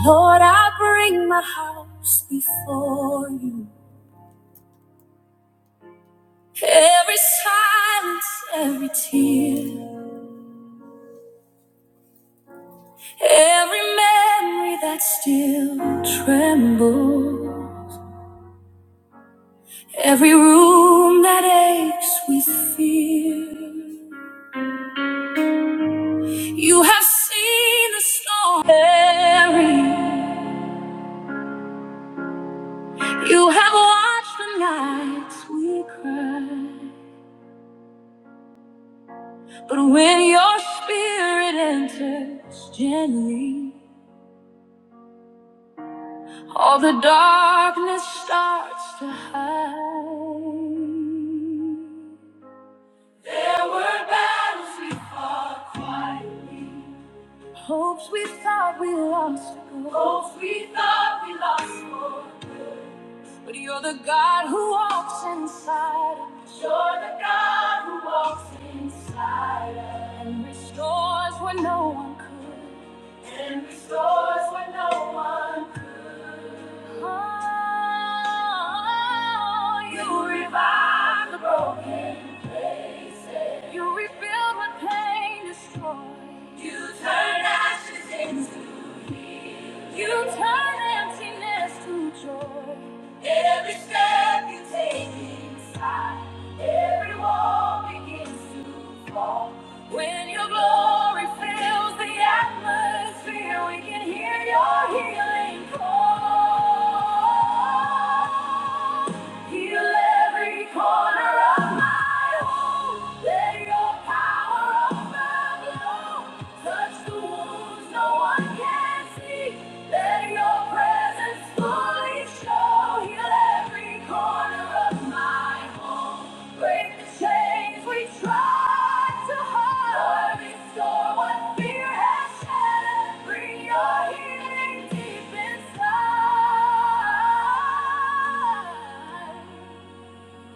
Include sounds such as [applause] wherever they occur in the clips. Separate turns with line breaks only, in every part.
Lord, I bring my house before you. Every silence, every tear, every memory that still trembles, every room that aches with fear. You have seen the storm. Mary. You have watched the nights we cried, but when your spirit enters gently, all the darkness starts to hide. There were battles we fought quietly, hopes we thought we lost, hopes we thought we lost. for good. But you're the God who walks inside of me. You're the God who walks inside of me. And restores what no one could. And restores what no one could. Oh, you, you revive the broken places. You rebuild what pain destroys. You turn ashes into healing. You turn emptiness to joy. Every step you take inside, every wall begins to fall. When your glory fills the atmosphere, we can hear your healing call. Heal every corner of my home. Let your power overflow. Touch the wounds no one can see. Let your presence fully show. Heal every corner.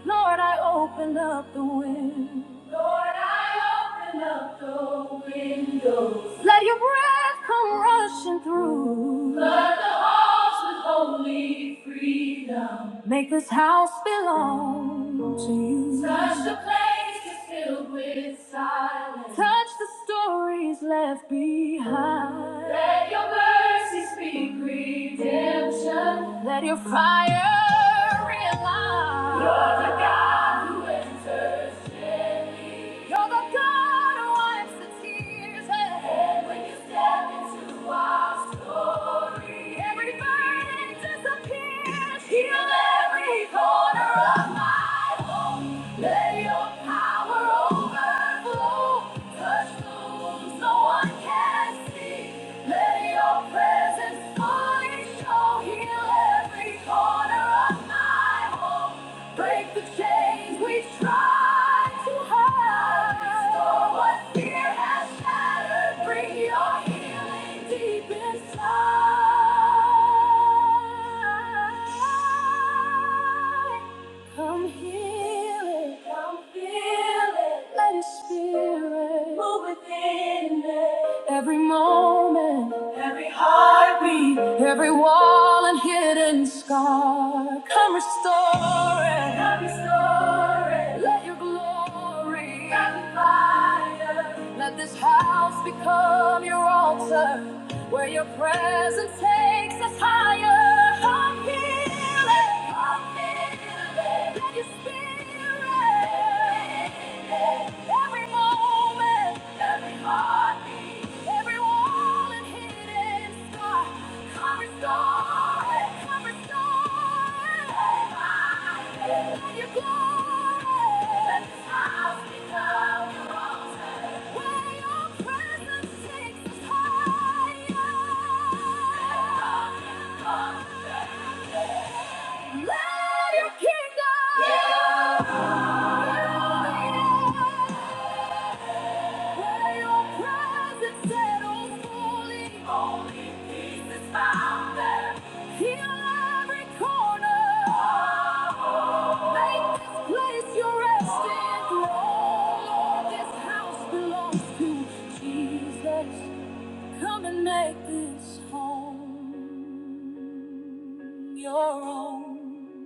Lord, I open up the wind. Lord, I open up the windows. Let your breath come rushing through. Flood the halls with holy freedom. Make this house belong to you. Touch the places filled with silence. Touch the stories left behind. Let your mercy speak redemption. Let your fire realign. You're the God who enters. daily. You're the Heal every corner of my home. Let your power overflow. Touch the wounds no one can see. Let your presence presence, mighty show, heal every corner of my home. Break the chains we try to hide. Restore what fear has shattered. Bring your healing deep inside. Come heal it. Come feel it. Let his spirit move within it. Every moment. Every heartbeat, every wall and hidden scar, come restore it. Come restore it. Let your glory come fire. Let this house become your altar, where your presence takes us higher. Come heal it. Come heal it. Let your spirit. Every moment, every heartbeat, every wall and hidden scar, cover story, cover story. Let your glory, let this house become your altar, where your presence takes us higher. Let your kingdom. Yeah. Where your presence settles fully. holy peace is found there. Heal every corner. Oh, oh, oh. Make this place your resting throne. Lord, this house belongs to Jesus. Come and make this home your own.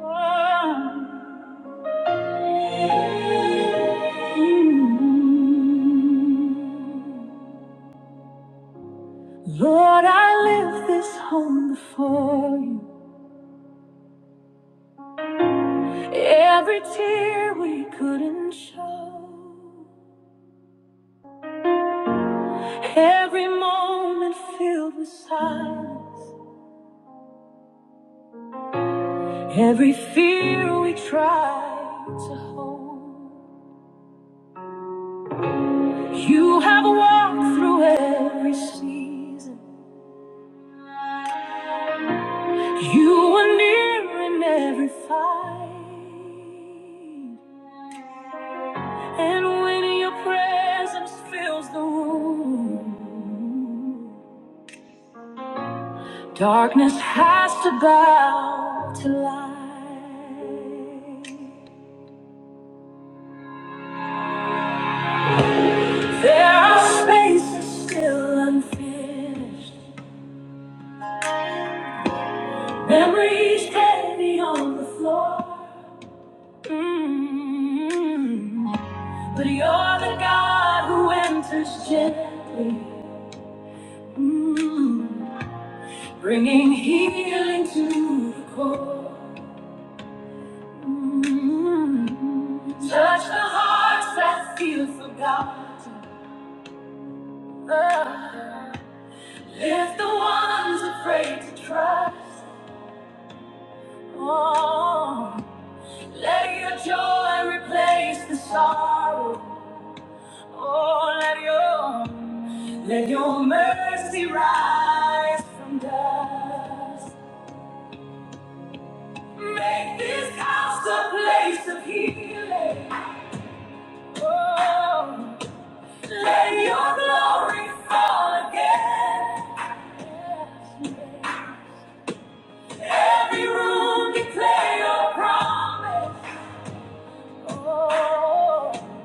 Oh. Lord, I lift this home before you. Every tear we couldn't show, every moment filled with silence, every fear we tried to hold. You have walked through every season, you were near in every fight. And when your presence fills the room, darkness has to bow to light. There are spaces still unfinished, memories heavy on the floor. Mm. But you're the God who enters gently, mm, bringing healing to the core. Touch the hearts that feel forgotten. Ah, Lift the ones afraid to trust. Oh, let your joy replace the sorrow. Oh, let your let your mercy rise from dust. Make this house a place of healing. Oh. Let your glory fall again. Every room declare your promise. Oh,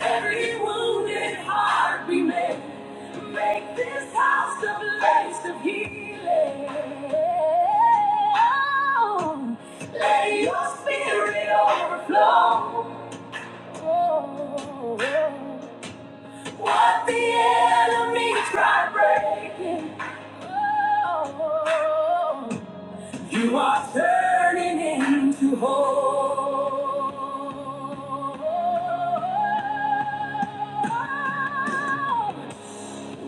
every wounded heart be made. Make this house a place of healing. Oh, let your spirit overflow. Oh, oh, oh. What the enemy tried breaking, oh, you are turning into hope.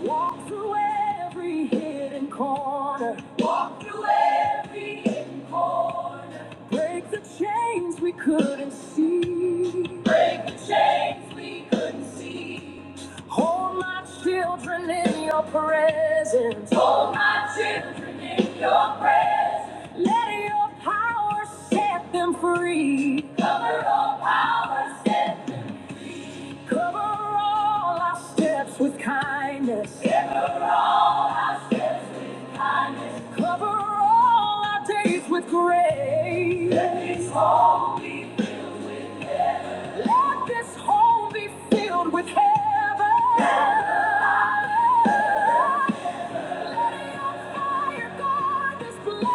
Walk through every hidden corner. Walk through every hidden corner. Break the chains. Things we couldn't see. Break the chains we couldn't see. Hold my children in your presence. Hold my children in your presence. Let your power set them free. Cover all power, set them Cover all our steps with kindness. Cover all our steps with kindness. Cover all our days with grace. Let it all be let this home be filled with heaven. Let your fire guard this place.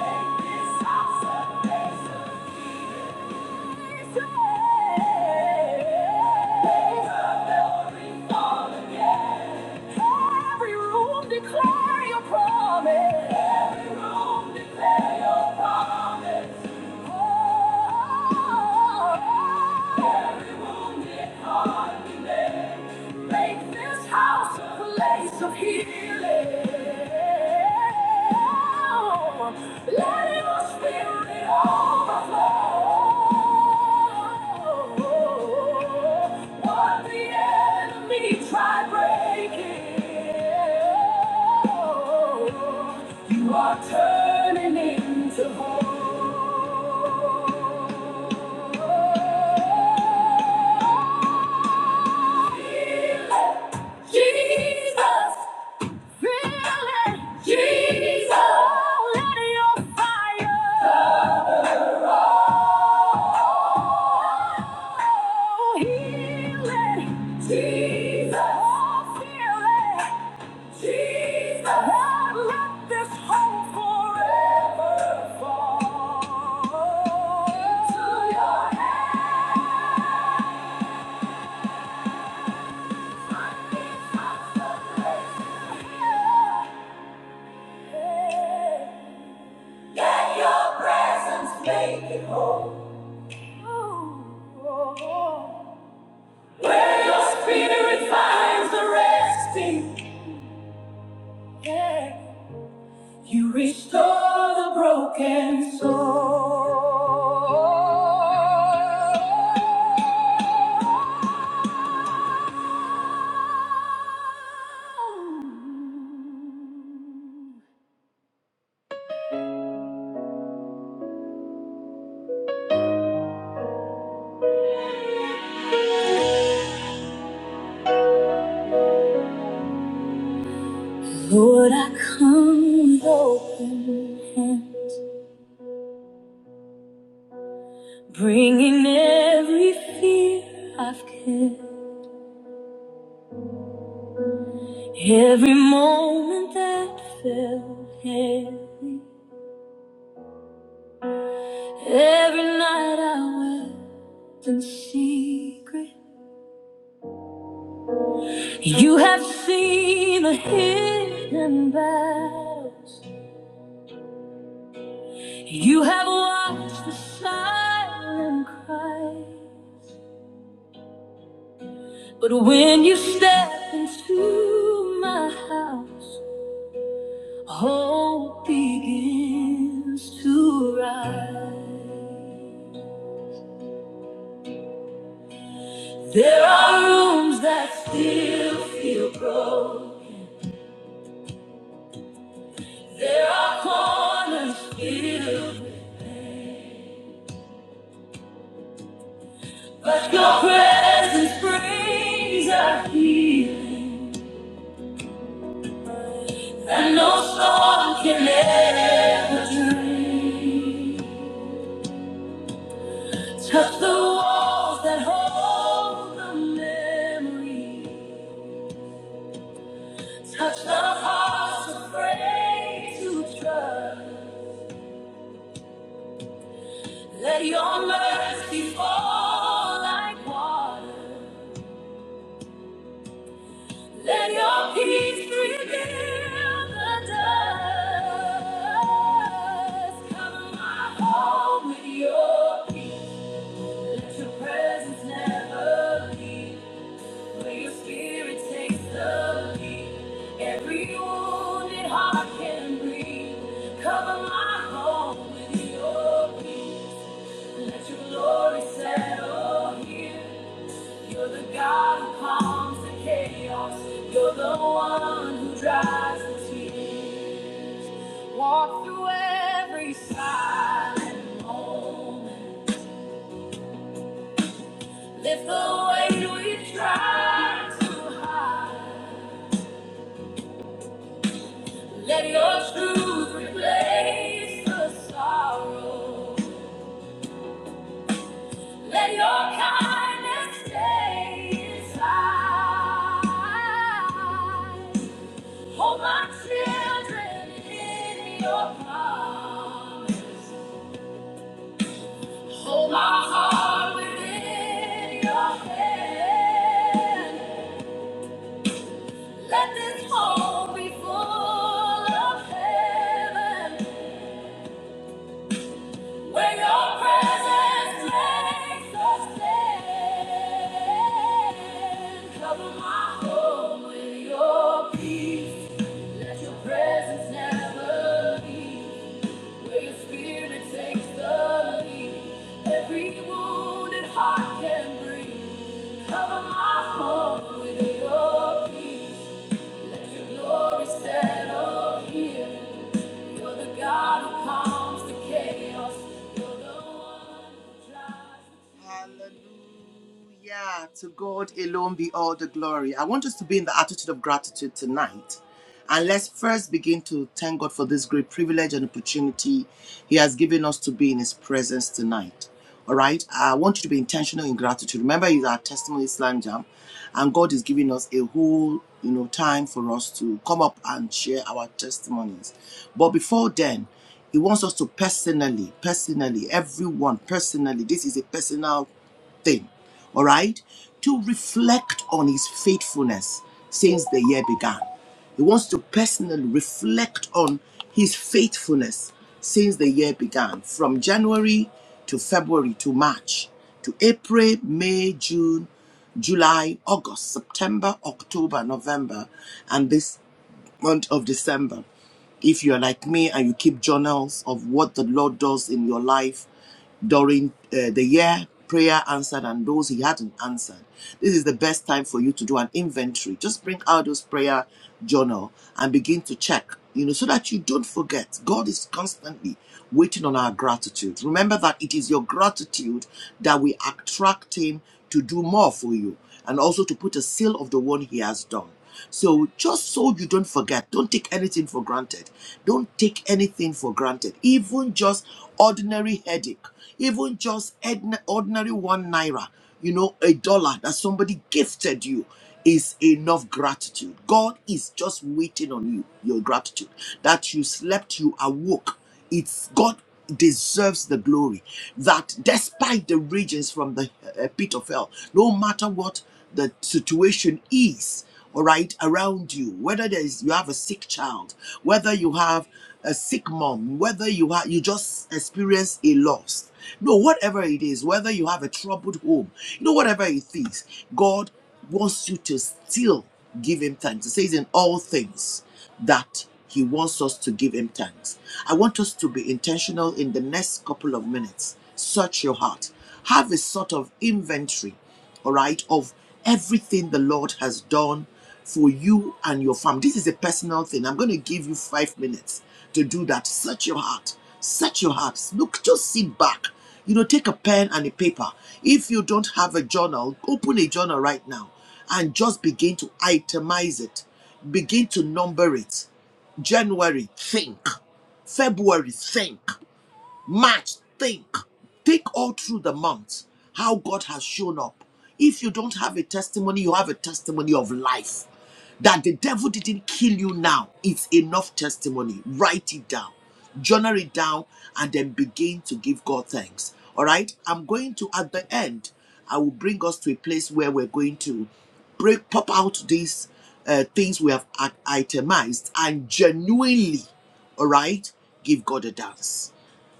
Make this house a place of Every room declare your promise. Every room declare your promise. Oh, every room declare your Make this house a place of healing. Try breaking, you are turning into hope. Jesus. Feeling Jesus. Oh, let your fire. Oh, healing Jesus. Oh, feeling Jesus. Oh, let this hope forever fall into your hands. Let your presence make it whole. Where your spirit finds a resting, yeah, you restore the broken soul. Lord, I come with open hand, bringing every fear I've kept. Every moment that felt heavy, every night I wept in secret. You have seen the hidden battles, you have watched the silent cry. But when you step into my house, hope begins to rise. There are rooms that still feel cold. There are corners filled, but your presence brings a healing that no storm can ever turn. Touch the walls that hold the memory. Touch the hearts afraid to trust. Let your mercy fall like water. Let your peace reveal the dust. Cover my home with your peace. Let your presence never leave. For your spirit takes the lead. Every wounded heart can breathe. Cover my home with your peace. Let your glory settle here. You're the God who calms the chaos. You're the one who dries the tears. Walk through every silent moment. Lift the weight we try to hide. Let your truth replace the sorrow. Let your kindness stay inside. Hold my children in your promise. Hold my heart within your hand. Let this home be full of heaven, where your presence makes us stand. Cover my home with your peace. Let your presence never leave. Where your spirit takes the lead. Every wounded heart can breathe. Cover my home with your peace. Let your glory settle here. You're the God who calms the chaos. You're the one who drives the Hallelujah. To God alone be all the glory. I want us to be in the attitude of gratitude tonight. And let's first begin to thank God for this great privilege and opportunity He has given us to be in His presence tonight. All right. I want you to be intentional in gratitude. Remember, it's our testimony slam jam, and God is giving us a whole you know time for us to come up and share our testimonies. But before then, He wants us to personally, personally, everyone personally. This is a personal thing, all right, to reflect on his faithfulness since the year began. He wants to personally reflect on his faithfulness since the year began, from January to February to March to April, May, June, July, August, September, October, November, and this month of December if you're like me and you keep journals of what the Lord does in your life during uh, the year prayer answered and those he hadn't answered this is the best time for you to do an inventory just bring out those prayer journal and begin to check you know so that you don't forget god is constantly waiting on our gratitude remember that it is your gratitude that will attract him to do more for you and also to put a seal of the one he has done so just so you don't forget, don't take anything for granted. Don't take anything for granted. Even just ordinary headache even just ordinary one naira, you know, a dollar that somebody gifted you is enough gratitude. God is just waiting on you, your gratitude. That you slept, you awoke. It's God deserves the glory. That despite the regions from the uh, pit of hell, no matter what the situation is, all right, around you, whether there is you have a sick child, whether you have a sick mom, whether you have you just experience a loss. No, whatever it is, whether you have a troubled home, you know, whatever it is, God wants you to still give him thanks. It says in all things that He wants us to give Him thanks. I want us to be intentional in the next couple of minutes. Search your heart, have a sort of inventory, all right, of everything the Lord has done for you and your family. This is a personal thing. I'm going to give you five minutes to do that. Search your heart. Search your heart. Look, just sit back. You know, take a pen and a paper. If you don't have a journal, open a journal right now and just begin to itemize it. Begin to number it. January, think. February, think. March, think. Think all through the month how God has shown up. If you don't have a testimony, you have a testimony of life. That the devil didn't kill you now, it's enough testimony. Write it down, journal it down, and then begin to give God thanks. All right? I'm going to, at the end, I will bring us to a place where we're going to break, pop out these uh, things we have itemized and genuinely, all right, give God a dance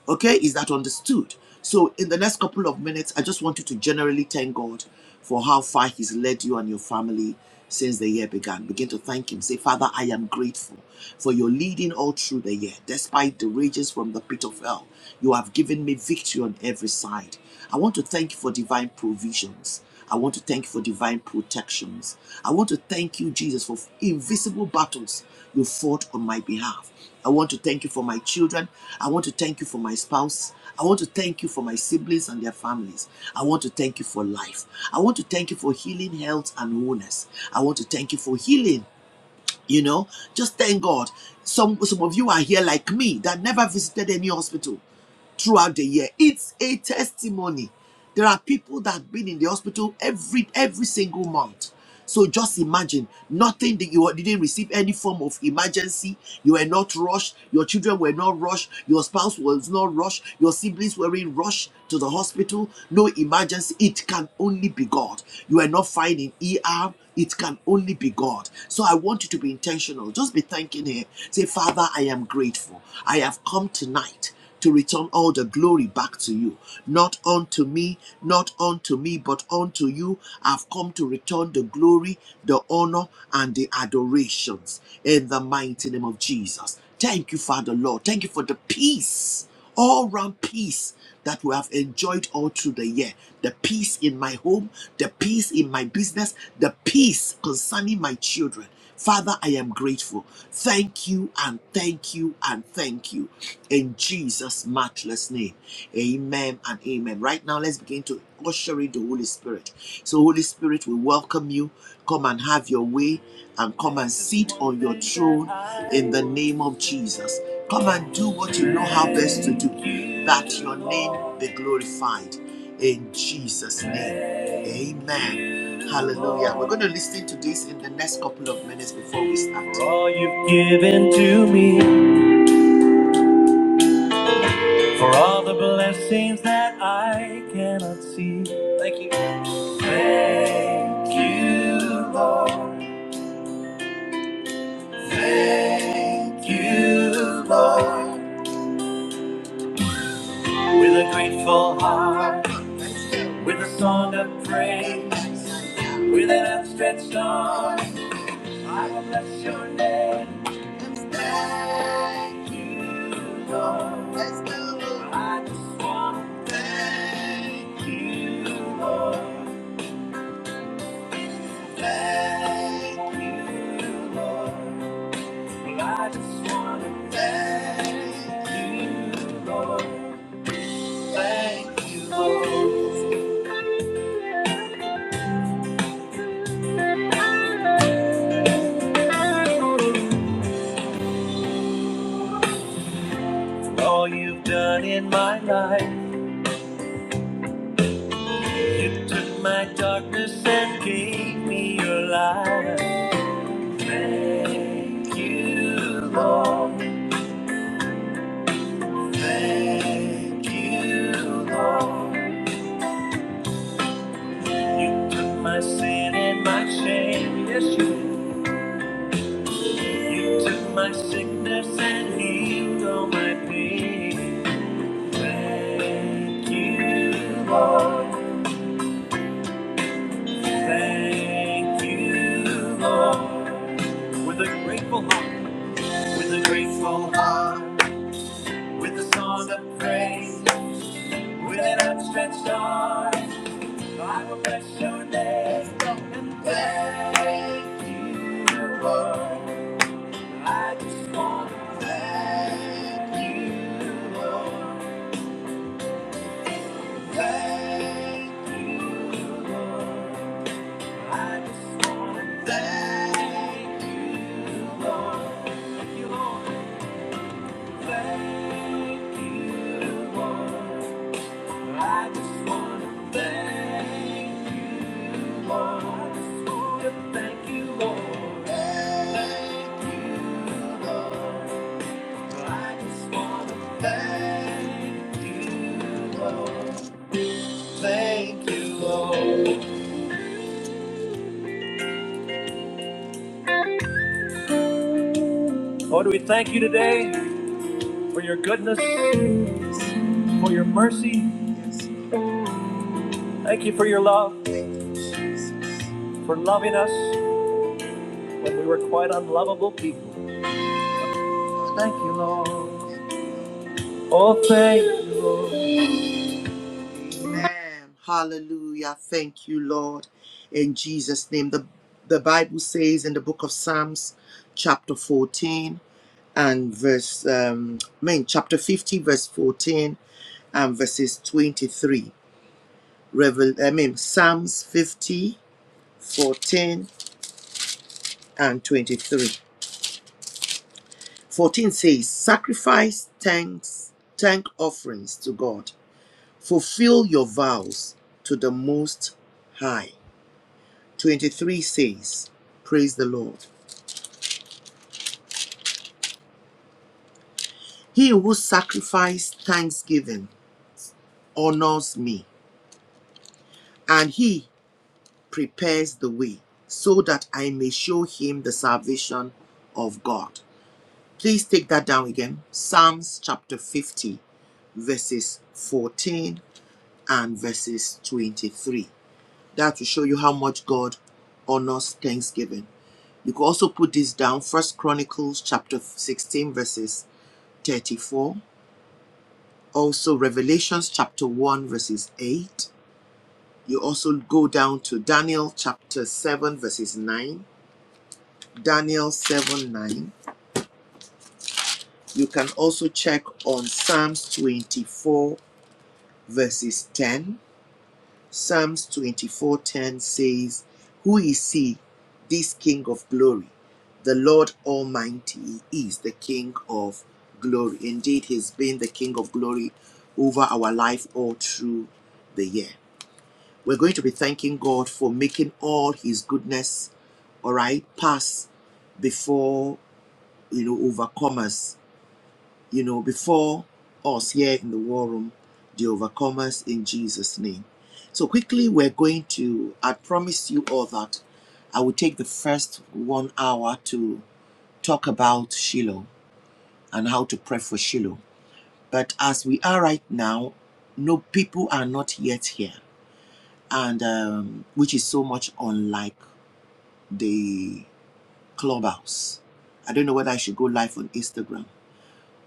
Okay, is that understood? So, in the next couple of minutes, I just want you to generally thank God for how far He's led you and your family since the year began. Begin to thank Him. Say, Father, I am grateful for your leading all through the year. Despite the rages from the pit of hell, you have given me victory on every side. I want to thank you for divine provisions. I want to thank you for divine protections. I want to thank you, Jesus, for invisible battles you fought on my behalf. I want to thank you for my children. I want to thank you for my spouse. I want to thank you for my siblings and their families. I want to thank you for life. I want to thank you for healing, health, and wholeness. I want to thank you for healing. You know, just thank God. Some some of you are here like me that never visited any hospital throughout the year. It's a testimony. There are people that have been in the hospital every every single month. So just imagine nothing that you didn't receive any form of emergency. You were not rushed. Your children were not rushed. Your spouse was not rushed. Your siblings were in rush to the hospital. No emergency. It can only be God. You were not finding ER. It can only be God. So I want you to be intentional. Just be thanking Him. Say, Father, I am grateful. I have come tonight to return all the glory back to you. Not unto me, not unto me, but unto you I've come to return the glory, the honor, and the adorations in the mighty name of Jesus. Thank you, Father Lord. Thank you for the peace, all round peace that we have enjoyed all through the year. The peace in my home, the peace in my business, the peace concerning my children. Father, I am grateful. Thank you and thank you and thank you in Jesus' matchless name. Amen and amen. Right now, let's begin to usher in the Holy Spirit. So, Holy Spirit, we welcome you. Come and have your way and come and sit on your throne in the name of Jesus. Come and do what you know how best to do, that your name be glorified in Jesus' name. Amen. Hallelujah. We're going to listen to this in the next couple of minutes before we start. all you've given to me. For all the blessings that I cannot see. Thank you. Thank you, Lord. Thank you, Lord. With a grateful heart, with a song of praise, with an outstretched arm, I will bless your name. Thank you, Lord. I just want to thank you, Lord. Thank you, Lord. I just want to thank you, Lord. Thank you, Lord. for All you've done in my life. You took my darkness and gave me your light. Thank you, Lord. Thank you, Lord. You took my sin and my shame. Yes, you You took my sickness and healed all my pain. Thank you, Lord. Thank you, Lord. With a grateful heart, with a grateful heart, with a song of praise, with an outstretched arm, I will bless your name and thank you, Lord. I just want to thank you, Lord. Lord, we thank you today for your goodness, for your mercy. Thank you for your love, for loving us when we were quite unlovable people. Oh, thank Amen. Hallelujah. Thank you, Lord. In Jesus' name. The, the Bible says in the book of Psalms, chapter 14 and verse, um, I mean, chapter 50, verse 14 and verses 23. Revel, I mean, Psalms 50, 14 and 23. 14 says, Sacrifice thanks, thank offerings to God. Fulfill your vows to the Most High. 23 says, Praise the Lord. He who sacrifices thanksgiving honors me, and he prepares the way so that I may show him the salvation of God. Please take that down again. Psalms chapter 50, verses 14 and verses 23. That will show you how much God honors thanksgiving. You can also put this down, First Chronicles chapter 16, verses 34 also Revelations chapter 1, verses 8. You also go down to Daniel chapter 7, verses 9. Daniel 7, 9. You can also check on Psalms 24, verses 10. Psalms 24 10 says, Who is he, this King of glory? The Lord Almighty is the King of glory. Indeed, he's been the King of glory over our life all through the year. We're going to be thanking God for making all his goodness, all right, pass before, you know, overcomers, you know, before us here in the war room, the overcomers in Jesus' name. So quickly, we're going to, I promise you all that I will take the first one hour to talk about Shiloh and how to pray for Shiloh. But as we are right now, no people are not yet here, and um, which is so much unlike the clubhouse. I don't know whether I should go live on Instagram.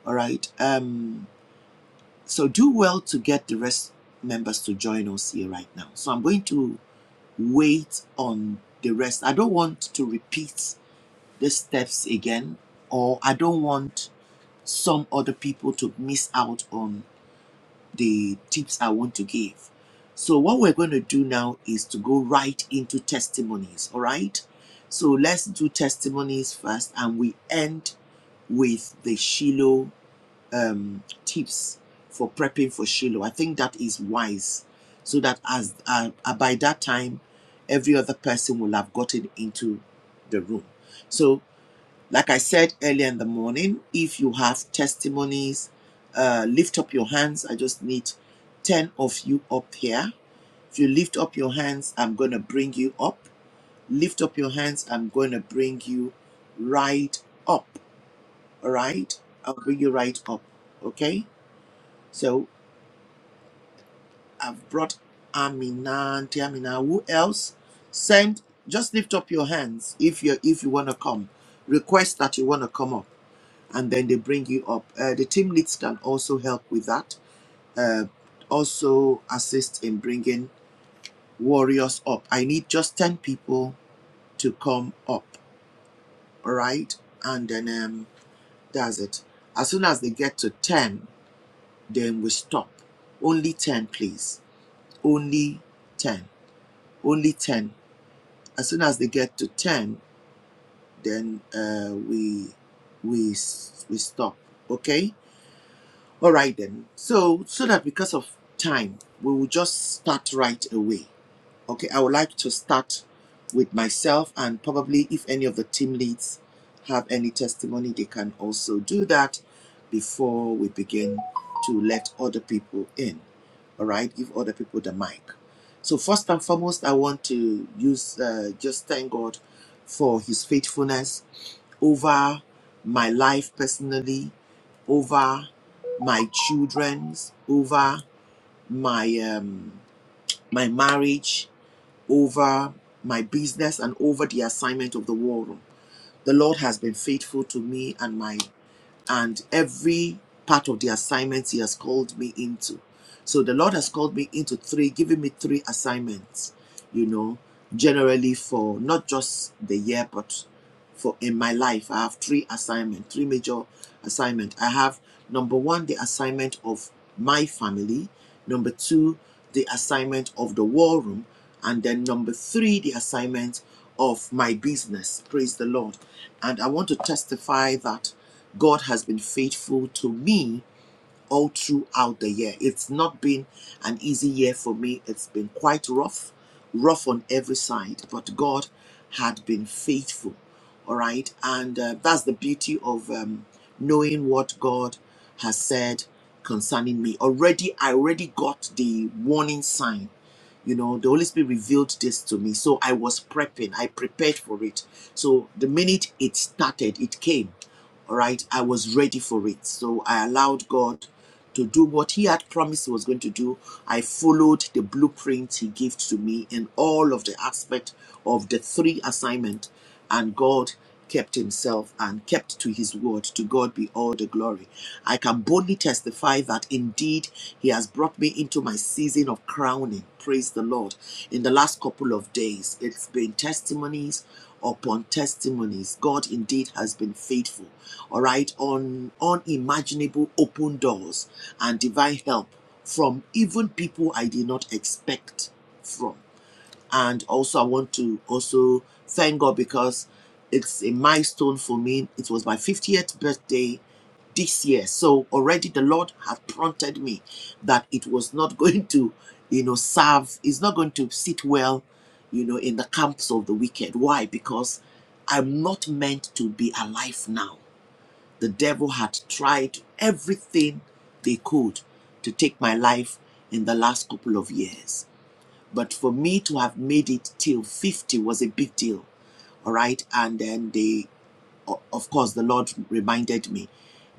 All right. Um, so do well to get the rest members to join us here right now. So I'm going to wait on the rest. I don't want to repeat the steps again, or I don't want some other people to miss out on the tips I want to give. So, what we're going to do now is to go right into testimonies, all right? So, let's do testimonies first, and we end with the Shiloh um, tips for prepping for Shiloh. I think that is wise so that as uh, uh, by that time, every other person will have gotten into the room. So, like I said earlier in the morning, if you have testimonies, uh, lift up your hands. I just need 10 of you up here. If you lift up your hands, I'm going to bring you up. Lift up your hands, I'm going to bring you right up. All right? I'll bring you right up. Okay? So I've brought Amina, Auntie Amina. Who else? Send, just lift up your hands if you if you want to come. Request that you want to come up. and then they bring you up. Uh, the team leads can also help with that. Uh, also assist in bringing warriors up. I need just 10 people to come up, all right? And then um, that's it. As soon as they get to 10, then we stop. Only 10, please. Only 10. Only 10. As soon as they get to 10, then uh, we, we, s- we stop, okay? All right then. So so that because of time, we will just start right away. Okay, I would like to start with myself and probably if any of the team leads have any testimony, they can also do that before we begin to let other people in. All right, give other people the mic. So first and foremost, I want to use uh, just thank God for His faithfulness over my life personally, over my children's, over my um, my marriage, over my business, and over the assignment of the war room. The Lord has been faithful to me and my and every part of the assignments He has called me into. So the Lord has called me into three, giving me three assignments. You know, generally for not just the year, but for in my life. I have three assignment, three major assignment. I have number one, the assignment of my family. Number two, the assignment of the war room. And then number three, the assignment of my business. Praise the Lord. And I want to testify that God has been faithful to me all throughout the year. It's not been an easy year for me. It's been quite rough, rough on every side, but God had been faithful. All right. And uh, that's the beauty of um, knowing what God has said concerning me. Already, I already got the warning sign you know, the Holy Spirit revealed this to me. So I was prepping, I prepared for it. So the minute it started, it came. All right, I was ready for it. So I allowed God to do what He had promised He was going to do. I followed the blueprint He gave to me in all of the aspect of the three assignment and God kept himself and kept to his word. To God be all the glory. I can boldly testify that indeed he has brought me into my season of crowning. Praise the Lord. In the last couple of days, it's been testimonies upon testimonies. God indeed has been faithful. All right, on unimaginable open doors and divine help from even people I did not expect from and also I want to also thank God because it's a milestone for me. It was my 50th birthday this year. So already the Lord had prompted me that it was not [laughs] going to, you know, serve, it's not going to sit well, you know, in the camps of the wicked. Why? Because I'm not meant to be alive now. The devil had tried everything they could to take my life in the last couple of years but for me to have made it till 50 was a big deal. All right. And then they, of course, the Lord reminded me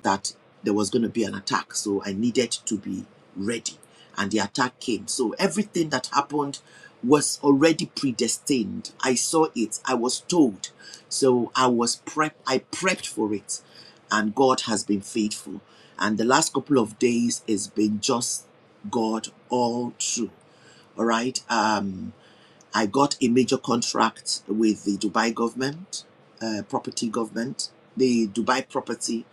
that there was going to be an attack. So I needed to be ready. And the attack came. So everything that happened was already predestined. I saw it. I was told. So I was prep. I prepped for it. And God has been faithful. And the last couple of days has been just God all through. All right. Um, I got a major contract with the Dubai government, uh, property government, the Dubai property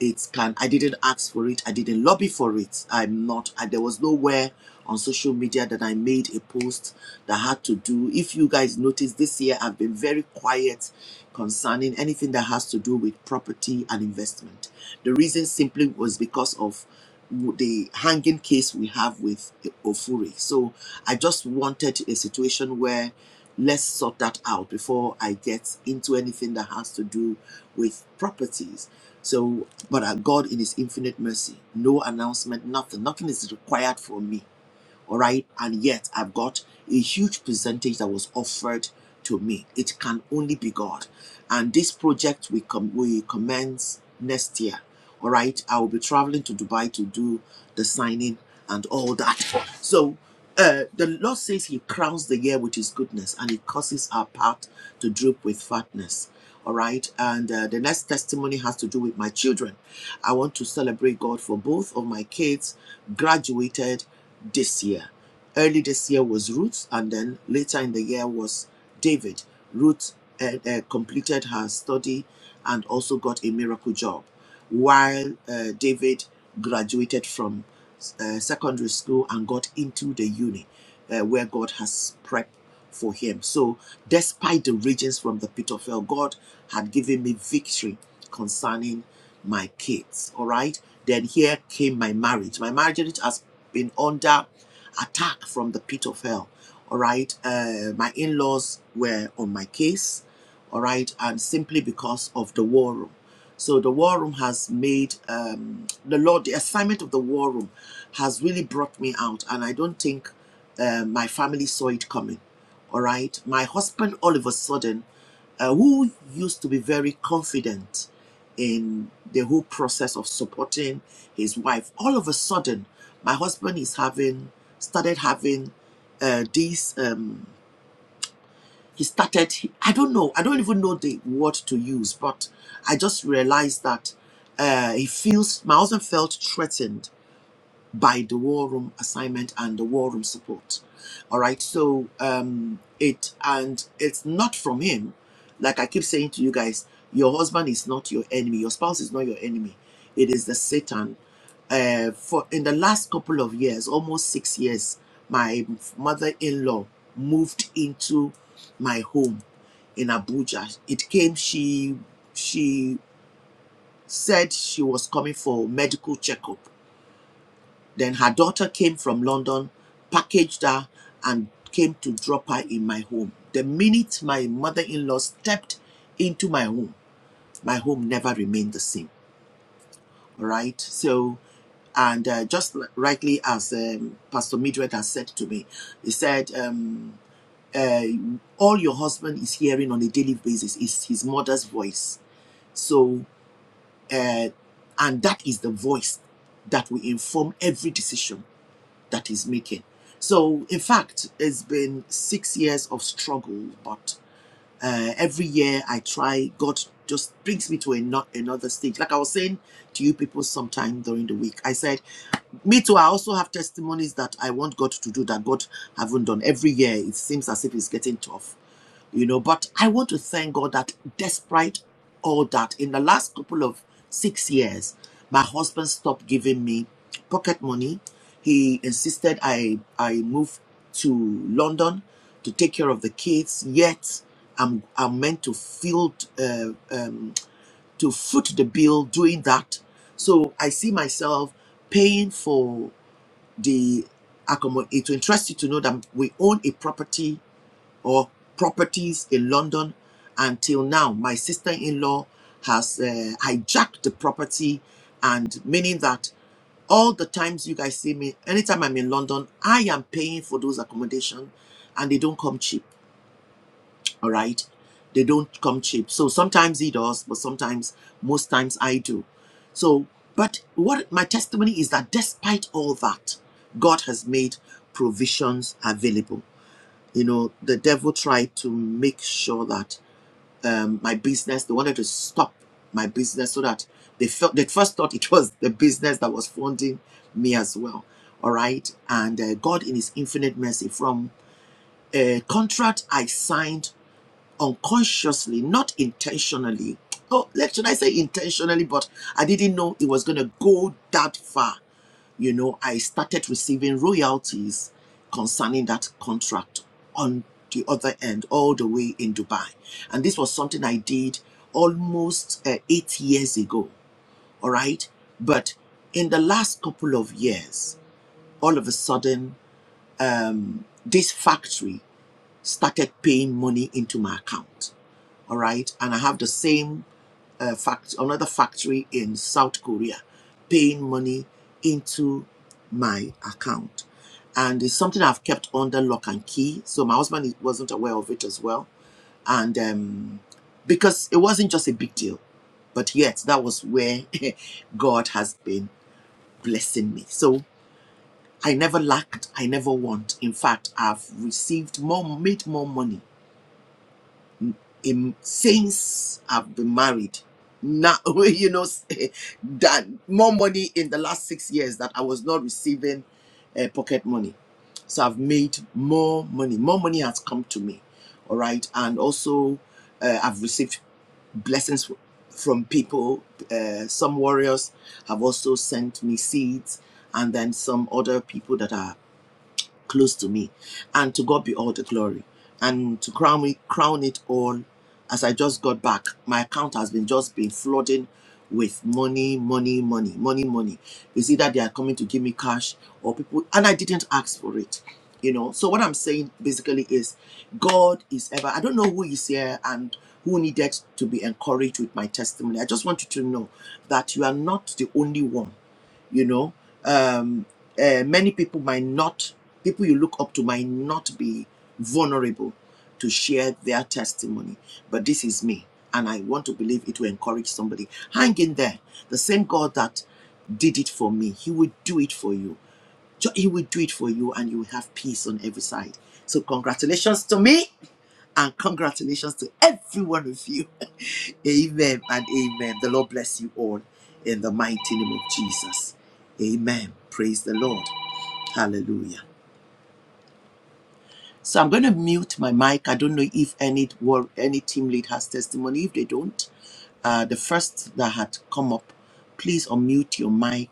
it can i didn't ask for it i didn't lobby for it i'm not I, there was nowhere on social media that i made a post that had to do if you guys notice this year i've been very quiet concerning anything that has to do with property and investment the reason simply was because of the hanging case we have with ofuri so i just wanted a situation where let's sort that out before i get into anything that has to do with properties so, but uh, God, in His infinite mercy, no announcement, nothing, nothing is required from me. All right. And yet, I've got a huge percentage that was offered to me. It can only be God. And this project we, com- we commence next year. All right. I will be traveling to Dubai to do the signing and all that. So uh, the Lord says He crowns the year with His goodness and He causes our path to droop with fatness. All right. And uh, the next testimony has to do with my children. I want to celebrate God for both of my kids graduated this year. Early this year was Ruth, and then later in the year was David. Ruth uh, uh, completed her study and also got a miracle job, while uh, David graduated from uh, secondary school and got into the uni uh, where God has prepped for him. So, despite the regions from the pit of hell, God had given me victory concerning my kids. All right. Then here came my marriage. My marriage has been under attack from the pit of hell. All right. Uh, my in laws were on my case. All right. And simply because of the war room. So the war room has made um, the Lord, the assignment of the war room has really brought me out. And I don't think uh, my family saw it coming. All right. My husband, all of a sudden, uh, who used to be very confident in the whole process of supporting his wife, all of a sudden, my husband is having started having uh, these. Um, he started. I don't know. I don't even know the word to use, but I just realized that uh, he feels. My husband felt threatened by the war room assignment and the war room support. All right. So um it and it's not from him. Like I keep saying to you guys, your husband is not your enemy. Your spouse is not your enemy. It is the Satan. Uh, for in the last couple of years, almost six years, my mother-in-law moved into my home in Abuja. It came. She she said she was coming for medical checkup then her daughter came from London, packaged her, and came to drop her in my home. The minute my mother in law stepped into my home, my home never remained the same. All right. So, and uh, just rightly as um, Pastor Midred has said to me, he said, um, uh, All your husband is hearing on a daily basis is his mother's voice. So, uh, and that is the voice that will inform every decision that he's making. So, in fact, it's been six years of struggle, but uh, every year I try, God just brings me to a not another stage. Like I was saying to you people sometime during the week, I said, Me too, I also have testimonies that I want God to do that God haven't done. Every year it seems as if it's getting tough you know but i want to thank god that despite all that in the last couple of six years my husband stopped giving me pocket money he insisted i i move to london to take care of the kids yet i'm i'm meant to field uh, um, to foot the bill doing that so i see myself paying for the accommodation. it will interest you to know that we own a property or properties in London. Until now, my sister in law has uh, hijacked the property, and meaning that all the times you guys see me, anytime I'm in London, I am paying for those accommodation, and they don't come cheap. All right, they don't come cheap. So sometimes he does, but sometimes most times I do. So, but what my testimony is that despite all that, God has made provisions available you know the devil tried to make sure that um, my business they wanted to stop my business so that they felt they first thought it was the business that was funding me as well all right and uh, god in his infinite mercy from a contract i signed unconsciously not intentionally oh let should i say intentionally but i didn't know it was going to go that far you know, I started receiving royalties concerning that contract on the other end, all the way in Dubai. And this was something I did almost uh, eight years ago. All right. But in the last couple of years, all of a sudden, um, this factory started paying money into my account. All right. And I have the same uh, fact, another factory in South Korea paying money into my account. And it's something I've kept under lock and key. So my husband wasn't aware of it as well. And um, because it wasn't just a big deal, but yet that was where [laughs] God has been blessing me. So I never lacked, I never want. In fact, I've received more, made more money in, since I've been married, now [laughs] you know that more money in the last six years that I was not receiving uh, pocket money. So I've made more money. More money has come to me, all right, and also uh, I've received blessings fr- from people. Uh, some warriors have also sent me seeds, and then some other people that are close to me. And to God be all the glory. And to crown me crown it all, as I just got back, my account has been just been flooding with money, money, money, money, money. It's either they are coming to give me cash or people, and I didn't ask for it. You know, so what I'm saying basically is God is ever, I don't know who is here and who needed to be encouraged with my testimony. I just want you to know that you are not the only one you know. Um, uh, many people might not, people you look up to might not be vulnerable to share their testimony. But this is me, and I want to believe it will encourage somebody. Hang in there. The same God that did it for me, He will do it for you. He will do it for you, and you will have peace on every side. So, congratulations to me, and congratulations to every one of you. [laughs] amen and amen. The Lord bless you all in the mighty name of Jesus. Amen. Praise the Lord. Hallelujah. So I'm going to mute my mic. I don't know if any well, any team lead has testimony. If they don't, uh, the first that had come up, please unmute your mic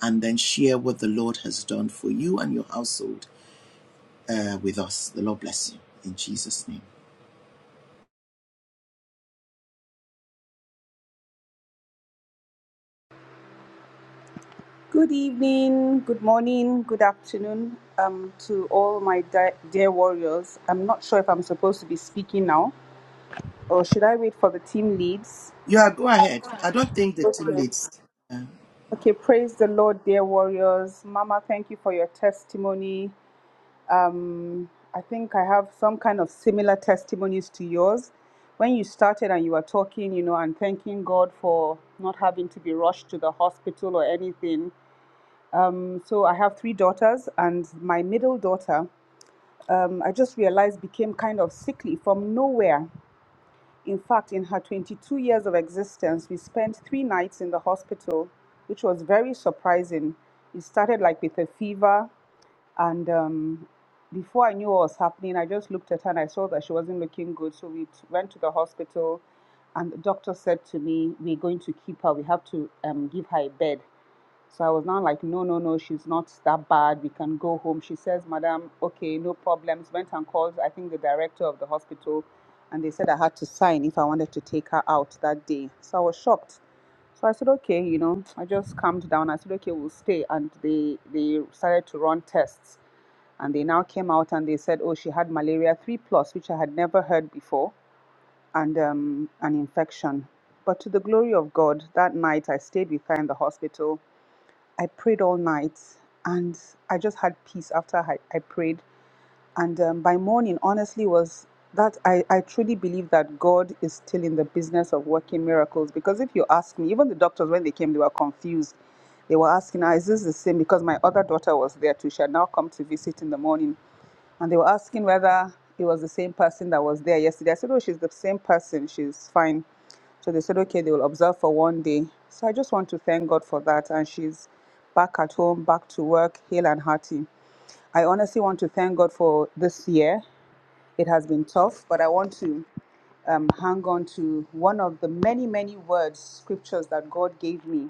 and then share what the Lord has done for you and your household uh, with us. The Lord bless you in Jesus' name.
Good evening, good morning, good afternoon um, to all my di- dear warriors. I'm not sure if I'm supposed to be speaking now or should I wait for the team leads?
Yeah, go ahead. I don't think the team
Okay.
leads.
Okay, praise the Lord, dear warriors. Mama, thank you for your testimony. Um, I think I have some kind of similar testimonies to yours. When you started and you were talking, you know, and thanking God for not having to be rushed to the hospital or anything, Um, so I have three daughters, and my middle daughter, um, I just realized, became kind of sickly from nowhere. In fact, in her 22 years of existence, we spent three nights in the hospital, which was very surprising. It started like with a fever, and um, before I knew what was happening, I just looked at her and I saw that she wasn't looking good. So we t- went to the hospital, and the doctor said to me, We're going to keep her, we have to um, give her a bed. So I was now like, no, no, no, she's not that bad. We can go home. She says, Madam, okay, no problems. Went and called, I think, the director of the hospital, and they said I had to sign if I wanted to take her out that day. So I was shocked. So I said, okay, you know, I just calmed down. I said, okay, we'll stay. And they they started to run tests, and they now came out and they said, oh, she had malaria three plus, which I had never heard before, and um, an infection. But to the glory of God, that night I stayed with her in the hospital I prayed all night and I just had peace after I, I prayed. And um, by morning, honestly, was that I, I truly believe that God is still in the business of working miracles. Because if you ask me, even the doctors, when they came, they were confused. They were asking, ah, is this the same? Because my other daughter was there too. She had now come to visit in the morning and they were asking whether it was the same person that was there yesterday. I said, Oh, she's the same person. She's fine. So they said, Okay, they will observe for one day. So I just want to thank God for that. And she's back at home, back to work, hale and hearty. I honestly want to thank God for this year. It has been tough, but I want to um, hang on to one of the many, many words, scriptures that God gave me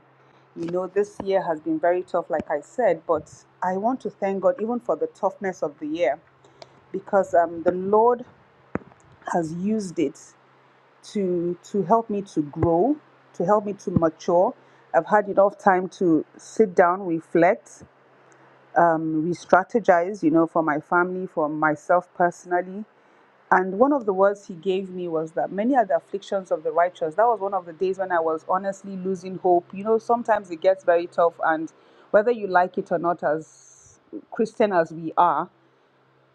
you know, this year has been very tough, like I said, but I want to thank God even for the toughness of the year because um, the Lord has used it to to help me to grow, to help me to mature. I've had enough time to sit down, reflect, um, re-strategize, you know, for my family, for myself personally. And one of the words he gave me was that many are the afflictions of the righteous. That was one of the days when I was honestly losing hope. You know, sometimes it gets very tough, and whether you like it or not, as Christian as we are,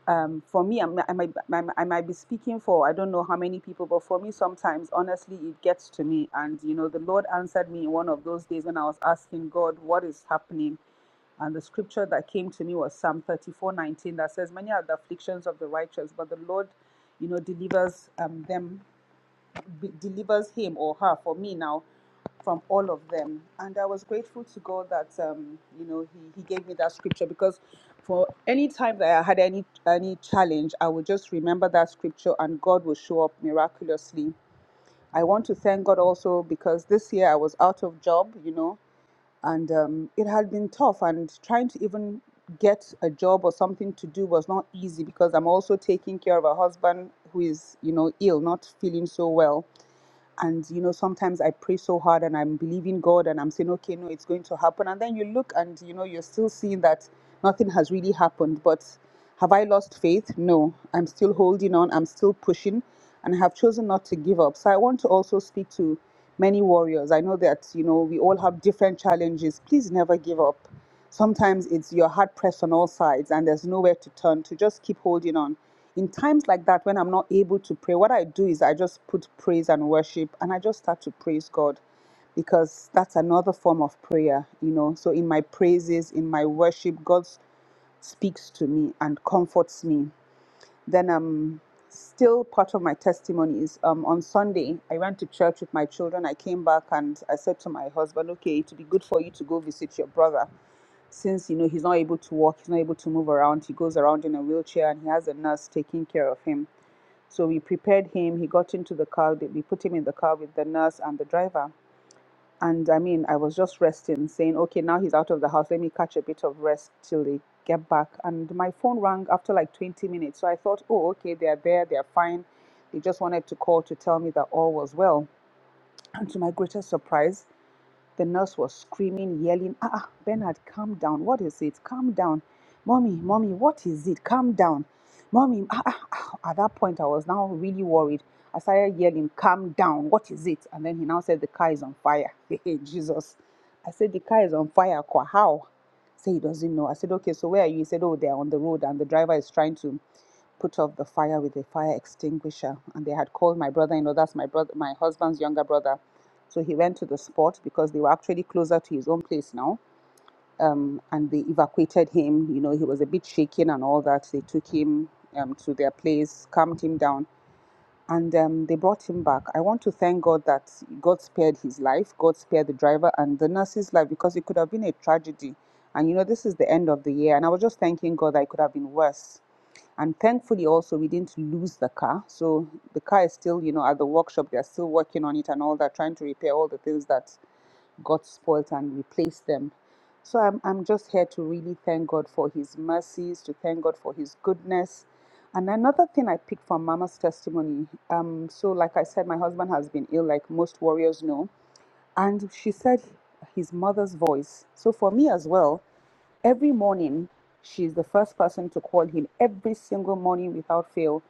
um, for me, I'm, I, might, I might be speaking for I don't know how many people, but for me, sometimes honestly, it gets to me. And you know, the Lord answered me in one of those days when I was asking God, "What is happening?" And the scripture that came to me was Psalm 34 19 that says, Many are the afflictions of the righteous, but the Lord, you know, delivers um, them, delivers him or her. For me now, from all of them. And I was grateful to God that um, you know he, he gave me that scripture because for any time that I had any any challenge, I would just remember that scripture and God will show up miraculously. I want to thank God also because this year I was out of job, you know, and um, it had been tough and trying to even get a job or something to do was not easy because I'm also taking care of a husband who is, you know, ill, not feeling so well and you know sometimes i pray so hard and i'm believing god and i'm saying okay no it's going to happen and then you look and you know you're still seeing that nothing has really happened but have i lost faith no i'm still holding on i'm still pushing and have chosen not to give up. So I want to also speak to many warriors. I know that, you know, we all have different challenges. Please never give up. Sometimes it's your heart pressed on all sides and there's nowhere to turn to. Just keep holding on. In times like that, when I'm not able to pray, what I do is I just put praise and worship and I just start to praise God because that's another form of prayer, you know. So in my praises, in my worship, God speaks to me and comforts me then, um, still part of my testimony is um, on Sunday, I went to church with my children. I came back and I said to my husband, okay, it would be good for you to go visit your brother since, you know, he's not able to walk, he's not able to move around. He goes around in a wheelchair and he has a nurse taking care of him. So we prepared him. He got into the car. We put him in the car with the nurse and the driver. And I mean, I was just resting, saying, okay, now he's out of the house. Let me catch a bit of rest till they get back. And my phone rang after like 20 minutes. So I thought, oh, okay, they're there, they're fine. They just wanted to call to tell me that all was well. And to my greatest surprise, the nurse was screaming, yelling, Ah, ah, Bernard, calm down. What is it? Calm down. Mommy, mommy, what is it? Calm down. Mommy, ah, ah, ah. At that point, I was now really worried. I started yelling, Calm down. What is it? And then he now said, The car is on fire. [laughs] Hey, Jesus. I said, The car is on fire. Kwa, How? Say he doesn't know. I said, Okay, so where are you? He said, Oh, they're on the road and the driver is trying to put off the fire with a fire extinguisher. And they had called my brother in law, that's my brother, my husband's younger brother. So he went to the spot because they were actually closer to his own place now. Um, and they evacuated him. You know, he was a bit shaken and all that. They took him um, to their place, calmed him down, and um, they brought him back. I want to thank God that God spared his life, God spared the driver and the nurse's life because it could have been a tragedy. And you know, this is the end of the year, and I was just thanking God that it could have been worse and thankfully also we didn't lose the car so the car is still you know at the workshop they're still working on it and all that trying to repair all the things that got spoiled and replace them so i'm, I'm just here to really thank god for his mercies to thank god for his goodness and another thing i picked from mama's testimony um, so like i said my husband has been ill like most warriors know and she said his mother's voice so for me as well Every morning, she's the first person to call him every single morning without fail.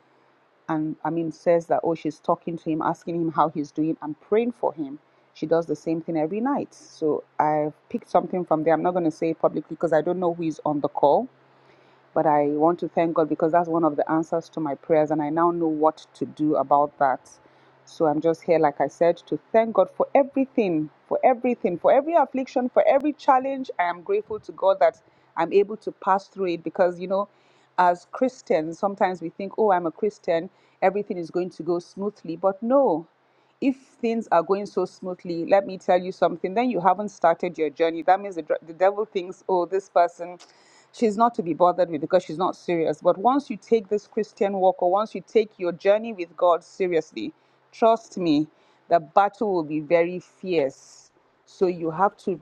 And I mean, says that, oh, she's talking to him, asking him how he's doing, and praying for him. She does the same thing every night. So I've picked something from there. I'm not going to say it publicly because I don't know who is on the call but I want to thank God because that's one of the answers to my prayers, and I now know what to do about that. So I'm just here, like I said, to thank God for everything, for everything, for every affliction, for every challenge. I am grateful to God that I'm able to pass through it because, you know, as Christians, sometimes we think, oh, I'm a Christian, everything is going to go smoothly. But no, if things are going so smoothly, let me tell you something, then you haven't started your journey. That means the, dr- the devil thinks, oh, this person, she's not to be bothered with because she's not serious. But once you take this Christian walk or once you take your journey with God seriously, trust me, the battle will be very fierce. So you have to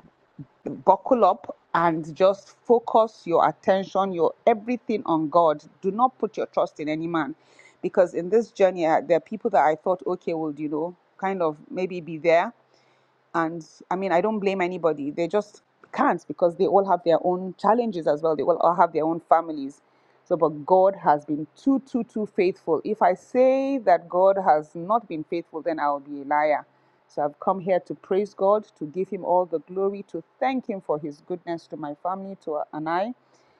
buckle up and just focus your attention, your everything on God. Do not put your trust in any man. Because in this journey, uh, there are people that I thought, okay, would you know, kind of maybe be there and i mean i don't blame anybody they just can't because they all have their own challenges as well they all have their own families so but god has been too too too faithful if i say that god has not been faithful then i'll be a liar so i've come here to praise god to give him all the glory to thank him for his goodness to my family to uh, and i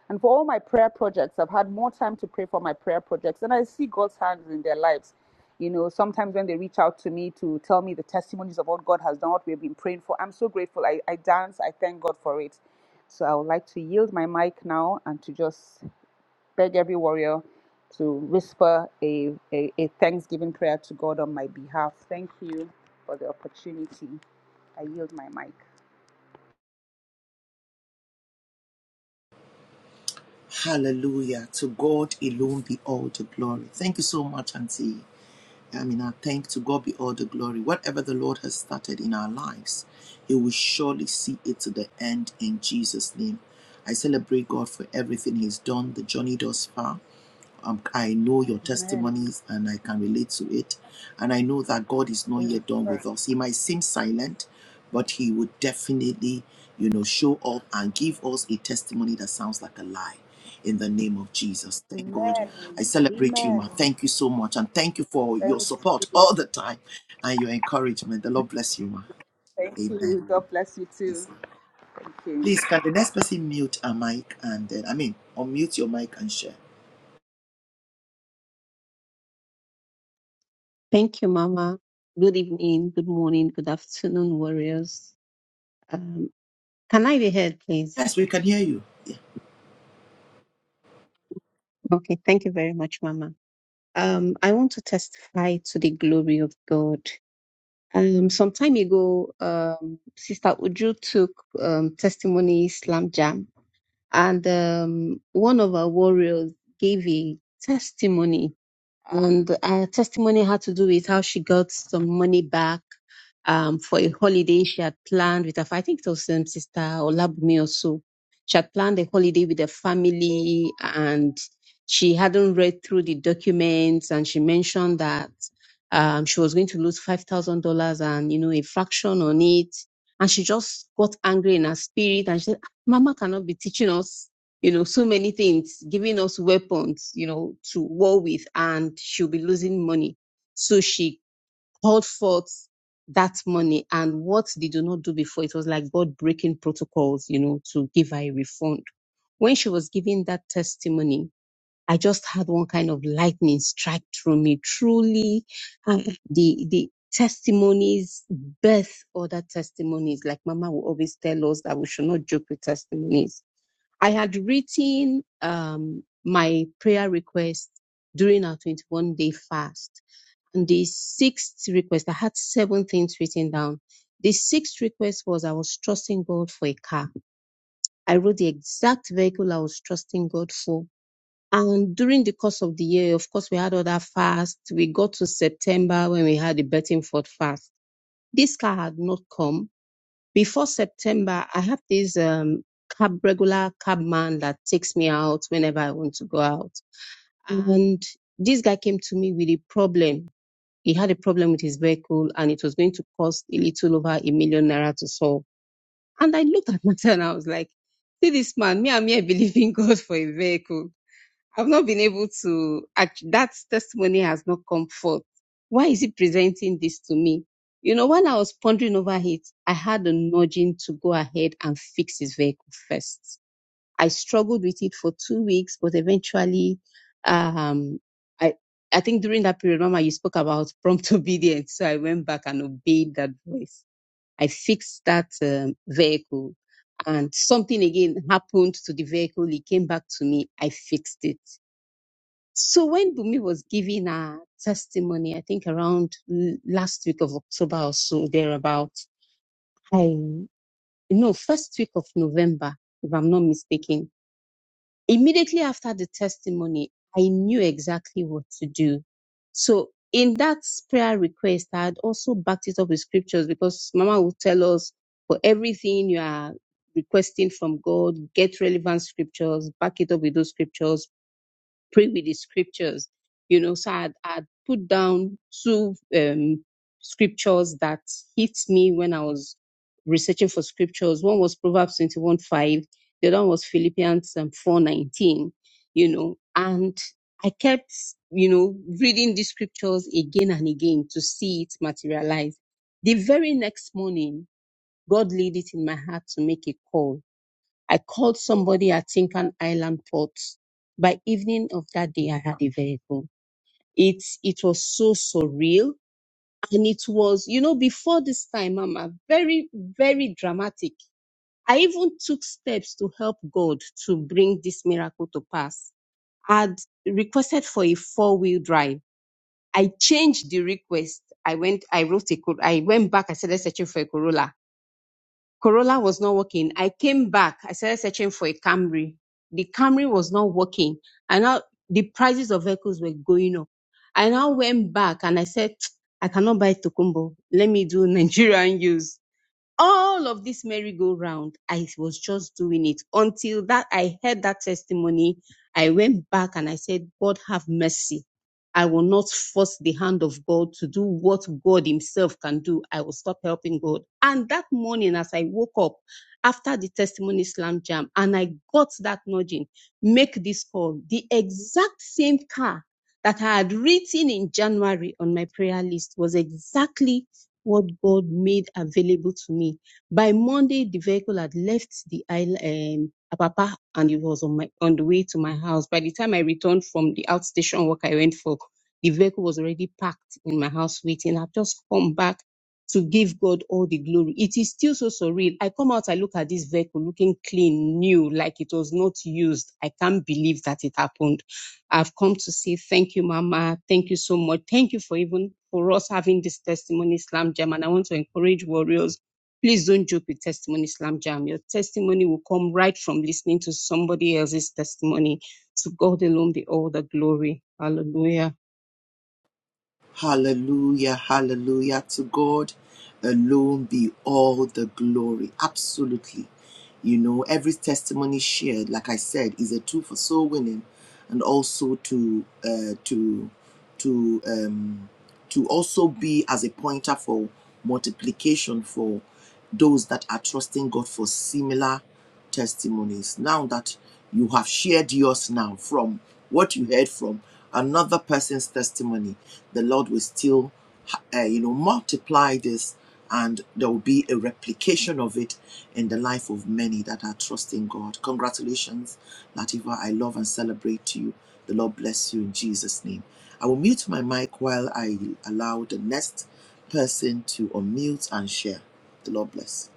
and for all my prayer projects i've had more time to pray for my prayer projects and i see god's hands in their lives you know, sometimes when they reach out to me to tell me the testimonies of what God has done, what we've been praying for, I'm so grateful. I, I dance, I thank God for it. So I would like to yield my mic now and to just beg every warrior to whisper a, a, a thanksgiving prayer to God on my behalf. Thank you for the opportunity. I yield my mic.
Hallelujah. To God alone be all the glory. Thank you so much, Auntie. I mean, I thank to God be all the glory. Whatever the Lord has started in our lives, He will surely see it to the end in Jesus' name. I celebrate God for everything He's done, the journey thus far um, I know your
Amen.
testimonies and I can relate to it. And I know that God is not yet done with us. He might seem silent, but He would definitely, you know, show up and give us a testimony that sounds like a lie. In the name of Jesus. Thank God.
Amen.
I celebrate you,
Amen.
ma. Thank you so much. And thank you for your
Thank,
support all the time and your encouragement. The Lord bless you, ma.
thank
Amen.
you. God bless you too.
Yes.
Thank you.
Please, can the next person mute a mic and then, I mean, unmute your mic and share?
Thank you, Mama. Good evening, good morning, good afternoon, warriors. Um, can I be heard, please?
Yes, we can hear you. Yeah.
Okay, thank you very much, Mama. Um, I want to testify to the glory of God. Um, some time ago, um, Sister Uju took um, testimony Slam Jam, and um, one of our warriors gave a testimony and her testimony had to do with how she got some money back um, for a holiday she had planned with her. fa- I think it was um, Sister Olabumi or so. She had planned a holiday with her family, and she hadn't read through the documents. And she mentioned that um, she was going to lose five thousand dollars and you know a fraction on it. And she just got angry in her spirit, and she said, "Ah, "Mama cannot be teaching us." you know, so many things, giving us weapons, you know, to war with, and she'll be losing money. So she called forth that money. And what they do not do before, it was like God breaking protocols, you know, to give her a refund. When she was giving that testimony, I just had one kind of lightning strike through me. Truly, uh, the, the, testimonies birth other testimonies like mama will always tell us that we should not joke with testimonies I had written um, my prayer request during our 21 day fast. And the sixth request, I had seven things written down. The sixth request was I was trusting God for a car. I wrote the exact vehicle I was trusting God for. And during the course of the year, of course, we had other fasts. We got to September when we had the Bettingford fast. This car had not come before September, I have this um, cab regular cab man that takes me out whenever I want to go out. Mm-hmm. And this guy came to me with a problem. He had a problem with his vehicle and it was going to cost a little over a million naira to solve. And I looked at [laughs] myself and I was like, see this man, me, I'm here believing [laughs] God for a vehicle I've not been able to, act- that testimony has not come forth. Why is he presenting this to me? You know, when I was pondering over it, I had a nudging to go ahead and fix his vehicle first. I struggled with it for two weeks, but eventually, um, I, I think during that period, Mama, you spoke about prompt [laughs] obedience. So I went back and obeyed that voice. I fixed that um, vehicle and something again happened to the vehicle. It came back to me. I fixed it. So when Bumi was giving her testimony, I think around l- last week of October or so, thereabout, I, no, first week of November, if I'm not mistaken, immediately after the testimony, I knew exactly what to do. So in that prayer request, I had also backed it up with scriptures because Mama would tell us for everything you are requesting from God, get relevant scriptures, back it up with those scriptures, pray with the scriptures, you know. So I'd, I'd put down two um, scriptures that hit me when I was researching for scriptures. One was Proverbs 21 5, the other one was Philippians um, 4 nineteen, you know. And I kept, you know, reading these scriptures again and again to see it materialize. The very next morning, God laid it in my heart to make a call I called somebody at Tinkan Island Port. By evening of that day, I had a vehicle. It it was so surreal, and it was you know before this time, Mama, very very dramatic. I even took steps to help God to bring this miracle to pass. I'd requested for a four wheel drive. I changed the request. I went. I wrote a. Cor- I went back. I started searching for a Corolla. Corolla was not working. I came back. I started searching for a Camry. The Camry was not working. And now the prices of vehicles were going up. I now went back and I said, [tsk] I cannot buy Tokumbo. Let me do [laughs] Nigerian use all of this merry-go-round, I was just doing it until that I heard that testimony. I went back and I said, God have mercy. I will not force the hand of God to do what God Himself can do. I will stop helping God. And that morning, as I woke up after the testimony slam jam, and I got that nudging, make this call, the exact same car that I had written in January on my prayer list was exactly what God made available to me. By Monday, the vehicle had left the island, um, Apapa, and it was on my on the way to my house. By the time I returned from the outstation work I went for, the vehicle was already packed in my house waiting. I've just come back to give God all the glory. It is still so surreal. I come out, I look at this vehicle looking clean, new, like it was not used. I can't believe that it happened I've come to say thank you, Mama. Thank you so much. Thank you for even for us having this testimony slam jam. And I want to encourage warriors. Please don't joke with testimony slam jam. Your testimony will come right from listening to somebody else's testimony. To God alone be all the glory. Hallelujah.
Hallelujah, hallelujah. To God alone be all the glory. Absolutely. You know, every testimony shared, like I said, is a tool for soul winning and also to uh to to um to also be as a pointer for multiplication for those that are trusting God for similar testimonies. Now that you have shared yours now from what you heard from another person's testimony, the Lord will still, uh, you know, multiply this and there will be a replication of it in the life of many that are trusting God. Congratulations, Latifa. I love and celebrate you. The Lord bless you in Jesus' name. I will mute my mic while I allow the next person to unmute and share. The Lord bless.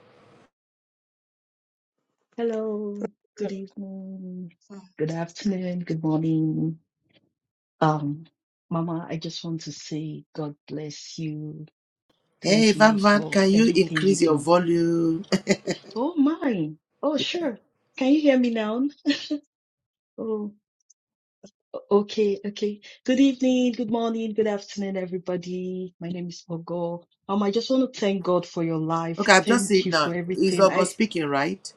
Hello, good
So,
evening,
mm,
good afternoon, good morning. Um, Mama, I just want to say God bless you.
Hey,
Thank you
Van Van,
for
can you
everything you
increase your
do.
volume?
Oh, mine. Oh, sure. Can you hear me now? Oh, o- okay, okay. Good evening, good morning, good afternoon, everybody. My name is Ogo. Um, I just want to thank God for your
[laughs] okay,
life.
I've just
Thank
seen it
you for
now. Is
everything.
August
I,
speaking, right?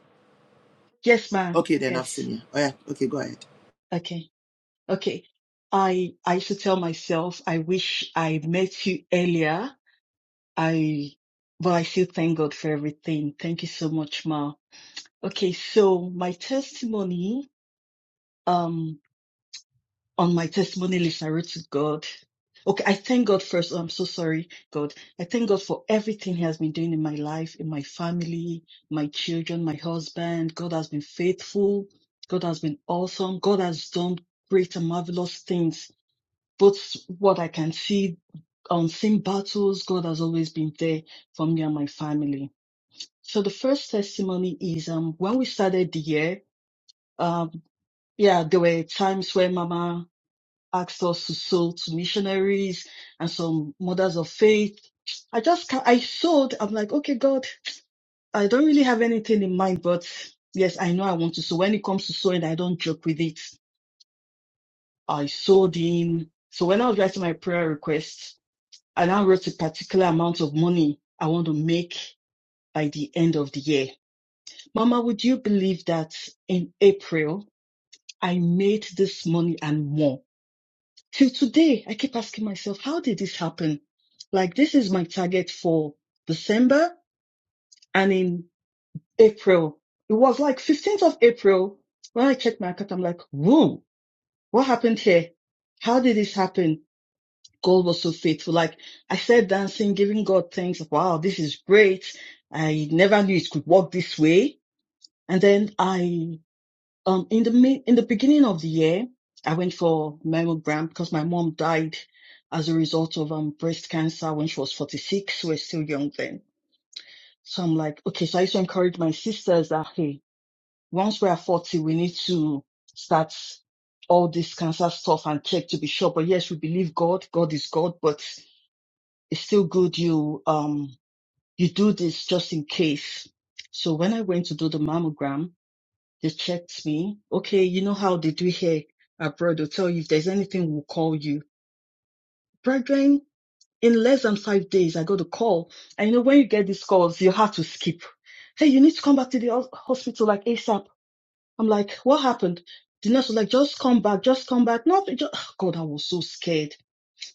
yes, ma.
Okay, then I've seen
Yes.
you. Oh, yeah. Okay, go ahead.
Okay. Okay. I I used to tell myself I wish I met you earlier. I but I still thank God for everything. Thank you so much, Ma. Okay, so my testimony, um, on my testimony list, I wrote to God. Okay, I thank God first. Oh, I'm so sorry, God. I thank God for everything He has been doing in my life, in my family, my children, my husband. God has been faithful. God has been awesome. God has done great and marvelous things But what I can see on sim battles, God has always been there for me and my family. So the first testimony is um when we started the year, um yeah, there were times where Mama asked us to sow to missionaries and some mothers of faith. I just ca- I sowed. I'm like, okay, God, I don't really have anything in mind, but yes, I know I want to sow. When it comes to sowing, I don't joke with it. I sowed in. So when I was writing my prayer requests, I now wrote a particular amount of money I want to make by the end of the year. Mama, would you believe that in April, I made this money and more? Till today, I keep asking myself, how did this happen? Like, this is my target for December and in April. It was like 15th of April when I checked my account. I'm like, whoa, what happened here? How did this happen? God was so faithful. Like I said, dancing, giving God thanks. Wow, this is great. I never knew it could work this way. And then I, um, in the mid, in the beginning of the year, I went for mammogram because my mom died as a result of um breast cancer when she was 46. We're still young then. So I'm like, okay. So I used to encourage my sisters that hey, once we are 40, we need to start all this cancer stuff and check to be sure. But yes, we believe God. God is God, but it's still good you um you do this just in case. So when I went to do the mammogram, they checked me. Okay, you know how they do here abroad. They'll tell you if there's anything, we'll call you. Brethren, in less than five days, I got a call. And you know, when you get these calls, you have to skip. Hey, you need to come back to the hos- hospital like ASAP. I'm like, what happened? The nurse was like, just come back, just come back. Nothing. Just... [sighs] God, I was so scared.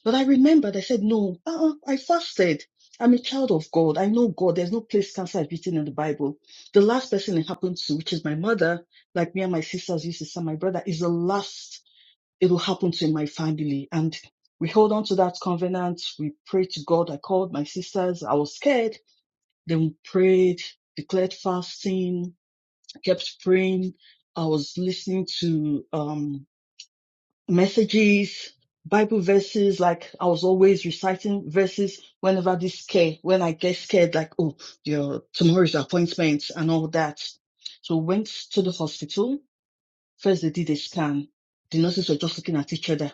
But I remembered, I said, no, uh-uh, I fasted. I'm a child of God. I know God. There's no place cancer is written in the Bible. The last person it happened to, which is my mother, like me and my sisters used to say, my brother, is the last it will happen to in my family. And we hold on to that covenant. We prayed to God. I called my sisters. I was scared. Then we prayed, declared fasting, kept praying. I was listening to um." messages, Bible verses, like I was always reciting verses whenever this scare, when I get scared, like, oh, your tomorrow's appointment and all that. So went to the hospital. First they did a scan. The nurses were just looking at each other.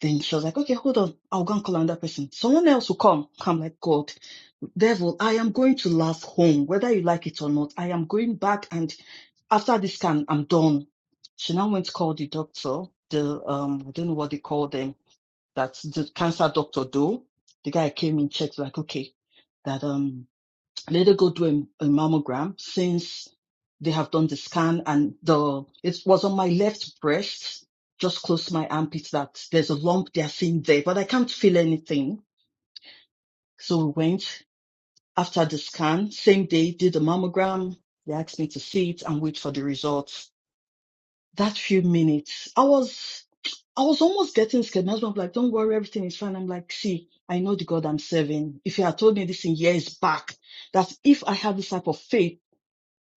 Then she was like, okay, hold on. I'll go and call another person. Someone else will come. I'm like, God, devil, I am going to laugh home, whether you like it or not. I am going back and after this scan, I'm done. She now went to call the doctor, the, um, I don't know what they call them that the cancer doctor do. The guy came in, checked, like, okay, that um let her go do a, a mammogram since they have done the scan and the it was on my left breast, just close to my armpit that there's a lump they are seeing there, but I can't feel anything. So we went after the scan, same day, did the mammogram. They asked me to see it and wait for the results that few minutes, I was I was almost getting scared. My husband was like, Don't worry, everything is fine. I'm like, see, I know the God I'm serving. If you had told me this in years back, that if I had this type of faith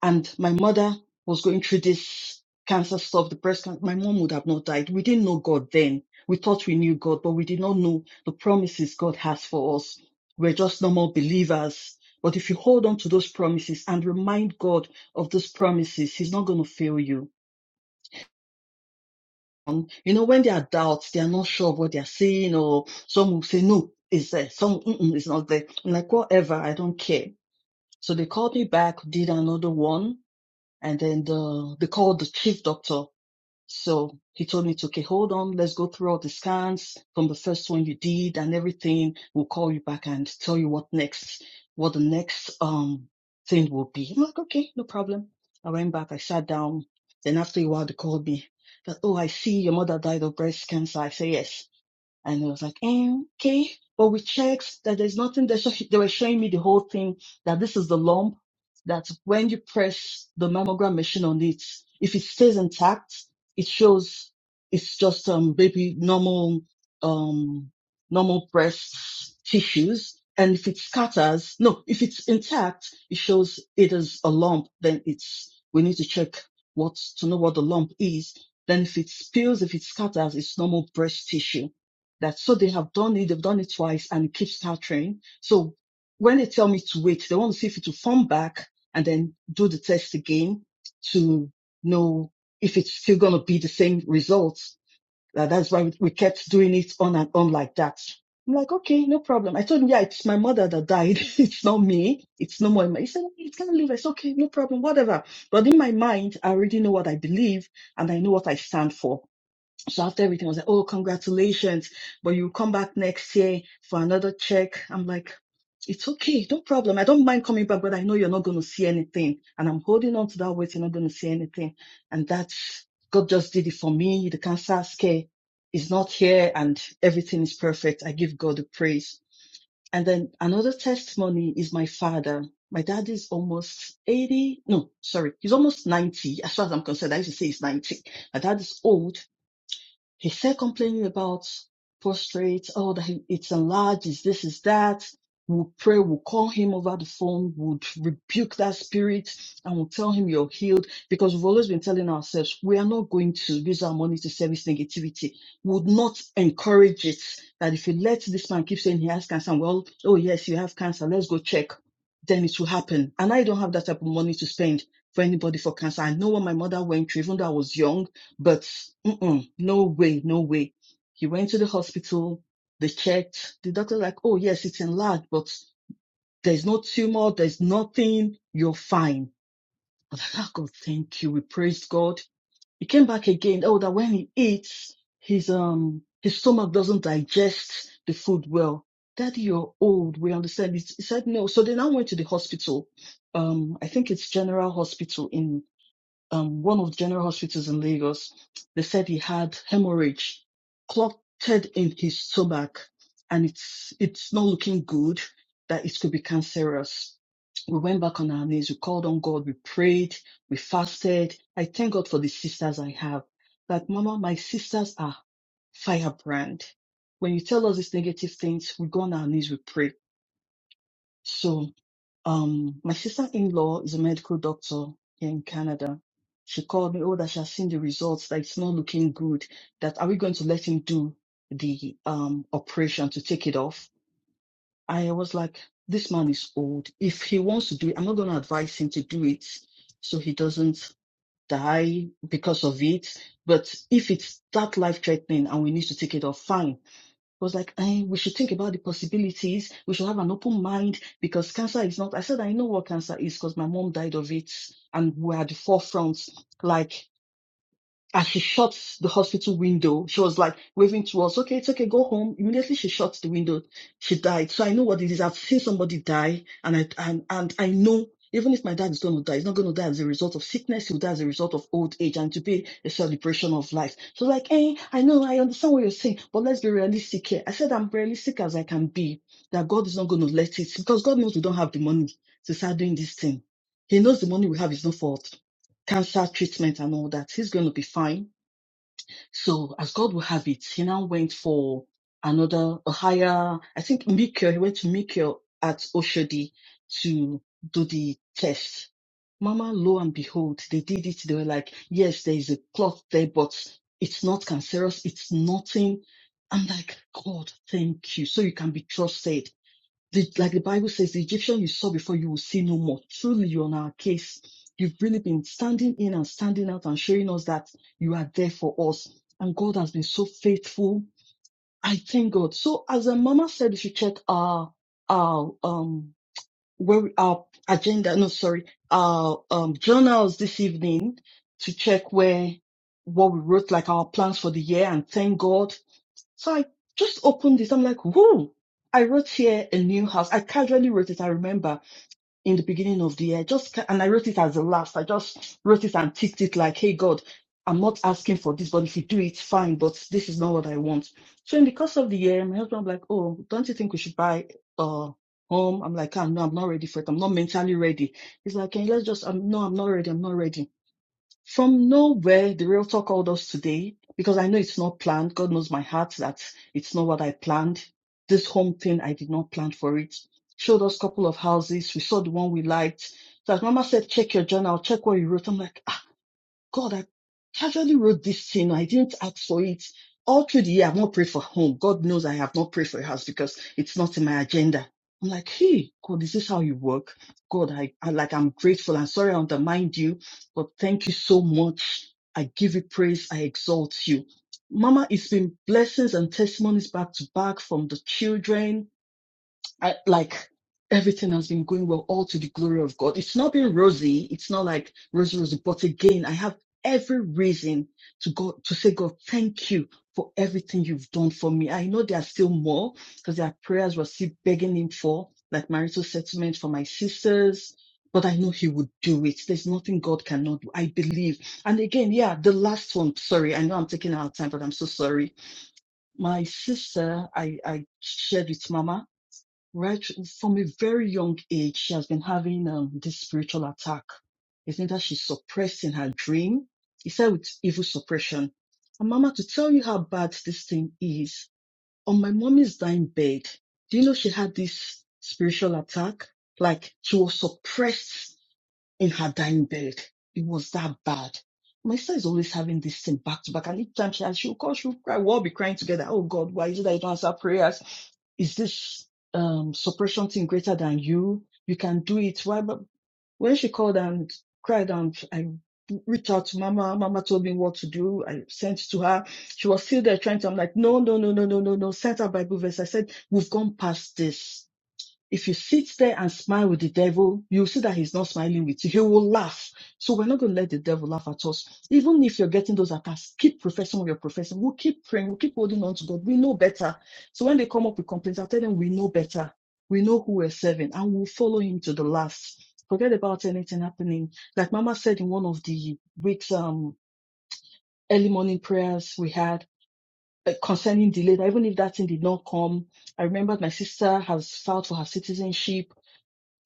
and my mother was going through this cancer stuff, the breast cancer, my mom would have not died. We didn't know God then. We thought we knew God, but we did not know the promises God has for us. We're just normal believers. But if you hold on to those promises and remind God of those promises, He's not going to fail you um, You know, when they are doubts, they are not sure of what they are saying, or some will say, no, it's there. Some, mm-mm, it's not there. I'm like, whatever, I don't care. So they called me back, did another one, and then the, they called the chief doctor so he told me, it's okay, hold on, let's go through all the scans from the first one you did and everything. We'll call you back and tell you what next, what the next um thing will be. I'm like, okay, no problem. I went back, I sat down. Then after a while, they called me that, oh, I see your mother died of breast cancer. I say, yes. And I was like, "Um, okay. But we checked that there's nothing there. So she- they were showing me the whole thing that this is the lump, that when you press the mammogram machine on it, if it stays intact, it shows it's just, um, baby normal, um, normal breast tissues. And if it scatters, no, if it's intact, it shows it is a lump. Then it's, we need to check what, to know what the lump is. Then if it spills, if it scatters, it's normal breast tissue that so they have done it, they've done it twice and it keeps stuttering. So when they tell me to wait, they want to see if it will form back and then do the test again to know if it's still going to be the same results. Uh, that's why we kept doing it on and on like that. I'm like, okay, no problem. I told him, yeah, it's my mother that died. [laughs] it's not me. It's no more. He said, it can't live. It's okay, no problem, whatever. But in my mind, I already know what I believe and I know what I stand for. So after everything, I was like, oh, congratulations, but you come back next year for another check. I'm like, it's okay, no problem. I don't mind coming back, but I know you're not going to see anything. And I'm holding on to that weight, you're not going to see anything. And that's, God just did it for me. The cancer scare is not here and everything is perfect. I give God the praise. And then another testimony is my father. My dad is almost 80. No, sorry. He's almost 90. As far as I'm concerned, I used to say he's 90. My dad is old he said complaining about prostrate, oh, that he, it's enlarged, it's this, is that. We'll pray, we'll call him over the phone, we'll rebuke that spirit, and we'll tell him you're healed. Because we've always been telling ourselves, we are not going to use our money to service negativity. We would not encourage it. That if you let this man keep saying he has cancer, and well, oh yes, you have cancer, let's go check, then it will happen. And I don't have that type of money to spend for anybody for cancer. I know what my mother went through, even though I was young. But mm-mm, no way, no way. He went to the hospital. They checked. The doctor like, oh yes, it's enlarged, but there's no tumor. There's nothing. You're fine. I'm like, oh God, thank you. We praised God. He came back again. Oh, that when he eats, his um his stomach doesn't digest the food well. Daddy, you're old. We understand. He s- he said no. So they now went to the hospital. Um, I think it's General Hospital in um, one of the general hospitals in Lagos, they said he had hemorrhage clotted in his stomach and it's, it's not looking good that it could be cancerous. We went back on our knees. We called on God. We prayed. We fasted. I thank God for the sisters I have. Like, Mama, my sisters are firebrand. When you tell us these negative things, we go on our knees. We pray. So. Um, my sister-in-law is a medical doctor here in Canada. She called me, oh, that she has seen the results, that it's not looking good, that are we going to let him do the um operation to take it off? I was like, this man is old. If he wants to do it, I'm not going to advise him to do it so he doesn't die because of it. But if it's that life-threatening and we need to take it off, fine was like, eh, we should think about the possibilities. We should have an open mind because cancer is not. I said, I know what cancer is because my mom died of it and we're at the forefront. Like, as she shuts the hospital window. She was like waving to us, okay, it's okay, go home. Immediately she shuts the window. She died. So I know what it is. I've seen somebody die and I, and, and I know even if my dad is going to die, he's not going to die as a result of sickness. He'll die as a result of old age and to be a celebration of life. So like, hey, I know, I understand what you're saying, but let's be realistic here. I said, I'm realistic as I can be that God is not going to let it because God knows we don't have the money to start doing this thing. He knows the money we have is not for cancer treatment and all that. He's going to be fine so as God will have it, he now went for another, a higher, I think Mikio, he went to Mikio at Oshodi to do the test. Mama, lo and behold, they did it. They were like, yes, there is a clot there, but it's not cancerous. It's nothing. I'm like, God, thank you. So you can be trusted. The, like the Bible says, the Egyptian you saw before, you will see no more. Truly, you're on our case. You've really been standing in and standing out and showing us that you are there for us. And God has been so faithful. I thank God. So, as a mama said, we should check our, our, um, where we, our agenda, no, sorry, our, um, journals this evening to check where, what we wrote, like our plans for the year and thank God so I just opened this. I'm like, whoa. I wrote here a new house. I casually wrote it. I remember in the beginning of the year, just ca- and I wrote it as a last. I just wrote it and ticked it like, hey God, I'm not asking for this, but if you do it, fine. But this is not what I want. So in the course of the year, my husband was like, oh, don't you think we should buy a home? I'm like, I'm no, I'm not ready for it. I'm not mentally ready. He's like, can you let's just? I'm no, I'm not ready. I'm not ready. From nowhere, the realtor called us today because I know it's not planned. God knows my heart that it's not what I planned. This home thing, I did not plan for it. Showed us a couple of houses. We saw the one we liked. So as Mama said, check your journal, check what you wrote. I'm like, God, I casually wrote this thing. I didn't ask for it. All through the year, I've not prayed for home. God knows I have not prayed for a house because it's not in my agenda. I'm like, hey, God, is this how you work? God, I, I like, I'm grateful. I'm sorry I undermined you, but thank you so much. I give you praise. I exalt you. Mama, it's been blessings and testimonies back to back from the children I, like everything has been going well, all to the glory of God. It's not been rosy. It's not like rosy, rosy. But again, I have every reason to God to say, God, thank you for everything you've done for me. I know there are still more because there are prayers we're still begging Him for, like marital settlement for my sisters. But I know he would do it. There's nothing God cannot do. I believe. And again, yeah, the last one. Sorry, I know I'm taking our time, but I'm so sorry. My sister, I, I shared with Mama right from a very young age she has been having um, this spiritual attack it's either she's suppressed in her dream he said with evil suppression and mama to tell you how bad this thing is on my mommy's dying bed do you know she had this spiritual attack like she was suppressed in her dying bed. It was that bad. My sister is always having this thing back to back, and each time she has, she'll call, she'll cry. We'll all be crying together. Oh God, why is it that you don't answer prayers? Is this um suppression thing greater than you? You can do it. Why? But when she called and cried, and I reached out to Mama, Mama told me what to do. I sent it to her. She was still there trying to. I'm like, no, no, no, no, no, no, no. Sent her Bible verse. I said, we've gone past this if you sit there and smile with the devil, you'll see that he's not smiling with you. He will laugh. So we're not going to let the devil laugh at us. Even if you're getting those attacks, keep professing what you're professing. We'll keep praying. We'll keep holding on to God. We know better. So when they come up with complaints, I'll tell them we know better. We know who we're serving and we'll follow him to the last. Forget about anything happening. Like Mama said in one of the week's um, early morning prayers we had uh, concerning delay, that even if that thing did not come, I remembered my sister has filed for her citizenship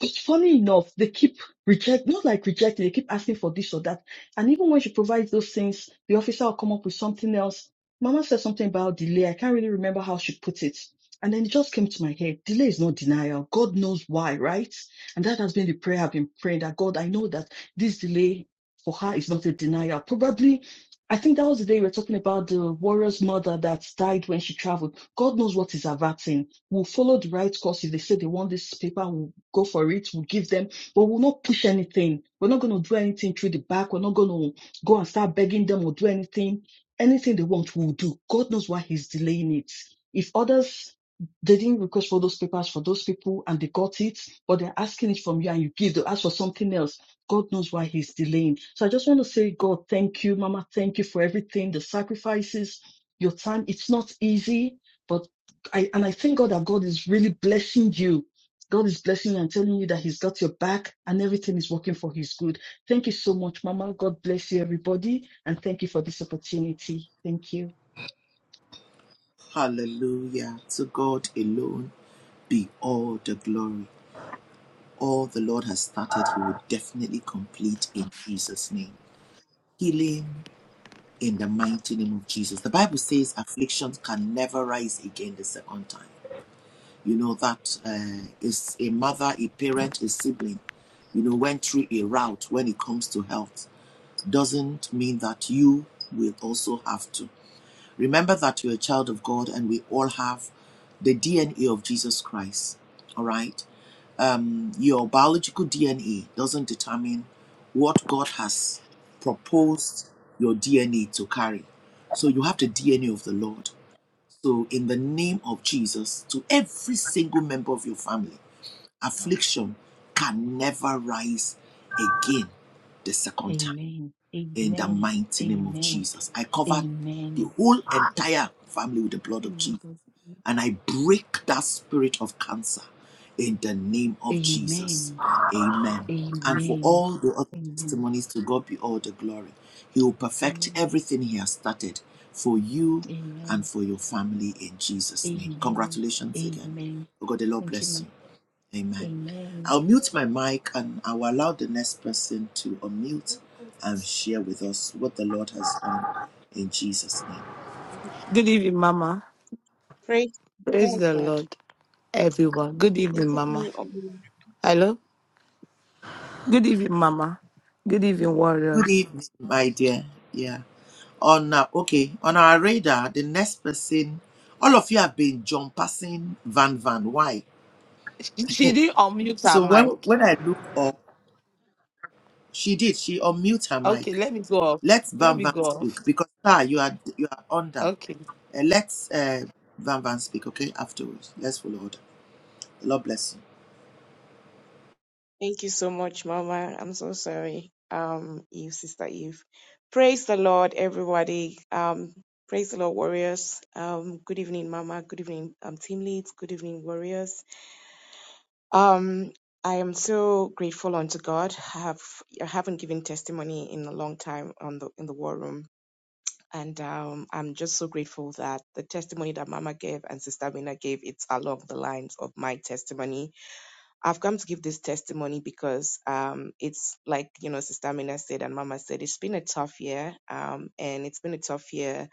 but funny enough, they keep reject, not like rejecting, they keep asking for this or that. And even when she provides those things, the officer will come up with something else. Mama said something about delay. I can't really remember how she put it. And then it just came to my head. Delay is not denial. God knows why, right? And that has been the prayer I've been praying that God, I know that this delay for her is not a denial. Probably, I think that was the day we were talking about the warrior's mother that died when she traveled. God knows what is averting. We'll follow the right course. If they say they want this paper, we'll go for it. We'll give them, but we'll not push anything. We're not going to do anything through the back. We're not going to go and start begging them or do anything. Anything they want, we'll do. God knows why He's delaying it. If others they didn't request for those papers for those people and they got it, but they're asking it from you and you give, they ask for something else. God knows why he's delaying. So I just want to say, God, thank you, Mama. Thank you for everything, the sacrifices, your time. It's not easy, but. I, and I thank God that God is really blessing you. God is blessing you and telling you that He's got your back and everything is working for His good. Thank you so much, Mama. God bless you, everybody. And thank you for this opportunity. Thank you.
Hallelujah. To God alone be all the glory. All the Lord has started, He will definitely complete in Jesus' name. Healing in the mighty name of Jesus. The Bible says afflictions can never rise again the second time. you know, that uh, is a mother, a parent, a sibling, you know, went through a route when it comes to health, doesn't mean that you will also have to. Remember that you're a child of God and we all have the DNA of Jesus Christ, all right? Your biological DNA doesn't determine what God has proposed your DNA to carry. So you have the DNA of the Lord. So, in the name of Jesus, to every single member of your family, affliction can never rise again the second time
Amen.
in the
Amen.
mighty name of
Amen.
Jesus. I cover the
Amen.
whole entire family with the blood of Jesus
Good
and I break that spirit of cancer in the name
Amen.
of Jesus.
Amen.
Amen. And for
Amen.
all the other testimonies, to God be all the glory. He will perfect everything He has started for you and
Amen.
for your family in
Amen.
Jesus' name.
Amen.
Congratulations again.
Amen.
Oh God, the Lord
Thank you, Ma.
bless you. Amen.
Amen.
I'll mute my mic and I will allow the next person to unmute and share with us what the Lord has done in Jesus' name.
evening, Mama.
praise
Praise
praise
the
God.
Lord, everyone. Good evening,
Is it
Mama.
me? Or you?
Hello. Good evening, Mama. Good evening,
Good
warriors.
evening, my dear. Yeah. On uh, okay, on our radar, the next person, all of you have been John passing Van Van. Why?
She, she
[laughs]
didn't unmute her
so when
mic.
when I look up, she did. She unmute her
Okay,
mic.
let me go off.
Let
Let
Van
me
Van
go off.
speak because sir, you are you are under.
Okay.
Uh, let uh, Van Van speak. Okay, afterwards. Let's follow order. The Lord bless you.
Thank you so much, Mama. I'm so sorry. Um, Eve, Sister Eve. Praise the Lord, everybody. Um, praise the Lord, warriors. Um, good evening, Mama. Good evening, um, team leads. Good evening, warriors. Um, I am so grateful unto God. I have I haven't given testimony in a long time on the in the war room. And um, I'm just so grateful that the testimony that Mama gave and Sister Mina gave, it's along the lines of my testimony. I've come to give this testimony because um, it's like, you know, Sister Mina said and Mama said, it's been a tough year. Um, and it's been a tough year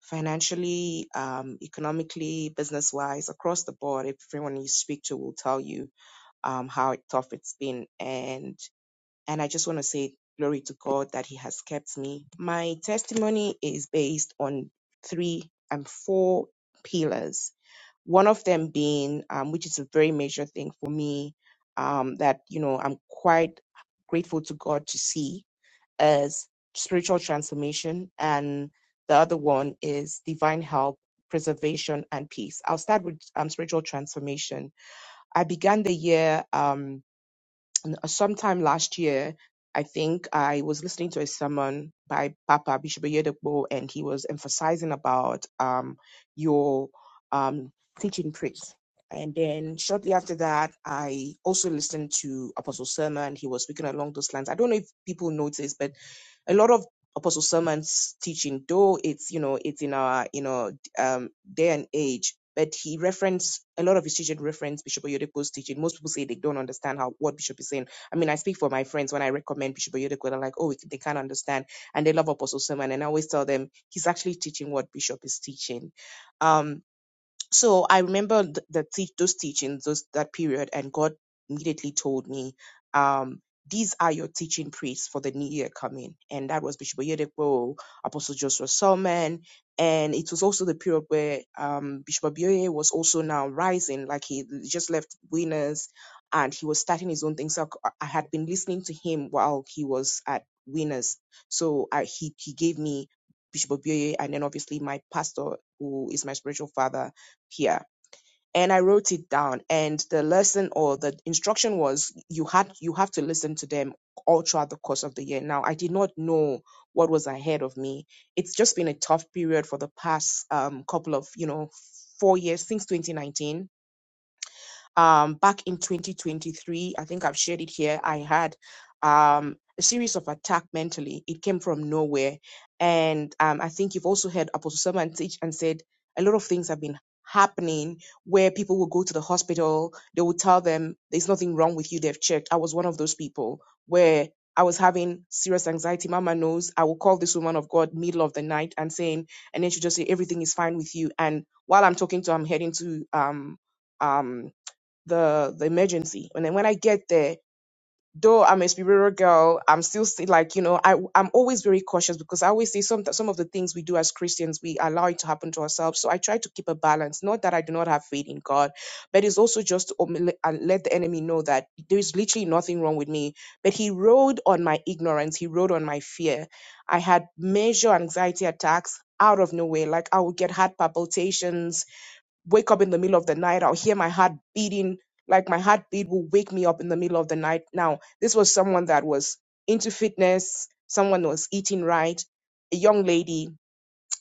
financially, um, economically, business wise, across the board. Everyone you speak to will tell you um, how tough it's been. and. And I just want to say glory to God that He has kept me. My testimony is based on three and four pillars. One of them being, um, which is a very major thing for me, um, that you know I'm quite grateful to God to see, is spiritual transformation, and the other one is divine help, preservation, and peace. I'll start with um, spiritual transformation. I began the year. Um, n- sometime last year, I think I was listening to a sermon by Papa Bishop Oyedepo, and he was emphasizing about um, your um, teaching praise. And then shortly after that, I also listened to Apostle Sermon. He was speaking along those lines. I don't know if people noticed, but a lot of Apostle Sermon's teaching, though it's you know it's in our you know um, day and age. But he referenced a lot of his teaching reference Bishop Oyedepo's teaching. Most people say they don't understand how what Bishop is saying. I mean, I speak for my friends when I recommend Bishop Oyedepo, they're like, oh, they can't understand, and they love Apostle Sermon. And I always tell them he's actually teaching what Bishop is teaching. Um, so I remember th- the tea those teachings, those that period, and God immediately told me, um, "These are your teaching priests for the new year coming." And that was Bishop Oyedepo, Apostle Joshua Solomon, and it was also the period where um, Bishop Abioye was also now rising, like he just left Winners, and he was starting his own thing. So I I had been listening to him while he was at Winners, so I, he he gave me Bishop Obioye, and then obviously my pastor, who is my spiritual father here and i wrote it down and the lesson or the instruction was you had you have to listen to them all throughout the course of the year now i did not know what was ahead of me it's just been a tough period for the past um, couple of you know four years since 2019 um, back in 2023. I think I've shared it here. I had um, a series of attack mentally. It came from nowhere, and um, I think you've also heard Apostle Someone teach and said a lot of things have been happening where people will go to the hospital. They will tell them there's nothing wrong with you. They've checked. I was one of those people where. I was having serious anxiety. Mama knows. I will call this woman of God middle of the night and saying, and then she just say everything is fine with you. And while I'm talking to, her, I'm heading to um um the the emergency. And then when I get there, though I'm a spiritual girl, I'm still sti- like you know I I'm always very cautious because I always say some some of the things we do as Christians we allow it to happen to ourselves. So I try to keep a balance. Not that I do not have faith in God, but it's also just to omele- and let the enemy know that there is literally nothing wrong with me. But he rode on my ignorance. He rode on my fear. I had major anxiety attacks out of nowhere. Like I would get heart palpitations wake up in the middle of the night. I'll hear my heart beating, like my heartbeat will wake me up in the middle of the night. Now, this was someone that was into fitness, someone was eating right, a young lady,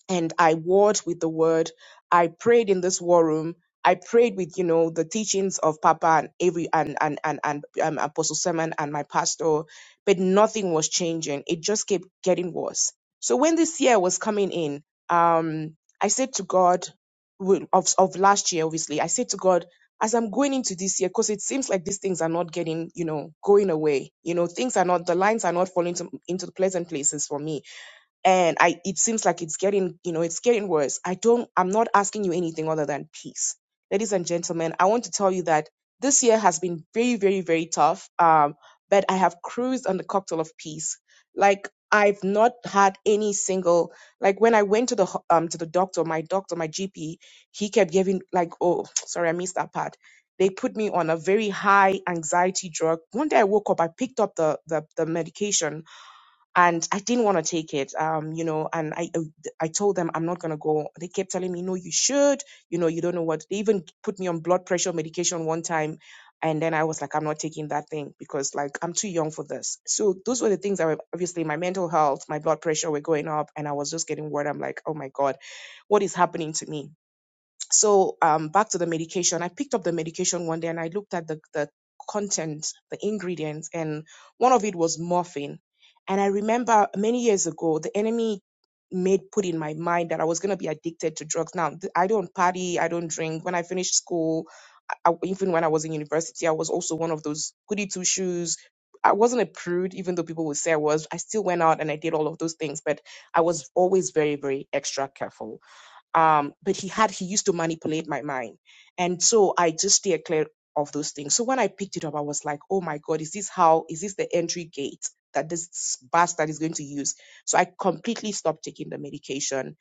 and I warred with the word. I prayed in this war room. I prayed with, you know, the teachings of Papa and every and and and, and um, Apostle Simon and my pastor, but nothing was changing. It just kept getting worse. So when this year was coming in, um, I said to God, well, of of last year, obviously, I said to God, as I'm going into this year, because it seems like these things are not getting, you know, going away. You know, things are not the lines are not falling to, into the pleasant places for me and i it seems like it's getting you know it's getting worse i don't i'm not asking you anything other than peace ladies and gentlemen i want to tell you that this year has been very very very tough um but i have cruised on the cocktail of peace like i've not had any single like when i went to the ho- um to the doctor my doctor my gp he kept giving like oh [tsk] sorry i missed that part they put me on a very high anxiety drug one day i woke up i picked up the the, the medication and I didn't want to take it, um, you know. And I, I told them I'm not gonna go. They kept telling me, no, you should. You know, you don't know what. They even put me on blood pressure medication one time, and then I was like, I'm not taking that thing because like I'm too young for this. So those were the things that were obviously my mental health, my blood pressure were going up, and I was just getting worried. I'm like, oh my god, what is happening to me? so um, back to the medication i picked up the medication one day and i looked at the, the content the ingredients and one of it was morphine and i remember many years ago the enemy made put in my mind that i was going to be addicted to drugs now th- i don't party i don't drink when i finished school I, I- even when i was in university i was also one of those goody two shoes i wasn't a prude even though people would say i was i still went out and i did all of those things but i was always very very extra careful um but he had he used to manipulate my mind and so i just stay clear of those things so when i picked it up i was like oh my god is this how is this the entry gate that this bastard is going to use so i completely stopped taking the medication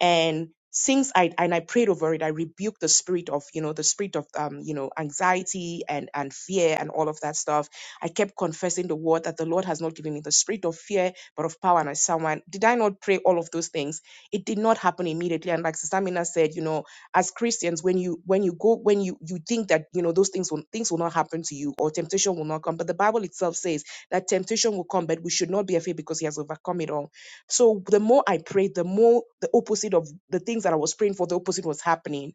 and since i and i prayed over it i rebuked the spirit of you know the spirit of um you know anxiety and and fear and all of that stuff i kept confessing the word that the lord has not given me the spirit of fear but of power and a sound mind. Did I not pray all of those things? It did not happen immediately. And like Sister Mina said, you know, as Christians, when you when you go when you you think that you know those things will things will not happen to you or temptation will not come, but the Bible itself says that temptation will come, but we should not be afraid because He has overcome it all. So the more I prayed, the more the opposite of the things that I was praying for, the opposite was happening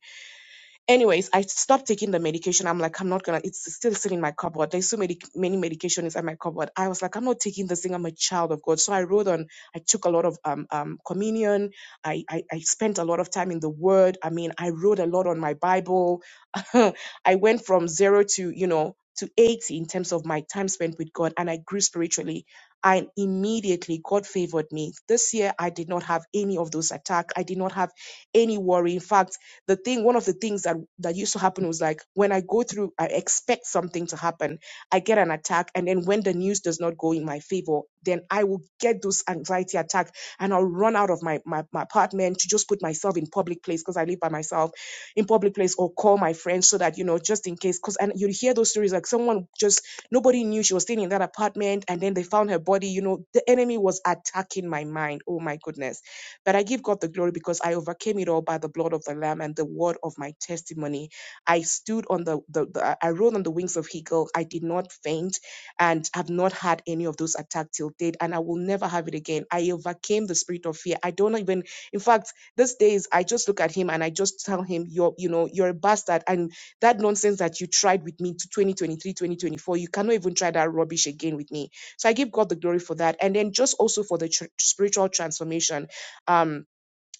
anyways i stopped taking the medication i'm like i'm not gonna it's still sitting in my cupboard there's so many many medication is at my cupboard i was like i'm not taking this thing i'm a child of god so i wrote on i took a lot of um, um communion I, I i spent a lot of time in the word i mean i wrote a lot on my bible [laughs] i went from zero to you know to 80 in terms of my time spent with god and i grew spiritually and immediately god favored me this year i did not have any of those attacks i did not have any worry in fact the thing one of the things that that used to happen was like when i go through i expect something to happen i get an attack and then when the news does not go in my favor then i will get those anxiety attack and i'll run out of my my, my apartment to just put myself in public place because i live by myself in public place or call my friends so that you know just in case because and you hear those stories like someone just nobody knew she was staying in that apartment and then they found her body you know the enemy was attacking my mind oh my goodness but I give God the glory because I overcame it all by the blood of the Lamb and the word of my testimony. I stood on the, the, the I rode on the wings of eagle. I did not faint and have not had any of those attacks till date, and I will never have it again. I overcame the spirit of fear. I don't even, in fact, these days I just look at him and I just tell him, You're, you know, you're a bastard. And that nonsense that you tried with me to 2023, 2024, you cannot even try that rubbish again with me. So I give God the glory for that. And then just also for the tr- spiritual transformation um,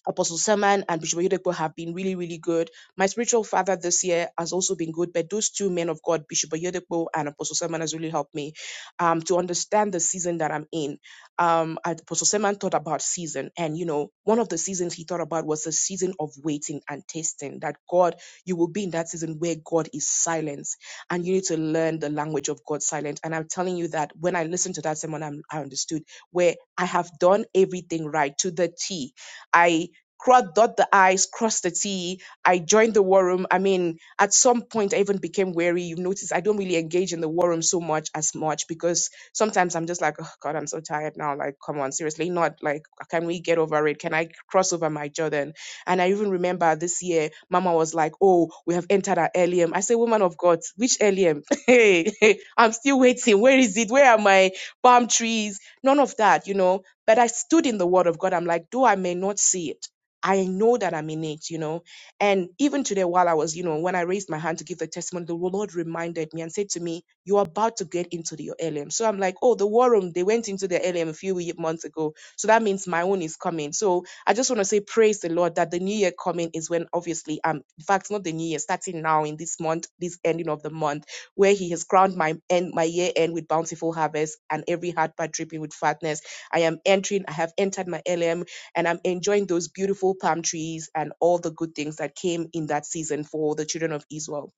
Apostle Seman and Bishop Oyedepo have been really, really good. My spiritual father this year has also been good, but those two men of God, Bishop Oyedepo and Apostle Seman, has really helped me um, to understand the season that I'm in. Um, Apostle Seman thought about season, and you know, one of the seasons he thought about was the season of waiting and testing. That God, you will be in that season where God is silence, and you need to learn the language of God's silence. And I'm telling you that when I listened to that sermon, I'm, I understood where I have done everything right to the T. I cross dot the i's cross the t i joined the war room i mean at some point i even became wary you've noticed i don't really engage in the war room so much as much because sometimes i'm just like oh god i'm so tired now like come on seriously not like can we get over it can i cross over my jordan and i even remember this year mama was like oh we have entered our LM. i say woman of god which LM? [laughs] hey [laughs] i'm still waiting where is it where are my palm trees none of that you know but i stood in the word of god i'm like though i may not see it I know that I'm in it, you know. And even today, while I was, you know, when I raised my hand to give the testimony, the Lord reminded me and said to me, You're about to get into the, your LM. So I'm like, Oh, the war room, they went into the LM a few ye- months ago. So that means my own is coming. So I just want to say, Praise the Lord that the new year coming is when obviously, um, in fact, not the new year, starting now in this month, this ending of the month, where He has crowned my end, my year end with bountiful harvest and every heart part dripping with fatness. I am entering, I have entered my LM and I'm enjoying those beautiful palm trees and all the good things that came in that season for the children of Israel.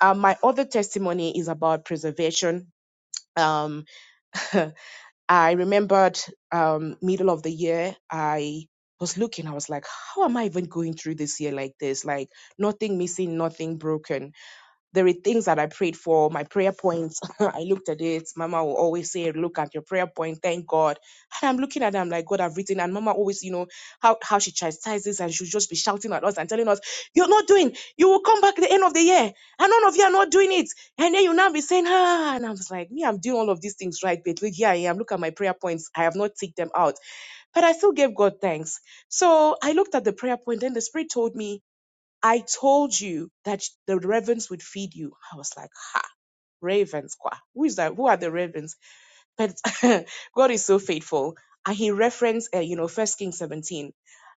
Um, my other testimony is about preservation. Um, [laughs] I remembered um, middle of the year, I was looking, I was like, how am I even going through this year like this? Like, nothing missing, nothing broken there are things that I prayed for, my prayer points. [laughs] I looked at it. Mama will always say, Look at your prayer point, thank God. And I'm looking at it, I'm like, God, I've written. And Mama always, you know, how, how she chastises and she'll just be shouting at us and telling us, You're not doing, you will come back at the end of the year. And none of you are not doing it. And then you now be saying, Ah, and I was like, Me, I'm doing all of these things right, but look, here I am. Look at my prayer points. I have not ticked them out. But I still gave God thanks. So I looked at the prayer point, and the Spirit told me, I told you that the ravens would feed you. I was like, ravens, kwa. Who is that? Who are the ravens? But [laughs] God is so faithful. And he referenced, uh, you know, First Kings 17,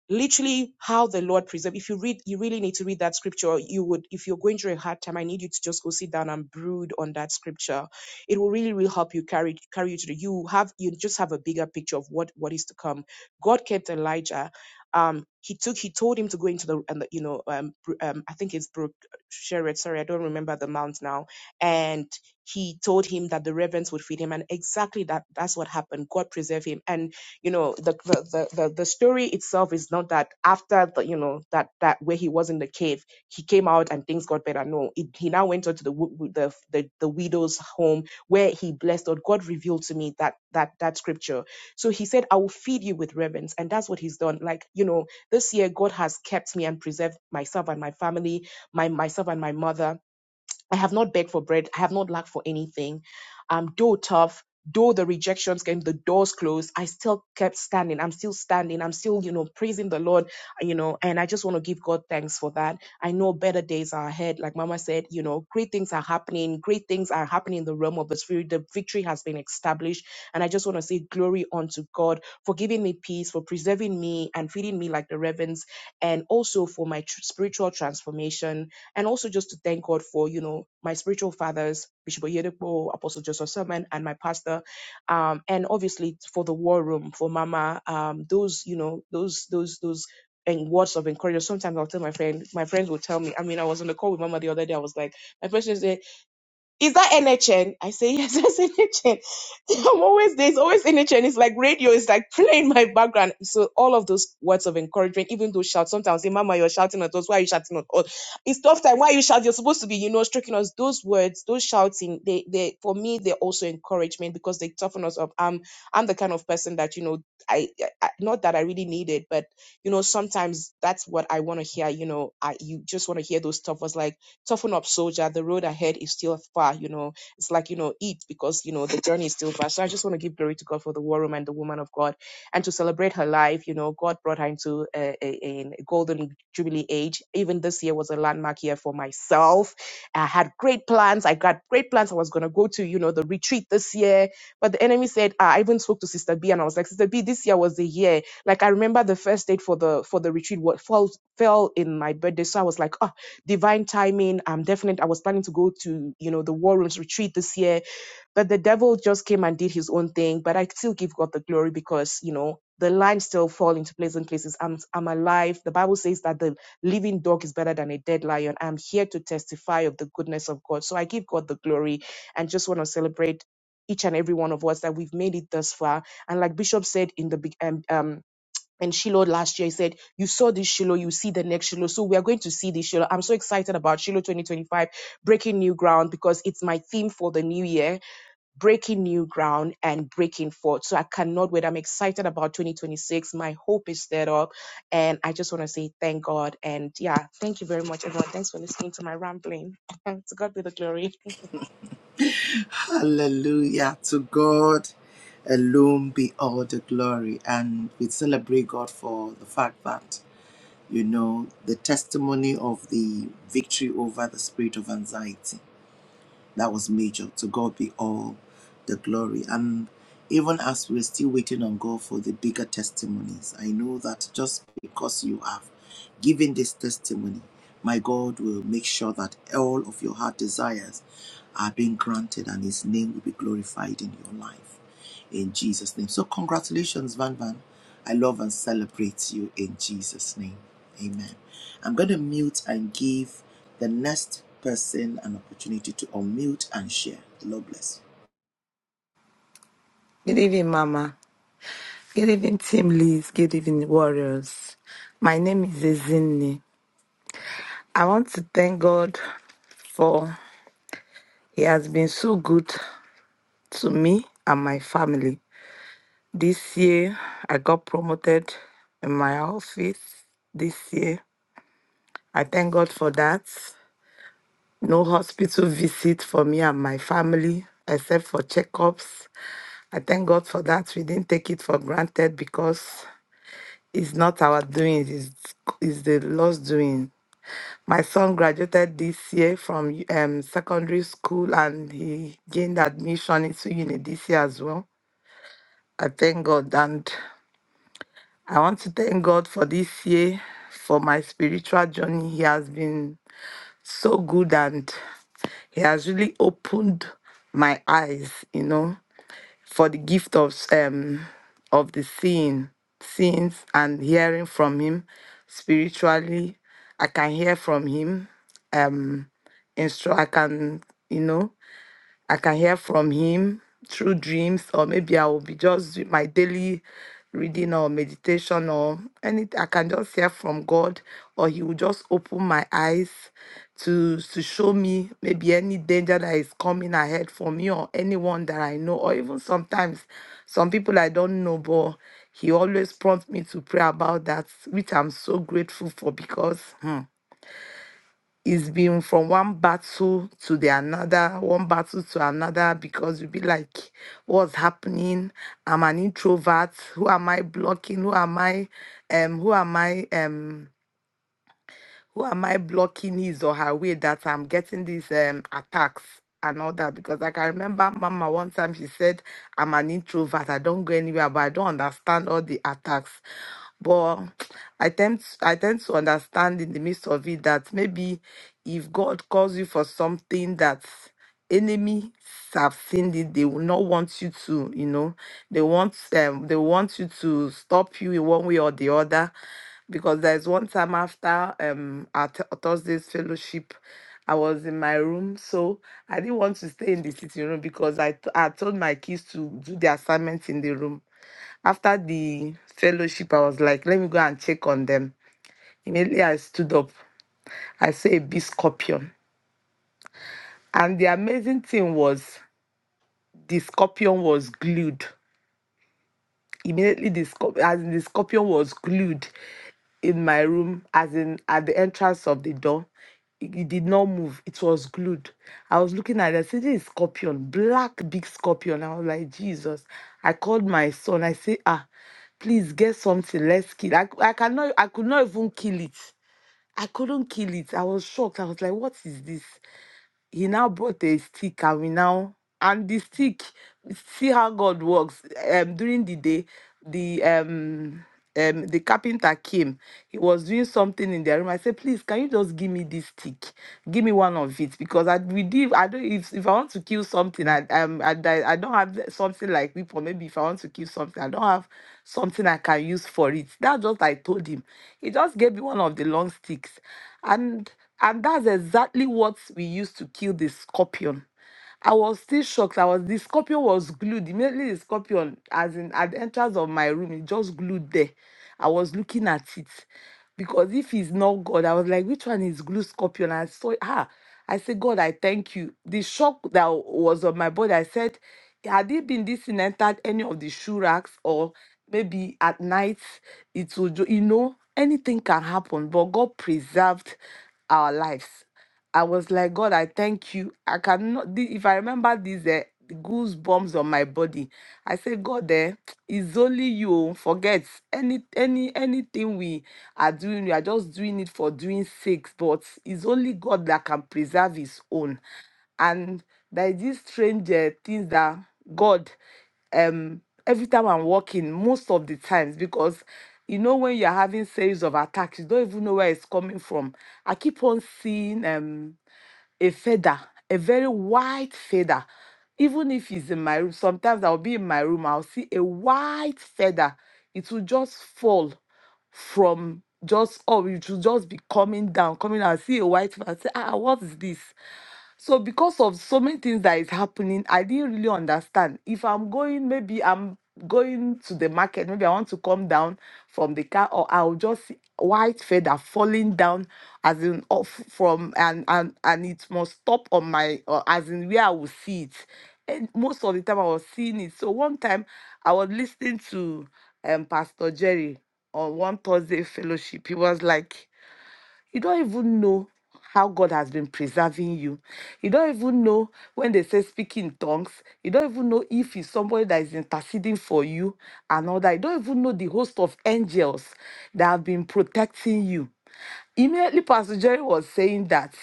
literally how the Lord preserved. If you read, you really need to read that scripture. You would, if you're going through a hard time, I need you to just go sit down and brood on that scripture. It will really, really help you carry carry you to the. You have, you just have a bigger picture of what what is to come. God kept Elijah. Um, he took, he told him to go into the, and the you know, um, br- um, I think it's Brook Sherod. Sorry, I don't remember the mount now. And he told him that the ravens would feed him and exactly that that's what happened god preserve him and you know the the the, the the story itself is not that after the you know that that where he was in the cave he came out and things got better no it, he now went on to the, wo- the the the widow's home where he blessed god god revealed to me that that that scripture so he said i will feed you with ravens and that's what he's done like you know this year god has kept me and preserved myself and my family my myself and my mother I have not begged for bread. I have not lacked for anything. Um, though tough, though the rejections came, the doors closed, I still kept standing. I'm still standing. I'm still, you know, praising the Lord, you know, and I just want to give God thanks for that. I know better days are ahead. Like Mama said, you know, great things are happening. Great things are happening in the realm of the Spirit. The victory has been established. And I just want to say glory unto God for giving me peace, for preserving me and feeding me like the ravens, and also for my tr- spiritual transformation and also just to thank God for, you know, my spiritual fathers, Bishop Oyedepo, Apostle Joseph Sermon, and my pastor, um, and obviously for the war room, for Mama, um, those, you know, those, those, those, and words of encouragement. Sometimes I'll tell my friend, my friends will tell me, I mean, I was on the call with Mama the other day, I was like, my friend says, eh, is that NHN? I say, yes, [laughs] that's NHN. I'm always, there's always NHN. It's like radio It's like playing my background. So all of those words of encouragement, even though shout, sometimes, say, mama, you're shouting at us. Why are you shouting at us? It's tough time. Why are you shouting? You're supposed to be, you know, stroking us. Those words, those shouting, they, they, for me, they're also encouragement because they toughen us up. I'm, I'm the kind of person that, you know, I, I, not that I really need it, but, you know, sometimes that's what I want to hear. You know, I, you just want to hear those tough words like, Toughen up, soldier. The road ahead is still far, you know. It's like, you know, eat because, you know, the journey is still far. So I just want to give glory to God for the war room and the woman of God and to celebrate her life. You know, God brought her into a, a, a golden jubilee age. Even this year was a landmark year for myself. I had great plans. I got great plans. I was going to go to, you know, the retreat this year. But the enemy said, ah, I even spoke to Sister B and I was like, Sister B, this year was the year. Like I remember the first date for the for the retreat what fall fell in my birthday. So I was like, oh, divine timing. I'm definite. I was planning to go to, you know, the war rooms retreat this year, but the devil just came and did his own thing. But I still give God the glory because, you know, the lines still fall into pleasant places. I'm, I'm alive. The Bible says that the living dog is better than a dead lion. I'm here to testify of the goodness of God. So I give God the glory and just want to celebrate each and every one of us that we've made it thus far. And like Bishop said in the big um, um and Shiloh last year. He said, You saw this Shiloh, you see the next Shiloh. So we are going to see this Shiloh. I'm so excited about Shiloh 2025, breaking new ground, because it's my theme for the new year, breaking new ground and breaking forth. So I cannot wait. I'm excited about 2026. My hope is stirred up. And I just want to say thank God. And yeah, thank you very much, everyone. Thanks for listening to my rambling. [laughs] to God be the glory.
Hallelujah. To God alone be all the glory. And we celebrate God for the fact that, you know, the testimony of the victory over the spirit of anxiety. That was major. To God be all the glory. And even as we're still waiting on God for the bigger testimonies, I know that just because you have given this testimony, my God will make sure that all of your heart desires are being granted and His name will be glorified in your life. In Jesus' name. So, congratulations, Van Van. I love and celebrate you in Jesus' name. Amen. I'm going to mute and give the next person an opportunity to unmute and share. The Lord bless
Good evening, Mama. Good evening, Team Liz. Good evening, warriors. My name is Ezinni. I want to thank God for He has been so good to me and my family. This year, I got promoted in my office. This year, I thank God for that. No hospital visit for me and my family except for checkups. I thank God for that. We didn't take it for granted because it's not our doing, it's, it's the Lord's doing. My son graduated this year from um, secondary school and he gained admission into uni this year as well. I thank God. And I want to thank God for this year, for my spiritual journey. He has been so good and He has really opened my eyes, you know, for the gift of um of the seeing, seeing and hearing from Him spiritually. I can hear from Him. Um, instru- I can, you know, I can hear from him through dreams, or maybe I will be just doing my daily reading or meditation or anything. I can just hear from God, or He will just open my eyes to to show me maybe any danger that is coming ahead for me or anyone that I know, or even sometimes some people I don't know, but He always prompts me to pray about that, which I'm so grateful for because. hmm, it's been from one battle to the another, one battle to another, because you'll be like, what's happening? I'm an introvert. Who am I blocking? Who am I? Um, who am I? Um, who am I blocking his or her way that I'm getting these um, attacks and all that? Because like, I can remember Mama one time she said, I'm an introvert, I don't go anywhere, but I don't understand all the attacks. But I tend I tend to understand in the midst of it that maybe if God calls you for something that enemies have seen it they will not want you to you know they want um they want you to stop you in one way or the other because there's one time after um our Thu- thursday's fellowship i was in my room so i didn't want to stay in the sitting room because i t- i told my kids to do the assignments in the room after the fellowship i was like let me go and check on them immediately i stood up i saw a big scorpion and the amazing thing was the scorpion was glued. Immediately, the, scorp- as in the scorpion was glued in my room, as in at the entrance of the door. It, it did not move. It was glued. I was looking at it. I said, "This is scorpion, black big scorpion." I was like, "Jesus!" I called my son. I say, "Ah, please get something. Let's kill." I, I cannot. I could not even kill it. I couldn't kill it. I was shocked. I was like, "What is this?" he now brought a stick and we now and the stick see how god works um during the day the um um the carpenter came he was doing something in their room i said please can you just give me this stick give me one of it because i we did i don't if, if i want to kill something i um I, I I don't have something like whip or maybe if i want to kill something i don't have something i can use for it that's just i told him he just gave me one of the long sticks and and that's exactly what we used to kill the scorpion. I was still shocked. I was the scorpion was glued. Immediately the scorpion, as in at the entrance of my room, it just glued there. I was looking at it. Because if he's not God, I was like, which one is glue scorpion? I saw ah, I said, God, I thank you. The shock that was on my body, I said, had it been this in entered any of the shoe racks or maybe at night, it would, ju- you know, anything can happen. But God preserved our lives. I was like, God, I thank you. I cannot, thi- if I remember these eh, goosebumps on my body, I say, God, eh, [tsk] it's only you. oh, Forget any, any, anything we are doing. We are just doing it for doing sake, but it's only God that can preserve His own and there is this strange uh, things that God um every time I'm working, most of the times, because you know when you're having series of attacks, you don't even know where it's coming from. I keep on seeing um a feather, a very white feather. Even if it's in my room, sometimes I'll be in my room, I'll see a white feather. It will just fall from just oh, it will just be coming down, coming down. I see a white feather. I say, ah, what is this? So because of so many things that is happening, I didn't really understand. If I'm going, maybe I'm going to the market, maybe I want to come down from the car, or I'll just see white feather falling down as in off from and and and it must stop on my or as in where I will see it. And most of the time I was seeing it. So one time I was listening to um Pastor Jerry on one Thursday fellowship. He was like you don't even know how God has been preserving you. You don't even know when they say speak in tongues. You don't even know if it's somebody that is interceding for you and all that. You don't even know the host of angels that have been protecting you. Immediately, Pastor Jerry was saying that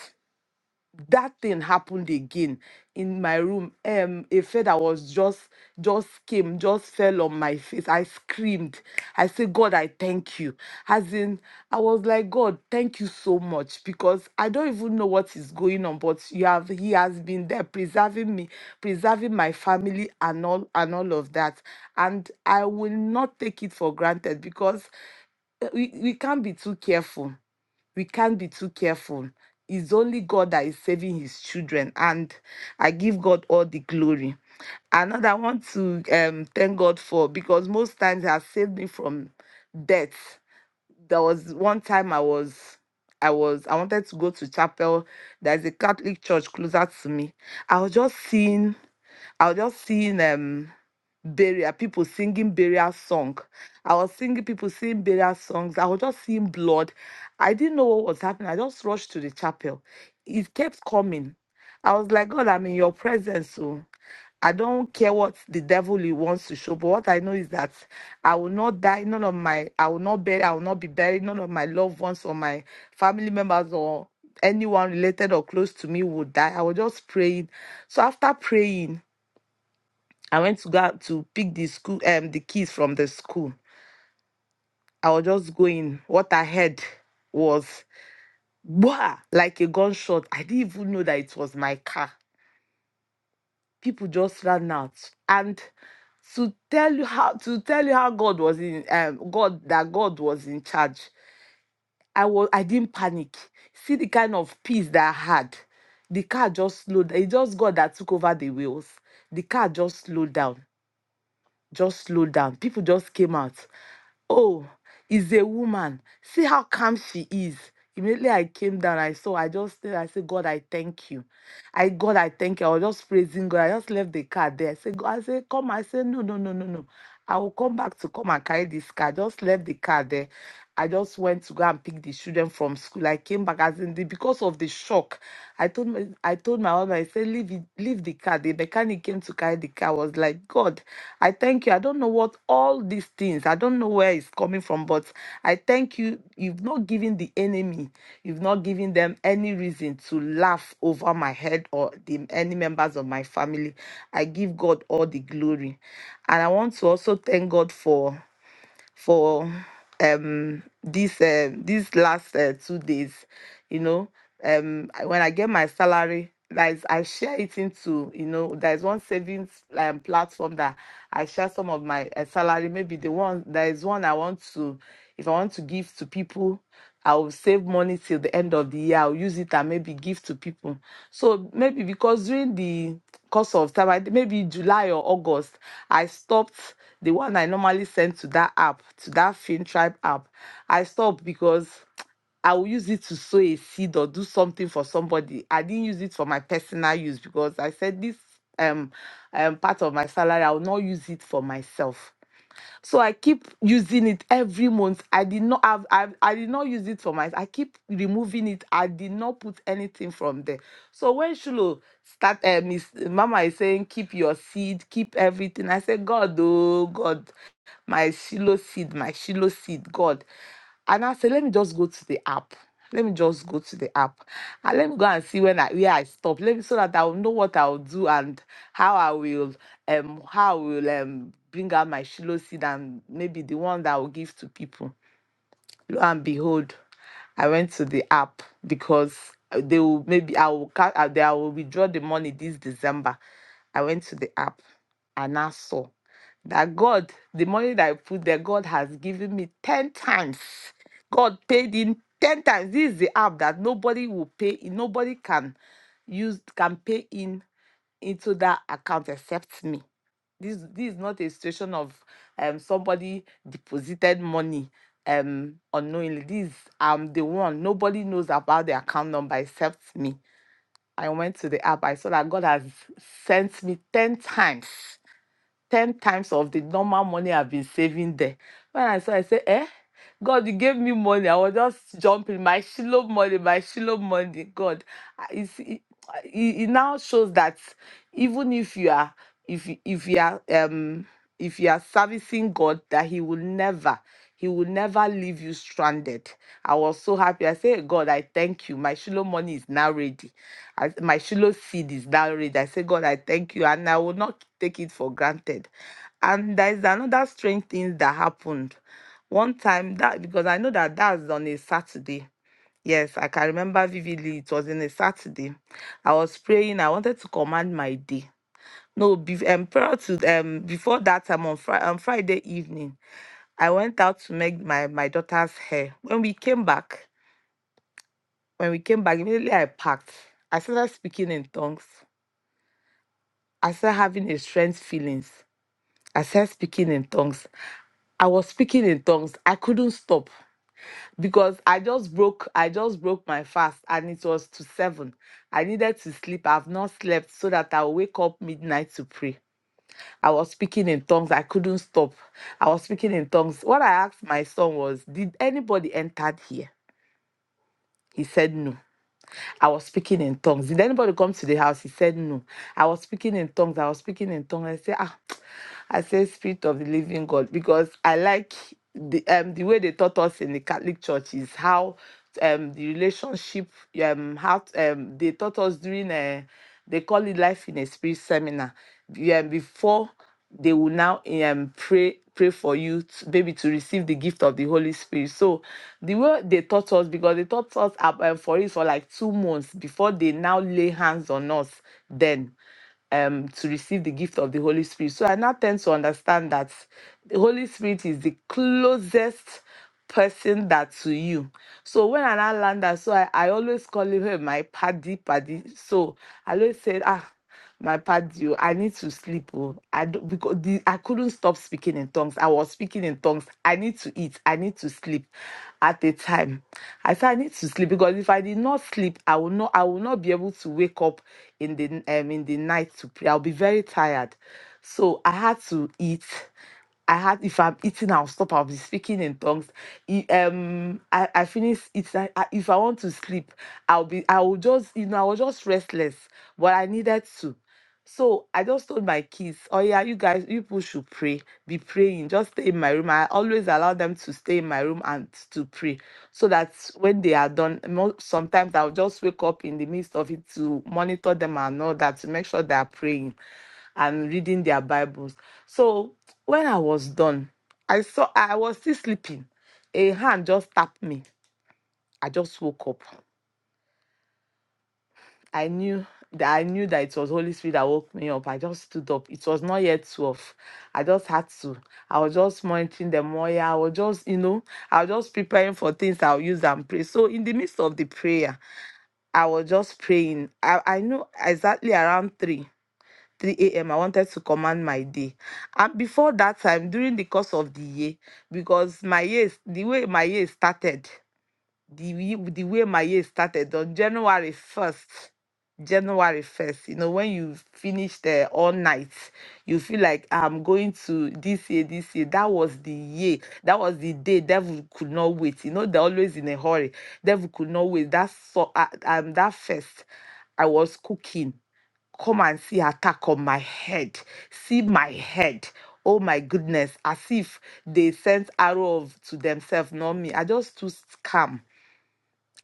that thing happened again in my room um a feather was just just came just fell on my face i screamed i said god i thank you as in i was like god thank you so much because i don't even know what is going on but you have he has been there preserving me preserving my family and all and all of that and i will not take it for granted because uh, we, we can't be too careful we can't be too careful. It's only God that is saving his children, and I give God all the glory. Another I want to um, thank God for because most times He has saved me from death. There was one time I was I was I wanted to go to chapel. There's a Catholic church closer to me. I was just seeing I was just seeing um burial people singing burial song. I was singing people singing burial songs. I was just seeing blood. I didn't know what was happening. I just rushed to the chapel. It kept coming. I was like, God, I'm in your presence. So I don't care what the devil he wants to show, but what I know is that I will not die. None of my I will not bury, I will not be buried. None of my loved ones or my family members or anyone related or close to me would die. I was just praying. So after praying, I went to go out to pick the school um the keys from the school. I was just going. What I heard was bah, like a gunshot. I didn't even know that it was my car. People just ran out. And to tell you how to tell you how God was in um God that God was in charge. I was I didn't panic. See the kind of peace that I had. The car just slowed. It just God that took over the wheels. The car just slowed down just slowed down. People just came out. Oh, is a woman. See how calm she is. Immediately I came down, I saw, I just said, I said, God, I thank you. I God, I thank you. I was just praising God. I just left the car there. I said, God, I said, come. I said, no, no, no, no, no. I will come back to come and carry this car. Just left the car there. I just went to go and pick the children from school. I came back as in the because of the shock. I told my I told my husband, I said, leave it, leave the car. The mechanic came to carry the car. I was like, God, I thank you. I don't know what all these things, I don't know where it's coming from, but I thank you. You've not given the enemy, you've not given them any reason to laugh over my head or the any members of my family. I give God all the glory. And I want to also thank God for for um this uh, these last uh, two days you know um I- when i get my salary that is i share it into you know there's one savings um, platform that i share some of my uh, salary maybe the one there is one i want to if i want to give to people i will save money till the end of the year i'll use it and maybe give to people so maybe because during the course of time I- maybe july or august i stopped the one I normally send to that app, to that Film Tribe app, I stopped because I will use it to sow a seed or do something for somebody. I didn't use it for my personal use because I said this um, um part of my salary, I will not use it for myself. So I keep using it every month. I did not have I, I did not use it for my I keep removing it. I did not put anything from there. So when Shulo start uh, Miss Mama is saying keep your seed, keep everything. I said, God, oh God my Shiloh seed, my Shiloh seed, God. And I said, let me just go to the app. Let me just go to the app. And let me go and see when I where I stop. Let me so that I'll know what I'll do and how I will um how I will um bring out my Shiloh seed and maybe the one that I will give to people and behold, I went to the app because uh, they will maybe I will ca- uh, they I will withdraw the money this December. I went to the app and I saw that God, the money that I put there, God has given me 10 times. God paid in 10 times. This is the app that nobody will pay in, nobody can use, can pay in into that account except me this this is not a situation of um somebody deposited money um unknowingly this um the one nobody knows about the account number except me i went to the app i saw that god has sent me 10 times 10 times of the normal money I've been saving there. When I saw, I said, eh? God, you gave me money. I was just jumping. My Shiloh money, my Shiloh money. God, I- it's, it, it it now shows that even if you are, if you- if you are, um, if you are servicing God, that He will never, He will never leave you stranded. I was so happy. I said, God, I thank you. My Shiloh money is now ready. I, my Shiloh seed is that rich. I say, God, I thank you, and I will not take it for granted. And there's another strange thing that happened. One time that because I know that that's on a Saturday. Yes, I can remember vividly. It was on a Saturday. I was praying. I wanted to command my day. No, be, um, prior to um, before that time on, Fri on Friday evening, I went out to make my my daughter's hair. When we came back, when we came back, immediately I packed. I started speaking in tongues. I started having a strange feelings. I started speaking in tongues. I was speaking in tongues. I couldn't stop because I just broke. I just broke my fast, and it was to seven. I needed to sleep. I've not slept so that I'll wake up midnight to pray. I was speaking in tongues. I couldn't stop. I was speaking in tongues. What I asked my son was, "Did anybody entered here?" He said no. I was speaking in tongues. Did anybody come to the house? He said no. I was speaking in tongues. I was speaking in tongues. I said, ah, [tsk] I said spirit of the living God because I like the um the way they taught us in the Catholic Church is how um the relationship um how um they taught us during a they call it life in a spirit seminar. Yeah, before they will now um, pray pray for you to, maybe to receive the gift of the holy spirit so the way they taught us because they taught us ab- um, for it for like two months before they now lay hands on us then um to receive the gift of the Holy Spirit. So I now tend to understand that the Holy Spirit is the closest person that to you. So when I now land that, so I, I always call him "Hey, my paddy paddy. So I always said, ah, my paddy, oh, I need to sleep. Oh. I don't, because the, I couldn't stop speaking in tongues. I was speaking in tongues. I need to eat. I need to sleep at a time. I said I need to sleep because if I did not sleep, I will not I will not be able to wake up in the um in the night to pray. I'll be very tired. So I had to eat. I had if I'm eating, I'll stop. I'll be speaking in tongues. E- Um, I, I finish eating. I, I- if I want to sleep, I'll be. I will just you know I was just restless, but I needed to. So I just told my kids, oh yeah, you guys, you people should pray, be praying, just stay in my room. I always allow them to stay in my room and to pray so that when they are done, mo- sometimes I'll just wake up in the midst of it to monitor them and all that to make sure they are praying and reading their Bibles. So when I was done, I saw I was still sleeping. A hand just tapped me. I just woke up. I knew that I knew that it was Holy Spirit that woke me up. I just stood up. It was not yet twelve. I just had to. I was just monitoring the moya. I was just, you know, I was just preparing for things I'll use and pray. So in the midst of the prayer, I was just praying. I, I knew exactly around three. 3 a.m. I wanted to command my day. And before that time, during the course of the year, because my year, the way my year started the way- the way my year started on January 1st. January 1st, you know, when you finish the all night, you feel like I'm going to this year, this year. That was the year, that was the day devil could not wait. You know, they're always in a hurry. Devil could not wait. That's so uh, um that first I was cooking come and see attack on my head. See my head. Oh my goodness. As if they sent arrow of- to themselves, not me. I just stood calm.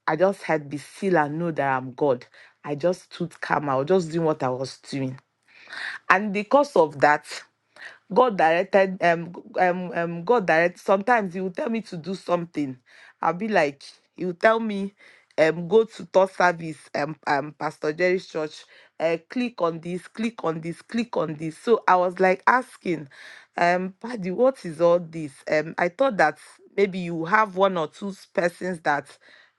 I just had be still and know that I'm God. I just stood calm. I was just doing what I was doing. And because of that, God directed um um um God direct sometimes he will tell me to do something. I'll be like, he will tell me, um, go to thought service, um, um, Pastor Jerry's church, uh, click on this, click on this, click on this. So I was like asking, um, Paddy, what is all this? Um, I thought that maybe you have one or two s- persons that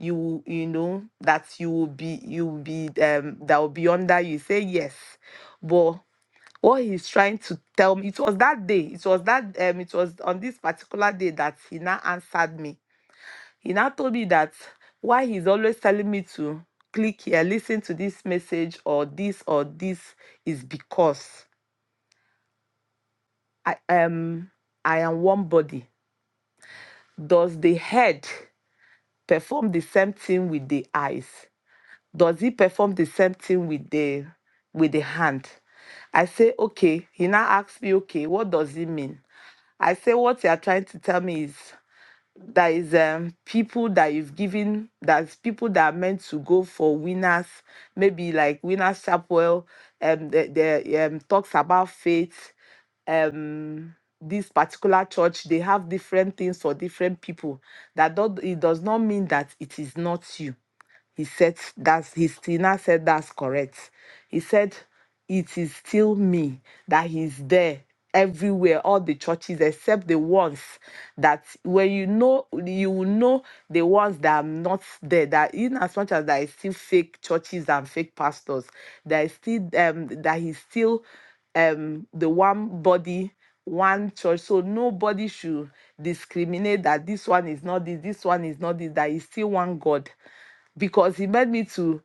you will- you know that you will be you will be um that will be under you. Say yes, but what he's trying to tell me it was that day it was that um it was on this particular day that he now answered me he now told me that why he's always telling me to click here listen to this message or this or this is because i am i am one body does the head perform the same thing with the eyes does he perform the same thing with the with the hand i say okay he now asks me okay what does it mean I say what you are trying to tell me is there is um people that you've given that's people that are meant to go for winners, maybe like winners chapel, um the, the um talks about faith, um this particular church, they have different things for different people. That do it does not mean that it is not you he said that's he still now said that's correct. He said it is still me that he's there everywhere all the churches except the ones that when you know you will know the ones that are not there that in as much as there is still fake churches and fake pastors there is still um that he's still um the one body one church so nobody should discriminate that this one is not this this one is not this that is still one god because he made me to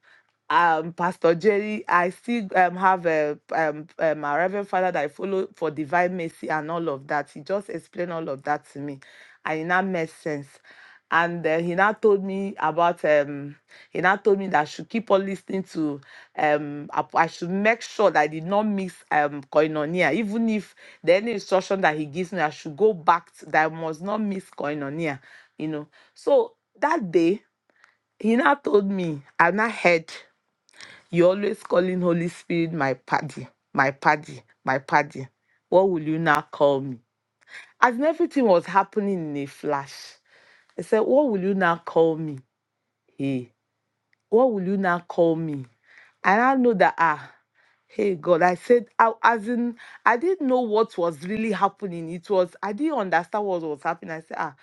um Pastor Jerry. I still um, have a um, um my Reverend Father that I follow for Divine Mercy and all of that. He just explained all of that to me, and it now made sense. And uh, he now told me about um he now told me that I should keep on listening to um I, I should make sure that I did not mix um koinonia even if the any instruction that he gives me I should go back to, that I must not mix koinonia you know so that day he now told me, I've not heard you always calling Holy Spirit my paddy, my paddy, my paddy. What will you now call me? As in everything was happening in a flash, I said, What will you now call me? Hey, what will you now call me? And I know that, ah, hey, God, I said, I, as in, I didn't know what was really happening. It was, I didn't understand what was happening. I said, ah,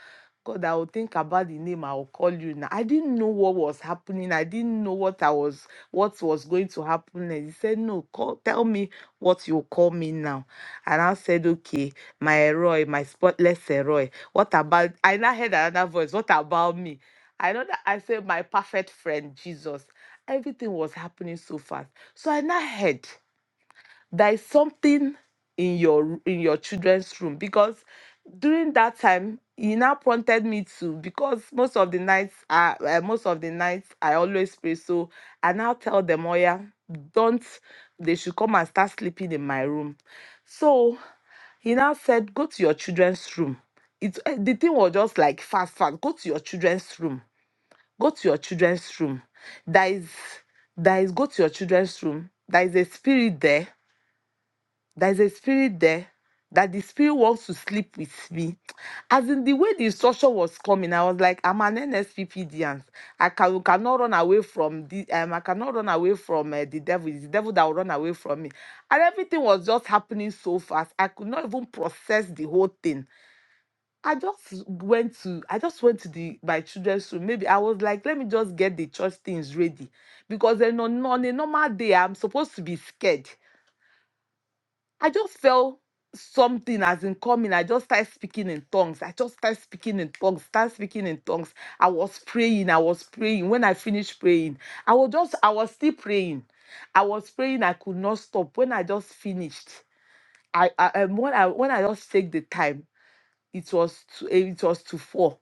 God, I will think about the name. I will call you now. I didn't know what was happening. I didn't know what I was, what was going to happen. And he said, No, call, tell me what you call me now. And I said, Okay, my Eroy, my spotless Eroy. What about? I now heard another voice. What about me? I know that I said, My perfect friend, Jesus. Everything was happening so fast. So I now heard there is something in your in your children's room because during that time he now prompted me to because most of the nights uh, uh, most of the nights i always pray so i now tell them oh yeah don't they should come and start sleeping in my room so he now said go to your children's room it eh, the thing was just like fast fast go to your children's room go to your children's room there is there is go to your children's room there is a spirit there there's a spirit there that the spirit wants to sleep with me. As in the way the instruction was coming, I was like, I'm an NSPPDian. I can, cannot run away from the um, I cannot run away from uh, the devil. It's the devil that will run away from me. And everything was just happening so fast. I could not even process the whole thing. I just went to I just went to the my children's room. Maybe I was like, let me just get the church things ready. Because then on, on a normal day, I'm supposed to be scared. I just felt something as in coming. I just started speaking in tongues. I just started speaking in tongues, started speaking in tongues. I was praying. I was praying. When I finished praying, I was just, I was still praying. I was praying. I could not stop. When I just finished, I, I um, when I when I just take the time it was to, eh, it was to four.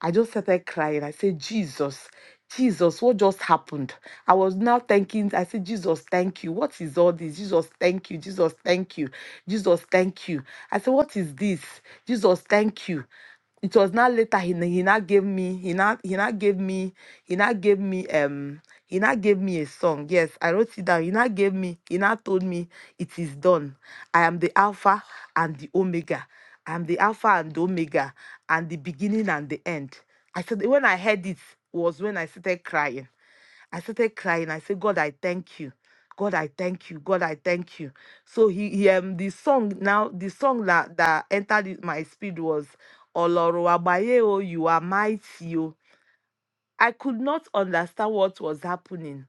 I just started crying. I said, Jesus, Jesus, what just happened? I was now thinking, I said, Jesus, thank you. What is all this? Jesus, thank you. Jesus, thank you. Jesus, thank you. I said, what is this? Jesus, thank you it was not later he n- he not gave me he not he not gave me he not gave me um he not gave me a song yes i wrote it down he not gave me he not told me it is done i am the alpha and the omega i am the alpha and the omega and the beginning and the end i said when i heard it was when i started crying I started crying. I said, God, I thank you. God, I thank you. God, I thank you. So he, he um the song now the song that that entered in my spirit was Oloro Abaye o you are mighty o. I could not understand what was happening,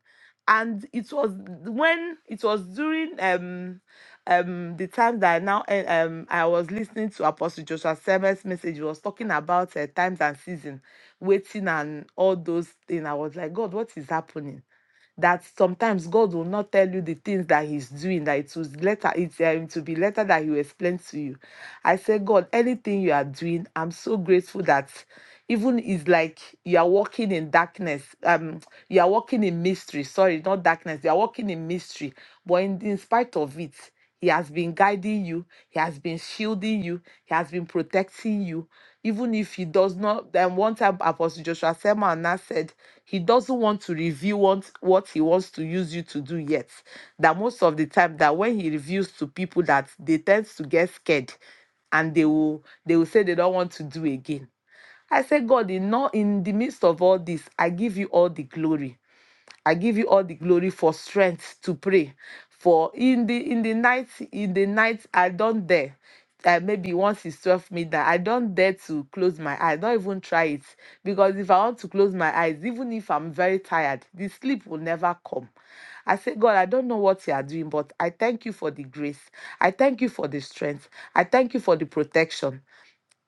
and it was when it was during um um the time that I now eh, um I was listening to Apostle Joshua Seven's message. He was talking about uh, times and season, waiting and all those things. I was like, God, what is happening? that sometimes God will not tell you the things that He's doing, that it was later, it's um, to be later that He will explain to you. I say, God, anything you are doing, I'm so grateful that even it's like you are walking in darkness. Um, you are walking in mystery. Sorry, not darkness. You are walking in mystery. But in, in spite of it, he has been guiding you. He has been shielding you. He has been protecting you. Even if he does not, then one time Apostle Joshua Selman said he doesn't want to reveal what, what he wants to use you to do yet. That most of the time that when he reveals to people that they tend to get scared and they will they will say they don't want to do again. I said, God, in, all, in the midst of all this, I give you all the glory. I give you all the glory for strength to pray. For in the in the night, in the night, I don't dare. Uh, maybe once it's 12 midnight, I don't dare to close my eyes. Don't even try it. Because if I want to close my eyes, even if I'm very tired, the sleep will never come. I say, God, I don't know what you are doing, but I thank you for the grace. I thank you for the strength. I thank you for the protection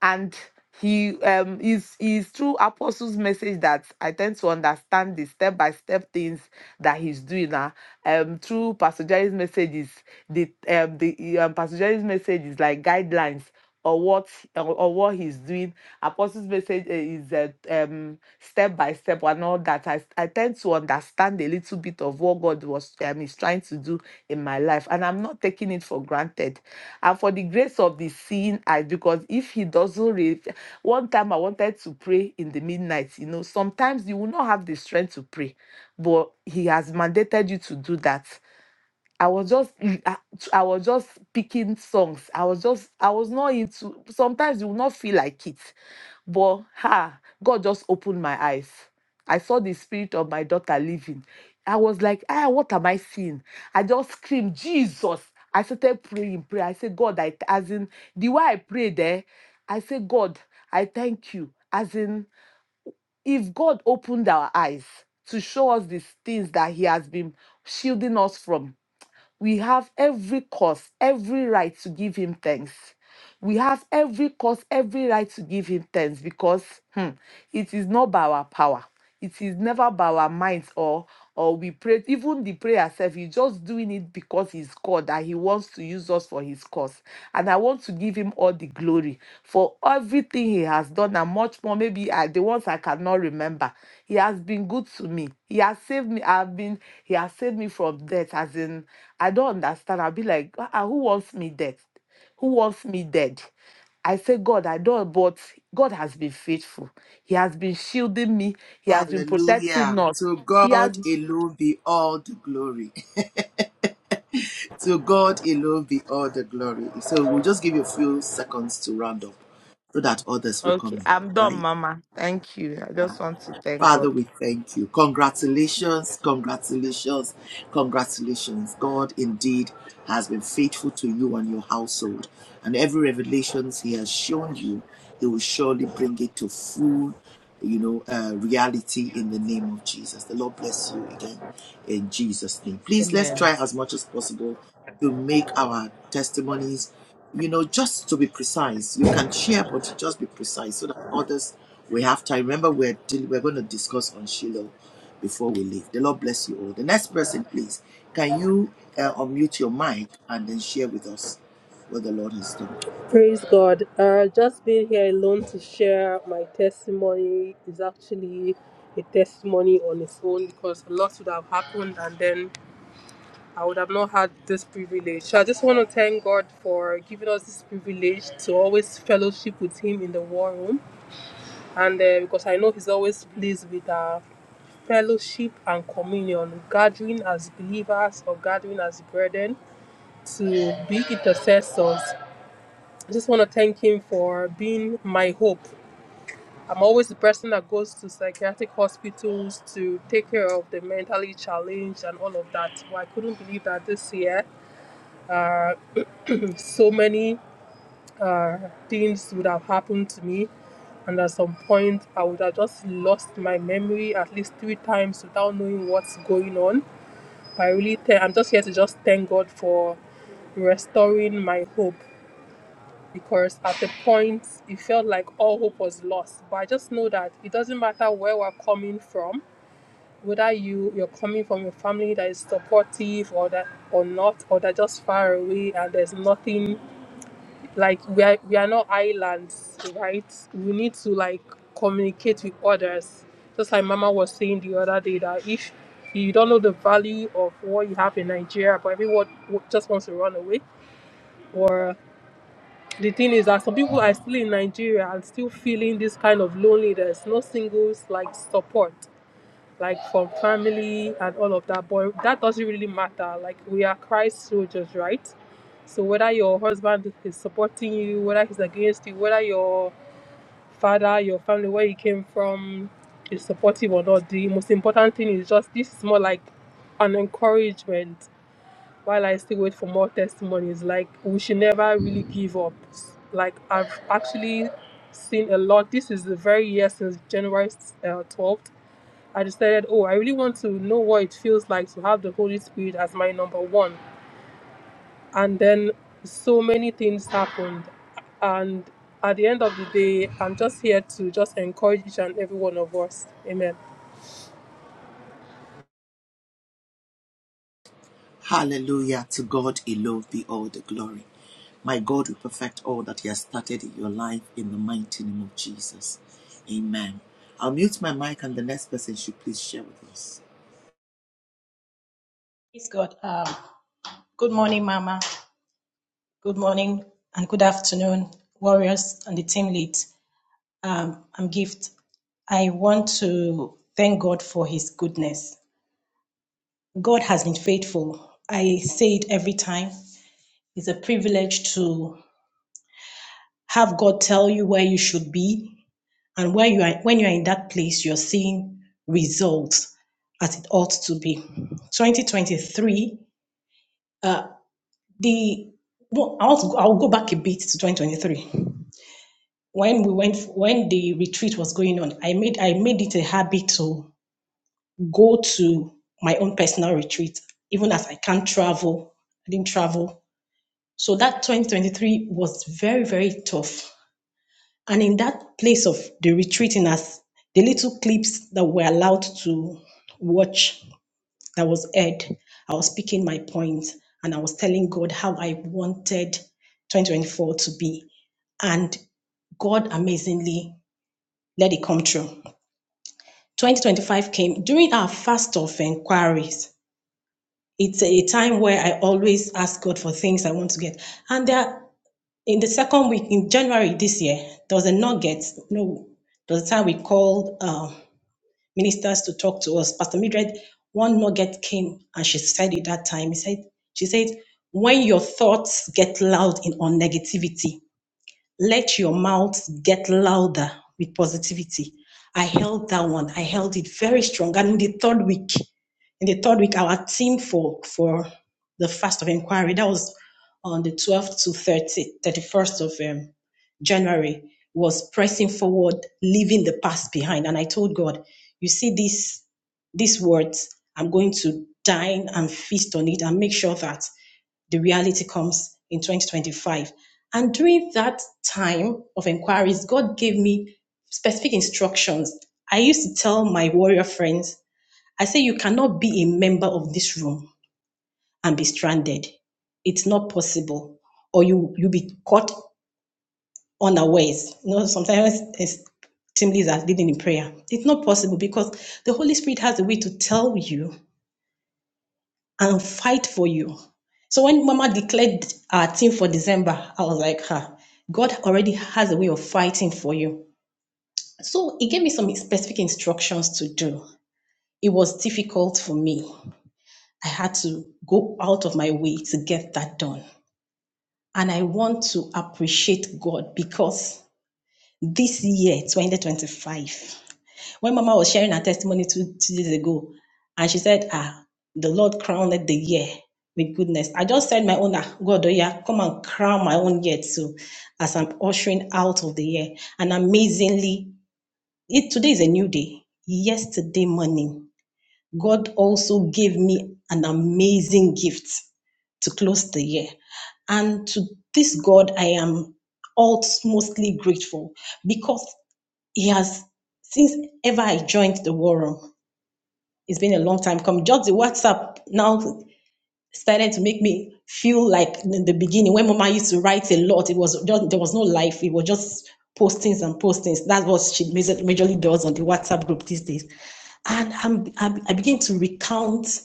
and he um is is through apostles message that i tend to understand the step by step things that he's doing now um through pastor jerry's messages the um the um pastor jerry's message is like guidelines or what or, or what he's doing apostles message uh, is uh, um step by step and all that I, I tend to understand a little bit of what god was um, is trying to do in my life and i'm not taking it for granted and for the grace of the seeing eye because if he doesn't re- one time i wanted to pray in the midnight you know sometimes you will not have the strength to pray but he has mandated you to do that I was just mm, I I was just picking songs. I was just I was not into sometimes you will not feel like it. But ha, God just opened my eyes. I saw the spirit of my daughter living. I was like, ah, what am I seeing? I just screamed, Jesus. I started praying, prayer. I said, God, I as in the way I prayed there, I said, God, I thank you. As in, if God opened our eyes to show us these things that He has been shielding us from, we have every cause, every right to give him thanks. We have every cause, every right to give him thanks because hmm, it is not by our power. It is never by our minds or or we pray. Even the prayer itself, he's just doing it because he's God and he wants to use us for his cause. And I want to give him all the glory for everything he has done and much more. Maybe I, the ones I cannot remember. He has been good to me. He has saved me. I've been. He has saved me from death. As in I don't understand. I'll be like, ah, ah, who wants me dead? Who wants me dead? I say, God, I don't, but God has been faithful. He has been shielding me. He
you.
has been
Hallelujah.
protecting us.
To
He
God
has.
alone be all the glory. [laughs] to God alone be all the glory. So we'll just give you a few seconds to round up so that others will
Okay,
come in,
I'm done,
right?
Mama. Thank you. I just want to thank
Father,
God.
we thank you. Congratulations, congratulations, congratulations. God indeed has been faithful to you and your household. And every revelation he has shown you, he will surely bring it to full, you know, uh, reality in the name of Jesus. The Lord bless you again in Jesus' name. Please let's
Amen.
try as much as possible to make our testimonies, you know, just to be precise. You can share, but just be precise so that others will have time. Remember, we're we're going to discuss on Shiloh before we leave. The Lord bless you all. The next person, please, can you uh, unmute your mic and then share with us what the Lord has done?
Praise God. Uh, just being here alone to share my testimony is actually a testimony on its own because a lot would have happened and then I would have not had this privilege. So I just want to thank God for giving us this privilege to always fellowship with Him in the war room and uh, because I know He's always pleased with our fellowship and communion, gathering as believers or gathering as brethren to be intercessors. I just want to thank him for being my hope I'm always the person that goes to psychiatric hospitals to take care of the mentally challenged and all of that. Well, I couldn't believe that this year, uh, so many uh, things would have happened to me. And at some point, I would have just lost my memory at least three times without knowing what's going on. But I really, th- I'm just here to just thank God for restoring my hope because at the point it felt like all hope was lost. But I just know that it doesn't matter where we're coming from, whether you you're coming from a family that is supportive or that or not, or that just far away and there's nothing like we are we are not islands, right? We need to like communicate with others. Just like Mama was saying the other day that if you don't know the value of what you have in Nigeria, but everyone just wants to run away, or the thing is that some people are still in Nigeria and still feeling this kind of loneliness, no singles like support, like from family and all of that. But that doesn't really matter. Like we are Christ soldiers, right? So whether your husband is supporting you, whether he's against you, whether your father, your family, where you came from is supportive or not, the most important thing is just this is more like an encouragement while I still wait for more testimonies. Like we should never really give up. Like I've actually seen a lot. This is the very year since January uh, twelfth. I decided, oh, I really want to know what it feels like to have the Holy Spirit as my number one. And then so many things happened. And at the end of the day, I'm just here to just encourage each and every one of us. Amen.
Hallelujah. To God alone be all the glory. My God will perfect all that He has started in your life in the mighty name of Jesus. Amen. I'll mute my mic and the next person should please share with us.
Praise God. Um, good morning, Mama. Good morning and good afternoon, warriors and the team lead. Um, I'm Gift. I want to thank God for His goodness. God has been faithful. I say it every time. It's a privilege to have God tell you where you should be and where you are. When you are in that place, you're seeing results as it ought to be. 2023. the well, I'll, I'll go back a bit to 2023 when we went when the retreat was going on i made i made it a habit to go to my own personal retreat even as i can't travel i didn't travel so that 2023 was very very tough and in that place of the retreating as the little clips that we're allowed to watch that was aired, I was speaking my point and I was telling God how I wanted 2024 to be. And God amazingly let it come true. 2025 came during our fast of inquiries. It's a time where I always ask God for things I want to get. And there, in the second week in January this year, there was a nugget. No, there was a time we called. uh, ministers to talk to us. Pastor Mildred, one nugget came and she said it that time. He said, she said, when your thoughts get loud in on negativity, let your mouth get louder with positivity. I held that one. I held it very strong. And in the third week, in the third week, our team for for the fast of inquiry that was on the 12th to 30, 31st of um, January was pressing forward, leaving the past behind. And I told God, you see these these words, I'm going to dine and feast on it and make sure that the reality comes in 2025. And during that time of inquiries, God gave me specific instructions. I used to tell my warrior friends, I say, you cannot be a member of this room and be stranded. It's not possible. Or you you will be caught unawares. You know, sometimes it's, team leaders are leading in prayer. It's not possible because the Holy Spirit has a way to tell you and fight for you. So when Mama declared our team for December, I was like, huh, God already has a way of fighting for you. So he gave me some specific instructions to do. It was difficult for me. I had to go out of my way to get that done. And I want to appreciate God because this year, 2025, When Mama was sharing her testimony two, two days ago, and she said, Ah, the Lord crowned the year with goodness. I just said my own, ah, God, oh yeah, come and crown my own year too, as I'm ushering out of the year. And amazingly, it, today is a new day. Yesterday morning, God also gave me an amazing gift to close the year. And to this God, I am all mostly grateful because he has since ever I joined the war room. It's been a long time coming. Just the WhatsApp now started to make me feel like in the beginning when Mama used to write a lot. It was just there was no life. It was just postings and postings. That's what she majorly does on the WhatsApp group these days. And I'm, I'm I begin to recount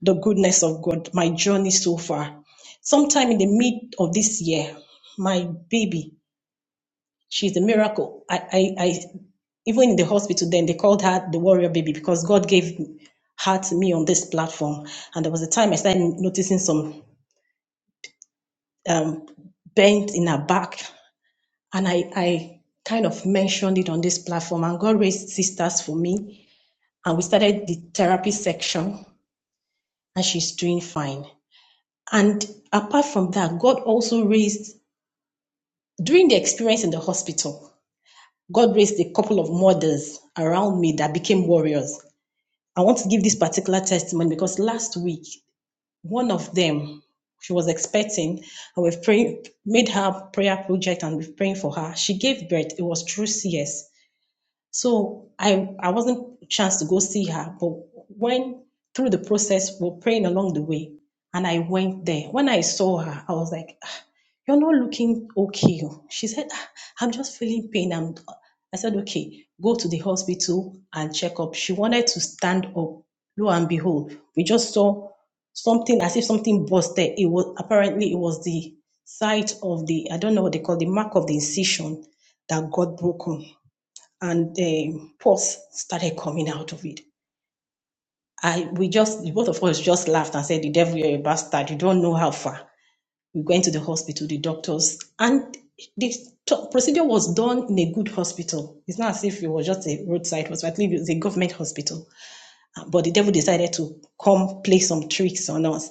the goodness of God, my journey so far. Sometime in the mid of this year, my baby She's a miracle. I, I, I, even in the hospital, then they called her the warrior baby because God gave her to me on this platform. And there was a time I started noticing some um, bent in her back, and I, I kind of mentioned it on this platform. And God raised sisters for me, and we started the therapy section, and she's doing fine. And apart from that, God also raised during the experience in the hospital. God raised a couple of mothers around me that became warriors. I want to give this particular testimony because last week, one of them, she was expecting, and we've prayed, made her prayer project and we've praying for her. She gave birth. It was through CS. So I I wasn't chance to go see her, but when through the process we're praying along the way, and I went there. When I saw her, I was like, "Ah, "You're not looking okay." oh." She said, "Ah, "I'm just feeling pain." I'm. I said, "Okay, go to the hospital and check up." She wanted to stand up. Lo and behold, we just saw something as if something busted. It was apparently it was the site of the I don't know what they call the mark of the incision that got broken and um, pus started coming out of it. I we just the both of us just laughed and said, "The devil, you're a bastard. You don't know how far." We went to the hospital, the doctors, and the t- procedure was done in a good hospital. It's not as if it was just a roadside hospital. I believe it was a government hospital. Uh, But the devil decided to come play some tricks on us.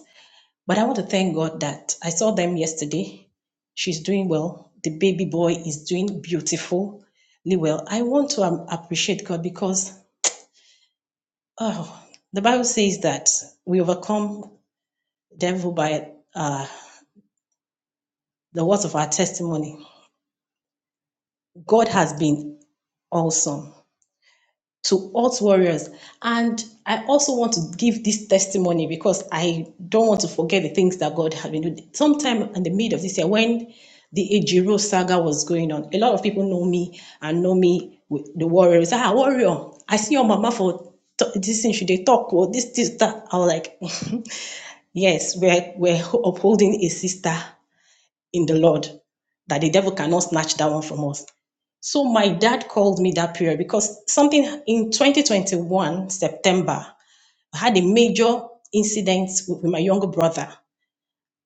But I want to thank God that I saw them yesterday. She's doing well. The baby boy is doing beautiful really well. I want to um, appreciate God because Oh, the Bible says that we overcome the devil by uh, the words of our testimony. God has been awesome to us warriors. And I also want to give this testimony because I don't want to forget the things that God has been doing. Sometime in the middle of this year, when the Ejiro saga was going on, a lot of people know me and know me with the warriors. Ah, warrior, I see your mama for this thing, should they talk? Or this, this, that. I was like, [laughs] Yes, we're, we're upholding a sister in the Lord that the devil cannot snatch that one from us. So my dad called me that period because something in 2021, September, I had a major incident with with my younger brother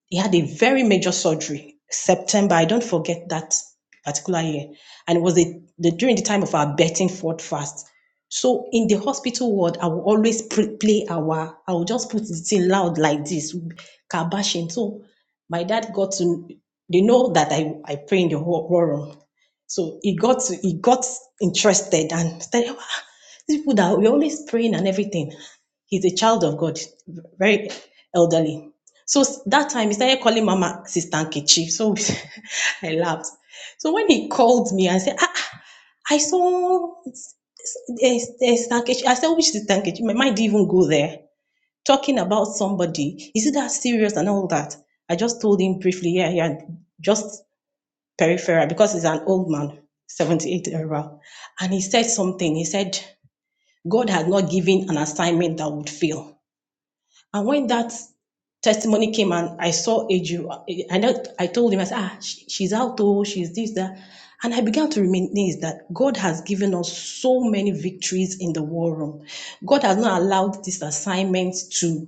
he had a very major surgery september i don't forget that particular year and it was a, the, during the time of our betting ford fast so in the hospital ward i will always pre- play our i will just put it in loud like this kabashing so my dad got to they know that i, I pray in the war war room so he got to, he got interested and started, "Wow, these people that we're always praying and everything. He's a child of God, very elderly. So that time he started calling Mama Sister Nkechi. So [laughs] I laughed. So when he called me and said, ah, ah, I saw eh, eh, Sister Nkechi. I said, which Sister Nkechi? My mind didn't even go there. Talking about somebody. Is it that serious and all that? I just told him briefly, yeah, yeah, just peripheral because he's an old man, 78 era. And he said something. He said, God has not given an assignment that would fail. And when that testimony came and I saw Eju, I, know- I told him, I said, ah, she's out, oh, she's this, that. And I began to reminisce that God has given us so many victories in the war room. God has not allowed this assignment to,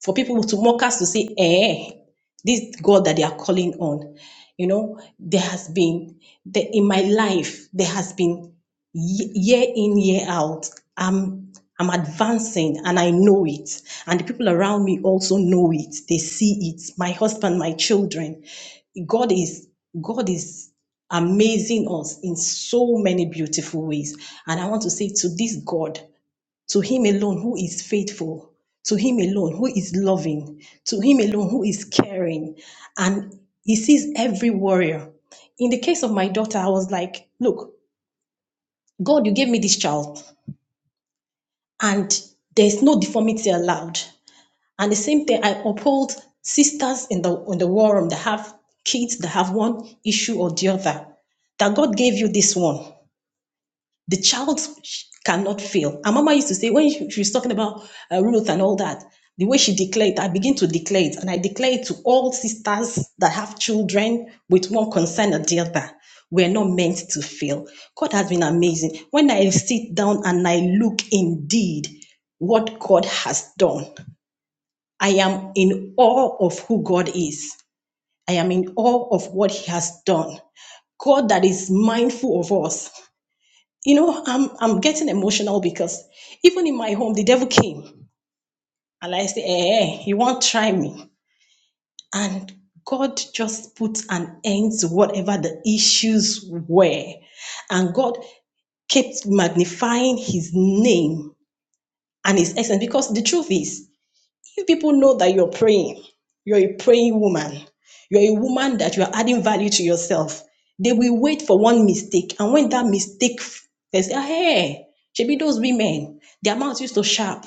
for people to mock us to say, eh, this God that they are calling on. You know, there has been, the, in my life, there has been ye- year in year out i'm i'm advancing and i know it and the people around me also know it they see it my husband my children god is god is amazing us in so many beautiful ways and i want to say to this god to him alone who is faithful to him alone who is loving to him alone who is caring and he sees every warrior in the case of my daughter i was like look God, you gave me this child, and there's no deformity allowed. And the same thing, I uphold sisters in the in the war room that have kids that have one issue or the other. That God gave you this one the child cannot fail. And Mama used to say when she, she was talking about uh, Ruth and all that, the way she declared, I begin to declare it, and I declare it to all sisters that have children with one concern or the other. We're not meant to fail. God has been amazing. When I sit down and I look indeed what God has done, I am in awe of who God is. I am in awe of what He has done. God that is mindful of us, you know, I'm I'm getting emotional because even in my home, the devil came and I said, "Eh, eh, you won't try me." And God just put an end to whatever the issues were, and God kept magnifying His name and His essence because the truth is. If people know that you're praying, you're a praying woman, you're a woman that you're adding value to yourself, they will wait for one mistake. And when that mistake, they say, "Ah, hey, should those women, their mouth used to sharp,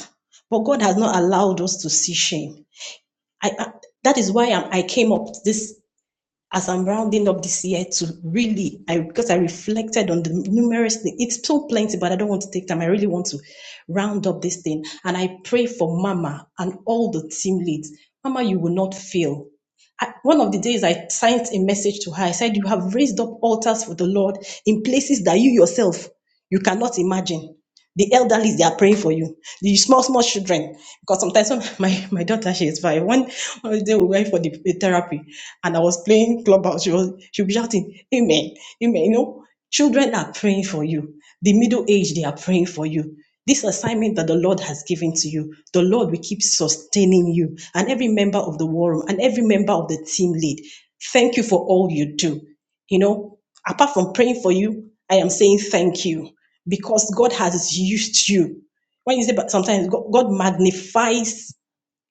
but God has not allowed us to see shame. I, I- that is why I'm, I came up this as I'm rounding up this year to really, I because I reflected on the numerous things. It's so plenty, but I don't want to take time. I really want to round up this thing. And I pray for Mama and all the team leads. Mama, you will not fail. I, one of the days I sent a message to her. I said, You have raised up altars for the Lord in places that you yourself you cannot imagine. The elderly, they are praying for you. The small, small children. Because sometimes when [laughs] my, my daughter, she is five. One, one day we went for the the therapy and I was playing clubhouse. She was she'll be shouting, Amen, Amen. You know, children are praying for you. The middle age, they are praying for you. This assignment that the Lord has given to you, the Lord will keep sustaining you and every member of the war room and every member of the team lead. Thank you for all you do. You know, apart from praying for you, I am saying thank you because God has used you. When you say, but sometimes God God magnifies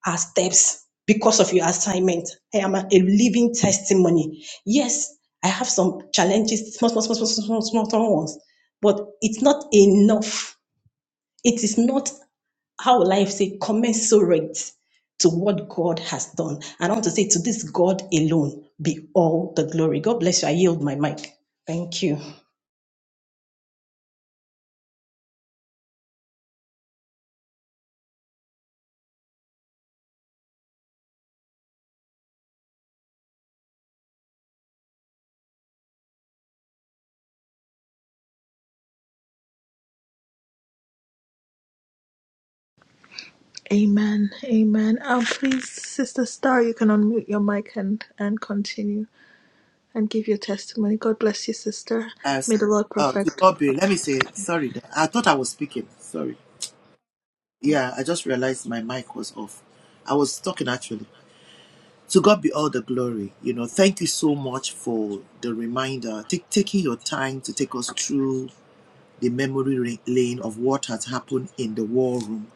our steps because of your assignment. I am a, a living testimony. Yes, I have some challenges, small, small, small, small, small, small, small ones, but it's not enough. It is not how will I say, commensurate to what God has done. And I want to say, to this God alone be all the glory. God bless you. I yield my mic. Thank you.
Amen. Amen. Um, please, Sister Star, you can unmute your mic and, and continue and give your testimony. God bless you, sister.
As
May the Lord
uh, to
perfect
God be, let me say, sorry, I thought I was speaking. Sorry. Yeah, I just realized my mic was off. I was talking actually. To God be all the glory. You know, thank you so much for the reminder, Take taking your time to take us through the memory lane of what has happened in the war room,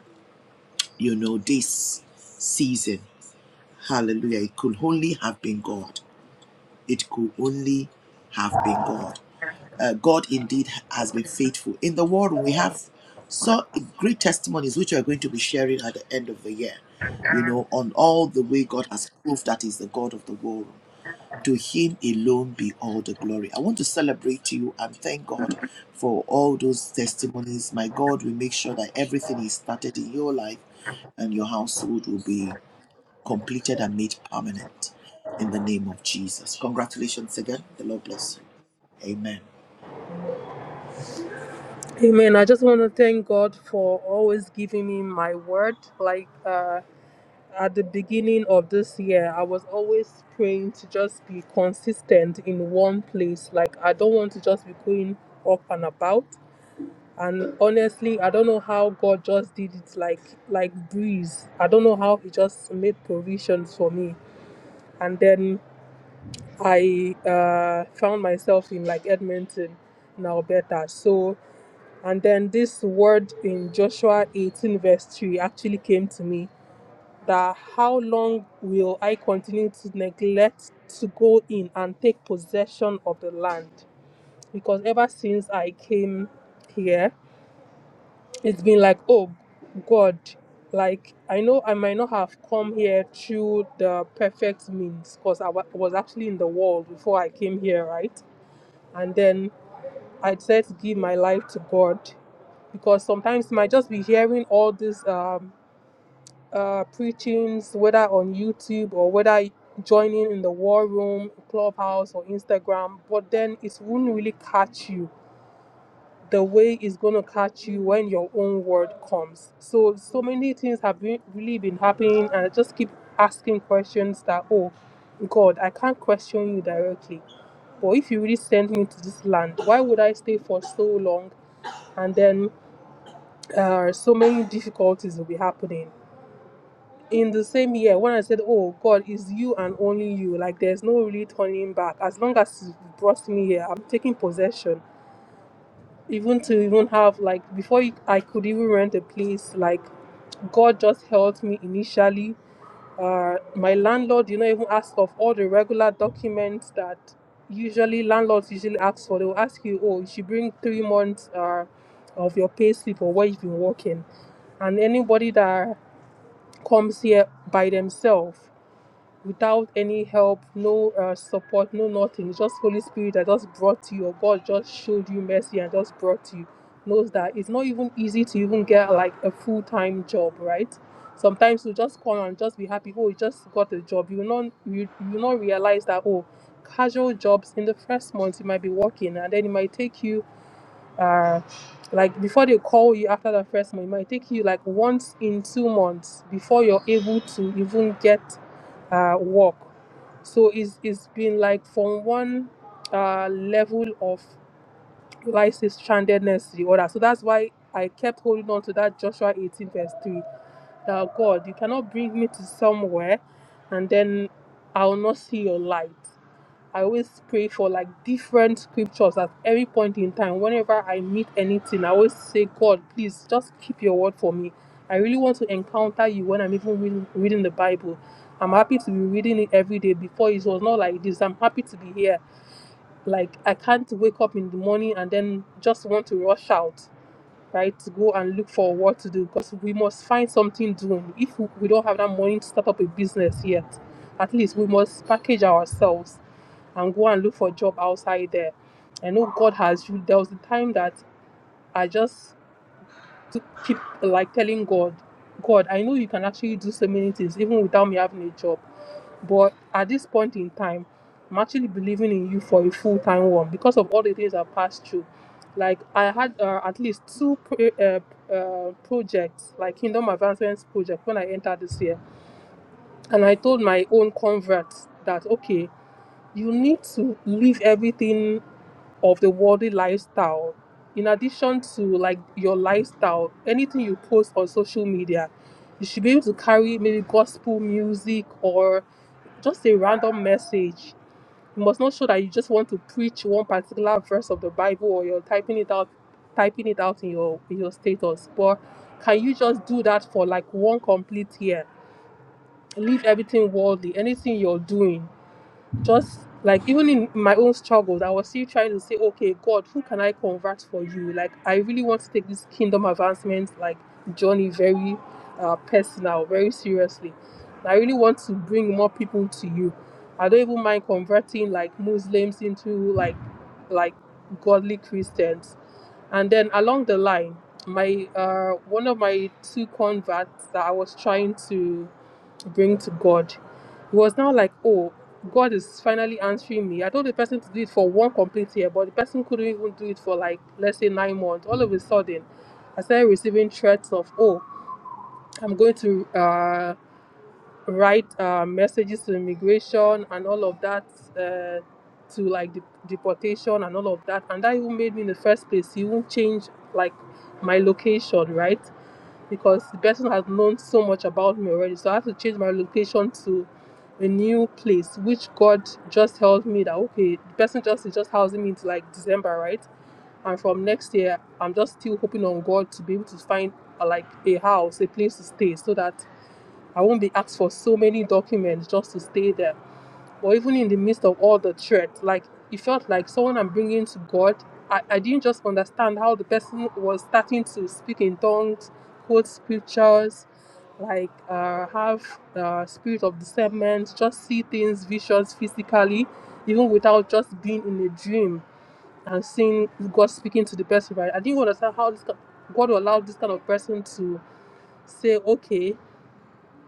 you know, this season. Hallelujah. It could only have been God. It could only have been God. Uh, God indeed has been faithful. In the war room, we have so great testimonies which we are going to be sharing at the end of the year, you know, on all the way God has proved that He's the God of the war room. To him alone be all the glory. I want to celebrate you and thank God for all those testimonies. My God will make sure that everything He started in your life and your household will be completed and made permanent in the name of Jesus. Congratulations again. The Lord bless you. Amen.
Amen. I just want to thank God for always giving me my word. Like, uh, at the beginning of this year, I was always praying to just be consistent in one place. Like, I don't want to just be going up and about. And honestly, I don't know how God just did it like like breeze. I don't know how He just made provisions for me. And then I uh, found myself in like Edmonton, now better. So, and then this word in Joshua 18 verse 3 actually came to me that how long will I continue to neglect to go in and take possession of the land? Because ever since I came here, it's been like, oh God, like I know I might not have come here through the perfect means because I wa- was actually in the world before I came here, right? And then I decided to give my life to God because sometimes you might just be hearing all these um uh, preachings, whether on YouTube or whether joining in the war room, clubhouse, or Instagram, but then it wouldn't really catch you the way it's going to catch you when your own word comes. So, so many things have been, really been happening, and I just keep asking questions that, oh, God, I can't question you directly. But if you really send me to this land, why would I stay for so long? And then uh, so many difficulties will be happening in the same year when I said, Oh God, it's you and only you. Like there's no really turning back. As long as you brought me here, I'm taking possession. Even to even have like before you, I could even rent a place, like God just helped me initially. Uh, my landlord, you know, even asked of all the regular documents that usually landlords usually ask for. They will ask you, oh, you should bring three months uh, of your pay slip or where you've been working and anybody that comes here by themselves without any help, no uh, support, no nothing. It's just Holy Spirit that just brought you, or God just showed you mercy and just brought you. Knows that it's not even easy to even get like a full time job, right? Sometimes you just call and just be happy. Oh, you just got a job. You not you you not realize that oh, casual jobs in the first month you might be working, and then it might take you uh like before they call you after the first month, it might take you like once in two months before you're able to even get uh, work. So it's, it's been like from one uh, level of Lysis strandedness to the other. So that's why I kept holding on to that Joshua 18, verse 3 that God, you cannot bring me to somewhere and then I'll not see your light. I always pray for like different scriptures at every point in time. Whenever I meet anything, I always say, God, please just keep your word for me. I really want to encounter you when I'm even reading, reading the Bible. I'm happy to be reading it every day. Before it was not like this. I'm happy to be here. Like I can't wake up in the morning and then just want to rush out, right? To go and look for what to do because we must find something doing. If we don't have that money to start up a business yet, at least we must package ourselves and go and look for a job outside there. I know God has you. There was a time that I just to keep like telling God, God, I know you can actually do so many things even without me having a job. But at this point in time, I'm actually believing in you for a full time one because of all the things I've passed through. Like I had uh, at least two pro- uh, uh, projects, like Kingdom Advancements project, when I entered this year, and I told my own converts that okay, you need to leave everything of the worldly lifestyle in addition to like your lifestyle anything you post on social media you should be able to carry maybe gospel music or just a random message you must not show that you just want to preach one particular verse of the bible or you're typing it out typing it out in your in your status but can you just do that for like one complete year leave everything worldly anything you're doing just like even in my own struggles, I was still trying to say, okay, God, who can I convert for you? Like, I really want to take this kingdom advancement, like journey, very uh, personal, very seriously. I really want to bring more people to you. I don't even mind converting like Muslims into like like godly Christians. And then along the line, my uh, one of my two converts that I was trying to to bring to God. It was now like, oh, God is finally answering me. I told the person to do it for one complete year, but the person couldn't even do it for like, let's say, nine months. All of a sudden, I started receiving threats of, oh, I'm going to uh, write uh, messages to immigration and all of that, uh, to like dep- deportation and all of that. And that even made me in the first place, you won't change like my location, right? because the person has known so much about me already. So I have to change my location to a new place, which God just helped me that okay, the person just is just housing me into like December, right? And from next year, I'm just still hoping on God to be able to find uh, like a house, a place to stay, so that I won't be asked for so many documents just to stay there or even in the midst of all the threats, like it felt like someone I'm bringing to God. I, I didn't just understand how the person was starting to speak in tongues, quote scriptures, like uh, have uh, spirit of discernment, just see things, visions physically, even without just being in a dream and seeing God speaking to the person. Right? I didn't understand how this, ki- God allowed this kind of person to say, okay,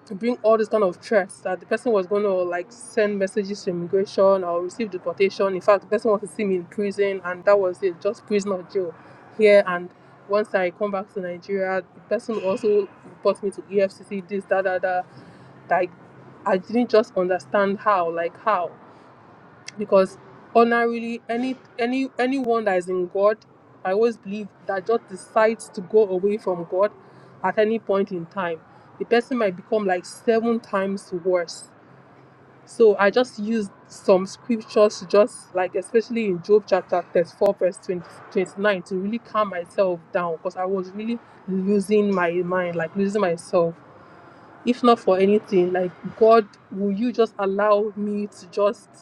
to bring all this kind of threats that the person was going to like send messages to immigration or receive deportation. In fact, the person wants to see me in prison, and that was it, just prison or jail here. And once I come back to Nigeria, the person also reports me to EFCC, this, that, that, that. Like, I didn't just understand how, like, how because honorably any any anyone that is in god i always believe that just decides to go away from god at any point in time the person might become like seven times worse so i just used some scriptures to just like especially in job chapter 34 verse 20 29, to really calm myself down because i was really losing my mind like losing myself if not for anything like god will you just allow me to just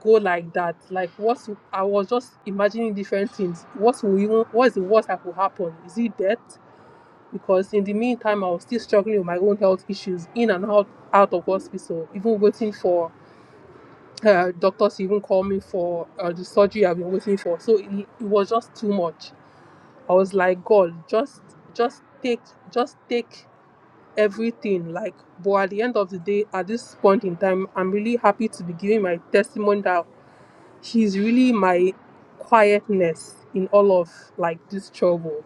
go like that like what's i was just imagining different things what will even what's the worst that could happen is it death because in the meantime i was still struggling with my own health issues in and out out of hospital even waiting for uh, doctors to even call me for uh, the surgery i've been waiting for so it, it was just too much i was like god just just take just take everything like but at the end of the day at this point in time i'm really happy to be giving my testimony that He's really my quietness in all of like this trouble.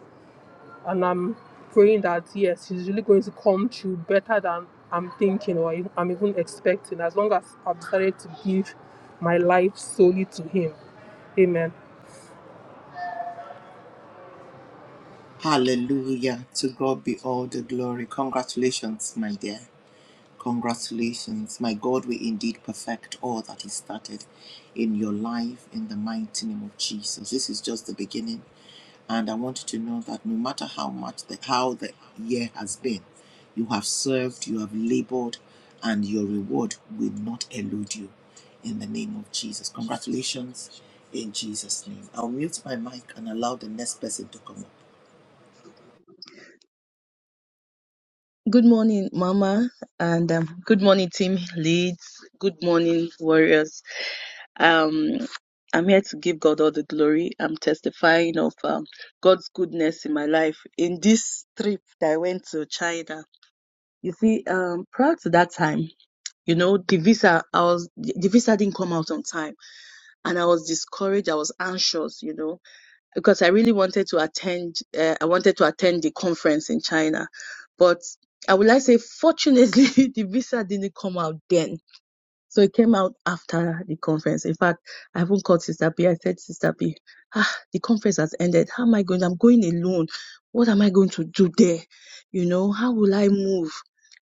And I'm praying that yes, He's really going to come through better than I'm thinking or I'm even expecting, as long as I've decided to give my life solely to him. Amen.
Hallelujah. To God be all the glory. Congratulations, my dear. Congratulations. My God will indeed perfect all that He started in your life in the mighty name of Jesus. This is just the beginning. And I want you to know that no matter how much the, how the year has been, you have served, you have labored, and your reward will not elude you in the name of Jesus. Congratulations in Jesus' name. I'll mute my mic and allow the next person to come up.
Good morning, Mama, and um, good morning, Team Leads. Good morning, Warriors. Um, I'm here to give God all the glory. I'm testifying of um, God's goodness in my life. In this trip that I went to China, you see, um, prior to that time, you know, the visa, I was the the visa didn't come out on time, and I was discouraged. I was anxious, you know because I really wanted to attend. Uh, I wanted to attend the conference in China, but I would like to say, fortunately, [laughs] the visa didn't come out then so it came out after the conference. In fact, I haven't called Sister B. I said, Sister B, ah, the conference has ended. How am I going? I'm going alone. What am I going to do there? You know, how will I move?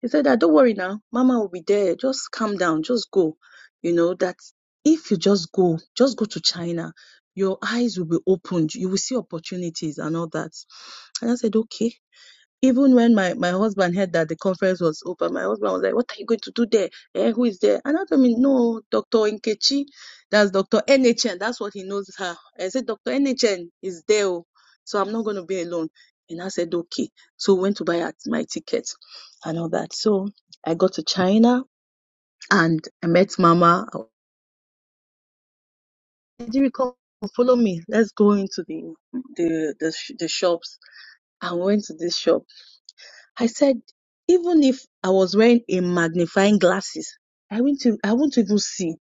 He said, ah, don't worry now. Mama will be there. Just calm down. Just go. You know, that if you just go, just go to China, your eyes will be opened. You will see opportunities and all that. And I said, okay. Even when my, my husband heard that the conference was over, my husband was like, What are you going to do there? Eh, who is there? And I told him, No, Dr. Nkechi, that's Dr. NHN, that's what he knows her. I said, Dr. NHN is there, oh, so I'm not going to be alone. And I said, Okay. So we went to buy my ticket and all that. So I got to China and I met Mama. Did you come? Follow me. Let's go into the the the, sh- the shops. I went to this shop I said, even if I was wearing a magnifying glasses, I wouldn't, I I wouldn't even see.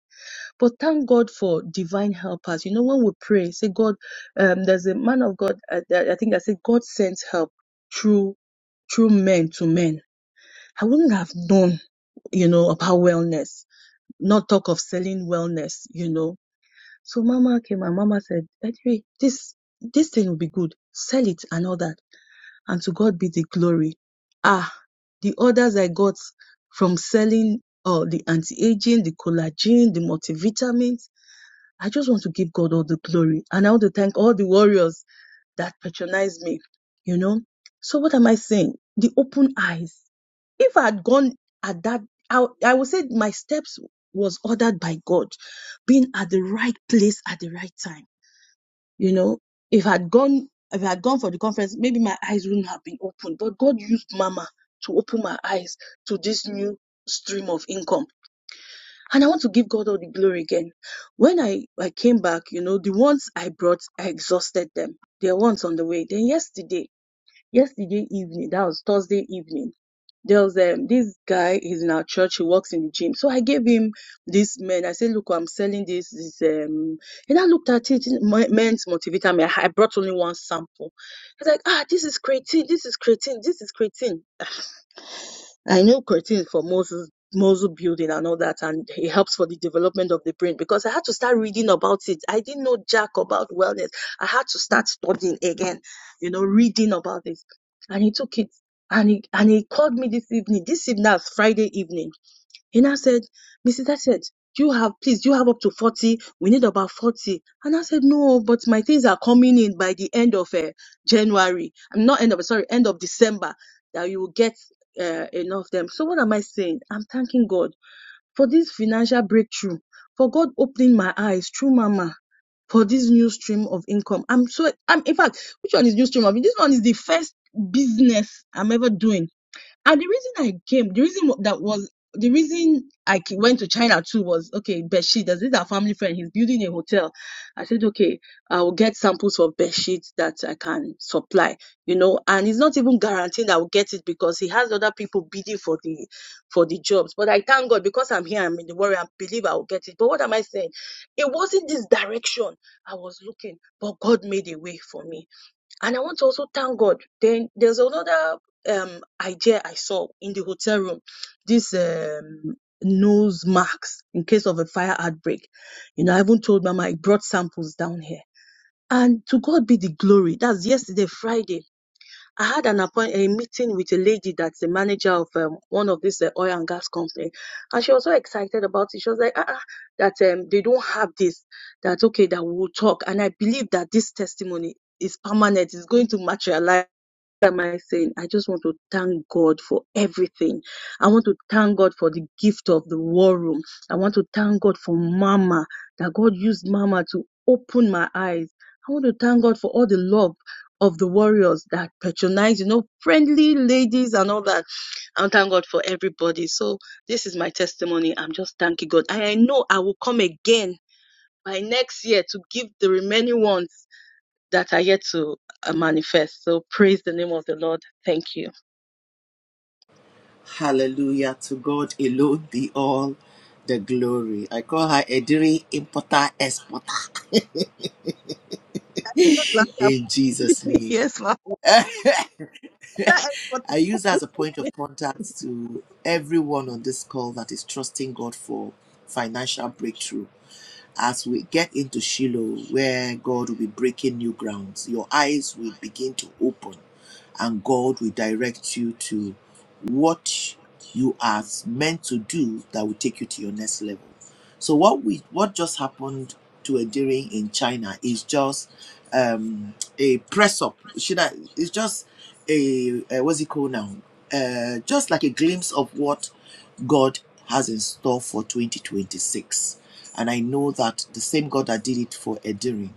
But thank God for divine helpers. You know, when we pray, say, God, um, there's a man of God, uh, that- I think I said, God sends help through, through men to men. I wouldn't have known you know, about wellness, not talk of selling wellness, you know. So mama came and mama said, Edry, this, this thing will be good. Sell it and all that and to God be the glory. Ah, the orders I got from selling uh, the anti-aging, the collagen, the multivitamins. I just want to give God all the glory. And I want to thank all the warriors that patronize me, you know. So what am I saying? The open eyes. If I had gone at that, I, I would say my steps was ordered by God, being at the right place at the right time. You know, if I had gone, if I had gone for the conference, maybe my eyes wouldn't have been open. But God used Mama to open my eyes to this new stream of income. And I want to give God all the glory again. When I, I came back, you know, the ones I brought, I exhausted them. There are ones on the way. Then yesterday, yesterday evening, that was Thursday evening, there was um, this guy he's in our church he works in the gym so i gave him this men i said look i'm selling this this um and i looked at it mo- men's motivator me i I brought only one sample he's like ah this is creatine this is creatine this is creatine I knew creatine for Moses muscle building and all that, and it helps for the development of the brain because I had to start reading about it. I didn't know jack about wellness. I had to start studying again, you know, reading about this. And he took it and he and he called me this evening. This evening that's Friday evening he now said, Mrs. Hegseth, you have, please, you have up to 40. We need about 40. And I said, no, but my things are coming in by the end of uh, January. I'm not end of, sorry, end of December that you will get uh, enough of them. So what am I saying? I'm thanking God for this financial breakthrough, for God opening my eyes through Mama. For this new stream of income, I'm so I'm in fact, which one is new stream of? This one is the first business I'm ever doing and the reason I came, the reason that was the reason I ca- went to China too was okay, bedsheet. There's This is our family friend. He's building a hotel. I said, okay, I will get samples of bedsheet that I can supply, you know. And it's not even guaranteeing that I will get it because he has other people bidding for the for the jobs. But I thank God because I'm here. I'm in the worry. I believe I will get it. But what am I saying? It wasn't this direction I was looking, but God made a way for me and I want to also thank God. Then there's another um, idea I saw in the hotel room. This um, nose marks in case of a fire outbreak. You know, I even told Mama I brought samples down here. And to God be the glory. That's yesterday, Friday. I had an appoint a meeting with a lady that's the manager of um, one of this uh, oil and gas company, and she was so excited about it. She was like, "Ah, ah, that um, they don't have this. That okay, that we will talk." And I believe that this testimony is permanent. It's going to materialize am I saying? I just want to thank God for everything. I want to thank God for the gift of the war room. I want to thank God for Mama, that God used Mama to open my eyes. I want to thank God for all the love of the warriors that patronize, you know, friendly ladies and all that. I thank God for everybody. So this is my testimony. I'm just thanking God. And I know I will come again by next year to give the remaining ones that are yet to uh, manifest. So praise the name of the Lord. Thank you.
Hallelujah. To God alone be all the glory. I call her Ediri Importer Exporter [laughs]
[laughs]
in Jesus' name.
Yes,
[laughs]
ma'am.
I use her as a point of contact to everyone on this call that is trusting God for financial breakthrough as we get into Shiloh, where God will be breaking new grounds, your eyes will begin to open and God will direct you to what you are meant to do that will take you to your next level. So what we what just happened to Endearing in China is just um, a press up. Should I? It's just a, uh what's it called now? Uh, just like a glimpse of what God has in store for 2026. And I know that the same God that did it for Edirin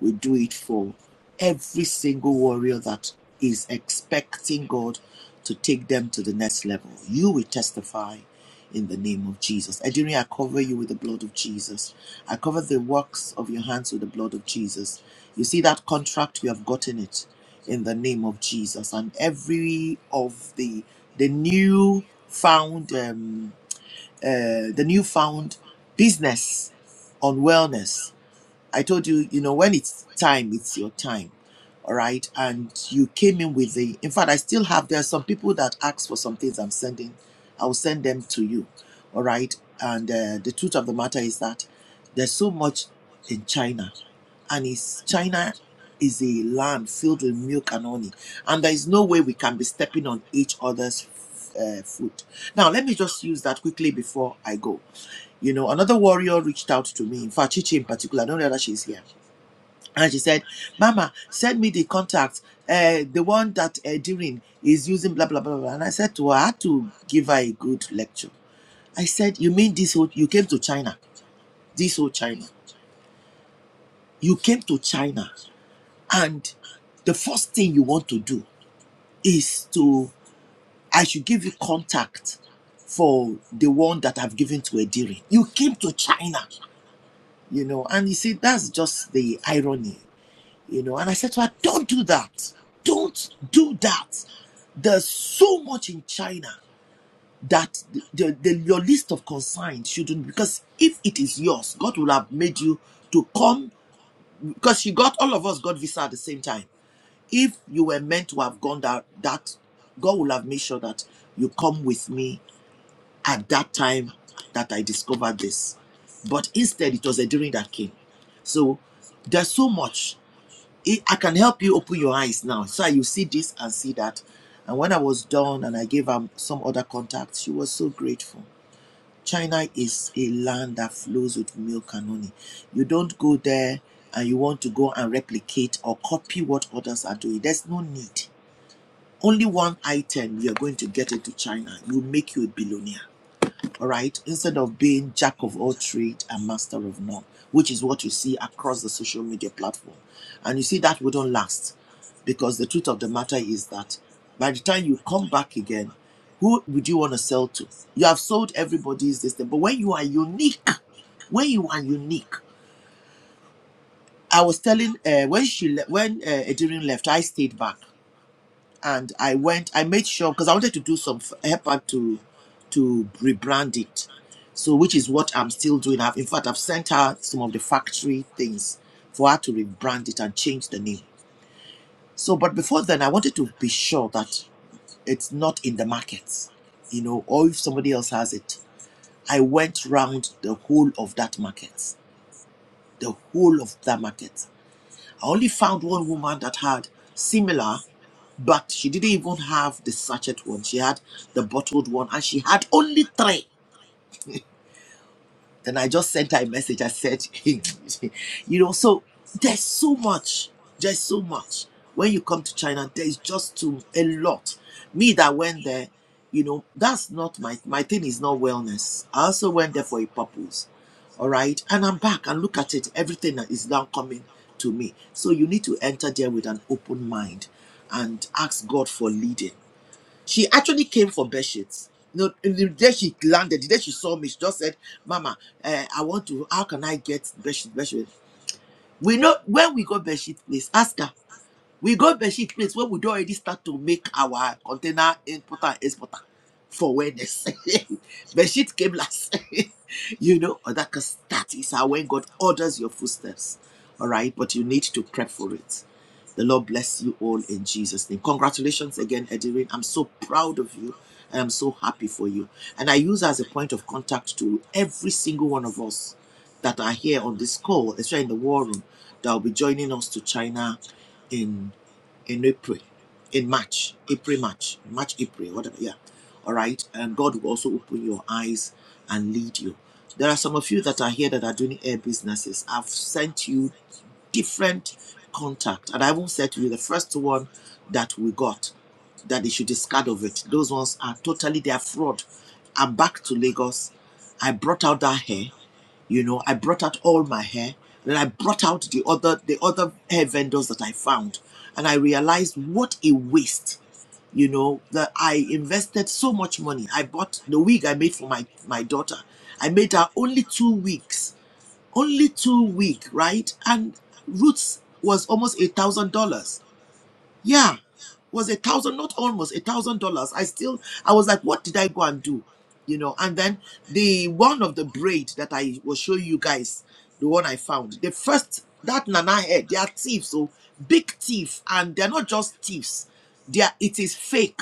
will do it for every single warrior that is expecting God to take them to the next level. You will testify in the name of Jesus. Edirin, I cover you with the blood of Jesus. I cover the works of your hands with the blood of Jesus. You see that contract, you have gotten it in the name of Jesus. And every of the the new found um, uh, the newfound business on wellness I told you, you know, when it's time, it's your time. All right. And you came in with the, in fact, I still have, there are some people that ask for some things I'm sending. I will send them to you. All right. And uh, the truth of the matter is that there's so much in China. And it's, China is a land filled with milk and honey. And there is no way we can be stepping on each other's uh, foot. Now, let me just use that quickly before I go. You know, another warrior reached out to me, in fact, Chichi in particular, I don't know that she's here. And she said, Mama, send me the contact, uh, the one that uh, Dirin is using, blah, blah, blah, blah. And I said to her, I had to give her a good lecture. I said, You mean this whole, you came to China, this whole China. You came to China, and the first thing you want to do is to, I should give you contact for the one that I've given to Edirin. You came to China you know and you see that's just the irony you know and i said to her don't do that don't do that there's so much in china that the, the, your list of consigns shouldn't because if it is yours god will have made you to come because she got all of us got visa at the same time if you were meant to have gone that that god will have made sure that you come with me at that time that I discovered this. But instead, it was a dream that came. So there's so much. It, I can help you open your eyes now. So you see this and see that. And when I was done and I gave her some other contacts, she was so grateful. China is a land that flows with milk and honey. You don't go there and you want to go and replicate or copy what others are doing. There's no need. Only one item you're going to get into China will make you a billionaire all right, instead of being jack of all trade and master of none, which is what you see across the social media platform. And you see that wouldn't last because the truth of the matter is that by the time you come back again, who would you want to sell to? You have sold everybody's this thing, but when you are unique, when you are unique, I was telling uh, when she le- when uh, Edirin left, I stayed back and I went. I made sure because I wanted to do some f- help her to to rebrand it. So, which is what I'm still doing. I've, in fact, I've sent her some of the factory things for her to rebrand it and change the name. So, but before then, I wanted to be sure that it's not in the markets, you know, or if somebody else has it. I went round the whole of that market, the whole of that market. I only found one woman that had similar, but she didn't even have the sachet one. She had the bottled one, and she had only three. Then I just sent her a message. I said, [laughs] you know, so there's so much. There's so much. When you come to China, there's just too a lot. Me that went there, you know, that's not my my thing is not wellness. I also went there for a purpose. All right. And I'm back and look at it. Everything that is now coming to me. So you need to enter there with an open mind and ask God for leading she actually came for bed sheets. You know, in the day she landed, the day she saw me, she just said, "Mama, uh, I want to. How can I get bed sheet? Bed sheet?" We know when we go bed sheet, please ask her. We got bedsheet place where we don already start to make our container importer and exporter for awareness. [laughs] bedsheet came last. [laughs] you know, or that because that is how when God orders your footsteps. All right, but you need to prep for it. The Lord bless you all in Jesus' name. Congratulations again, Edirin. I'm so proud of you. and I'm so happy for you. And I use her as a point of contact to every single one of us that are here on this call, especially in the war room, that will be joining us to China in in April, in March, April, March, March, April, whatever. Yeah. All right. And God will also open your eyes and lead you. There are some of you that are here that are doing air businesses. I've sent you different contact, and I won't say to you the first one that we got that they should discard of it. Those ones are totally they are fraud. I'm back to Lagos. I brought out that hair you know i brought out all my hair and i brought out the other the other hair vendors that i found and i realized what a waste you know that i invested so much money i bought the wig i made for my my daughter i made her only two weeks only two week right and roots was almost eight thousand dollars yeah, was a thousand, not almost a thousand dollars. I still, I was like, what did I go and do? You know, and then the one of the braid that I will show you guys, the one I found, the first, that Nana head, they are thieves, so big thief, and they're not just thieves, they are, it is fake.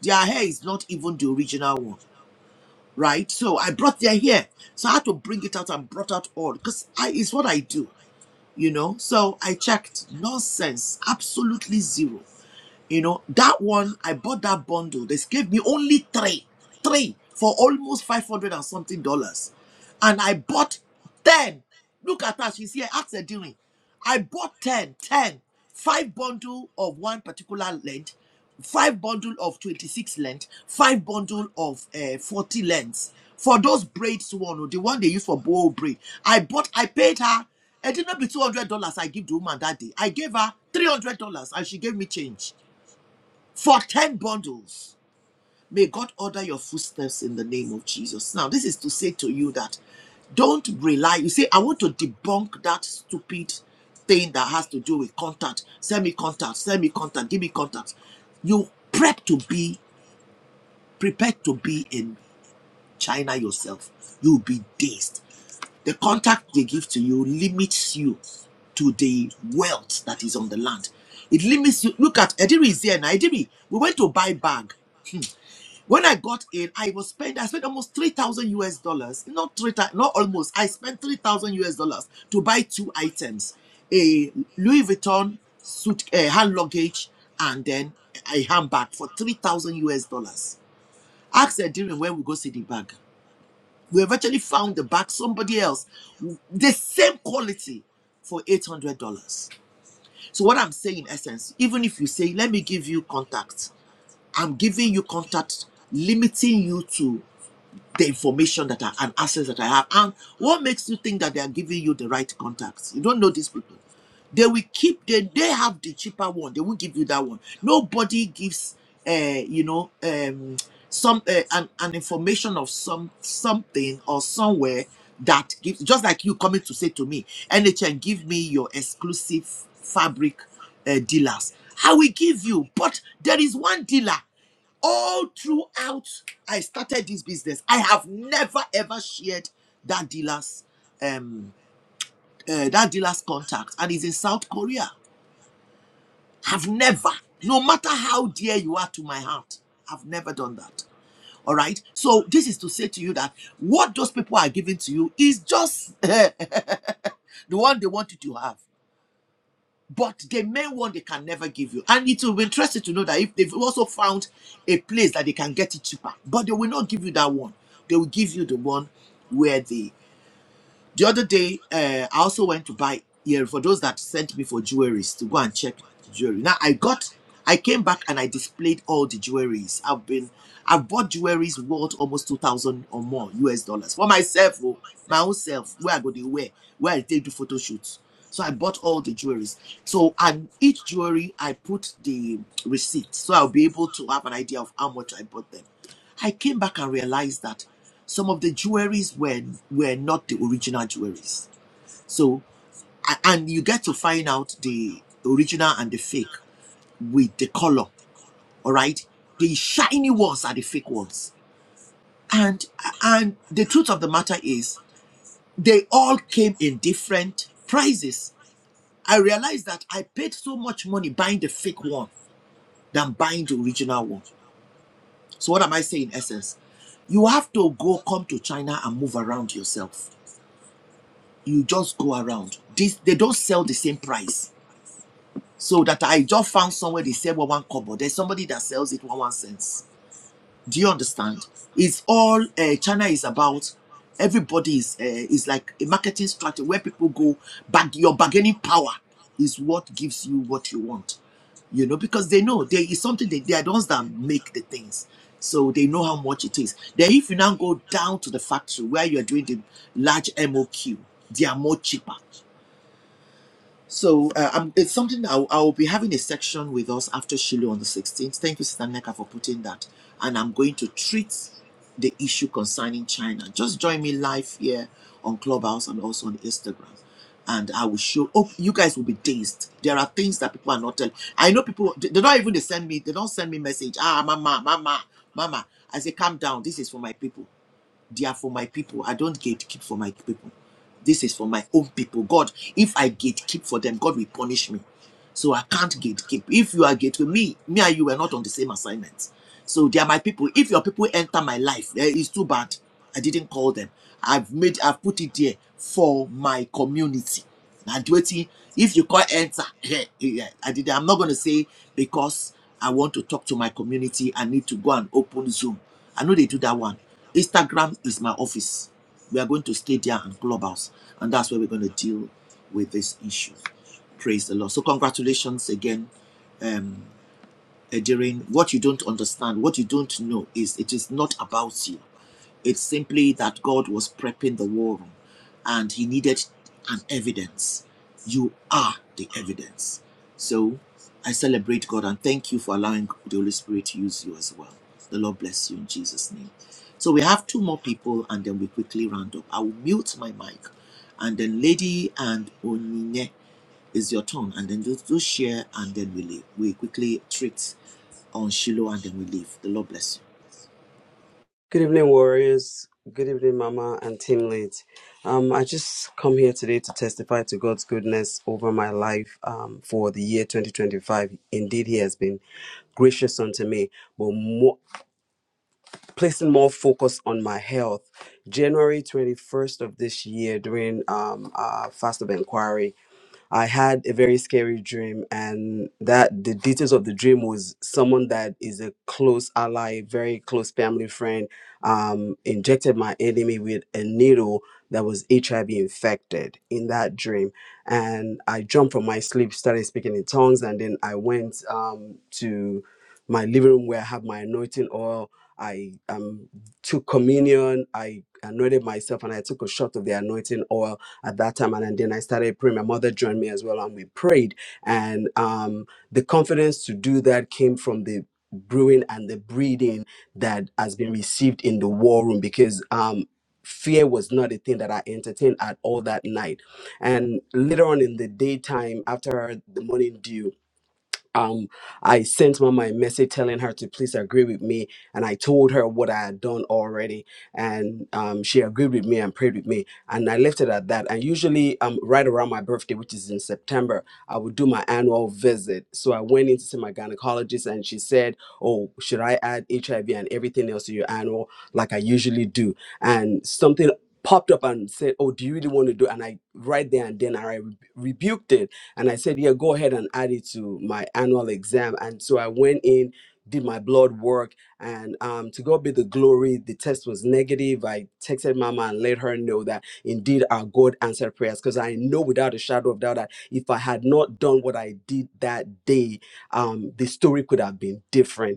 Their hair is not even the original one, right? So I brought their hair, so I had to bring it out and brought out all because I it's what I do, you know. So I checked, nonsense, absolutely zero you know, that one, I bought that bundle. They gave me only three, three for almost 500 and something dollars. And I bought 10. Look at her, she's here. Ask her doing. I bought ten, ten, five bundle of one particular length, five bundle of 26 length, five bundle of uh, 40 lengths. For those braids one, oh, the one they use for bow braid, I bought, I paid her it did not be two hundred dollars I give the woman that day. I gave her three hundred dollars and she gave me change for 10 bundles. May God order your footsteps in the name of Jesus. Now, this is to say to you that don't rely. You say, I want to debunk that stupid thing that has to do with contact. Send me contact, send me contact, give me contact. You prep to be, prepared to be in China yourself. You'll be dazed. The contact they give to you limits you to the wealth that is on the land. It limits you. Look at Ediri is here now. Ediri, we went to buy bag. When I got in, I was spent. I spent almost three thousand US dollars. Not three, thou- not almost. I spent three thousand US dollars to buy two items: a Louis Vuitton suit, uh, hand luggage, and then a handbag for three thousand US dollars. Ask Nigerian when we go see the bag. We eventually found the bag somebody else, the same quality, for eight hundred dollars. So what I'm saying, in essence, even if you say, "Let me give you contact," I'm giving you contact, limiting you to the information that I and access that I have. And what makes you think that they are giving you the right contacts? You don't know these people. They will keep they they have the cheaper one. They won't give you that one. Nobody gives uh you know um some uh, an, an information of some something or somewhere that gives just like you coming to say to me, NHN give me your exclusive fabric uh, dealers. I will give you, but there is one dealer all throughout I started this business, I have never ever shared that dealer's um uh, that dealer's contact and he's in South Korea. I've never, no matter how dear you are to my heart, I've never done that. All right. So this is to say to you that what those people are giving to you is just [laughs] the one they want you to have. But the main one they can never give you. And it will be interesting to know that if they've also found a place that they can get it cheaper, but they will not give you that one. They will give you the one where worthy. The other day, uh, I also went to buy ear for those that sent me for jewelries to go and check the jewelry. Now I got, I came back and I displayed all the jewelries. I've been, I've bought jewelries worth almost two thousand or more US dollars for myself, oh, my own self. Where I go they wear, where I take the photo shoots. So I bought all the jewelries. So and each jewelry I put the receipt, so I'll be able to have an idea of how much I bought them. I came back and realized that some of the jewelries were were not the original jewelries. So and you get to find out the original and the fake with the color. All right, the shiny ones are the fake ones, and and the truth of the matter is they all came in different prices. I realized that I paid so much money buying the fake one than buying the original one. So what am I saying in essence? You have to go come to China and move around yourself you just go around. This they don't sell the same price. So that I just found somewhere they sell one one kobo. There's somebody that sells it one one cents. Do you understand? It's all uh, China is about. Everybody is uh, is like a marketing strategy where people go. Bag your bargaining power is what gives you what you want. You know because they know there is something they they are the ones that make the things. So they know how much it is. Then if you now go down to the factory where you are doing the large MOQ, they are more cheaper so uh, i it's something that I'll, I'll be having a section with us after Shiloh on the 16th. Thank you, Sister Neka, for putting that. And I'm going to treat the issue concerning China. Just join me live here on Clubhouse and also on Instagram. And I will show. Oh, you guys will be dazed. There are things that people are not telling. I know people. They they don't even they send me. They don't send me message. Ah, mama, mama, mama. I say, calm down. This is for my people. They are for my people. I don't gatekeep for my people. This is for my own people. God, if I gatekeep for them, God will punish me. So I can't gatekeep. If you are gateway, me, me and you were not on the same assignment. So they are my people. If your people enter my life, eh, it's too bad. I didn't call them. I've made, I've put it there for my community. And waiting, if you call enter, [laughs] eh, eh, I did. I'm not going to say because I want to talk to my community. I need to go and open Zoom. I know they do that one. Instagram is my office. We are going to stay there and clubhouse, and that's where we're going to deal with this issue. Praise the Lord. So, congratulations again, um, Edirin. What you don't understand, what you don't know, is it is not about you. It's simply that God was prepping the war room, and He needed an evidence. You are the evidence. So, I celebrate God and thank you for allowing the Holy Spirit to use you as well. The Lord bless you in Jesus' name. So, we have two more people, and then we quickly round up. I will mute my mic, and then Lady and Onine is your turn, and then just, just share, and then we leave. We quickly treat on Shiloh, and then we leave. The Lord bless you.
Good evening, warriors. Good evening, Mama and team lead. Um, I just come here today to testify to God's goodness over my life um, for the year 2025. Indeed, He has been gracious unto me, but more, placing more focus on my health. January 21st of this year, during um, our fast of inquiry, I had a very scary dream, and that the details of the dream was someone that is a close ally, very close family friend, um, injected my enemy with a needle that was HIV infected in that dream. And I jumped from my sleep, started speaking in tongues, and then I went um, to my living room where I have my anointing oil. I um, took communion, I anointed myself, and I took a shot of the anointing oil at that time. And then I started praying. My mother joined me as well, and we prayed. And um, the confidence to do that came from the brewing and the breeding that has been received in the war room because um, fear was not a thing that I entertained at all that night. And later on in the daytime, after the morning dew, um, I sent Mama a message telling her to please agree with me, and I told her what I had done already, and um, she agreed with me and prayed with me, and I left it at that. And usually, um, right around my birthday, which is in September, I would do my annual visit. So I went in to see my gynecologist, and she said, "Oh, should I add HIV and everything else to your annual like I usually do?" And something popped up and said, "Oh, do you really want to do?" And I right there and then I re- rebuked it and I said, Yeah, go ahead and add it to my annual exam. And so I went in, did my blood work, and um, to God be the glory, the test was negative. I texted Mama and let her know that indeed our God answered prayers because I know without a shadow of doubt that if I had not done what I did that day, um, the story could have been different.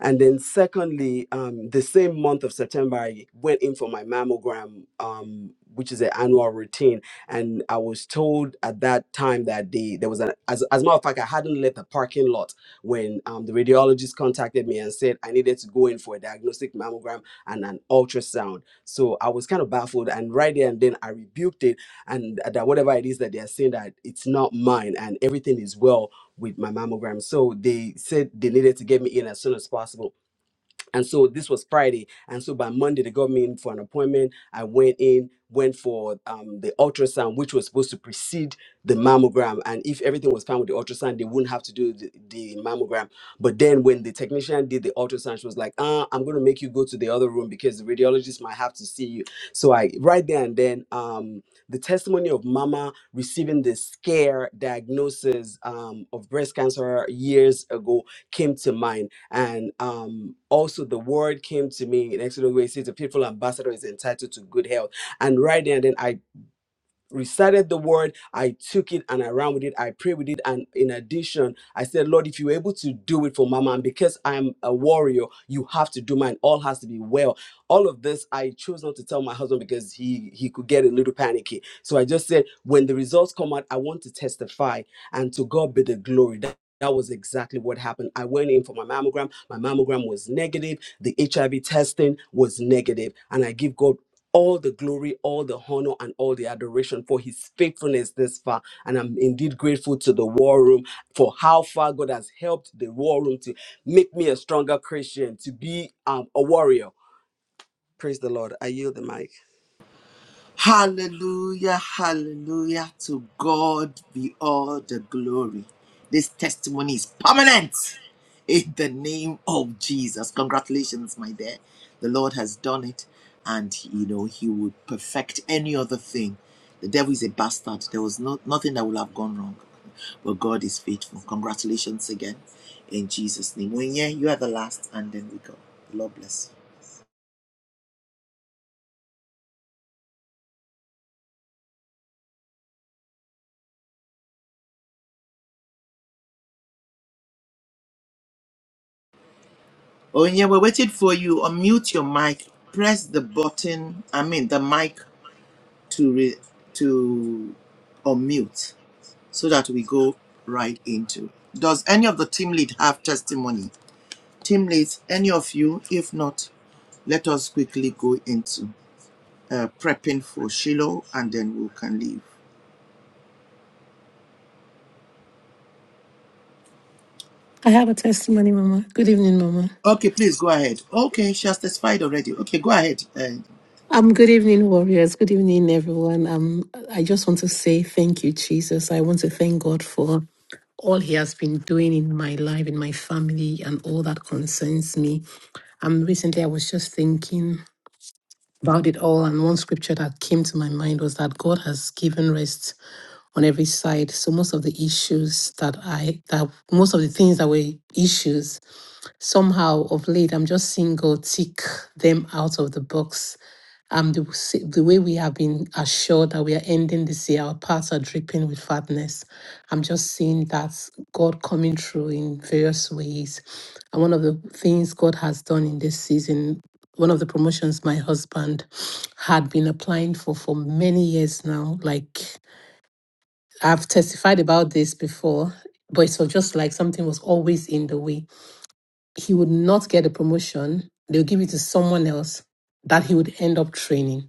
And then, secondly, um, the same month of September, I went in for my mammogram, um, which is an annual routine. And I was told at that time that the there was an as, as a matter of fact, I hadn't left the parking lot when um, the radiologist contacted me and said I needed to go in for a diagnostic mammogram and an ultrasound. So I was kind of baffled. And right there and then, I rebuked it and that whatever it is that they are saying that it's not mine and everything is well with my mammogram. So they said they needed to get me in as soon as possible and so this was Friday. And so by Monday, they got me in for an appointment. I went in, went for um, the ultrasound, which was supposed to precede the mammogram. And if everything was fine with the ultrasound, they wouldn't have to do the, the mammogram. But then when the technician did the ultrasound, she was like, uh, I'm going to make you go to the other room because the radiologist might have to see you. So I, right there and then, um, the testimony of mama receiving the scare diagnosis um, of breast cancer years ago came to mind and um, also, the word came to me in Exodus where it says, The faithful ambassador is entitled to good health. And right there and then, I recited the word, I took it and I ran with it, I prayed with it. And in addition, I said, Lord, if you're able to do it for mama, and because I'm a warrior, you have to do mine. All has to be well. All of this, I chose not to tell my husband because he he could get a little panicky. So I just said, when the results come out, I want to testify and to God be the glory. That that was exactly what happened. I went in for my mammogram. My mammogram was negative. The HIV testing was negative, And I give God all the glory, all the honor, and all the adoration for his faithfulness this far. And I'm indeed grateful to the war room for how far God has helped the war room to make me a stronger Christian, to be um, a warrior. Praise the Lord. I yield the mic.
Hallelujah, hallelujah. To God be all the glory. This testimony is permanent in the name of Jesus. Congratulations, my dear. The Lord has done it, and you know, He would perfect any other thing. The devil is a bastard. There was no, nothing that would have gone wrong, but God is faithful. Congratulations again in Jesus' name. When yeah, you are the last, and then we go. The Lord bless you. Onya, we waited for you. Unmute your mic. Press the button. I mean the mic to re- to unmute so that we go right into. Does any of the team lead have testimony? Team leads, any of you? If not, let us quickly go into uh, prepping for Shiloh, and then we can leave.
I have a testimony, Mama. Good evening, Mama.
Okay, please go ahead. Okay, she has testified already. Okay, go ahead. Uh,
Um, good evening, warriors. Good evening, everyone. Um, I just want to say thank you, Jesus. I want to thank God for all He has been doing in my life, in my family, and all that concerns me. Um, recently I was just thinking about it all, and one scripture that came to my mind was that God has given rest on every side. So most of the issues that I that most of the things that were issues somehow of late i'm just seeing god tick them out of the box um the, s- the way we have been assured that we are ending this year our parts are dripping with fatness i'm just seeing that god coming through in various ways and one of the things god has done in this season one of the promotions my husband had been applying for for many years now like i've testified about this before but it was just like something was always in the way he would not get a promotion. They'll give it to someone else that he would end up training.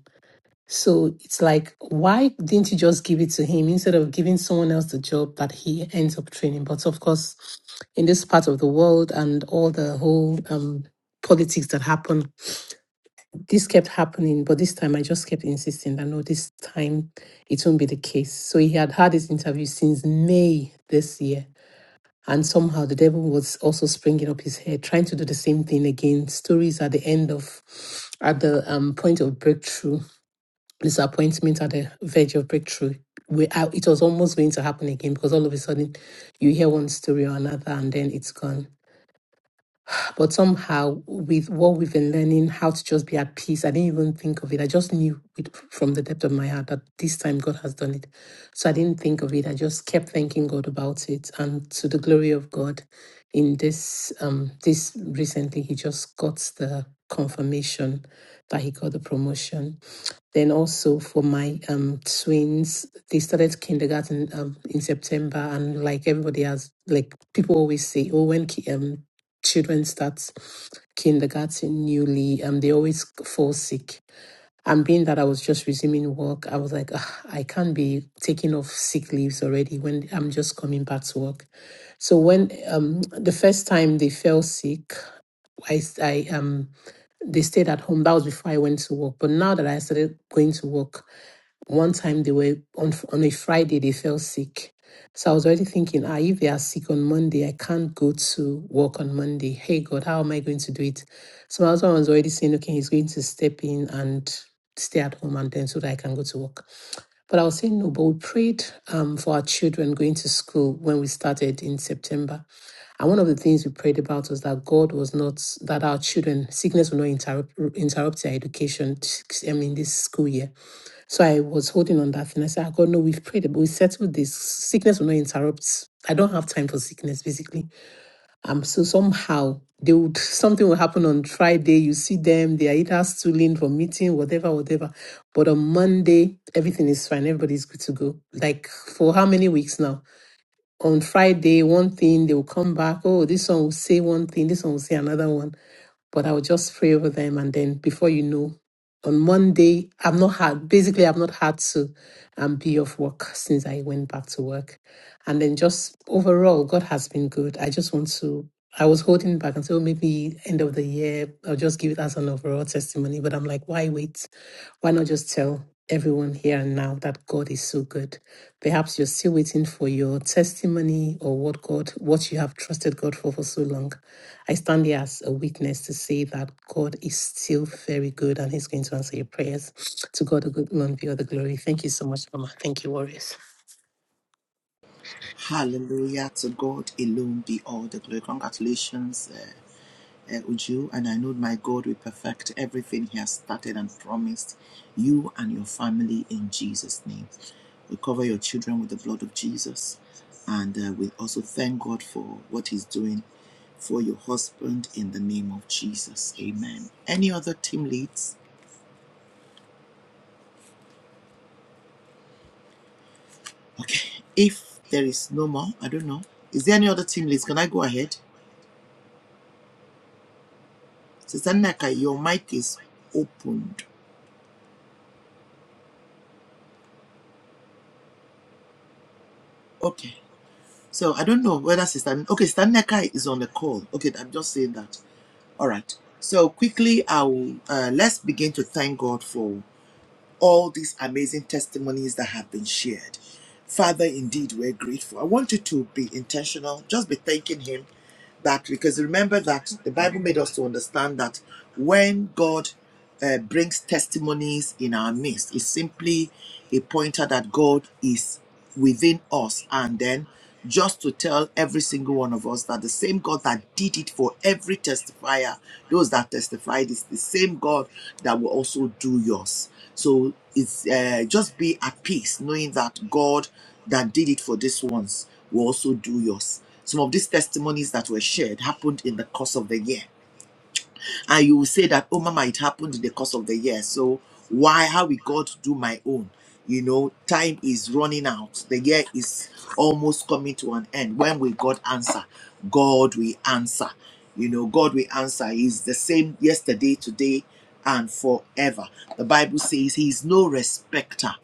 So it's like, why didn't you just give it to him instead of giving someone else the job that he ends up training? But of course, in this part of the world and all the whole um, politics that happened, this kept happening. But this time I just kept insisting that no, this time it won't be the case. So he had had this interview since May this year and somehow the devil was also springing up his head, trying to do the same thing again. Stories at the end of, at the um, point of breakthrough, disappointment at the verge of breakthrough. Where I- it was almost going to happen again because all of a sudden you hear one story or another and then it's gone. But somehow, with what we've been learning, how to just be at peace, I didn't even think of it. I just knew it from the depth of my heart that this time God has done it. So I didn't think of it. I just kept thanking God about it. And to the glory of God, in this um this recently, he just got the confirmation that he got the promotion. Then also for my um twins, they started kindergarten um in September, and like everybody has, like people always say, oh, when ki- um children start kindergarten newly, um they always fall sick. And being that I was just resuming work, I was like, "Ah, I can't be taking off sick leaves already when I'm just coming back to work. So when um the first time they fell sick, I s- I um they stayed at home. That was before I went to work. But now that I started going to work one time they were on on a Friday they fell sick. So I was already thinking, ah, if they are sick on Monday, I can't go to work on Monday. Hey God, how am I going to do it? So my husband was already saying, okay, he's going to step in and stay at home and then so that I can go to work. But I was saying no, but we prayed um, for our children going to school when we started in September. And one of the things we prayed about was that God was not, that our children, sickness will not interrupt, interrupt their education, I mean, this school year. So I was holding on that thing. I said, "Ah, God, no, we've prayed, but we settled this. Sickness will not interrupt. I don't have time for sickness, basically. Um, so somehow they would [laughs] something will happen on Friday. You see them, they are either stooling for meeting, whatever, whatever. But on Monday, everything is fine, everybody's good to go. Like for how many weeks now? On Friday, one thing, they will come back. Oh, this one will say one thing, this one will say another one but I'll just pray over them. And then before you know, on Monday, I've not had, basically, I've not had to um, be off work since I went back to work. And then just overall, God has been good. I just want to, I was holding back and say, oh, maybe end of the year, I'll just give it as an overall testimony. But I'm like, why wait? Why not just tell everyone here and now that God is so good? Perhaps you're still waiting for your testimony or what God, what you have trusted God for for so long. I stand here as a witness to say that God is still very good and He's going to answer your prayers. To God, a good man be all the glory. Thank you so much, Mama. Thank you, Warriors.
hallelujah to God alone be all the glory. Congratulations. uh, uh, Uju, and I know my God will perfect everything He has started and promised you and your family in Jesus' name. We cover your children with the blood of Jesus, and uh, we also thank God for what He's doing for your husband in the name of Jesus. Amen. Any other team leads? Okay, if there is no more, I don't know. Is there any other team leads? Can I go ahead? Sister Naka, your mic is opened. Okay. So I don't know whether Sister okay, Sister Neka is on the call. Okay, I'm just saying that. All right. So quickly, I will uh, let's begin to thank God for all these amazing testimonies that have been shared. Father, indeed, we're grateful. I want you to be intentional. Just be thanking Him that because remember that the Bible made us to understand that when God uh, brings testimonies in our midst, it's simply a pointer that God is within us. And then just to tell every single one of us that the same God that did it for every testifier, those that testified, is the same God that will also do yours. So it's uh, just be at peace knowing that God that did it for this ones will also do yours. Some of these testimonies that were shared happened in the course of the year and you will say that oh mama it happened in the course of the year so why how we got to do my own you know time is running out the year is almost coming to an end when will god answer god will answer you know god will answer he's the same yesterday today and forever the bible says he is no respecter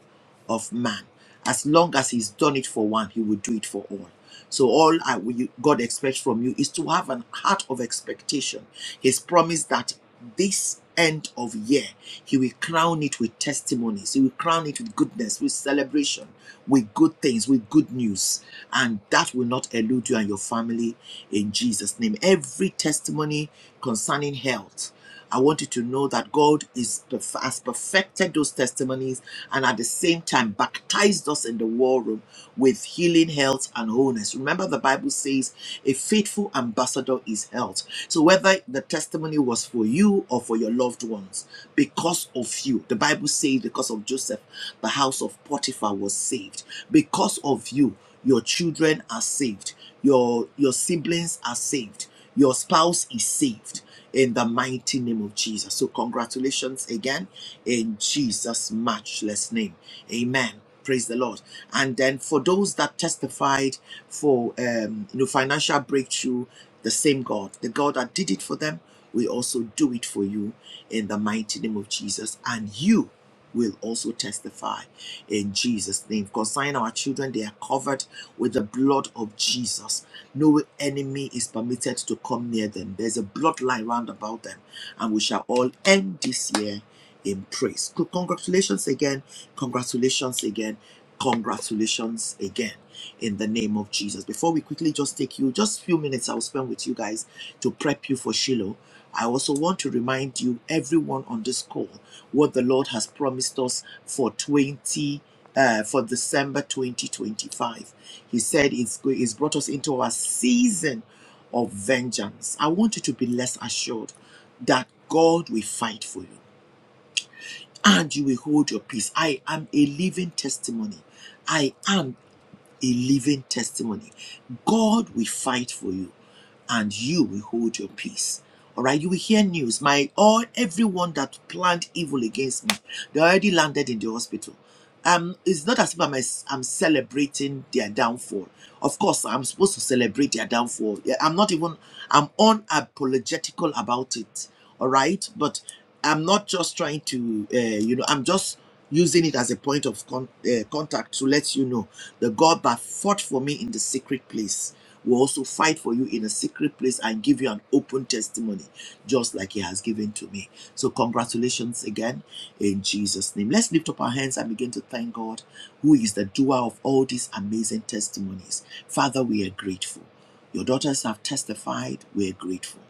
of man as long as he's done it for one he will do it for all so all I, you- god expects from you is to have an heart of expectation He's promised that this end of year, He will crown it with testimonies. He will crown it with goodness, with celebration, with good things, with good news. And that will not elude you and your family in Jesus' name. Every testimony concerning health. I want you to know that God is has perfected those testimonies and at the same time baptized us in the war room with healing, health, and wholeness. Remember, the Bible says a faithful ambassador is health. So whether the testimony was for you or for your loved ones, because of you, the Bible says because of Joseph, the house of Potiphar was saved. Because of you, your children are saved. Your your siblings are saved. Your spouse is saved in the mighty name of Jesus. So congratulations again in Jesus matchless name. Amen. Praise the Lord. And then for those that testified for um, you know financial breakthrough, the same God, the God that did it for them, will also do it for you in the mighty name of Jesus, and you will also testify in Jesus' name. Concerning our children, they are covered with the blood of Jesus. No enemy is permitted to come near them. There's a bloodline round about them, and we shall all end this year in praise. Congratulations again. Congratulations again. Congratulations again in the name of Jesus. Before we quickly just take you, just few minutes I'll spend with you guys to prep you for Shiloh. I also want to remind you, everyone on this call, what the Lord has promised us for 20. Uh, for December 2025, He said it's, it's brought us into our season of vengeance. I want you to be less assured that God will fight for you and you will hold your peace. I am a living testimony. I am a living testimony. God will fight for you and you will hold your peace. All right, you will hear news. My all everyone that planned evil against me, they already landed in the hospital. Um, it's not as if I'm, I'm celebrating their downfall. Of course, I'm supposed to celebrate their downfall. Yeah, I'm not even. I'm unapologetical about it. All right, but I'm not just trying to, uh, you know, I'm just using it as a point of con- uh, contact to let you know the God that fought for me in the secret place will also fight for you in a secret place and give you an open testimony, just like He has given to me. So, congratulations again in Jesus' name. Let's lift up our hands and begin to thank God, who is the doer of all these amazing testimonies. Father, we are grateful. Your daughters have testified. We are grateful.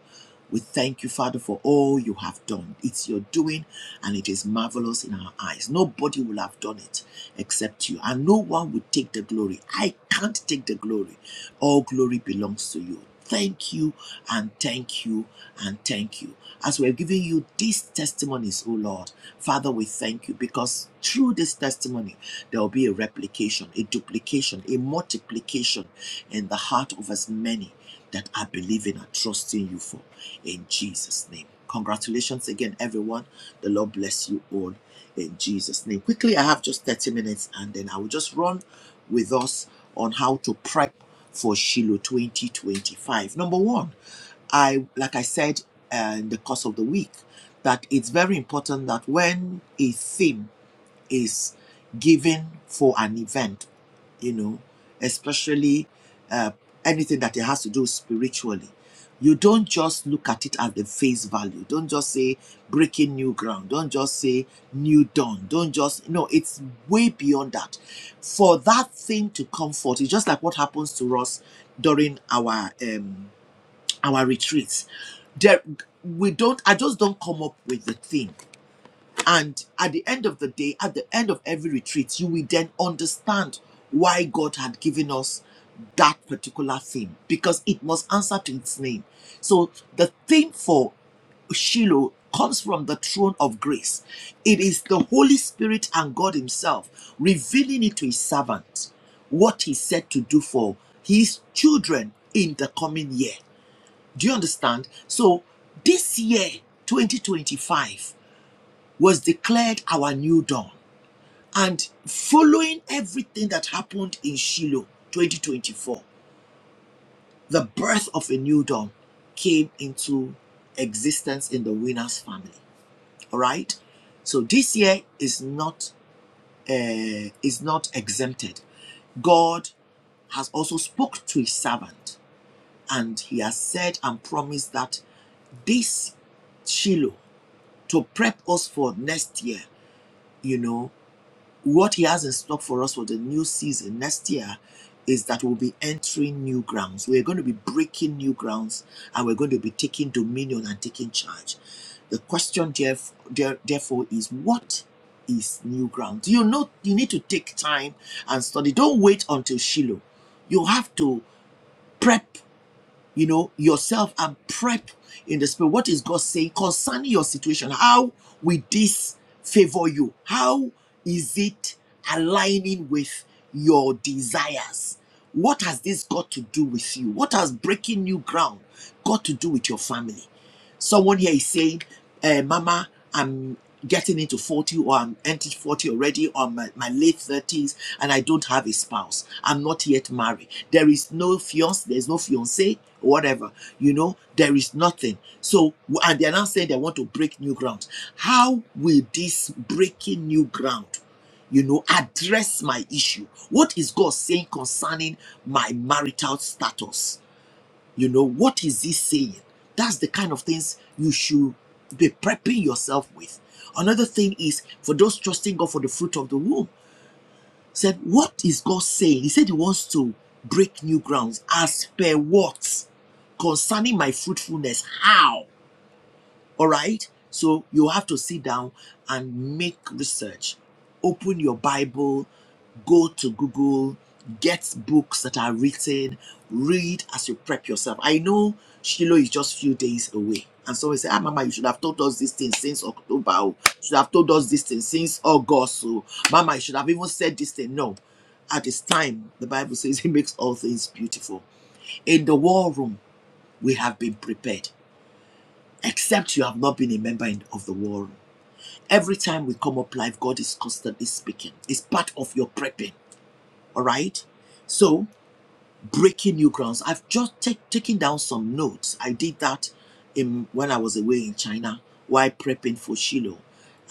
We thank you, Father, for all you have done. It's your doing and it is marvelous in our eyes. Nobody will have done it except you, and no one will take the glory. I can't take the glory. All glory belongs to you. Thank you and thank you and thank you. As we're giving you these testimonies, O Lord, Father, we thank you because through this testimony, there will be a replication, a duplication, a multiplication in the heart of as many that are believing and trusting you for in Jesus' name. Congratulations again, everyone. The Lord bless you all in Jesus' name. Quickly, I have just 30 minutes and then I will just run with us on how to prep for Shiloh 2025. Number one, I like I said uh, in the course of the week that it's very important that when a theme is given for an event, you know, especially uh, anything that it has to do spiritually. You don't just look at it at the face value. Don't just say breaking new ground. Don't just say new dawn. Don't just, no, it's way beyond that. For that thing to come forth, it's just like what happens to us during our um, our retreats. There, we don't, I just don't come up with the thing. And at the end of the day, at the end of every retreat, you will then understand why God had given us that particular thing because it must answer to its name. So the theme for Shiloh comes from the throne of grace. It is the Holy Spirit and God Himself revealing it to His servant what He said to do for His children in the coming year. Do you understand? So this year, 2025 was declared our new dawn. And following everything that happened in Shiloh 2024, the birth of a new dawn came into existence in the winner's family. All right? So this year is not uh, is not exempted. God has also spoke to his servant and he has said and promised that this Shiloh to prep us for next year, you know. what he has in stock for us for the new season next year is that we'll be entering new grounds. We're going to be breaking new grounds and we're going to be taking dominion and taking charge. The question, there- therefore, is what is new ground? You know, you need to take time and study. Don't wait until Shiloh. You have to prep you know yourself and prep in the spirit what is god saying concerning your situation how will this favor you how is it aligning with your desires what has this got to do with you what has breaking new ground got to do with your family Someone here is saying, uh, Mama, I'm getting into 40 or I'm entered 40 already or my, my late 30s and I don't have a spouse. I'm not yet married. There is no fiance, there's no fiance, whatever. You know, there is nothing. So, and they're now saying they want to break new ground. How will this breaking new ground, you know, address my issue? What is God saying concerning my marital status? You know, what is he saying? That's the kind of things you should be prepping yourself with. Another thing is for those trusting God for the fruit of the womb, said, What is God saying? He said he wants to break new grounds as per what? Concerning my fruitfulness. How? All right? So you have to sit down and make research. Open your Bible, go to Google, get books that are written, read as you prep yourself. I know Shiloh is just few days away. And so we say, ah, Mama, you should have told us this thing since October. oh. You should have told us this thing since August. So, Mama, you should have even said this thing. No. At this time, the Bible says [laughs] he makes all things beautiful. In the war room, we have been prepared except you have not been a member in- of the war room. Every time we come up live, God is constantly speaking. It's part of your prepping. All right. So breaking new grounds. I've just take, taken down some notes. I did that in, when I was away in China while prepping for Shiloh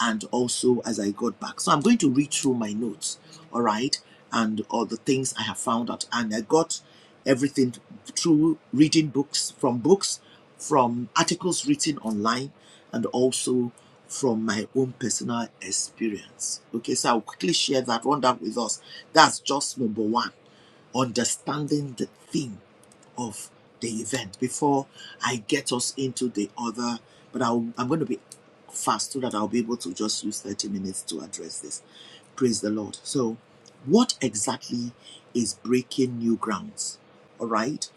and also as I got back. So I'm going to read through my notes, all right, and all the things I have found out. And I got everything through reading books, from books, from articles written online, and also from my own personal experience. Okay, so I'll quickly share that one down with us. That's just number one understanding the theme of the event before I get us into the other. But I'll, I'm going to be fast so that I'll be able to just use 30 minutes to address this. Praise the Lord. So, what exactly is breaking new grounds? All right.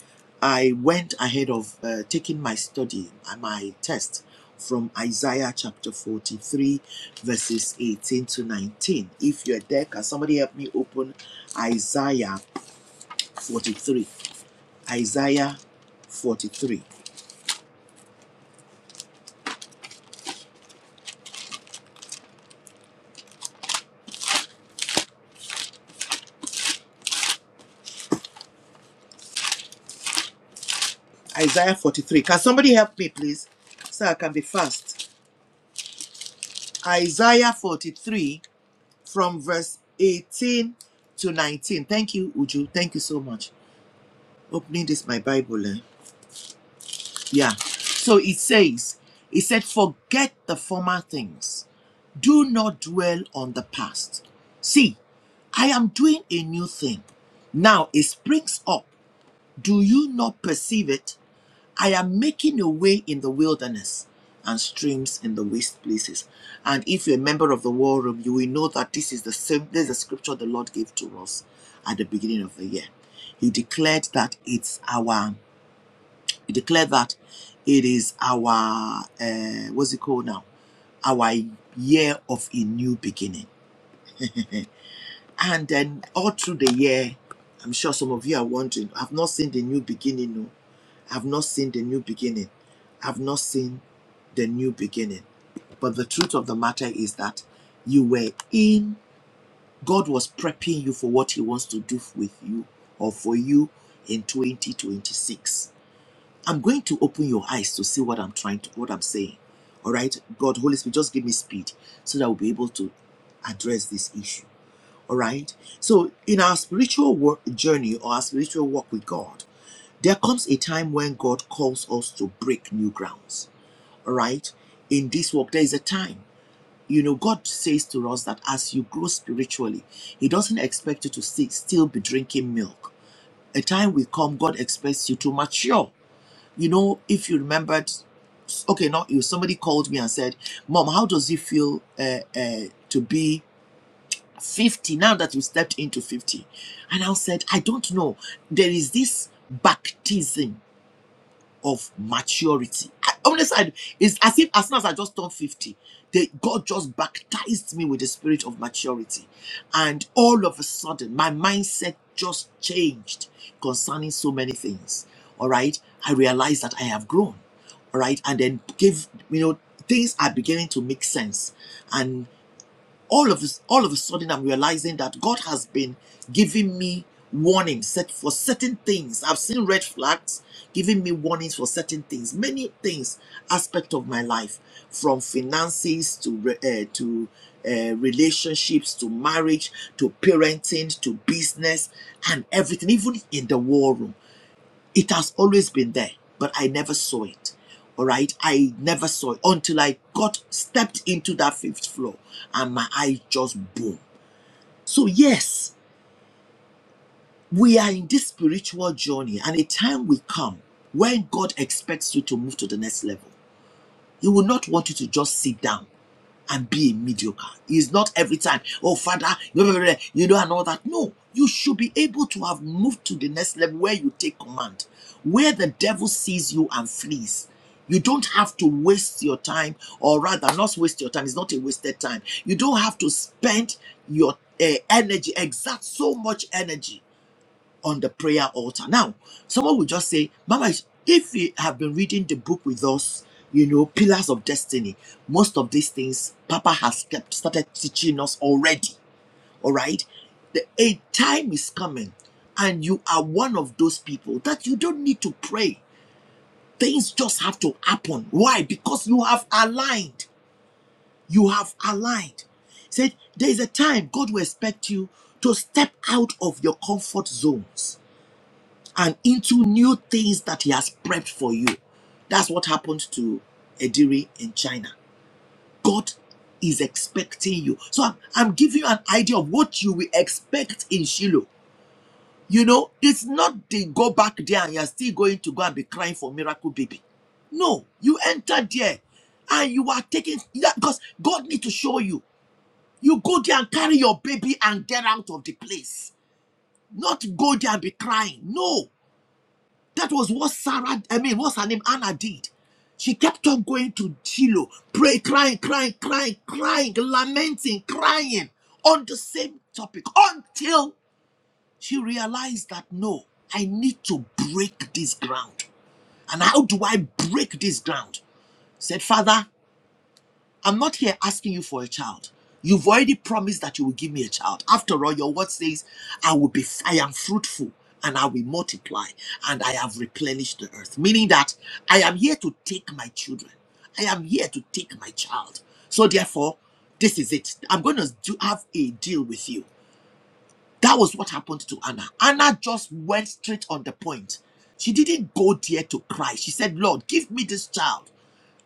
I went ahead of uh, taking my study and my test from Isaiah chapter 43, verses 18 to 19. If you're there, can somebody help me open Isaiah 43. Isaiah 43. Isaiah 43. Can somebody help me, please? So I can be fast. Isaiah 43 from verse 18 to 19. Thank you, Uju. Thank you so much. Opening this, my Bible. eh? Yeah. So it says, it said, forget the former things. Do not dwell on the past. See, I am doing a new thing. Now it springs up. Do you not perceive it? I am making a way in the wilderness and streams in the waste places. And if you're a member of the war room, you will know that this is the same this is the scripture the Lord gave to us at the beginning of the year. He declared that it's our he declared that it is our uh, what's it called now? Our year of a new beginning. And then all through the year, I'm sure some of you are wondering, I've not seen the new beginning. No. I've not seen the new beginning. I've not seen the new beginning. But the truth of the matter is that you were in, God was prepping you for what He wants to do with you or for you in 2026. I'm going to open your eyes to see what I'm trying to, what I'm saying. All right, God, Holy Spirit, just give me speed so that we'll be able to address this issue. All right. So, in our spiritual work journey or our spiritual walk with God, there comes a time when God calls us to break new grounds, all right? In this walk, there is a time. You know, God says to us that as you grow spiritually, He doesn't expect you to sti- still be drinking milk. A time will come, God expects you to mature. You know, if you remembered, okay, not you, somebody called me and said, Mom, how does it feel uh, uh, to be 50 now that you stepped into 50? And I said, I don't know. There is this baptism of maturity. I, honestly, I, it's as if as soon as I just turned 50, they, God just baptized me with the spirit of maturity. And all of a sudden, my mindset just changed concerning so many things. All right. I realized that I have grown. All right. And then give you know, things are beginning to make sense all of a, all of a sudden I'm realizing that God has been giving me warnings set for certain things. I've seen red flags giving me warnings for certain things, many things, aspect of my life, from finances to re- eh, to uh, relationships to marriage to parenting to business and everything, even in the war room. It has always been there, but I never saw it. All right. I never saw it until I got stepped into that fifth floor and my eyes just boom. So, yes, we are in this spiritual journey, and a time will come when God expects you to move to the next level. He will not want you to just sit down. and be a mediocre. It's not every time, oh, Father, you know, and all that. No, you should be able to have moved to the next level where you take command, where the devil sees you and flees. You don't have to waste your time, or rather, not waste your time. It's not a wasted time. You don't have to spend your uh, energy, exert so much energy on the prayer altar. Now, someone will just say, Mama, if you have been reading the book with us, you know, Pillars of Destiny, most of these things Papa has kept started teaching us already. All right. The a time is coming, and you are one of those people that you don't need to pray. Things just have to happen. Why? Because you have aligned. You have aligned. He said, There is a time God will expect you to step out of your comfort zones and into new things that He has prepped for you. That's what happened to Ediri in China. God is expecting you. So I'm, I'm giving you an idea of what you will expect in Shiloh. You know, it's not they go back there and you're still going to go and be crying for miracle baby. No, you entered there and you are taking that because God need to show you. You go there and carry your baby and get out of the place. Not go there and be crying. No. That was what Sarah, I mean, what's her name? Anna did. She kept on going to Shiloh, pray, crying, crying, crying, crying, lamenting, crying on the same topic until she realized that no, I need to break this ground. And how do I break this ground? Said, Father, I'm not here asking you for a child. You've already promised that you will give me a child. After all, your word says, I will be I am fruitful and I will multiply and I have replenished the earth. Meaning that I am here to take my children. I am here to take my child. So therefore, this is it. I'm going to do, have a deal with you. That was what happened to Anna. Anna just went straight on the point. She didn't go there to cry. She said, Lord, give me this child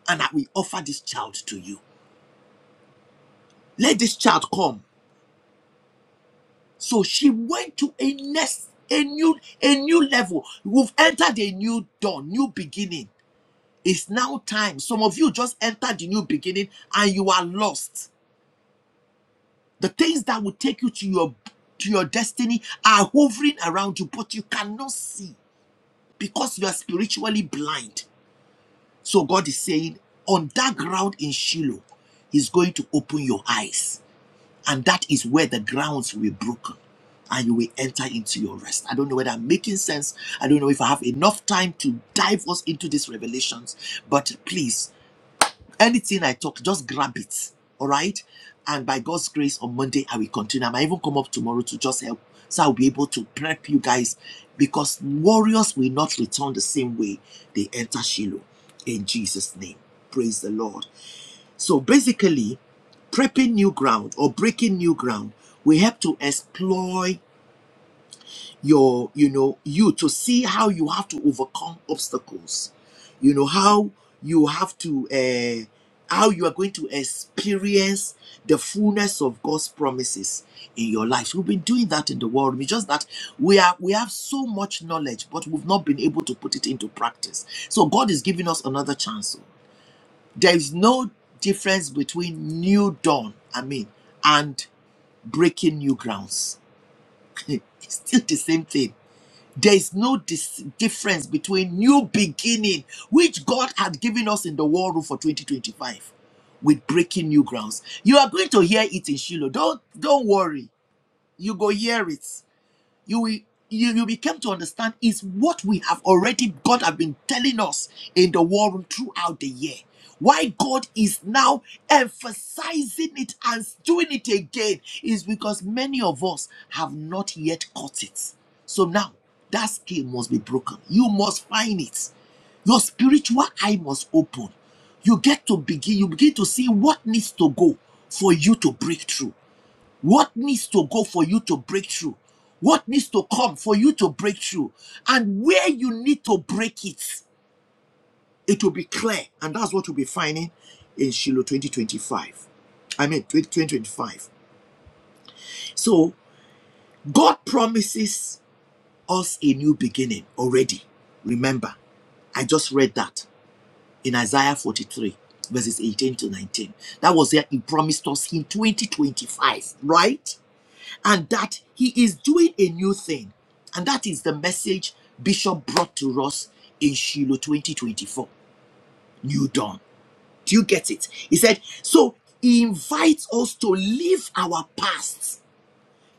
and I will offer this child to you let this child come. So she went to a next, a new, a new level. We've entered a new dawn, new beginning. It's now time. Some of you just entered the new beginning and you are lost. The things that will take you to your to your destiny are hovering around you, but you cannot see because you are spiritually blind. So God is saying, on that ground in Shiloh, He's going to open your eyes And that is where the grounds will be broken and you will enter into your rest. I don't know whether I'm making sense. I don't know if I have enough time to dive us into these revelations, but please, anything I talk, just grab it. All right? And by God's grace, on Monday, I will continue. I might even come up tomorrow to just help. So I'll be able to prep you guys because warriors will not return the same way they enter Shiloh in Jesus' name. Praise the Lord. So basically, prepping new ground or breaking new ground, we have to explore your, you know, you to see how you have to overcome obstacles. You know how you have to, uh, how you are going to experience the fullness of God's promises in your life. We've been doing that in the world. It's just that we are we have so much knowledge, but we've not been able to put it into practice. So God is giving us another chance. There is no difference between new dawn, I mean, and breaking new grounds. [laughs] it's still the same thing. There is no dis- difference between new beginning, which God had given us in the war room for 2025, with breaking new grounds. You are going to hear it in Shiloh. Don't don't worry. You go hear it you will you, you became to understand is what we have already God have been telling us in the war room throughout the year. Why God is now emphasizing it and doing it again is because many of us have not yet caught it. So now that scale must be broken. You must find it. Your spiritual eye must open. You get to begin, you begin to see what needs to go for you to break through. What needs to go for you to break through? What needs to come for you to break through? And where you need to break it, it will be clear. And that's what you'll be finding in Shiloh 2025. I mean, 2025. So, God promises us a new beginning already. Remember, I just read that in Isaiah 43, verses 18 to 19. That was there. He promised us in 2025, right? and that he is doing a new thing. And that is the message Bishop brought to us in Shiloh 2024, New Dawn. Do you get it? He said, So he invites us to leave our pasts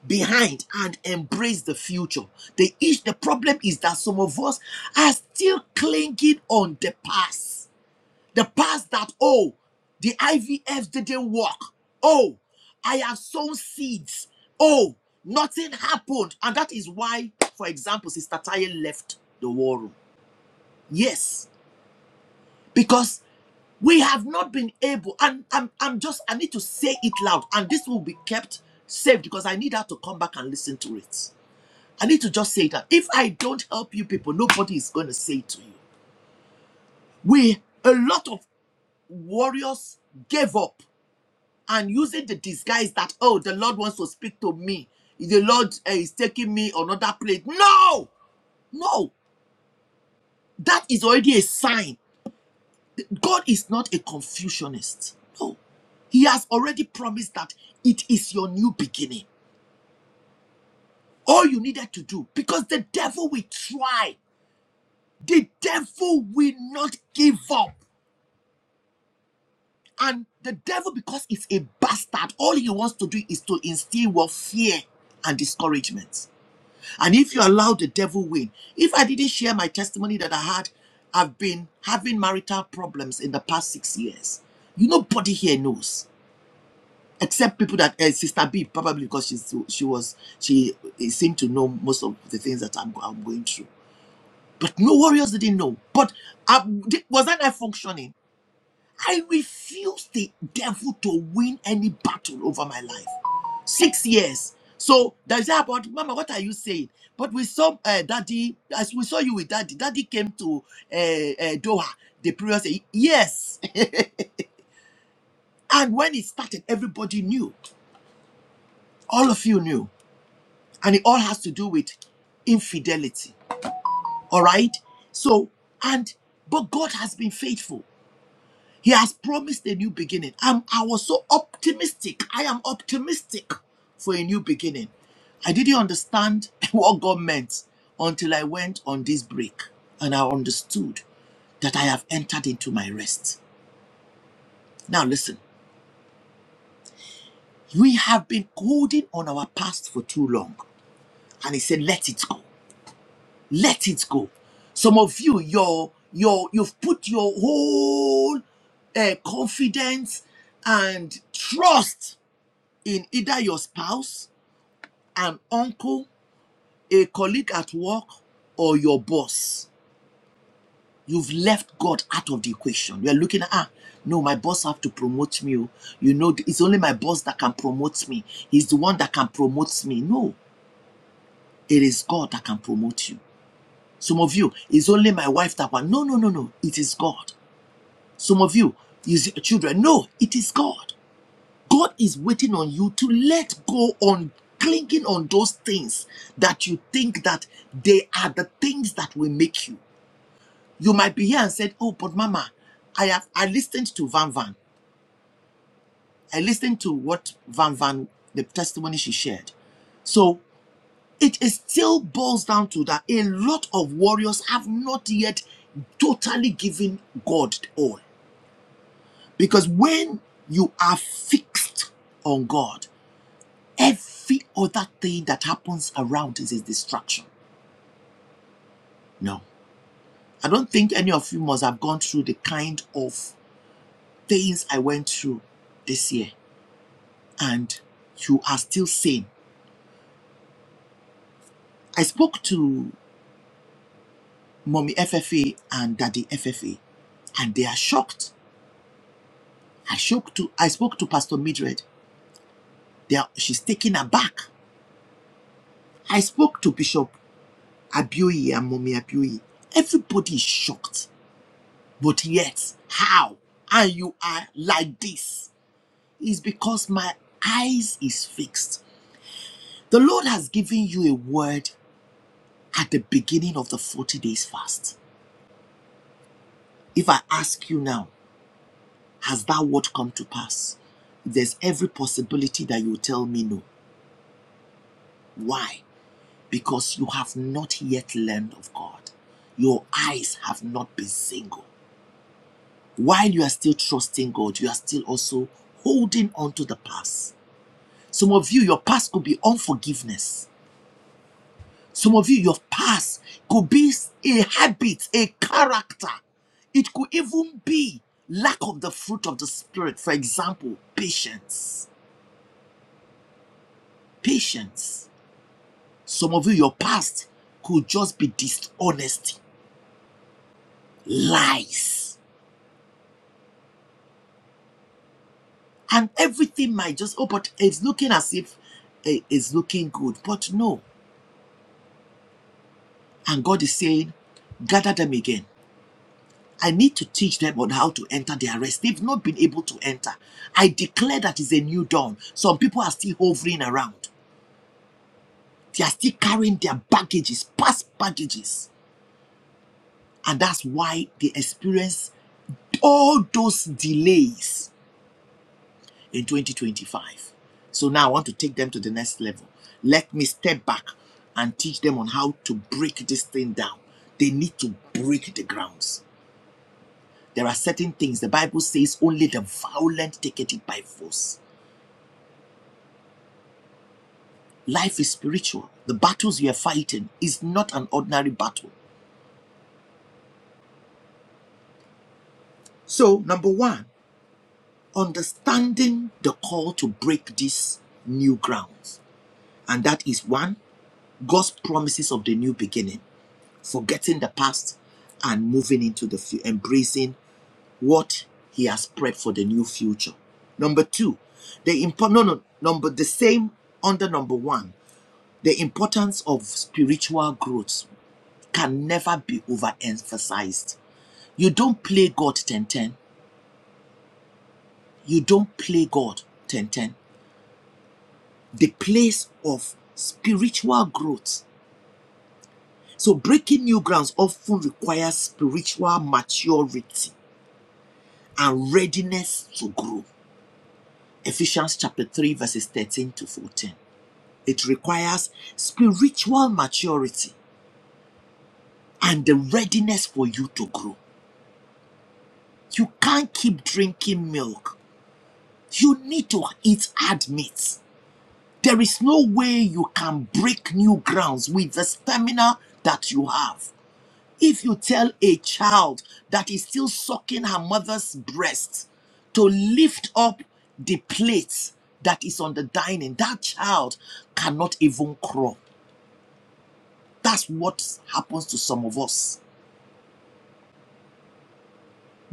behind and embrace the future. The, ish- the problem is that some of us are still clinging on the past the past that, oh, the IVF didn't work. Oh, I have sown seeds. Oh, nothing happened. And that is why, for example, Sister Taye left the war room. Yes, because we have not been able, and I'm, I'm just, I need to say it loud, and this will be kept safe because I need her to come back and listen to it. I need to just say that if I don't help you people, nobody is going to say it to you. We, a lot of warriors gave up and using the disguise that oh the lord wants to speak to me the lord uh, is taking me another place no no that is already a sign god is not a confusionist no he has already promised that it is your new beginning all you needed to do because the devil will try the devil will not give up and the devil because it's a bastard all he wants to do is to instill your fear and discouragement And if you allow the devil win, if I didn't share my testimony that I had, I've been having marital problems in the past six years. You nobody here knows, except people that uh, Sister B probably because she's she was she seemed to know most of the things that I'm, I'm going through. But no warriors didn't know. But I, was I not functioning? I refuse the devil to win any battle over my life. Six years. So that's about Mama. What are you saying? But we saw uh, Daddy as we saw you with Daddy. Daddy came to uh, uh, Doha the previous year. Yes, [laughs] and when it started, everybody knew. All of you knew, and it all has to do with infidelity. All right. So and but God has been faithful. He has promised a new beginning. I'm, I was so optimistic. I am optimistic for a new beginning. I didn't understand [laughs] what God meant until I went on this break and I understood that I have entered into my rest. Now, listen, we have been holding on our past for too long. And He said, let it go. Let it go. Some of you, your, your, you've put your whole uh, confidence and trust in either your spouse, an uncle, a colleague at work, or your boss. You've left God out of the equation. You're looking at, ah, no, my boss have to promote me. oh. You know, it's only my boss that can promote me. He's the one that can promote me. No, it is God that can promote you. Some of you, it's only my wife that one. No, no, no, no. It is God. Some of you, is children. No, it is God. God is waiting on you to let go on clinging on those things that you think that they are the things that will make you. You might be here and said, "Oh, but Mama, I have I listened to Van Van. I listened to what Van Van the testimony she shared." So it is still boils down to that a lot of warriors have not yet totally given God all. Because when you are fixed on God, Every other thing that happens around is a distraction. No. I don't think any of you must have gone through the kind of things I went through this year. And you are still sane. I spoke to Mommy FFA and Daddy FFA, and they are shocked. I shocked to I spoke to Pastor Midred. They are, she's taken aback. I spoke to Bishop Abioye and Mommy Abioye. Everybody is shocked. But yet, how? And you are like this. is because my eyes is fixed. The Lord has given you a word at the beginning of the 40 days fast. If I ask you now, has that word come to pass? There's every possibility that you tell me no. Why? Because you have not yet learned of God. Your eyes have not been single. While you are still trusting God, you are still also holding on to the past. Some of you, your past could be unforgiveness Some of you, your past could be a habit, a character. It could even be lack of the fruit of the Spirit. For example, patience. Patience. Some of you, your past could just be dishonesty, lies. And everything might just, oh, but it's looking as if eh, it's looking good. But no. And God is saying, gather them again I need to teach them on how to enter their rest. They've not been able to enter. I declare that is a new dawn. Some people are still hovering around. They are still carrying their baggages, past baggages. And that's why they experience all those delays in 2025. So now I want to take them to the next level. Let me step back and teach them on how to break this thing down. They need to break the grounds. There are certain things the Bible says only the violent take it by force. Life is spiritual. The battles you are fighting is not an ordinary battle. So, number one, understanding the call to break these new grounds. And that is one, God's promises of the new beginning, forgetting the past and moving into the future, embracing what He has prepped for the new future. Number two, the impo- no, no, number the same under number one, the importance of spiritual growth can never be overemphasized You don't play God 10 ten. You don't play God 10 ten. The place of spiritual growth. So, breaking new grounds often requires spiritual maturity and readiness to grow. Ephesians chapter 3, verses 13 to 14. It requires spiritual maturity and the readiness for you to grow. You can't keep drinking milk. You need to eat hard meat. There is no way you can break new grounds with the stamina that you have. If you tell a child that is still sucking her mother's breast to lift up the plate that is on the dining, that child cannot even crawl. That's what happens to some of us.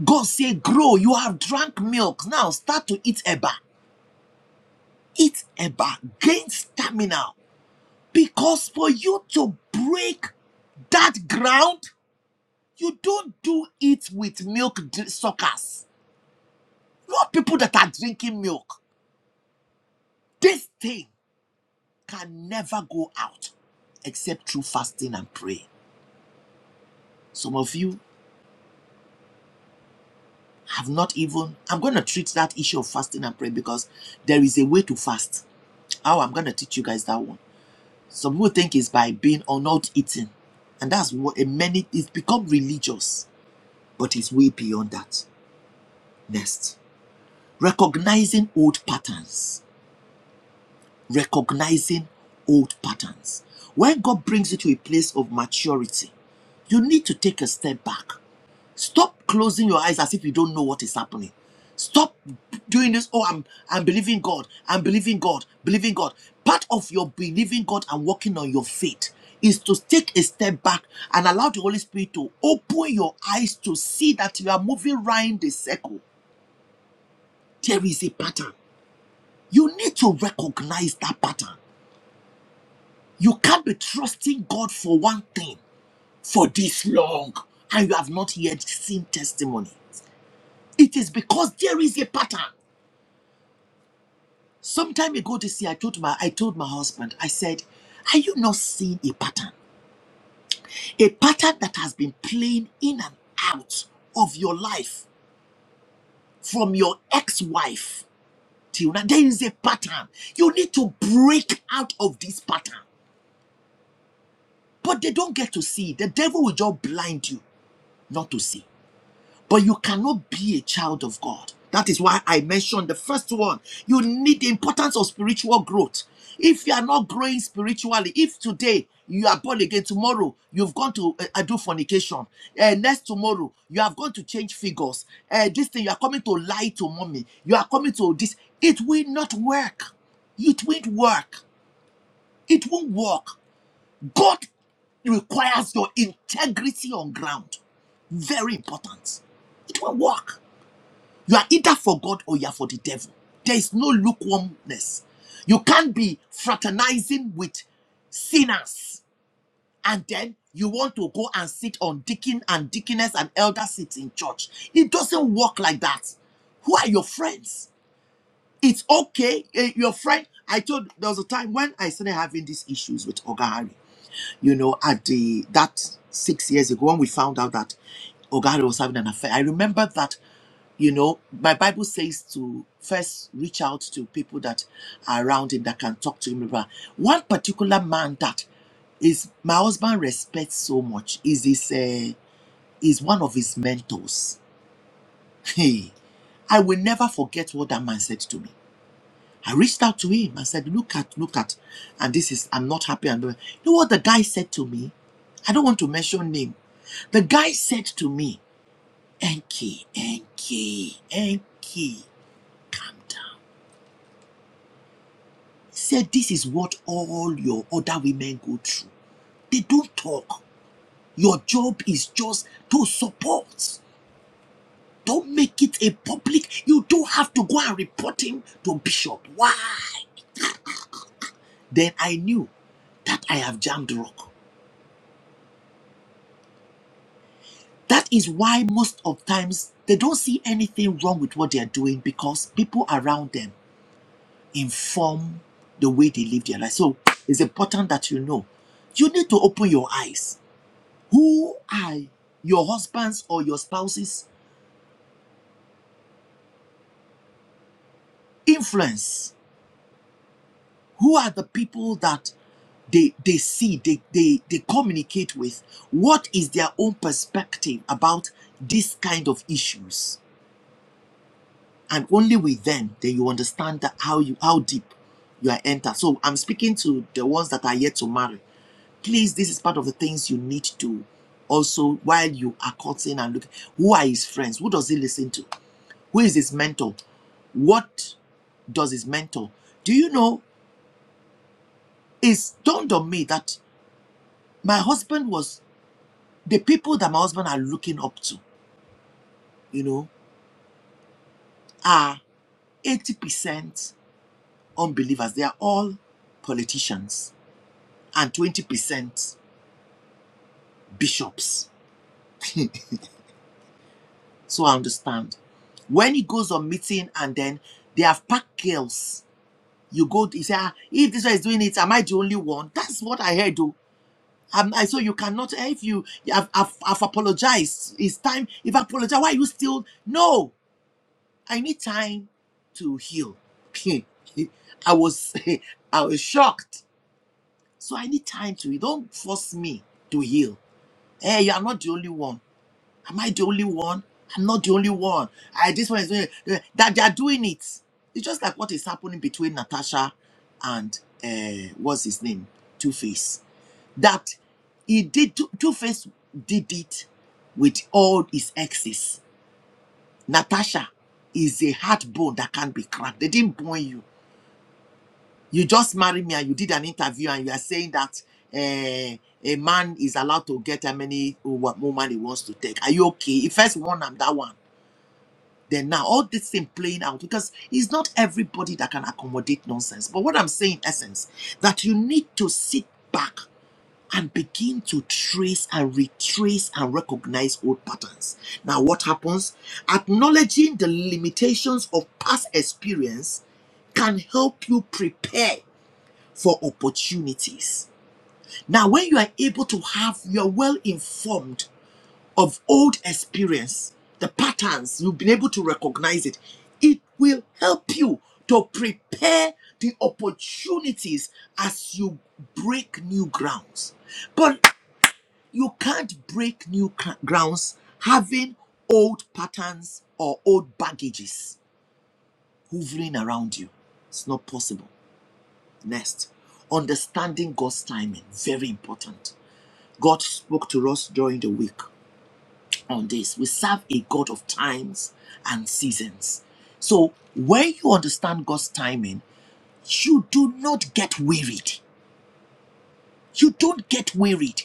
God say, grow, you have drank milk. Now start to eat eba. Eat eba. Gain stamina. Because for you to break that ground, You don't do it with milk suckers. Not people that are drinking milk. This thing can never go out except through fasting and prayer. Some of you have not even. I'm going to treat that issue of fasting and prayer because there is a way to fast. How I'm going to teach you guys that one. Some people think it's by being or not eating. And that's what a many it's become religious, but it's way beyond that. Next, recognizing old patterns. recognizing old patterns. When God brings you to a place of maturity, you need to take a step back. Stop closing your eyes as if you don't know what is happening. Stop doing this. Oh, I'm I'm believing God. I'm believing God. Believing God. Part of your believing God and working on your faith is to take a step back and allow the Holy Spirit to open your eyes to see that you are moving round the circle. There is a pattern. You need to recognize that pattern. You can't be trusting God for one thing for this long and you have not yet seen testimony. It is because there is a pattern. Some time ago this year, I told my I told my husband, I said, Are you not seeing a pattern? A pattern that has been playing in and out of your life from your ex-wife till now. There is a pattern. You need to break out of this pattern. But they don't get to see. The devil will just blind you not to see. But you cannot be a child of God. That is why I mentioned the first one. You need the importance of spiritual growth. If you are not growing spiritually, if today you are born again, tomorrow you've gone to uh, uh, do fornication, uh, next tomorrow you have gone to change figures, uh, this thing you are coming to lie to mommy, you are coming to this, it will not work. It won't work. It won't work. God requires your integrity on ground. Very important. It won't work. You are either for God or you are for the devil. There is no lukewarmness. You can't be fraternizing with sinners and then you want to go and sit on deacon and deaconess and elder seats in church. It doesn't work like that. Who are your friends? It's okay. eh, Your friend, I told there was a time when I started having these issues with Ogari. You know, at the that six years ago when we found out that Ogari was having an affair. I remember that you know my bible says to first reach out to people that are around him that can talk to him about one particular man that is my husband respects so much is his uh, is one of his mentors hey i will never forget what that man said to me i reached out to him and said look at look at and this is i'm not happy and you know what the guy said to me i don't want to mention name the guy said to me enki enki enki calm down said this is what all your other women go through. They don't talk. Your job is just to support. Don't make it a public. You don't have to go and report him to Bishop. Why? Then I knew that I have jammed rock. That is why most of times they don't see anything wrong with what they are doing because people around them inform the way they live their life. So it's important that you know. You need to open your eyes Who are your husband's or your spouse's influence? Who are the people that they, they see, they, they, they communicate with? What is their own perspective about this kind of issues? And only with them then you understand that how you how deep you are entered. So I'm speaking to the ones that are yet to marry. Please, this is part of the things you need to also while you are courting and looking. Who are his friends? Who does he listen to? Who is his mentor? What does his mentor. Do you know? It's dawned on me that my husband was the people that my husband are looking up to, you know, are 80% unbelievers. They are all politicians and 20% bishops. So I understand. When he goes on meeting and then they have packed girls, you go, you say, ah, if this one is doing it, am I the only one? That's what I heard. oh. Um, and so you cannot, eh, if you, I've, I've, I've apologized. It's time. If I apologize, why are you still? No, I need time to heal. [laughs] I was, [laughs] I was shocked. So I need time to. heal. Don't force me to heal. Hey, you are not the only one. Am I the only one? I'm not the only one. I this one is doing it. that. They are doing it. It's just like what is happening between Natasha and uh, what's his name, Two Face that he did two, two face did it with all his exes natasha is a hard bone that can't be cracked they didn't born you you just married me and you did an interview and you are saying that eh, a man is allowed to get how many wo- woman he wants to take are you okay he first one and that one then now all this thing playing out because it's not everybody that can accommodate nonsense but what i'm saying in essence that you need to sit back and begin to trace and retrace and recognize old patterns. Now, what happens? Acknowledging the limitations of past experience can help you prepare for opportunities. Now, when you are able to have, you are well informed of old experience, the patterns, you've been able to recognize it, it will help you to prepare the opportunities as you break new grounds. But you can't break new cr- grounds having old patterns or old baggages hovering around you. It's not possible. Next, understanding God's timing. Very important. God spoke to us during the week on this. We serve a God of times and seasons. So when you understand God's timing, you do not get wearied. You don't get wearied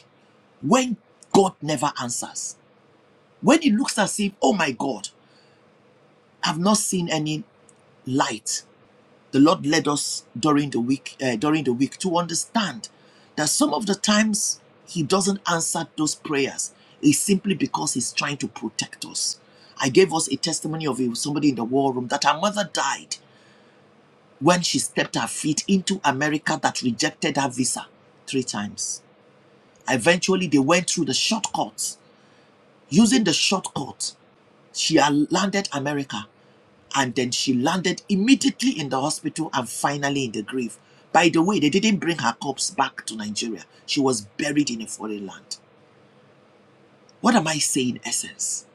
when God never answers. When it looks as if, oh my God, have not seen any light. The Lord led us during the week, uh, during the week, to understand that some of the times He doesn't answer those prayers is simply because He's trying to protect us. I gave us a testimony of somebody in the war room that her mother died when she stepped her feet into America that rejected her visa three times. Eventually, they went through the shortcuts. Using the shortcut, she landed America and then she landed immediately in the hospital and finally in the grave. By the way, they didn't bring her corpse back to Nigeria. She was buried in a foreign land. What am I saying, essence?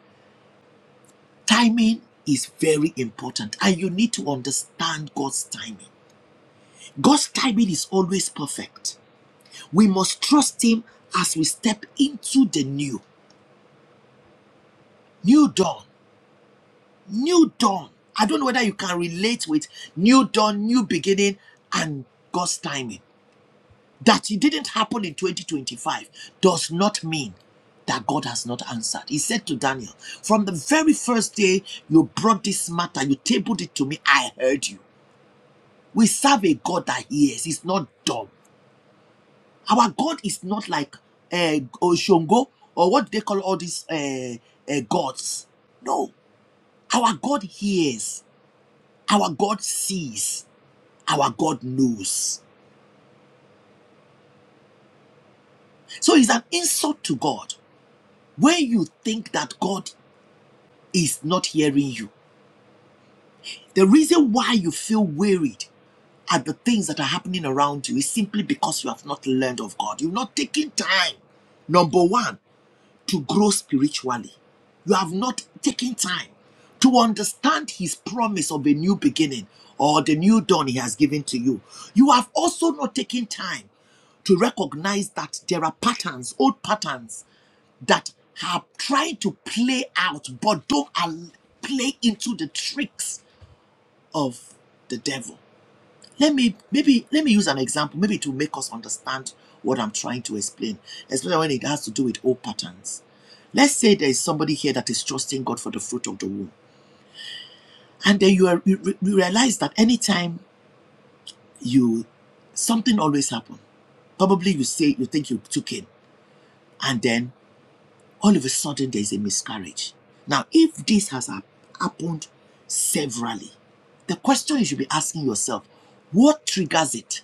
Timing is very important, and you need to understand God's timing. God's timing is always perfect. We must trust Him as we step into the new. New dawn. New dawn. I don't know whether you can relate with new dawn, new beginning, and God's timing. That it didn't happen in 2025 does not mean that God has not answered. He said to Daniel, From the very first day you brought this matter, you tabled it to me, I heard you. We serve a God that hears, he's not dumb. Our God is not like uh, Oshongo or what they call all these uh, uh, gods. No, our God hears, our God sees, our God knows. So it's an insult to God when you think that God is not hearing you. The reason why you feel worried at the things that are happening around you is simply because you have not learned of God. You've not taken time, number one, to grow spiritually. You have not taken time to understand His promise of a new beginning or the new dawn He has given to you. You have also not taken time to recognize that there are patterns, old patterns that have tried to play out but don't al- play into the tricks of the devil. Let me maybe let me use an example, maybe to make us understand what I'm trying to explain, especially when it has to do with old patterns. Let's say there is somebody here that is trusting God for the fruit of the womb, and then you, are, you, realize that anytime you something always happens. Probably you say you think you took in, and then all of a sudden there's a miscarriage. Now, if this has happened severally, the question you should be asking yourself what triggers it?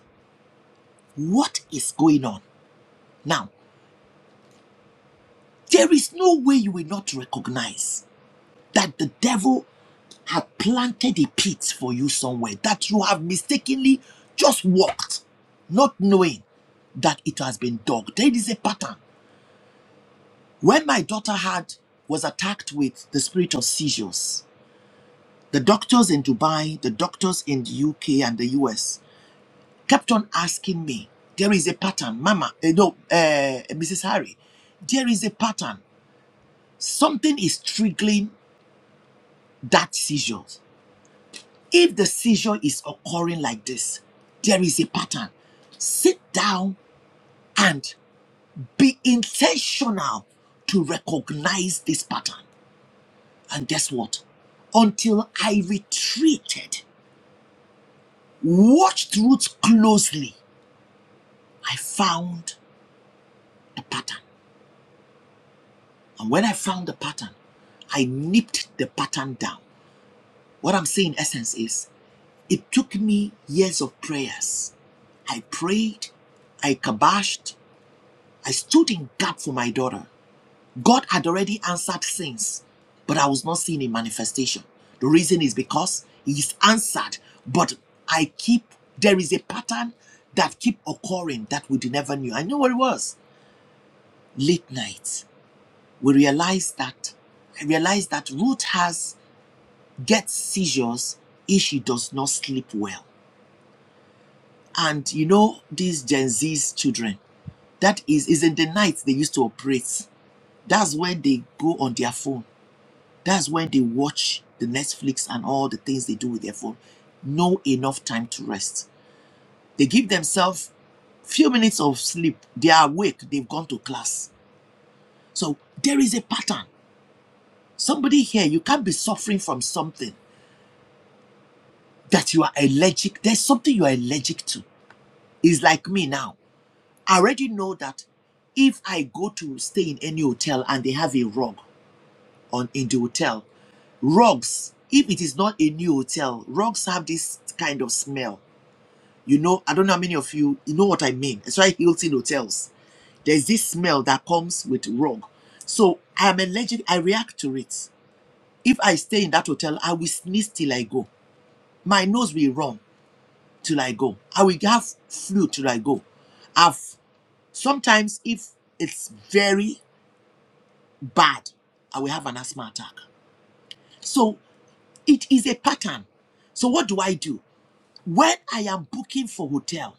What is going on? Now, there is no way you will not recognize that the devil had planted a pit for you somewhere that you have mistakenly just walked, not knowing that it has been dug. There is a pattern. When my daughter had was attacked with the spirit of seizures, The doctors in Dubai, the doctors in the UK and the US kept on asking me, there is a pattern, Mama, eh, no, uh, Mrs. Harry, there is a pattern. Something is triggering that seizure. If the seizure is occurring like this, there is a pattern. Sit down and be intentional to recognize this pattern. And guess what? Until I retreated, watched Ruth closely I found a pattern. And when I found the pattern, I nipped the pattern down. What I'm saying, in essence, is it took me years of prayers. I prayed, I kabashed, I stood in gap for my daughter. God had already answered since, but I was not seeing a manifestation. The reason is because He's answered, but I keep there is a pattern that keep occurring that we never knew. I know what it was. Late nights we realize that I realize that Ruth has gets seizures if she does not sleep well. And you know these Gen Z's children, that is is in the night they used to operate. That's when they go on their phone. That's when they watch the Netflix and all the things they do with their phone. No enough time to rest. They give themselves few minutes of sleep. They are awake. They've gone to class. So there is a pattern. Somebody here, you can't be suffering from something that you are allergic. There's something you are allergic to. It's like me now. I already know that if I go to stay in any hotel and they have a rug on in the hotel, rugs, if it is not a new hotel, rugs have this kind of smell. You know, I don't know how many of you you know what I mean. That's why Hilton hotels. There's this smell that comes with rug. So I'm allergic, I react to it. If I stay in that hotel, I will sneeze till I go. My nose will run till I go. I will have flu till I go. I've sometimes if it's very bad, I will have an asthma attack. So it is a pattern. So what do I do? When I am booking for hotel,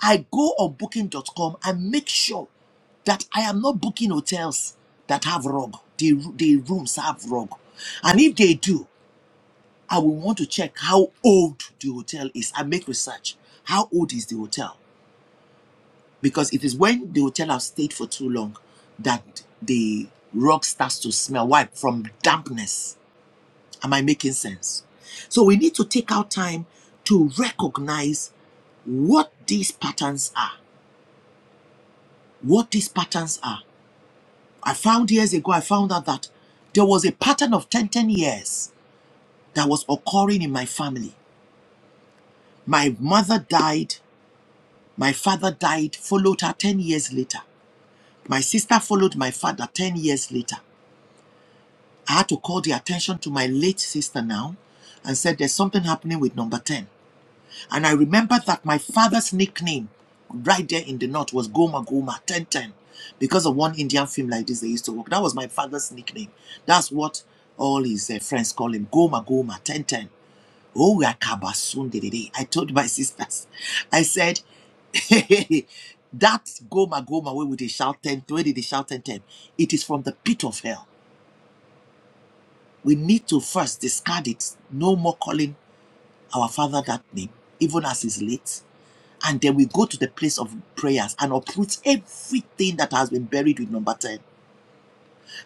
I go on booking.com and make sure that I am not booking hotels that have rug. The, the rooms have rug. And if they do, I will want to check how old the hotel is. I make research. How old is the hotel? because it is when the hotel has stayed for too long that the rug starts to smell. Why? From dampness. Am I making sense? So we need to take our time to recognize what these patterns are. What these patterns are. I found years ago, I found out that there was a pattern of 10 10 years that was occurring in my family. My mother died, my father died, followed her 10 years later. My sister followed my father 10 years later. I had to call the attention to my late sister now and said there's something happening with number 10. And I remember that my father's nickname right there in the north was Goma Goma 1010 because of one Indian film like this they used to work. That was my father's nickname. That's what all his uh, friends call him Goma Goma 1010. Oh, we are kabasun dedede. I told my [laughs] sisters, I said, [laughs] that Goma Goma where would they shout 10, where did they shout 1010? It is from the pit of hell we need to first discard it. No more calling our Father that name, even as is late. And then we go to the place of prayers and uproot everything that has been buried with number 10.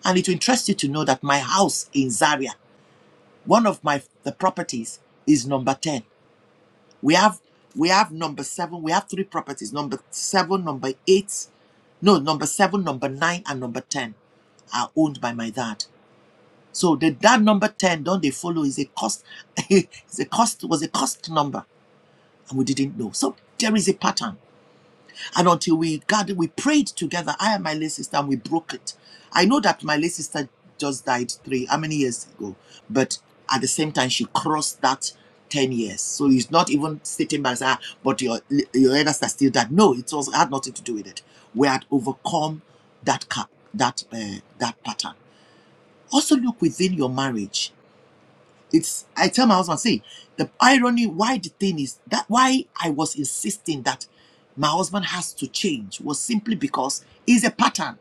And it will interest you to know that my house in Zaria, one of my the properties is number 10. We have we have number seven, we have three properties, number seven, number eight, no, number seven, number nine, and number ten are owned by my dad. So the, that number 10, don't they follow, is a cost, [laughs] is a cost, was a cost number, and we didn't know. So there is a pattern. And until we gathered, we prayed together, I and my late sister, and we broke it. I know that my late sister just died three, how many years ago? But at the same time, she crossed that 10 years. So it's not even stating by saying, "Ah, but your, your elders are still dead. No, it was, had nothing to do with it. We had overcome that, ca- that, uh, that pattern. Also look within your marriage it's I tell my husband, see, the irony why the thing is that why I was insisting that my husband has to change was simply because it's a pattern.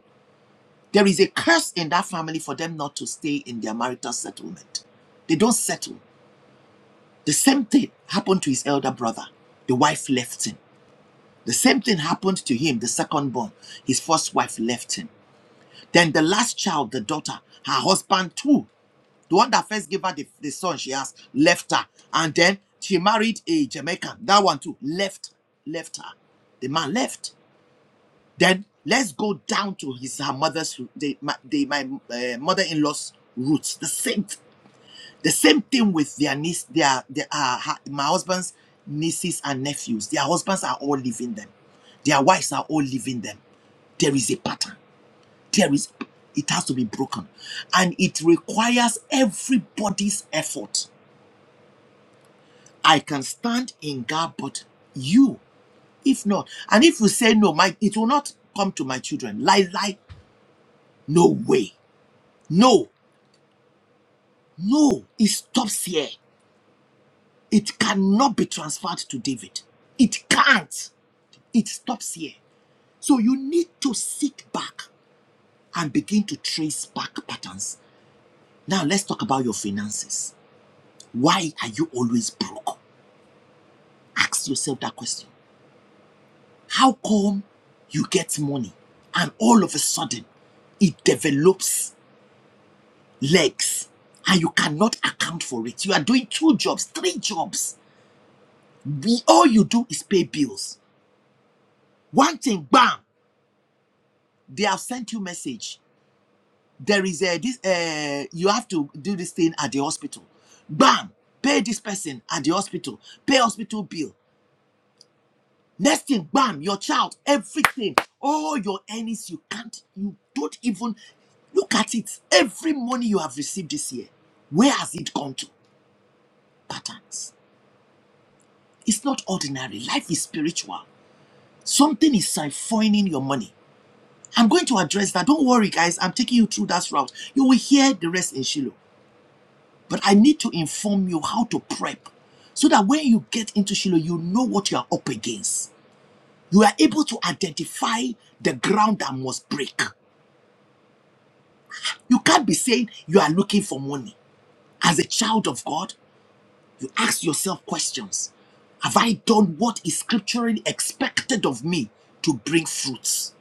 There is a curse in that family for them not to stay in their marital settlement. They don't settle. The same thing happened to his elder brother. The wife left him. The same thing happened to him, the second born. His first wife left him. Then the last child, the daughter, her husband too. The one that first gave her the, the son she has left her. And then she married a Jamaican. That one too. Left. Left her. The man left. Then let's go down to his her mother's the my, the, my uh, mother-in-law's roots. The same the same thing with their niece, their their uh, her- my husband's nieces and nephews. Their husbands are all leaving them. Their wives are all leaving them. There is a pattern. There is it has to be broken. And it requires everybody's effort I can stand in God, but you, if not, and if you say no, my it will not come to my children. Lie, lie, no way. No, no, it stops here. It cannot be transferred to David. It can't. It stops here. So you need to sit back and begin to trace back patterns. Now let's talk about your finances. Why are you always broke? Ask yourself that question. How come you get money and all of a sudden it develops legs and you cannot account for it? You are doing two jobs, three jobs. all you do is pay bills. One thing, bam, they have sent you a message. There is a this uh you have to do this thing at the hospital. Bam, pay this person at the hospital, pay hospital bill, Next thing, bam, your child, everything, all your earnings, you can't, you don't even look at it. Every money you have received this year, where has it gone to? Patterns. It's not ordinary. Life is spiritual. Something is siphoning your money. I'm going to address that. Don't worry, guys. I'm taking you through that route. You will hear the rest in Shiloh. But I need to inform you how to prep so that when you get into Shiloh, you know what you are up against. You are able to identify the ground that must break. You can't be saying you are looking for money. As a child of God, you ask yourself questions Have I done what is scripturally expected of me to bring fruits?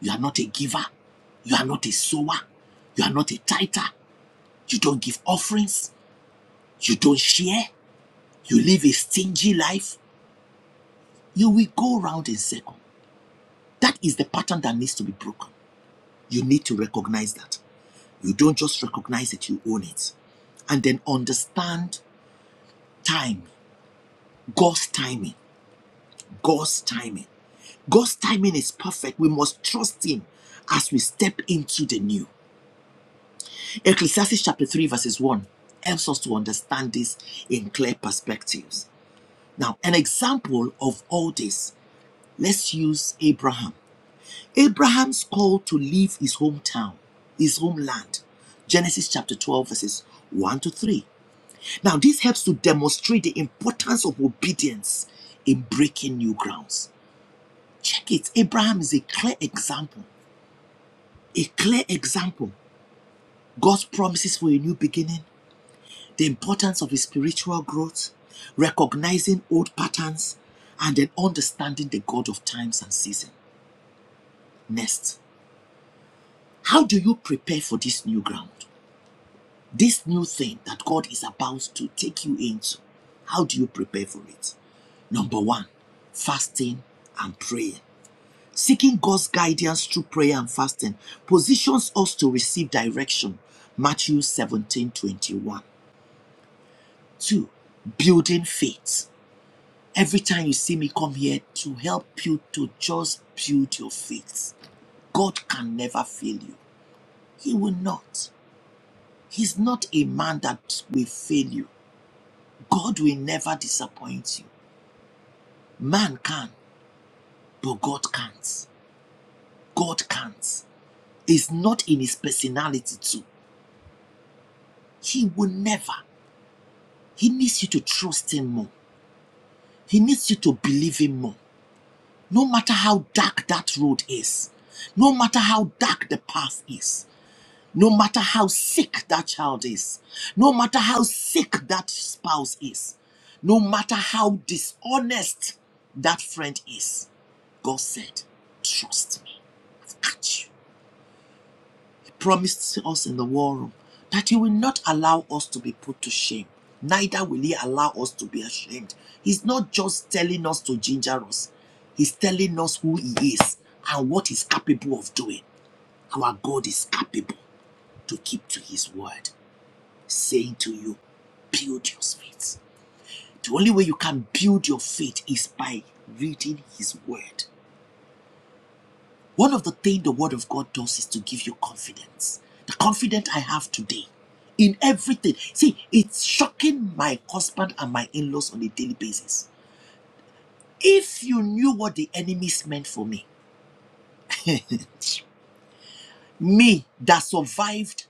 You are not a giver. You are not a sower. You are not a tither. You don't give offerings. You don't share. You live a stingy life. You will go round in circle. That is the pattern that needs to be broken. You need to recognize that. You don't just recognize it, you own it and then understand time. God's timing. God's timing. God's timing is perfect. We must trust Him as we step into the new. Ecclesiastes chapter 3, verses 1 helps us to understand this in clear perspectives. Now, an example of all this, let's use Abraham. Abraham's call to leave his hometown, his homeland. Genesis chapter 12, verses 1 to 3. Now, this helps to demonstrate the importance of obedience in breaking new grounds. it. Abraham is a clear example, a clear example. God's promises for a new beginning, the importance of his spiritual growth, recognizing old patterns, and then understanding the God of times and season. Next, how do you prepare for this new ground? This new thing that God is about to take you into. How do you prepare for it? Number one, fasting and prayer. Seeking God's guidance through prayer and fasting positions us to receive direction. Matthew seventeen twenty Two, building faith. Every time you see me come here to help you to just build your faith, God can never fail you. He will not. He's not a man that will fail you. God will never disappoint you. Man can, but God can't. God can't. It's not in his personality, too. He will never. He needs you to trust Him more. He needs you to believe Him more. No matter how dark that road is, no matter how dark the path is, no matter how sick that child is, no matter how sick that spouse is, no matter how dishonest that friend is, God said, Trust me. Catch you. promised us in the war room that he will not allow us to be put to shame. Neither will he allow us to be ashamed. He's not just telling us to ginger us, he's telling us who he is and what he's capable of doing. Our God is capable to keep to his word, saying to you, build your faith. The only way you can build your faith is by reading his word. One of the things the Word of God does is to give you confidence. The confidence I have today in everything. See, it's shocking my husband and my in laws on a daily basis. If you knew what the enemies meant for me, [laughs] me that survived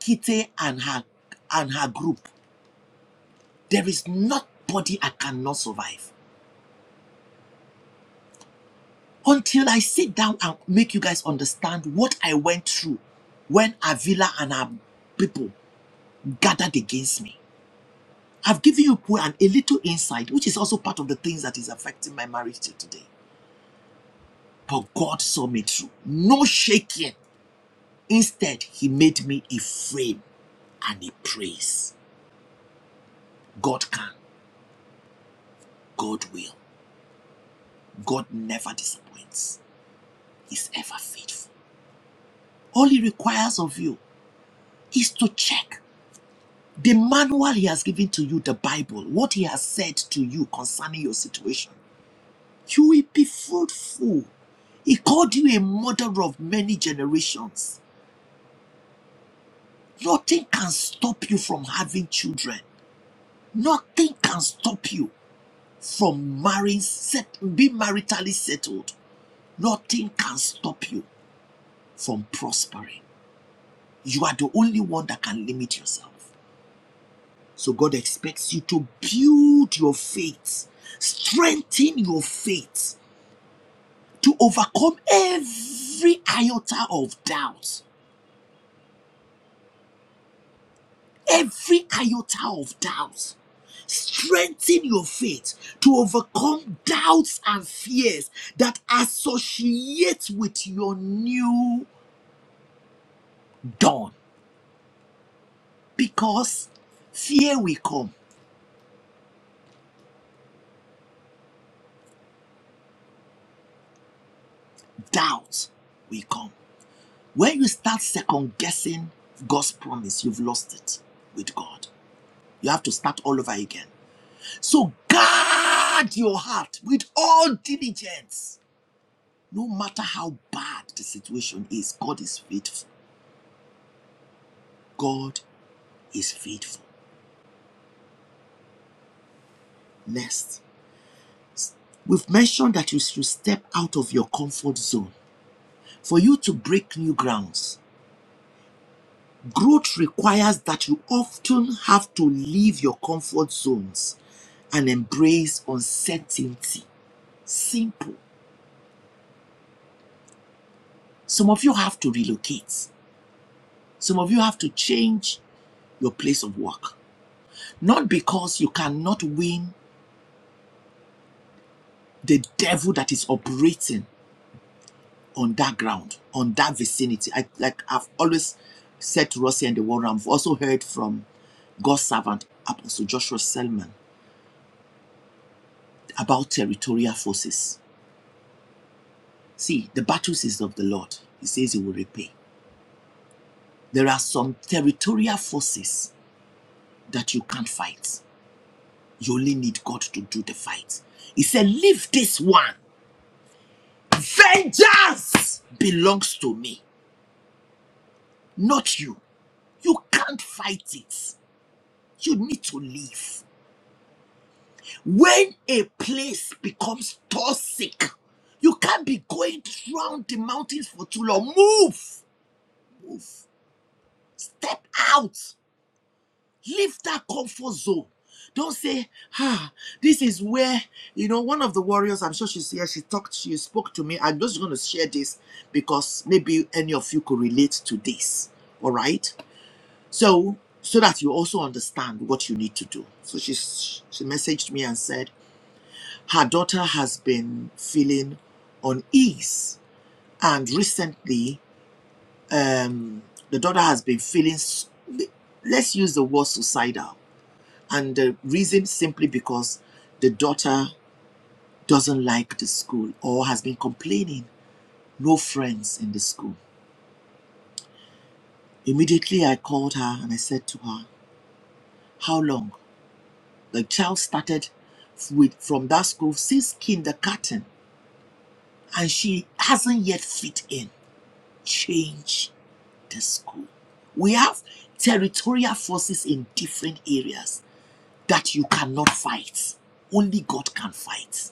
Kitty and her and her group, there is nobody I cannot survive. Until I sit down and make you guys understand what I went through when Avila and her people gathered against me. I've given you an, a little insight, which is also part of the things that is affecting my marriage till today. But God saw me through. No shaking. Instead, He made me a frame and a praise. God can, God will. God never disappoints. He's ever faithful. All He requires of you is to check the manual He has given to you, the Bible, what He has said to you concerning your situation. You will be fruitful. He called you a mother of many generations. Nothing can stop you from having children. Nothing can stop you from marrying, set, being maritally settled. Nothing can stop you from prospering. You are the only one that can limit yourself. So God expects you to build your faith, strengthen your faith to overcome every iota of doubt every iota of doubt. Strengthen your faith to overcome doubts and fears that associate with your new dawn. Because fear will come, doubt will come. When you start second guessing God's promise, you've lost it with God. You have to start all over again. So guard your heart with all diligence. No matter how bad the situation is, God is faithful God is faithful. Next, we've mentioned that you should step out of your comfort zone for you to break new grounds. Growth requires that you often have to leave your comfort zones and embrace uncertainty. Simple. Some of you have to relocate, some of you have to change your place of work. Not because you cannot win the devil that is operating on that ground, on that vicinity. I like I've always said to Rossi and the world, I've also heard from God's servant Apostle Joshua Selman about territorial forces. See, the battles is of the Lord. He says he will repay. There are some territorial forces that you can't fight. You only need God to do the fight. He said, Leave this one. Vengeance belongs to me, not you. You can't fight it. You need to leave. When a place becomes toxic, you can't be going round the mountains for too long. Move, move, step out, leave that comfort zone. Don't say, ah, this is where, you know, one of the warriors, I'm sure she's here, she talked, she spoke to me. I'm just going to share this because maybe any of you could relate to this. All right. So, so that you also understand what you need to do. So she she messaged me and said, her daughter has been feeling unease. And recently, um, the daughter has been feeling, let's use the word suicidal. And the reason simply because the daughter doesn't like the school or has been complaining, no friends in the school. Immediately, I called her and I said to her, How long? The child started with from that school since kindergarten and she hasn't yet fit in. Change school. We have territorial forces in different areas that you cannot fight. Only God can fight.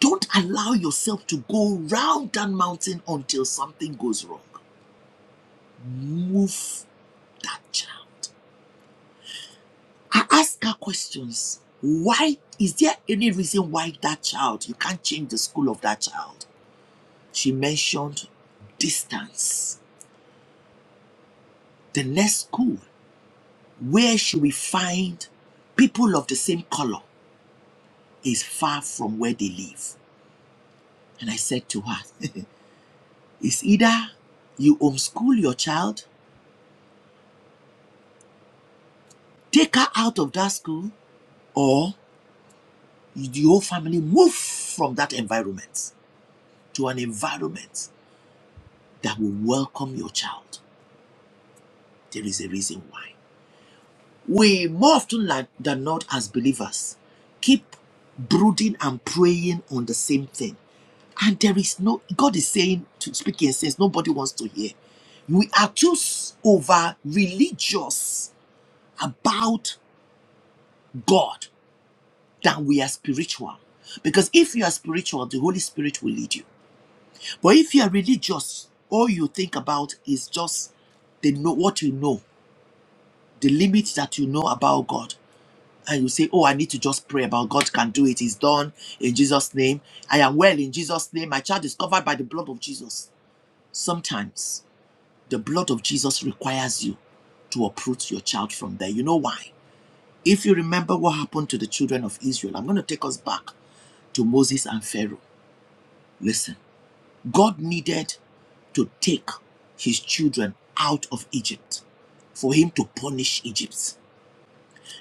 Don't allow yourself to go round that mountain until something goes wrong. Move that child. I ask her questions. Why is there any reason why that child you can't change the school of that child? She mentioned distance. The next school, where should we find people of the same color? is far from where they live. And I said to her, [laughs] It's either you homeschool your child, take her out of that school, or your whole family move from that environment to an environment that will welcome your child. There is a reason why. We more often like- than not, as believers, keep brooding and praying on the same thing. And there is no, God is saying, to speak in sense, nobody wants to hear. We are too over religious about God than we are spiritual. Because if you are spiritual, the Holy Spirit will lead you. But if you are religious, all you think about is just the know what you know, the limits that you know about God. and you say, Oh, I need to just pray about God can do it. It's done in Jesus' name. I am well in Jesus' name. My child is covered by the blood of Jesus. Sometimes the blood of Jesus requires you to uproot your child from there. You know why? If you remember what happened to the children of Israel, I'm going to take us back to Moses and Pharaoh. Listen, God needed to take his children out of Egypt for him to punish Egypt.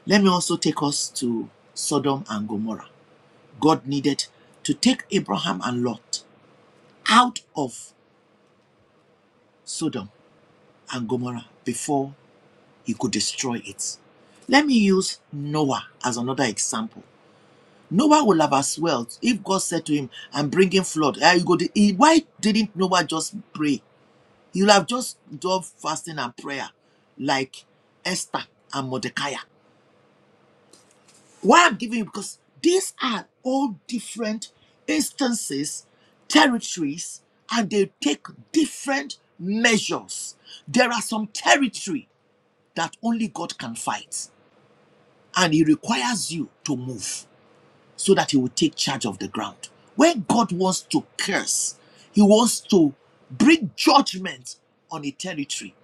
Let me also take us to Sodom and Gomorrah. God needed to take Abraham and Lot out of Sodom and Gomorrah before he could destroy it. Let me use Noah as another example. Noah would have as well if God said to him, I'm bringing flood. eh, you go to- he- why didn't Noah just pray? He would have just done fasting and prayer like Esther and Mordecai. Why I'm giving you because these are all different instances, territories, and they take different measures. There are some territory that only God can fight, and He requires you to move so that He will take charge of the ground. When God wants to curse, He wants to bring judgment on a territory,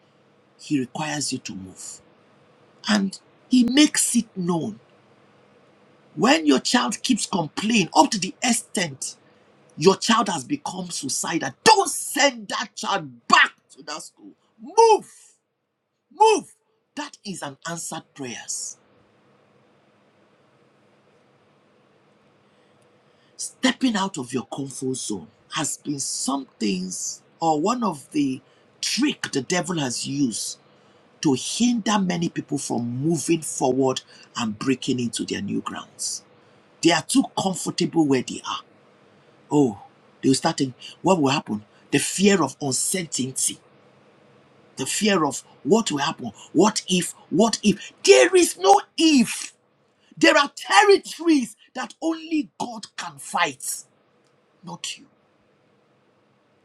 He requires you to move, and He makes it known When your child keeps complaining up to the extent your child has become suicidal, don't send that child back to that school. Move, move. That is an answered prayer. Stepping out of your comfort zone has been some things or one of the trick the devil has used to hinder many people from moving forward and breaking into their new grounds. They are too comfortable where they are Oh, they will start thinking, what will happen? The fear of uncertainty, the fear of what will happen, what if, what if. There is no if. There are territories that only God can fight, not you.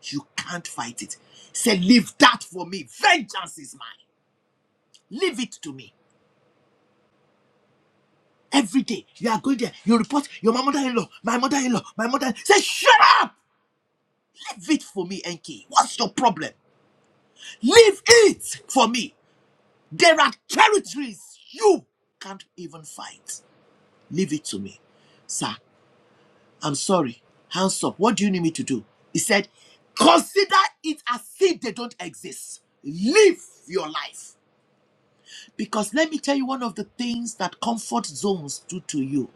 You can't fight it. Say, leave that for me. Vengeance is mine. Leave it to me. Every day you are going there, you report your my mother-in-law, my mother-in-law, my mother. Say, shut up! Leave it for me, Enki. What's your problem? Leave it for me. There are territories you can't even fight. Leave it to me. Sir, I'm sorry. Hands up. What do you need me to do? He said, Consider it as if they don't exist. Live your life. Because let me tell you one of the things that comfort zones do to you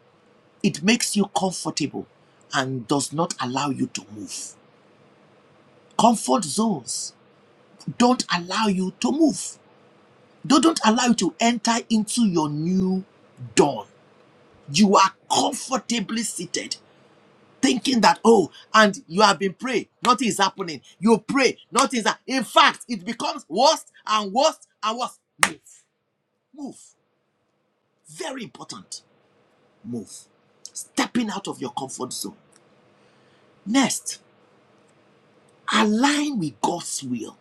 it makes you comfortable and does not allow you to move. Comfort zones don't allow you to move, they don't allow you to enter into your new dawn. you are comfortably seated thinking that oh and you have been praying nothing is happening you pray nothing is hap- in fact it becomes worse and worse and worse move move very important move stepping out of your comfort zone next align with god's will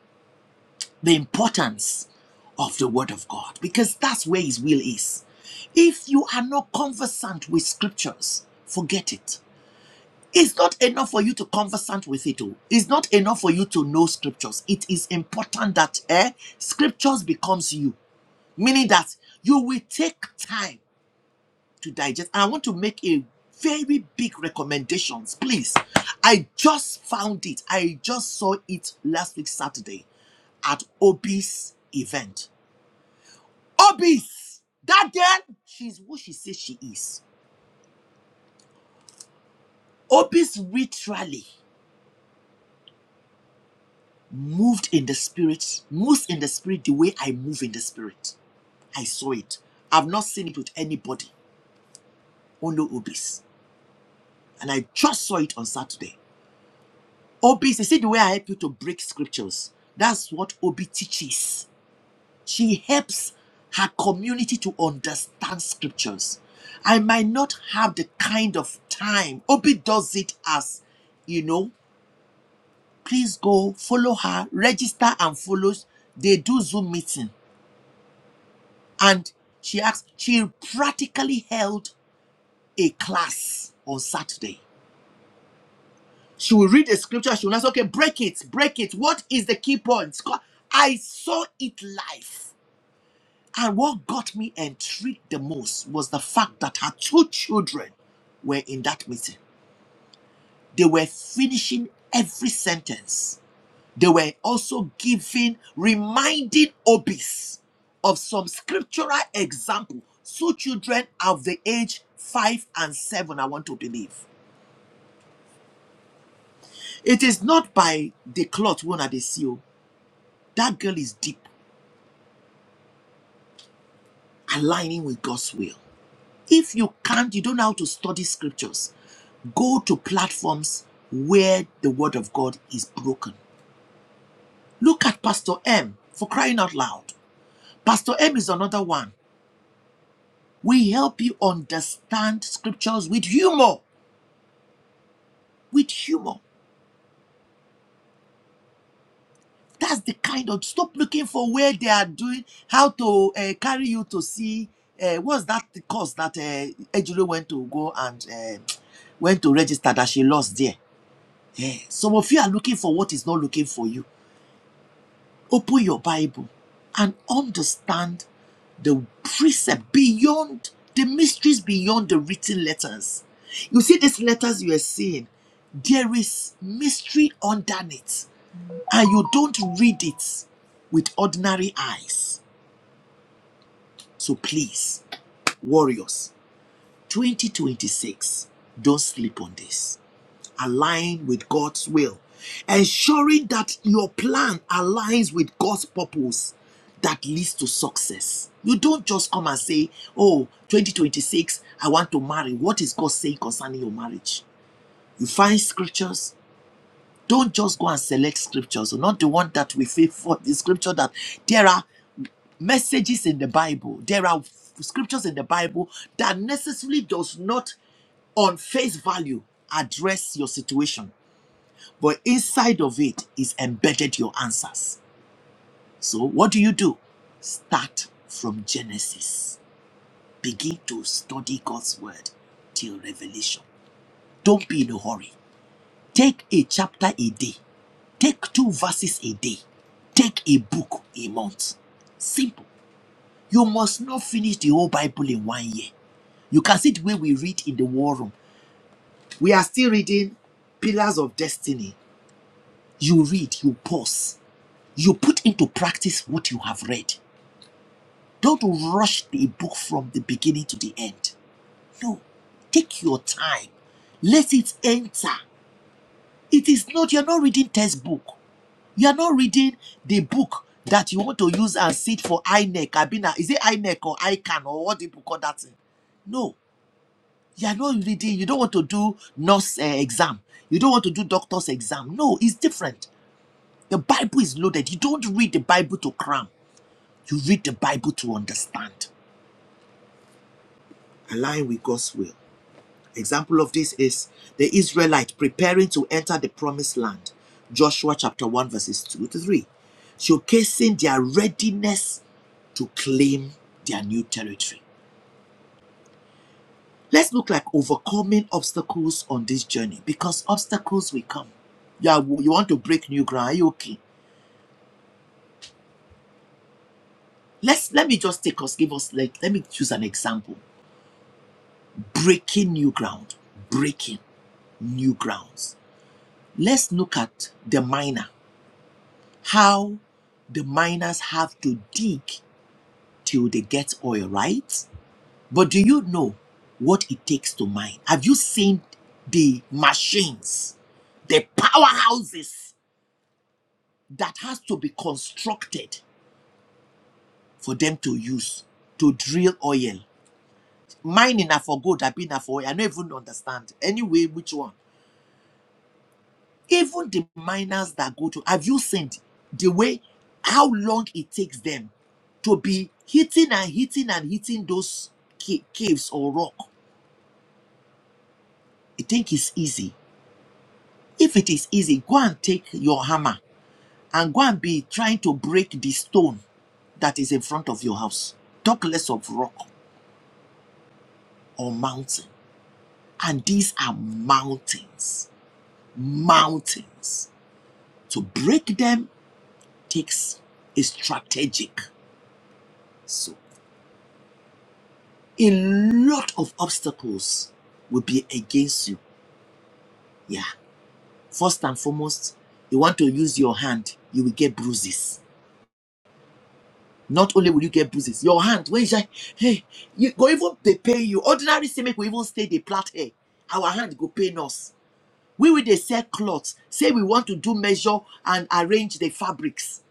the importance of the word of god because that's where his will is if you are not conversant with scriptures forget it It's not enough for you to conversant with it. oh. It's not enough for you to know scriptures. It is important that eh, scriptures becomes you, meaning that you will take time to digest. And I want to make a very big recommendations, please. I just found it. I just saw it last week Saturday at Obi's event. Obi's that girl, she's who she says she is. Obi's literally. moved in the spirit, moves in the spirit the way I move in the spirit. I saw it. I've not seen it with anybody, only Obis. And I just saw it on Saturday. Obis, you see the way I help you to break scriptures? That's what Obi teaches. She helps her community to understand scriptures. I might not have the kind of time. Obi does it as, you know, please go follow her, register and follow. They do Zoom meeting And she asked, she practically held a class on Saturday. She will read a scripture, she will ask, okay, break it, break it. What is the key point? Co- I saw it live. And what got me intrigued the most was the fact that her two children were in that meeting. They were finishing every sentence They were also giving, reminding Obis of some scriptural example. So children of the age five and seven, I want to believe. It is not by the cloth one at the seal. That girl is deep, aligning with God's will. If you can't, you don't know how to study scriptures go to platforms where the word of God is broken. Look at Pastor M for crying out loud. Pastor M is another one. We help you understand scriptures with humor. With humor. That's the kind of stop looking for where they are doing how to uh, carry you to see. Uh, what's that the course that uh, Ejiro went to go and uh, went to register that she lost there? Yeah. Some of you are looking for what is not looking for you. Open your Bible and understand the precept beyond the mysteries beyond the written letters. You see, these letters you are seeing, there is mystery under it, and you don't read it with ordinary eyes. So please, warriors, 2026, don't sleep on this. align with God's will, ensuring that your plan aligns with God's purpose that leads to success. You don't just come and say, Oh, 2026, I want to marry. What is God saying concerning your marriage? You find scriptures. Don't just go and select scriptures, not the one that we faith for. The scripture that there are messages in the Bible, there are scriptures in the Bible that necessarily does not on face value address your situation but inside of it is embedded your answers. So what do you do? Start from Genesis. Begin to study God's word till Revelation. Don't be in a hurry. Take a chapter a day. Take two verses a day. Take a book a month. Simple. You must not finish the whole Bible in one year. You can see the way we read in the war room. We are still reading Pillars of Destiny. You read, you pause. you put into practice what you have read. Don't rush the book from the beginning to the end. No, take your time. Let it enter. It is not, you're not reading textbook. You're not reading the book that you want to use and sit for INEC. Abina, is it INEC or ICANN or what people call that thing? No, you're not reading. You don't want to do nurse uh, exam. You don't want to do doctor's exam. No, it's different. The Bible is loaded. You don't read the Bible to cram. You read the Bible to understand, align with God's will. Example of this is the Israelite preparing to enter the promised land, Joshua chapter 1, verses 2 to 3, showcasing their readiness to claim their new territory. Let's look like overcoming obstacles on this journey because obstacles will come. Yeah, you want to break new ground, are you okay? Let's let me just take us, give us like let me choose an example. Breaking new ground, breaking new grounds Let's look at the miner, how the miners have to dig till they get oil, right? But do you know what it takes to mine? Have you seen the machines, the powerhouses that has to be constructed for them to use to drill oil? Mining are for gold, I've been for oil. I don't even understand. Anyway, which one? Even the miners that go to, have you seen the way, how long it takes them to be hitting and hitting and hitting those ca- caves or rock? You think it's easy? If it is easy, go and take your hammer and go and be trying to break the stone that is in front of your house. Talk less of rock or mountain. And these are mountains. Mountains. To break them takes a strategic. so. a lot of obstacles will be against you. Yeah. First and foremost, you want to use your hand, you will get bruises. Not only will you get bruises, your hand, Where is you hey, you go even they pay you. Ordinary say make we even stay the plait hair. Our hand go pain us. We will they sell cloths, say we want to do measure and arrange the fabrics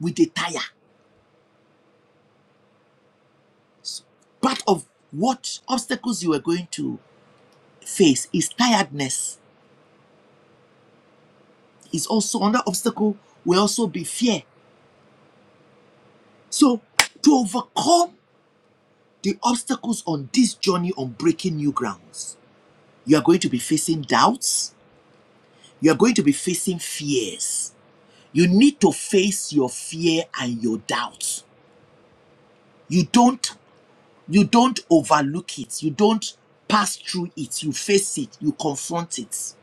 with the tire. Part of what obstacles you are going to face is tiredness. Is also another obstacle will also be fear. So, to overcome the obstacles on this journey on breaking new grounds, you are going to be facing doubts, you are going to be facing fears. You need to face your fear and your doubts. You don't you don't overlook it. You don't pass through it. You face it, you confront it.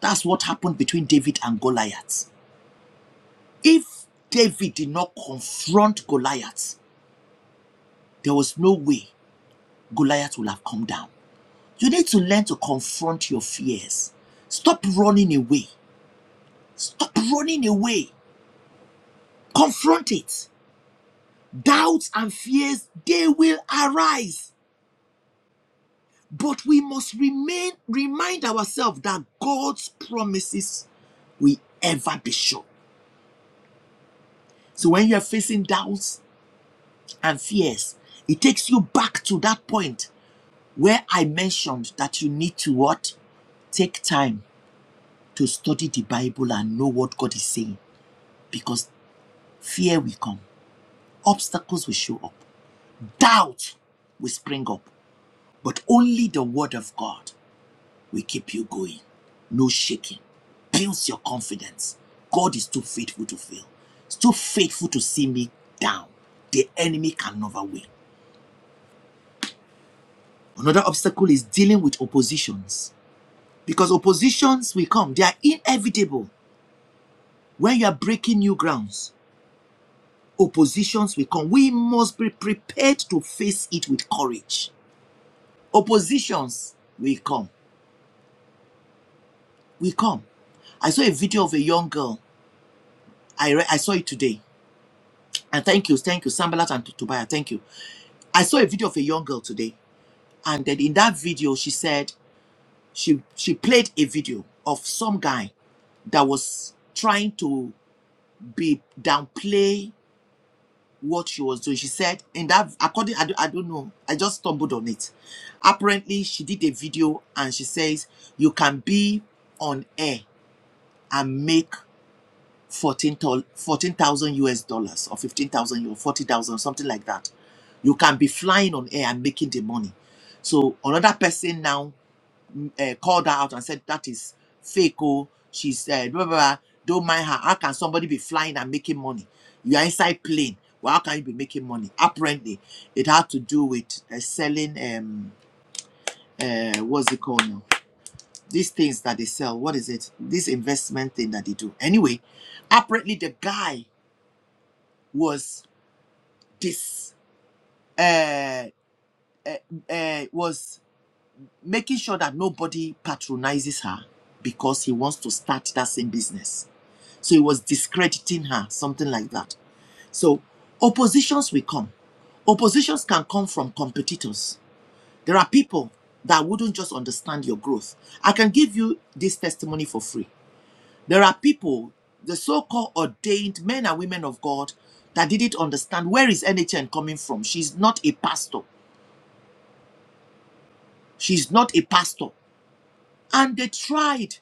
That's what happened between David and Goliath. If David did not confront Goliath, there was no way Goliath would have come down. You need to learn to confront your fears. Stop running away. Stop running away. Confront it. Doubts and fears, they will arise. But we must remain, remind ourselves that God's promises will ever be sure. So when you're facing doubts and fears, it takes you back to that point where I mentioned that you need to what? Take time to study the Bible and know what God is saying because fear will come Obstacles will show up, doubt will spring up, but only the Word of God will keep you going. No shaking. Builds your confidence. God is too faithful to fail, He's too faithful to see me down. The enemy can never win. Another obstacle is dealing with oppositions because oppositions will come, they are inevitable. When you are breaking new grounds, oppositions will come. We must be prepared to face it with courage. Oppositions will come. We come. I saw a video of a young girl. I re- I saw it today. And thank you, thank you, Sambalat and Tubaya, thank you. I saw a video of a young girl today, and then in that video, she said she she played a video of some guy that was trying to be downplay what she was doing. She said in that according I, I don't know I just stumbled on it. Apparently, she did a video and she says you can be on air and make 14,000 US dollars or 15,000 or 40,000, something like that. You can be flying on air and making the money. So another person now uh, called her out and said, That is fake. Oh, she said, blah, blah, blah. Don't mind her. How can somebody be flying and making money? You are inside plane. Well, how can you be making money? Apparently, it had to do with uh, selling, um, uh, what's it called now? These things that they sell. What is it? This investment thing that they do. Anyway, apparently, the guy was this uh, uh, was making sure that nobody patronizes her because he wants to start that same business. So he was discrediting her, something like that. So oppositions will come. Oppositions can come from competitors. There are people that wouldn't just understand your growth. I can give you this testimony for free. There are people, the so-called ordained men and women of God, that didn't understand where is NHN coming from. She's not a pastor. She's not a pastor. And they tried.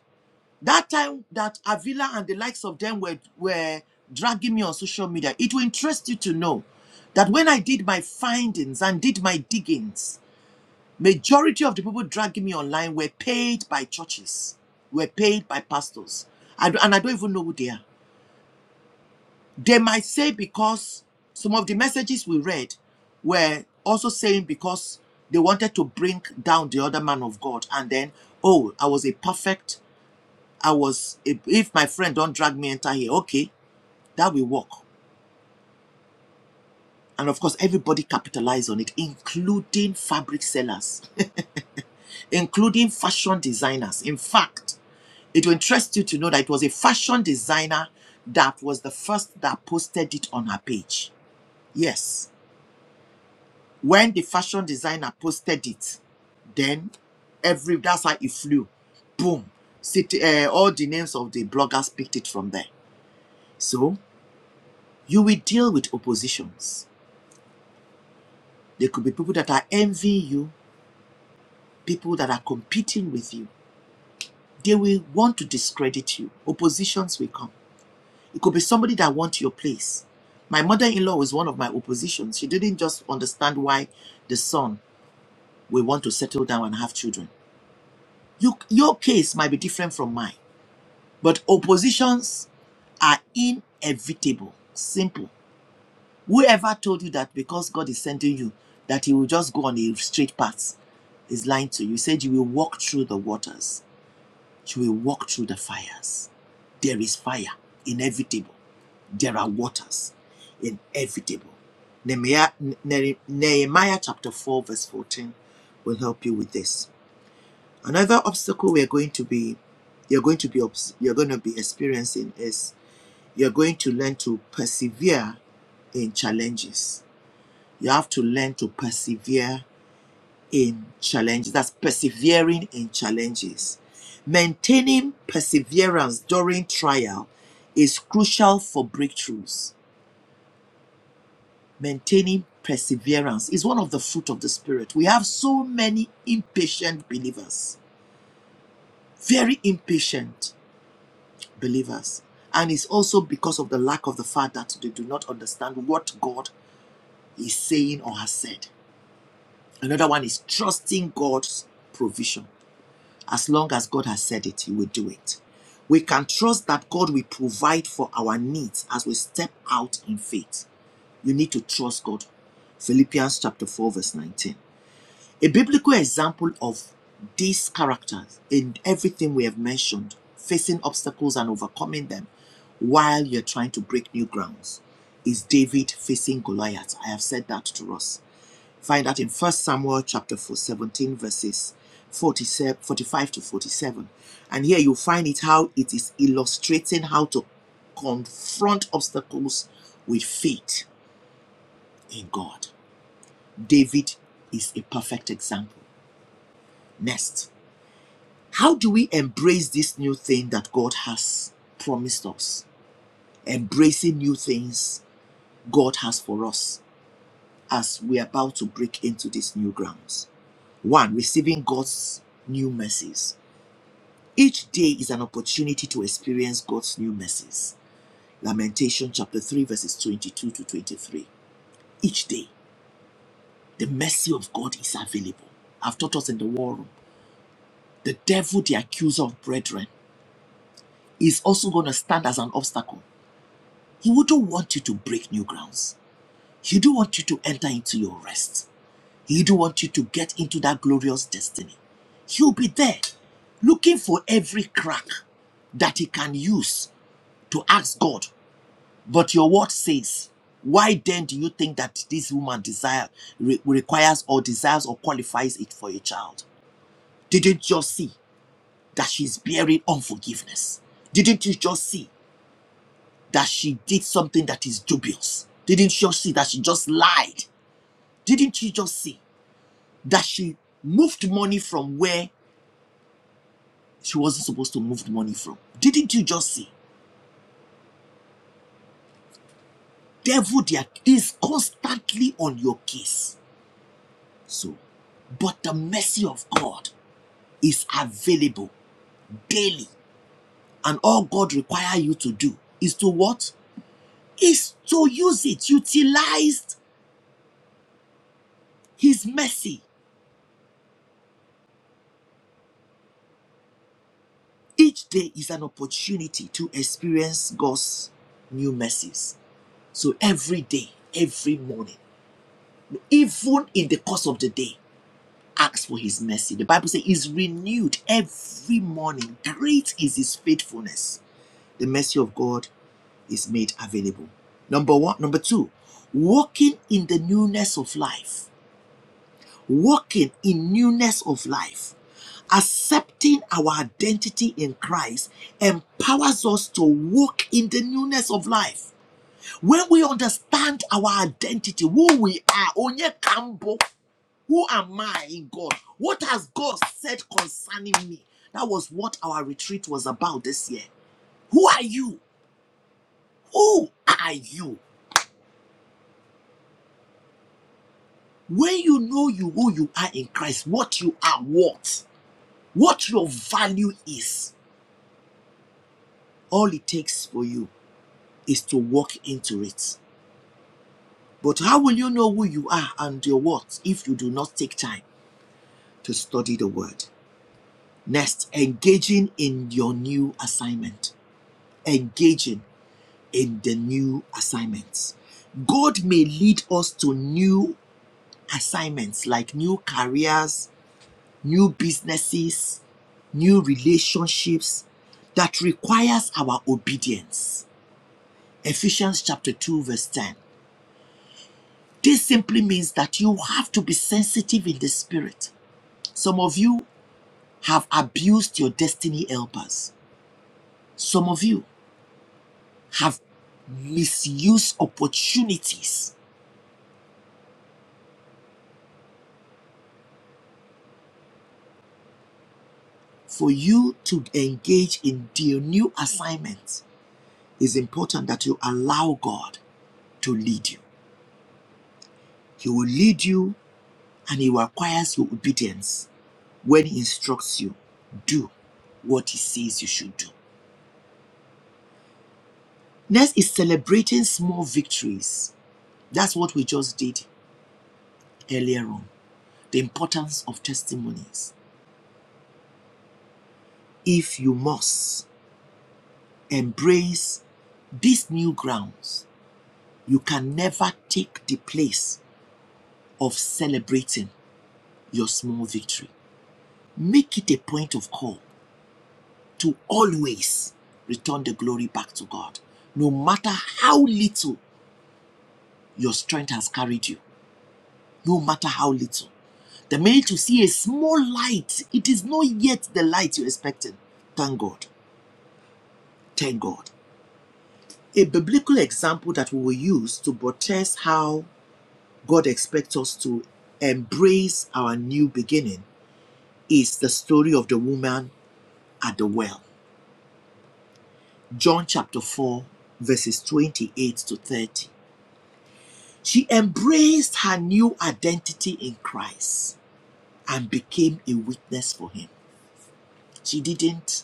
That time that Avila and the likes of them were, were dragging me on social media, it will interest you to know that when I did my findings and did my diggings, majority of the people dragging me online were paid by churches, were paid by pastors. I, d- and I don't even know who they are. They might say because some of the messages we read were also saying because they wanted to bring down the other man of God and then, oh, I was a perfect, I was, if if my friend don't drag me enter here, okay, that will work. And of course, everybody capitalized on it, including fabric sellers, [laughs] including fashion designers. In fact, it will interest you to know that it was a fashion designer that was the first that posted it on her page. Yes. When the fashion designer posted it, then every that's how it flew. Boom. City, uh, all the names of the bloggers picked it from there. So you will deal with oppositions. There could be people that are envying you, people that are competing with you. They will want to discredit you. Oppositions will come. It could be somebody that wants your place. My mother-in-law was one of my oppositions. She didn't just understand why the son will want to settle down and have children. You, your case might be different from mine. But oppositions are inevitable. Simple. Whoever told you that because God is sending you, that He will just go on a straight path, is lying to you. He said you will walk through the waters, you will walk through the fires. There is fire, inevitable. There are waters, inevitable. Nehemiah, Ne- Nehemiah chapter 4, verse 14 will help you with this. Another obstacle we are going to be you're going to be obs- you're going to be experiencing is You're going to learn to persevere in challenges. You have to learn to persevere in challenges. That's persevering in challenges. Maintaining perseverance during trial is crucial for breakthroughs. Maintaining perseverance is one of the fruit of the Spirit. We have so many impatient believers, very impatient believers. And it's also because of the lack of the fact that they do not understand what God is saying or has said. Another one is trusting God's provision. As long as God has said it, He will do it. We can trust that God will provide for our needs as we step out in faith. You need to trust God. Philippians chapter 4, verse 19. A biblical example of these characters in everything we have mentioned, facing obstacles and overcoming them while you're trying to break new grounds, is David facing Goliath. I have said that to us. Find that in First Samuel chapter 4, 17, verses 45 to 47. And here you find it how it is illustrating how to confront obstacles with faith in God. David is a perfect example. Next, how do we embrace this new thing that God has promised us? Embracing new things God has for us as we're about to break into these new grounds. One, receiving God's new mercies. Each day is an opportunity to experience God's new mercies. Lamentation chapter 3, verses 22 to 23. Each day, the mercy of God is available. I've taught us in the war room. The devil, the accuser of brethren, is also going to stand as an obstacle. He wouldn't want you to break new grounds. He do want you to enter into your rest. He do want you to get into that glorious destiny. He'll be there looking for every crack that he can use to ask God But your word says, why then do you think that this woman desire re- requires or desires or qualifies it for a child? Didn't you just see that she's bearing unforgiveness? Didn't you just see that she did something that is dubious? Didn't you just see that she just lied? Didn't you just see that she moved money from where she wasn't supposed to move money from? Didn't you just see? Devil, they are is constantly on your case. So, but the mercy of God is available daily. And all God requires you to do is to what? Is to use it, utilize His mercy. Each day is an opportunity to experience God's new mercies. So every day, every morning, even in the course of the day, ask for His mercy. The Bible says, is renewed every morning. Great is His faithfulness. The mercy of God is made available. Number one. Number two, walking in the newness of life. Walking in newness of life. Accepting our identity in Christ empowers us to walk in the newness of life. When we understand our identity, who we are, Onye Kambo, who am I in God? What has God said concerning me? That was what our retreat was about this year. Who are you? Who are you? When you know you who you are in Christ, what you are worth, what your value is, all it takes for you is to walk into it. But how will you know who you are and your worth if you do not take time to study the word? Next, engaging in your new assignment. Engaging in the new assignments. God may lead us to new assignments like new careers, new businesses, new relationships that requires our obedience. Ephesians chapter 2 verse 10. This simply means that you have to be sensitive in the spirit. Some of you have abused your destiny helpers. Some of you have misused opportunities for you to engage in your new assignment. It's important that you allow God to lead you. He will lead you and he requires your obedience When he instructs you, do what he says you should do. Next is celebrating small victories. That's what we just did earlier on. The importance of testimonies. If you must embrace these new grounds, you can never take the place of celebrating your small victory. Make it a point of call to always return the glory back to God, no matter how little your strength has carried you no matter how little. The minute you see a small light, it is not yet the light you're expecting. Thank God. Thank God. A biblical example that we will use to protest how God expects us to embrace our new beginning is the story of the woman at the well. John chapter 4, verses 28 to 30. She embraced her new identity in Christ and became a witness for him. She didn't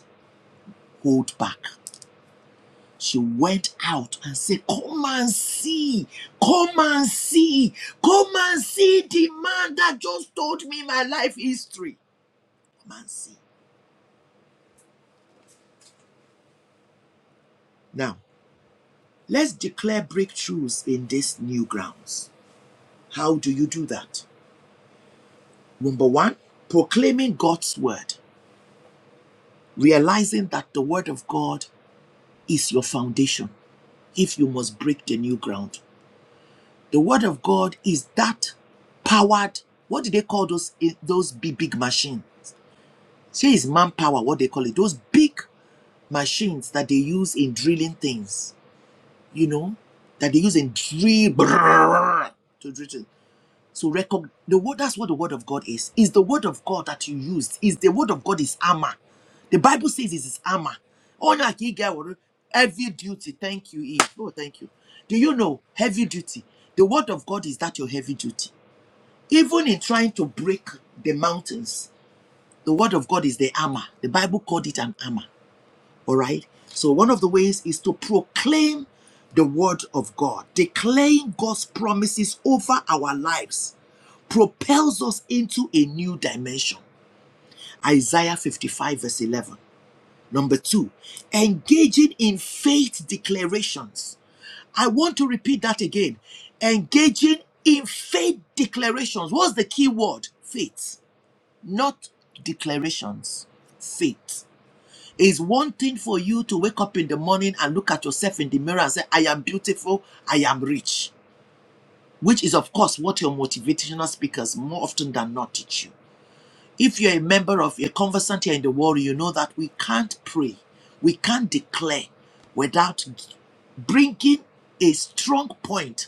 hold back. She went out and said, Come and see, come and see, come and see the man that just told me my life history. Come and see. Now, let's declare breakthroughs in these new grounds. How do you do that? Number one, proclaiming God's word, realizing that the word of God is your foundation if you must break the new ground. The word of God is that powered, what do they call those, eh, those big, big machine? See, is manpower, what they call it, those big machines that they use in drilling things, you know, that they use in drill brrr, to drill. So record the word. That's what the word of God is. Is the word of God that you used? Is the word of God is armor? The Bible says it is armor. Honor ye get what- heavy duty. Thank you, Eve. Oh, thank you. Do you know heavy duty? The word of God is that your heavy duty. Even in trying to break the mountains, the word of God is the armor. The Bible called it an armor. All right. So one of the ways is to proclaim the word of God. Declaring God's promises over our lives propels us into a new dimension. Isaiah 55, verse 11. Number two, engaging in faith declarations. I want to repeat that again. Engaging in faith declarations. What's the key word? Faith, not declarations. Faith it's one thing for you to wake up in the morning and look at yourself in the mirror and say, I am beautiful, I am rich, which is, of course, what your motivational speakers more often than not teach you. If you're a member of a conversant here in the world, you know that we can't pray, we can't declare without bringing a strong point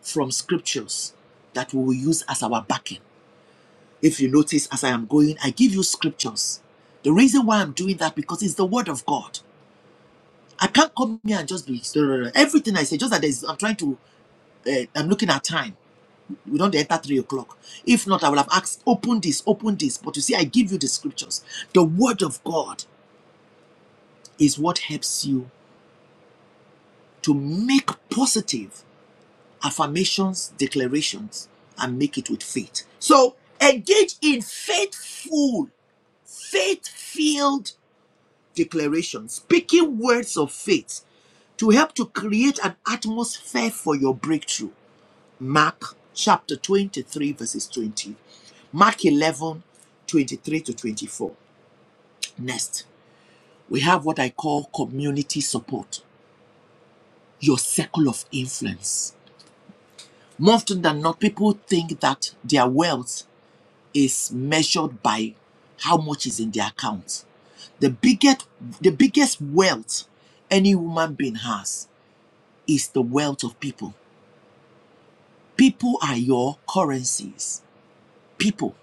from scriptures that we will use as our backing. If you notice, as I am going, I give you scriptures. The reason why I'm doing that because it's the word of God. I can't come here and just be so, so, so, everything I say. Just that there's, I'm trying to. Uh, I'm looking at time. We don't enter three o'clock. If not, I will have asked, open this, open this. But you see, I give you the scriptures. The word of God is what helps you to make positive affirmations, declarations, and make it with faith. So engage in faithful, faith-filled declarations, speaking words of faith to help to create an atmosphere for your breakthrough. Mark chapter 23, verses 20. Mark 11 23 to 24. Next, we have what I call community support, your circle of influence. More often than not, people think that their wealth is measured by how much is in their account. The biggest, the biggest wealth any woman being has is the wealth of people. People are your currencies. People.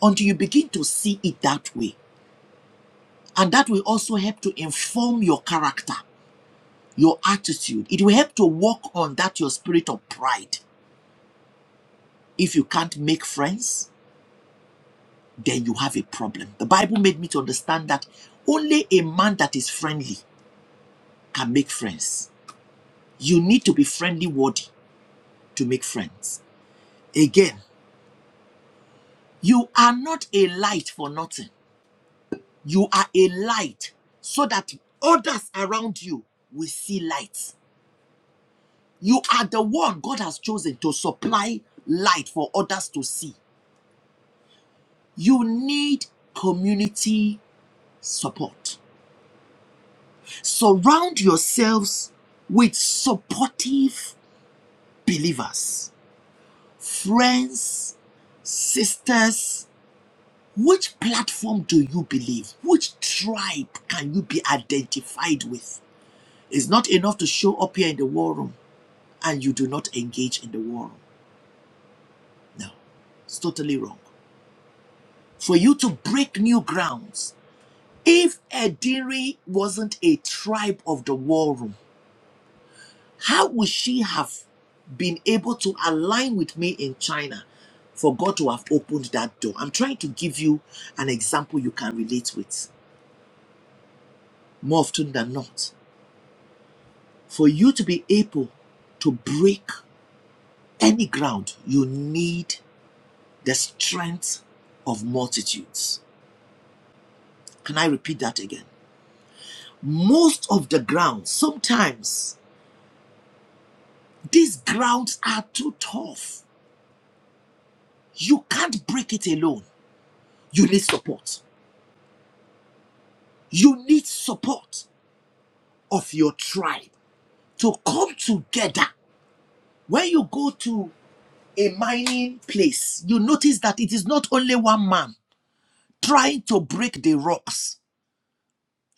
Until you begin to see it that way, And that will also help to inform your character, your attitude. It will help to work on that your spirit of pride. If you can't make friends, then you have a problem. The Bible made me to understand that only a man that is friendly can make friends. You need to be friendly worthy to make friends. Again, you are not a light for nothing. You are a light so that others around you will see light. You are the one God has chosen to supply light for others to see. You need community support. Surround yourselves with supportive believers, friends, sisters. Which platform do you believe? Which tribe can you be identified with? It's not enough to show up here in the war room and you do not engage in the war room. No. It's totally wrong. For you to break new grounds If Ediri wasn't a tribe of the war room, how would she have been able to align with me in China for God to have opened that door? I'm trying to give you an example you can relate with more often than not. For you to be able to break any ground, you need the strength of multitudes. Can I repeat that again? Most of the grounds, sometimes these grounds are too tough You can't break it alone. You need support. You need support of your tribe to come together. When you go to a mining place, you notice that it is not only one man trying to break the rocks.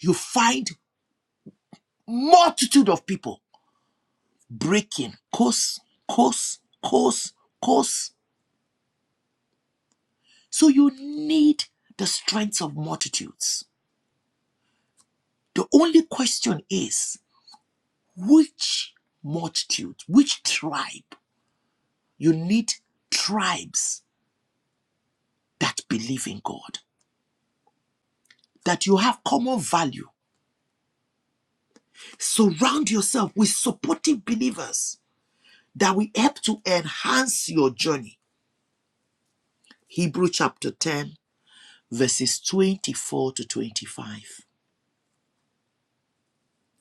You find multitude of people breaking course, course, course, course. So you need the strength of multitudes. The only question is Which multitude, which tribe? You need tribes that believe in God, that you have common value. Surround yourself with supportive believers that will help to enhance your journey. Hebrew chapter 10, verses 24 to 25.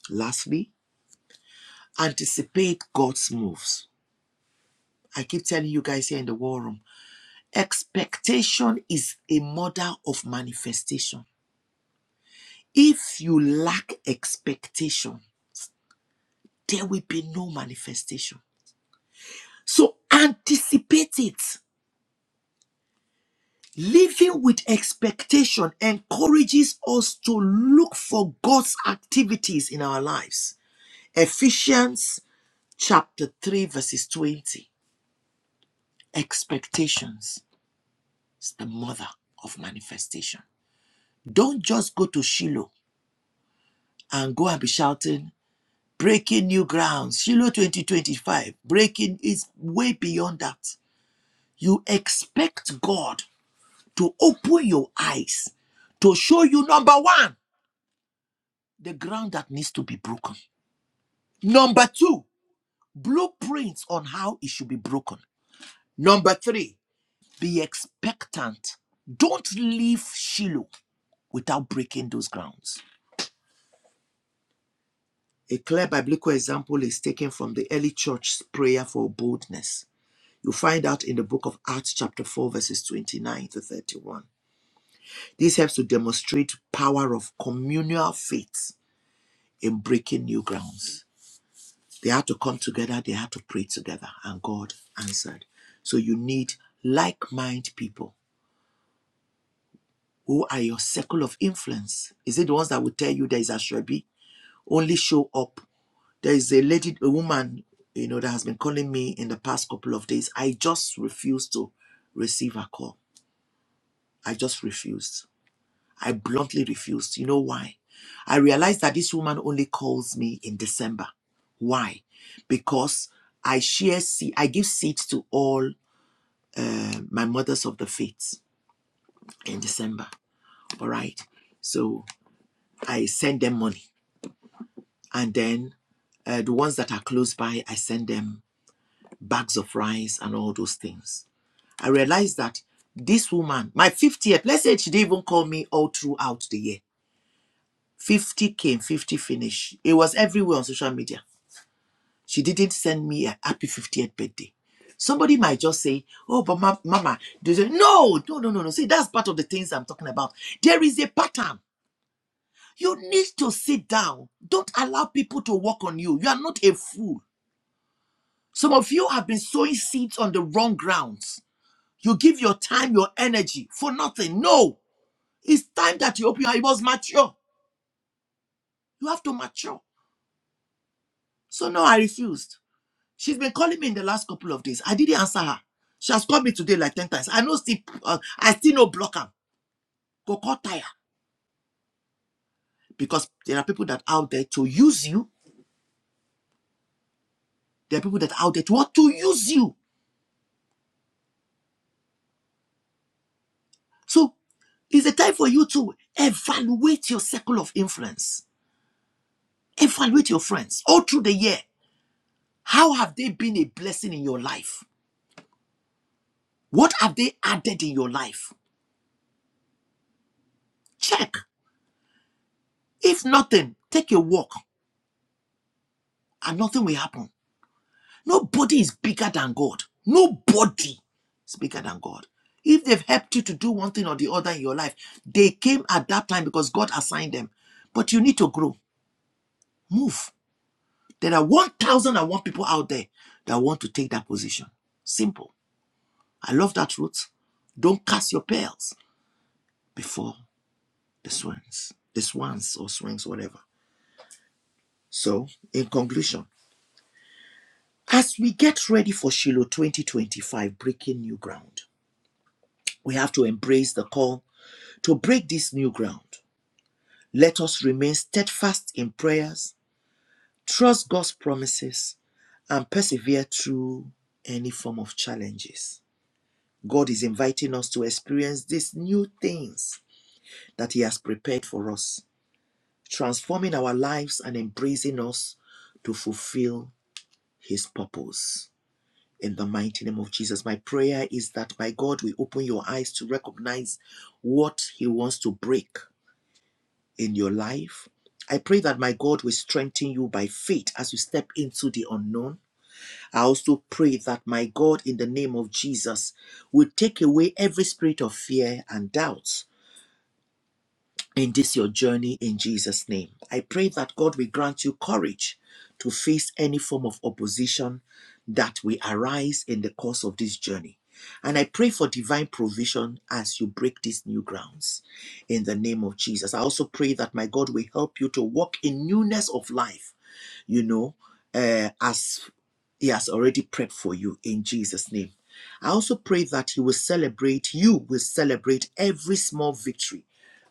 Lastly, anticipate God's moves. I keep telling you guys here in the war room, expectation is a mother of manifestation. If you lack expectation, there will be no manifestation. So anticipate it. Living with expectation encourages us to look for God's activities in our lives. Ephesians chapter 3, verses 20. Expectations is the mother of manifestation. Don't just go to Shiloh and go and be shouting, breaking new grounds. Shiloh 2025, breaking is way beyond that. You expect God to open your eyes to show you number one, the ground that needs to be broken. Number two, blueprints on how it should be broken. Number three, be expectant. Don't leave Shiloh without breaking those grounds. A clear biblical example is taken from the early church's prayer for boldness. You find out in the book of Acts, chapter 4, verses 29 to 31. This helps to demonstrate power of communal faith in breaking new grounds. They had to come together, they had to pray together, and God answered. So you need like-minded people. Who are your circle of influence? Is it the ones that will tell you there is a Shrebi? Only show up. There is a lady, a woman, you know, that has been calling me in the past couple of days. I just refused to receive her call. I just refused. I bluntly refused. You know why? I realized that this woman only calls me in December. Why? Because I share seed, I give seeds to all um, my mothers of the faith in December. All right. So I send them money. And then uh, the ones that are close by, I send them bags of rice and all those things. I realized that this woman, my 50th, let's say she didn't even call me all throughout the year. 50 came, 50 finished. It was everywhere on social media. She didn't send me a happy 50th birthday. Somebody might just say, Oh, but ma- mama, say, no, no, no, no, no. See, that's part of the things I'm talking about. There is a pattern. You need to sit down. Don't allow people to work on you. You are not a fool. Some of you have been sowing seeds on the wrong grounds. You give your time, your energy for nothing. No, it's time that you open your. I was mature. You have to mature. So no, I refused. She's been calling me in the last couple of days. I didn't answer her. She has called me today like 10 times. I know still, uh, I still no block her. Go call tire. Because there are people that are out there to use you. There are people that are out there to want to use you. So it's a time for you to evaluate your circle of influence. Evaluate your friends all through the year. How have they been a blessing in your life? What have they added in your life? Check. If nothing, take a walk and nothing will happen. Nobody is bigger than God. Nobody is bigger than God. If they've helped you to do one thing or the other in your life, they came at that time because God assigned them. But you need to grow, move. There are 1,001 people out there that want to take that position. Simple. I love that truth. Don't cast your pearls before the swans, the swans or swans, whatever. So, in conclusion, as we get ready for Shiloh 2025, breaking new ground, we have to embrace the call To break this new ground, let us remain steadfast in prayers, trust God's promises, and persevere through any form of challenges. God is inviting us to experience these new things that He has prepared for us, transforming our lives and embracing us to fulfill His purpose. In the mighty name of Jesus, my prayer is that my God we open your eyes to recognize what He wants to break in your life. I pray that my God will strengthen you by faith as you step into the unknown. I also pray that my God, in the name of Jesus, will take away every spirit of fear and doubt in this your journey in Jesus' name. I pray that God will grant you courage to face any form of opposition that will arise in the course of this journey. And I pray for divine provision as you break these new grounds in the name of Jesus. I also pray that my God will help you to walk in newness of life you know, uh, as He has already prepped for you in Jesus' name. I also pray that He will celebrate, you will celebrate every small victory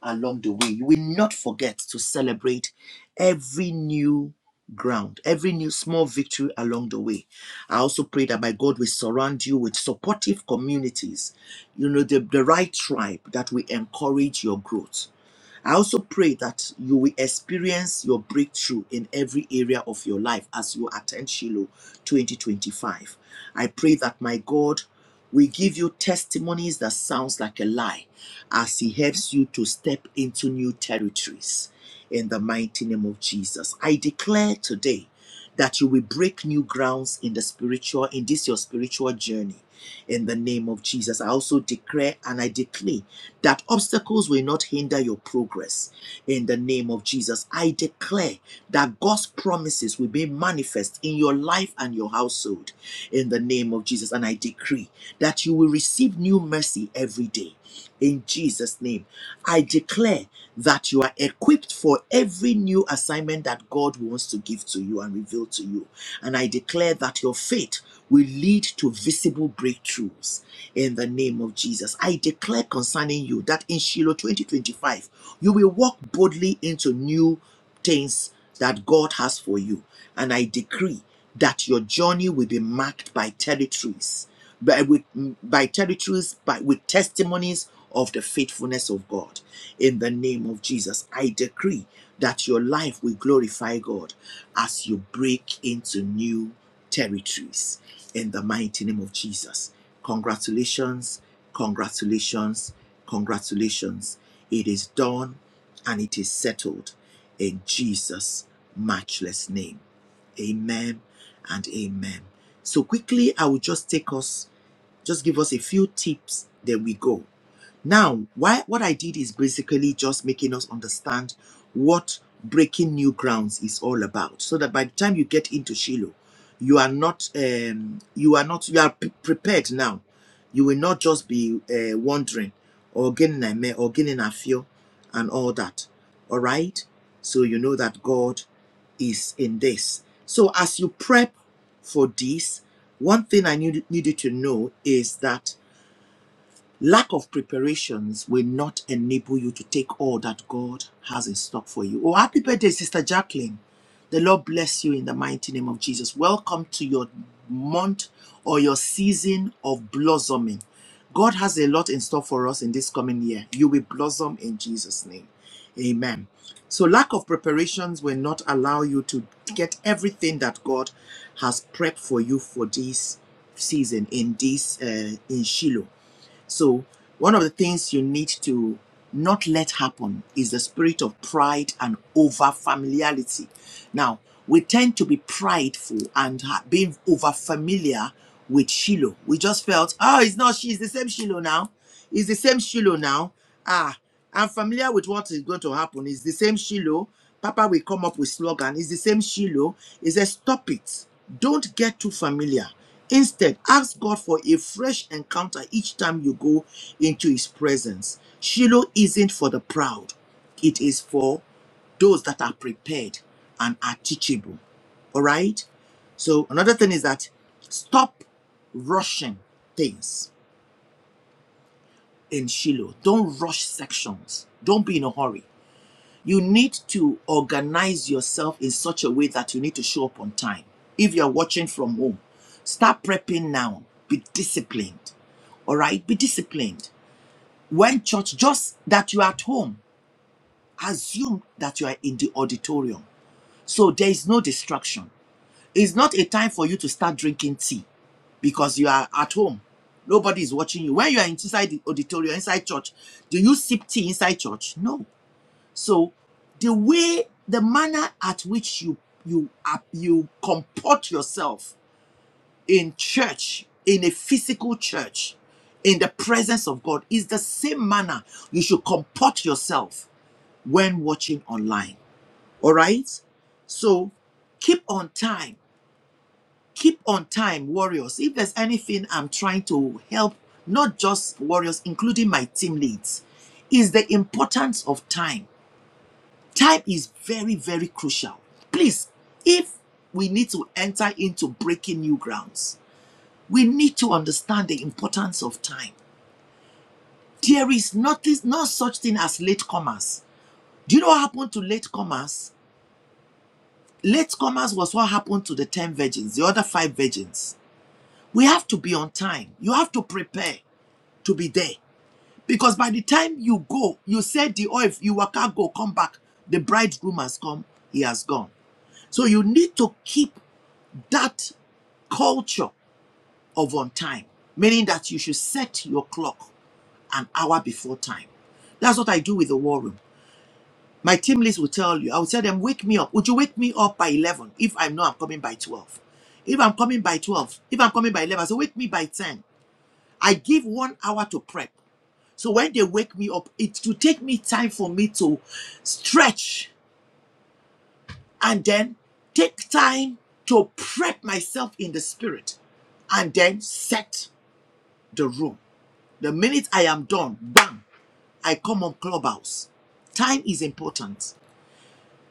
along the way. You will not forget to celebrate every new ground, every new small victory along the way. I also pray that my God will surround you with supportive communities, you know, the, the right tribe that will encourage your growth I also pray that you will experience your breakthrough in every area of your life as you attend Shiloh 2025. I pray that my God will give you testimonies that sounds like a lie as he helps you to step into new territories in the mighty name of Jesus. I declare today that you will break new grounds in the spiritual in this your spiritual journey in the name of Jesus. I also declare and I declare that obstacles will not hinder your progress in the name of Jesus. I declare that God's promises will be manifest in your life and your household in the name of Jesus. And I decree that you will receive new mercy every day in Jesus' name. I declare that you are equipped for every new assignment that God wants to give to you and reveal to you. And I declare that your faith will lead to visible breakthroughs in the name of Jesus. I declare concerning you that in Shiloh 2025, you will walk boldly into new things that God has for you. And I decree that your journey will be marked by territories, by, with, by territories, by, with testimonies of the faithfulness of God. In the name of Jesus, I decree that your life will glorify God as you break into new territories. In the mighty name of Jesus. Congratulations, congratulations, congratulations. It is done and it is settled in Jesus' matchless name. Amen and amen. So quickly, I will just take us, just give us a few tips, then we go. Now, why, what I did is basically just making us understand what breaking new grounds is all about, so that by the time you get into Shiloh, you are not, um, you are not, you are p- prepared now. You will not just be uh, wondering or getting a me or getting a fear and all that. All right, so you know that God is in this. So as you prep for this, one thing I need, needed to know is that Lack of preparations will not enable you to take all that God has in stock for you. Oh, happy birthday, Sister Jacqueline. The Lord bless you in the mighty name of Jesus. Welcome to your month or your season of blossoming. God has a lot in store for us in this coming year. You will blossom in Jesus' name. Amen. So, lack of preparations will not allow you to get everything that God has prepped for you for this season in this uh, in Shiloh. So, one of the things you need to not let happen is the spirit of pride and over familiarity. Now, we tend to be prideful and being over familiar with Shiloh. We just felt, oh, it's not she, it's the same Shiloh now. It's the same Shiloh now. Ah, I'm familiar with what is going to happen. It's the same Shiloh. Papa will come up with slogan. It's the same Shiloh. He says, stop it. Don't get too familiar. Instead, ask God for a fresh encounter each time you go into his presence. Shiloh isn't for the proud. It is for those that are prepared and are teachable. All right? So another thing is that stop rushing things in Shiloh. Don't rush sections. Don't be in a hurry. You need to organize yourself in such a way that you need to show up on time. If you're watching from home, start prepping now. Be disciplined. All right? Be disciplined. When church, just that you're at home, assume that you are in the auditorium. So there is no distraction. It's not a time for you to start drinking tea because you are at home. Nobody is watching you. When you are inside the auditorium, inside church, do you sip tea inside church? No. So the way, the manner at which you you ap- you comport yourself in church, in a physical church, in the presence of God, is the same manner you should comport yourself when watching online. All right. So keep on time keep on time, warriors. If there's anything I'm trying to help, not just warriors, including my team leads, is the importance of time. Time is very, very crucial. Please, if we need to enter into breaking new grounds, we need to understand the importance of time. There is nothing, no such thing as latecomers. Do you know what happened to latecomers? Latecomers was what happened to the 10 virgins, the other five virgins. We have to be on time. You have to prepare. to be there. Because by the time you go, you set the oil, you waka go, come back, the bridegroom has come, he has gone. So you need to keep that culture of on time, meaning that you should set your clock an hour before time. That's what I do with the war room. My team list will tell you, I will tell them, wake me up. Would you wake me up by 11 if I know I'm coming by 12? If I'm coming by 12, if I'm coming by 11, I say, wake me by 10. I give one hour to prep. So when they wake me up, it will take me time for me to stretch and then take time to prep myself in the spirit and then set the room. The minute I am done, bam, I come on Clubhouse. Time is important.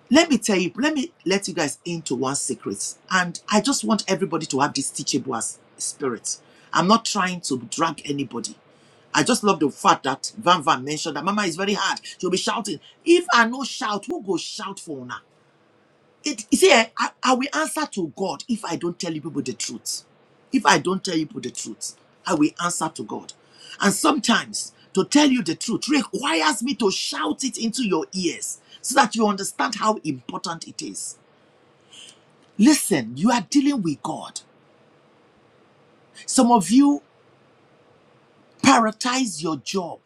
let me tell you, let me let you guys into one secret. And I just want everybody to have this teachable spirit. I'm not trying to drag anybody. I just love the fact that Van Van mentioned that Mama is very hard. She'll be shouting. If I no shout, who go shout for now? It, you see, eh, I, I will answer to God if I don't tell you people the truth. If I don't tell you people the truth, I will answer to God. And sometimes to tell you the truth requires me to shout it into your ears so that you understand how important it is. Listen, you are dealing with God. Some of you prioritize your job,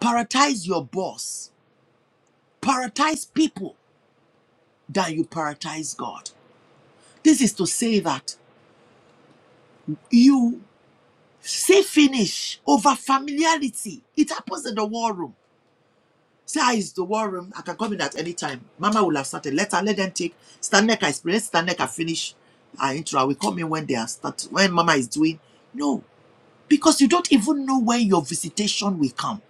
prioritize your boss, prioritize people than you prioritize God. This is to say that you Say finish over familiarity. It happens in the war room. Say, ah, it's the war room. I can come in at any time. Mama will have started. Let her, let them take. Stand neck, I explain. Stand neck, I finish. I intro. I will come in when they are start. When mama is doing. No. Because you don't even know when your visitation will come.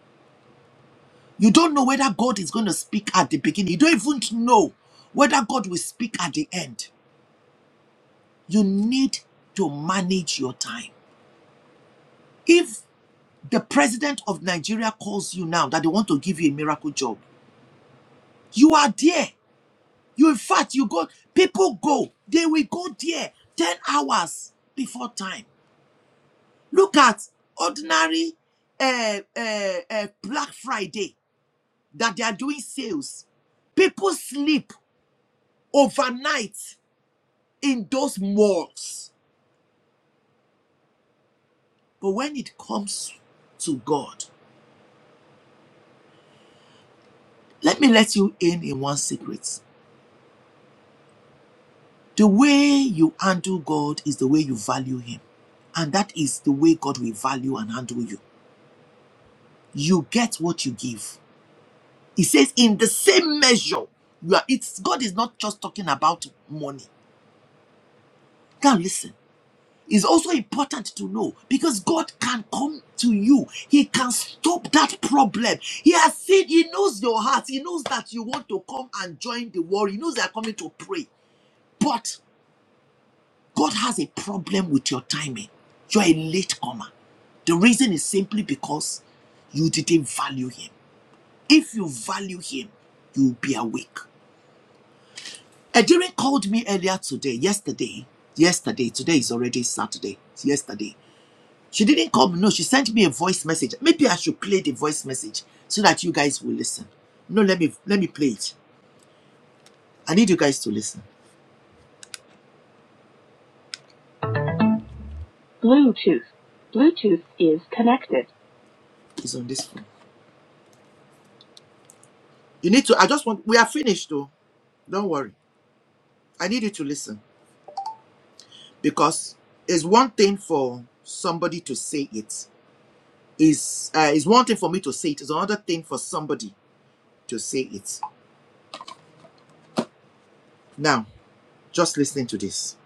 You don't know whether God is going to speak at the beginning. You don't even know whether God will speak at the end. You need to manage your time. If The president of Nigeria calls you now that they want to give you a miracle job. You are there. You, in fact, you go, people go, they will go there 10 hours before time. Look at ordinary uh, uh, uh, Black Friday that they are doing sales. People sleep overnight in those malls. But when it comes to God, let me let you in in one secret. The way you handle God is the way you value Him. And that is the way God will value and handle you. You get what you give. He says, in the same measure, you are, it's, God is not just talking about money. Now, listen, it's also important to know because God can come to you, He can stop that problem. He has seen, He knows your heart, He knows that you want to come and join the war, He knows they are coming to pray. but. God has a problem with your timing. You're a latecomer. The reason is simply because you didn't value Him. If you value Him, you'll be awake. Ejire called me earlier today, yesterday. Yesterday, today is already Saturday. It's yesterday. She didn't call me. No, she sent me a voice message. Maybe I should play the voice message so that you guys will listen. No, let me let me play it. I need you guys to listen. Bluetooth. Bluetooth is connected. It's on this phone. You need to. I just want. We are finished, though. Don't worry. I need you to listen because it's one thing for somebody to say it. Is uh, is one thing for me to say it. It's another thing for somebody to say it. Now, just listen to this.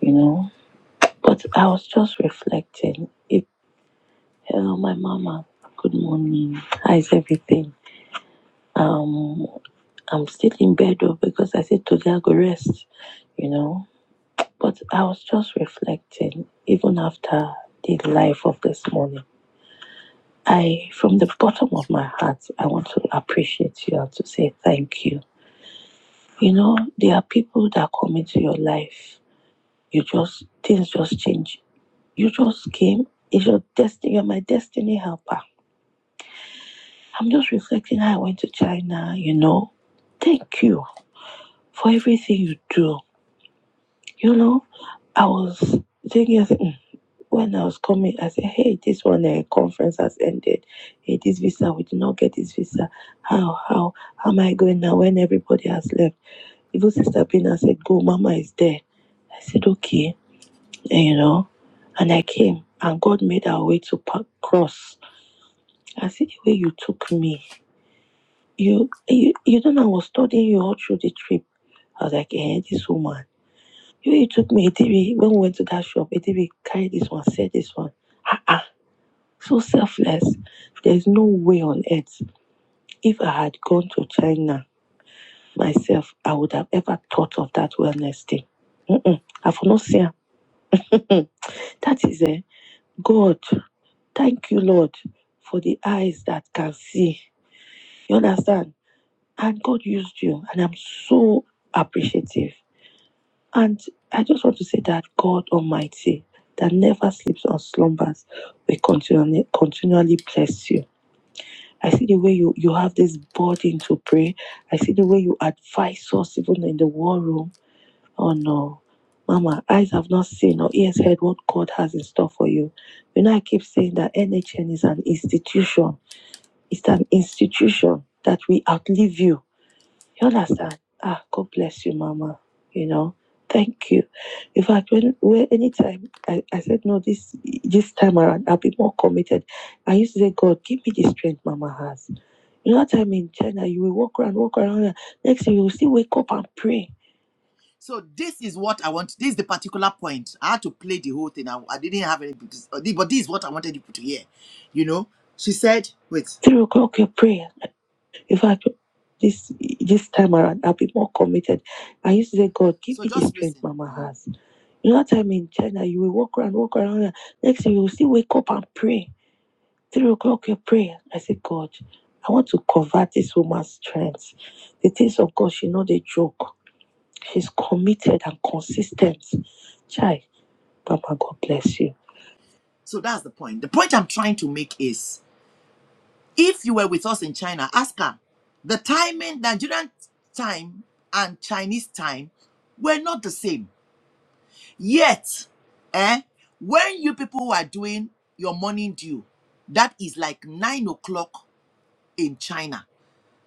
you know. But I was just reflecting. It, hello, my mama. Good morning. How is everything? Um, I'm still in bed though because I said today I go rest, you know. But I was just reflecting, even after the life of this morning. I, from the bottom of my heart, I want to appreciate you and to say thank you. You know, there are people that come into your life. You just, things just change. You just came. It's your destiny. You're my destiny helper. I'm just reflecting how I went to China, you know. Thank you for everything you do. You know, I was thinking, I said, "Mm." when I was coming, I said, hey, this one uh, conference has ended. Hey, this visa, we did not get this visa. How, how, how am I going now when everybody has left? Even Sister Bina said, go, Mama is there. I said, okay, and, you know, and I came and God made our way to Park Cross. I see the way you took me. You, you, you know, I was studying you all through the trip. I was like, eh, this woman. You know, he took me ATV when we went to that shop. ATV carried this one, said this one. Ah, ah, so selfless. There's no way on earth. If I had gone to China myself, I would have ever thought of that wellness thing. Mm-mm. I've not seen her. [laughs] that is a God. Thank you, Lord, for the eyes that can see. You understand? And God used you, and I'm so appreciative. And I just want to say that God Almighty, that never sleeps or slumbers, will continually, continually bless you. I see the way you, you have this burden to pray. I see the way you advise us even in the war room. Oh no. Mama, eyes have not seen or ears heard what God has in store for you. You know, I keep saying that NHN is an institution. It's an institution that will outlive you you understand? Ah, God bless you, Mama. You know, thank you. In fact, when, when anytime I, I said no, this this time around I'll be more committed. I used to say, God, give me the strength Mama has. You know, that time in China, you will walk around, walk around. Next thing you will still wake up and pray. So this is what I want. This is the particular point. I had to play the whole thing. I, I didn't have any, but this is what I wanted you to hear. You know, she said, "Wait, Three o'clock, your prayer." In fact, this this time around, I'll be more committed. I used to say, God, give So me the strength Mama has. You know, that time in China, you will walk around, walk around. Next thing you will still wake up and pray. Three o'clock, you pray. I said, God, I want to convert this woman's strength. The things of God, she not a joke. She's committed and consistent. Chai, Papa, God bless you. So that's the point. The point I'm trying to make is if you were with us in China, ask her. The timing, Nigerian time and Chinese time were not the same. Yet, eh, when you people are doing your morning due, that is like nine o'clock in China.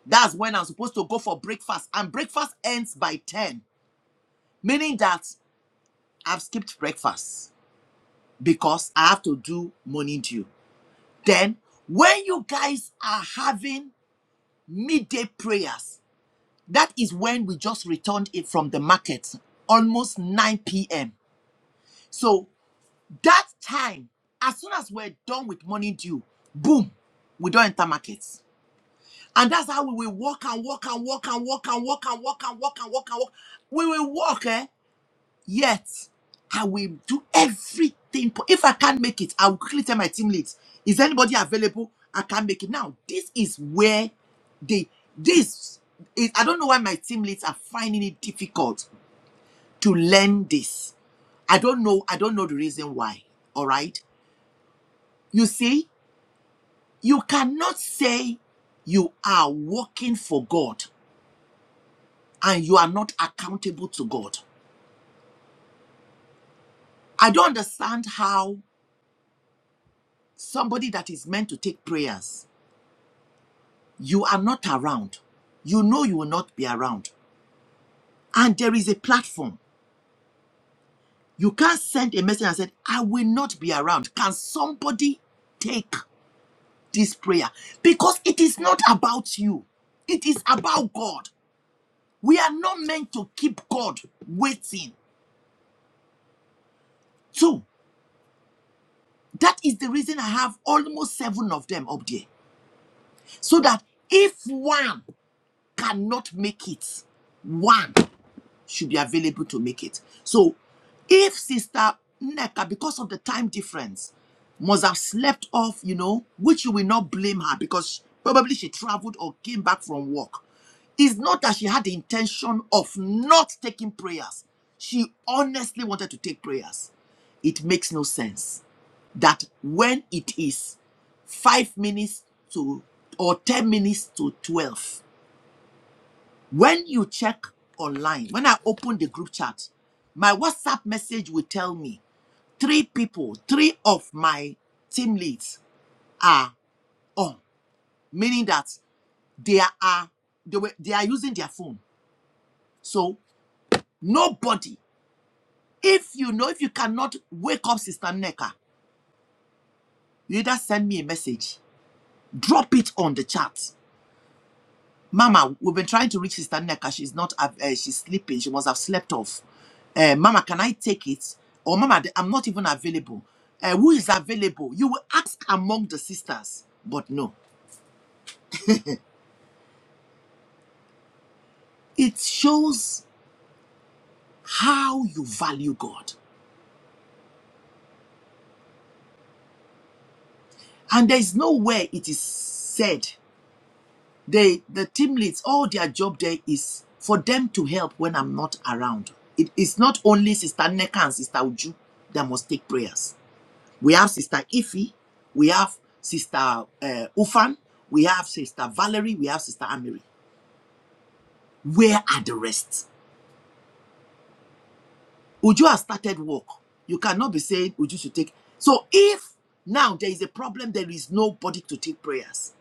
That's when I'm supposed to go for breakfast, and breakfast ends by 10, meaning that I've skipped breakfast because I have to do morning due. Then, when you guys are having midday prayers, That is when we just returned it from the market, almost 9 p.m. So that time, as soon as we're done with money due, boom, we don't enter markets. And that's how we will walk and walk and walk and walk and walk and walk and walk and walk and walk. We will walk, eh? Yet, I will do everything. po- If I can't make it, I will quickly tell my team leads, is anybody available? I can't make it. Now, this is where they, this is, I don't know why my team leads are finding it difficult to learn this. I don't know. I don't know the reason why. All right. You see, you cannot say you are working for God and you are not accountable to God. I don't understand how somebody that is meant to take prayers you are not around. You know you will not be around. And there is a platform. You can't send a message and say, I will not be around. Can somebody take this prayer? Because it is not about you, it is about God. We are not meant to keep God waiting. So that is the reason I have almost seven of them up there. So that if one cannot make it, one. should be available to make it. So, if Sister Neka, because of the time difference, must have slept off, you know, which you will not blame her because probably she traveled or came back from work. It's not that she had the intention of not taking prayers. She honestly wanted to take prayers. It makes no sense that when it is five minutes to or 10 minutes to 12, when you check online, when I open the group chat, my WhatsApp message will tell me three people, three of my team leads are on, meaning that they are they, were, they are using their phone. So nobody, if you know, if you cannot wake up Sister Neka, you either send me a message, drop it on the chat. Mama, we've been trying to reach Sister Nneka. She's not, uh, she's sleeping. She must have slept off. Uh, Mama, can I take it? Or Mama, I'm not even available. Uh, who is available? You will ask among the sisters, but no. It shows how you value God. And there is nowhere it is said they the team leads all their job there is for them to help when I'm not around. It is not only Sister Neka and Sister Uju that must take prayers. We have Sister Ife, We have Sister uh, Ufan. We have Sister Valerie. We have Sister Amiri. Where are the rest? Uju has started work. You cannot be saying Uju should take. So if now there is a problem, there is nobody to take prayers.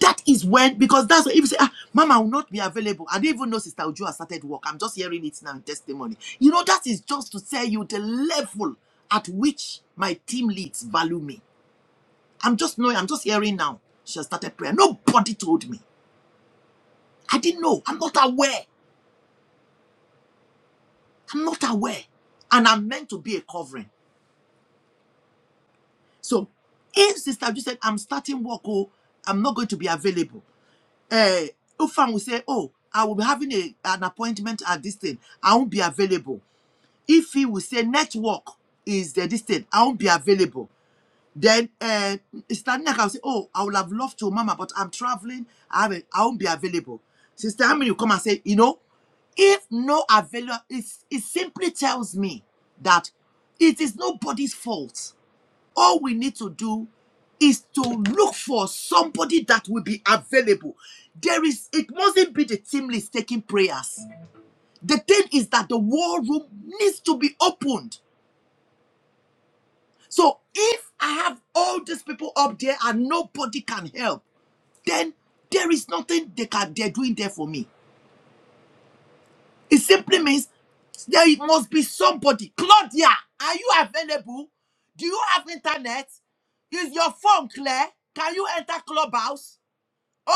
That is when, because that's if you say, ah, Mama will not be available. I don't even know Sister Uju has started work. I'm just hearing it now in testimony. You know, that is just to tell you the level at which my team leads value me. I'm just knowing, I'm just hearing now. She has started prayer. Nobody told me. I didn't know. I'm not aware. I'm not aware. And I'm meant to be a covering. So if Sister just said, I'm starting work, oh, I'm not going to be available. Uh, Ufam will say, Oh, I will be having a, an appointment at this thing. I won't be available. If he will say, Network is the this thing, I won't be available. Then uh, starting like I'll say, Oh, I would have loved to, Mama, but I'm traveling. I haven't, I won't be available. Sister how many will come and say, You know, if no available, it's, it simply tells me that it is nobody's fault. All we need to do is to look for somebody that will be available. There is, it mustn't be the team list taking prayers. The thing is that the war room needs to be opened so if I have all these people up there and nobody can help, then there is nothing they can they're doing there for me. It simply means there must be somebody. Claudia, are you available? Do you have internet? Is your phone clear? Can you enter clubhouse?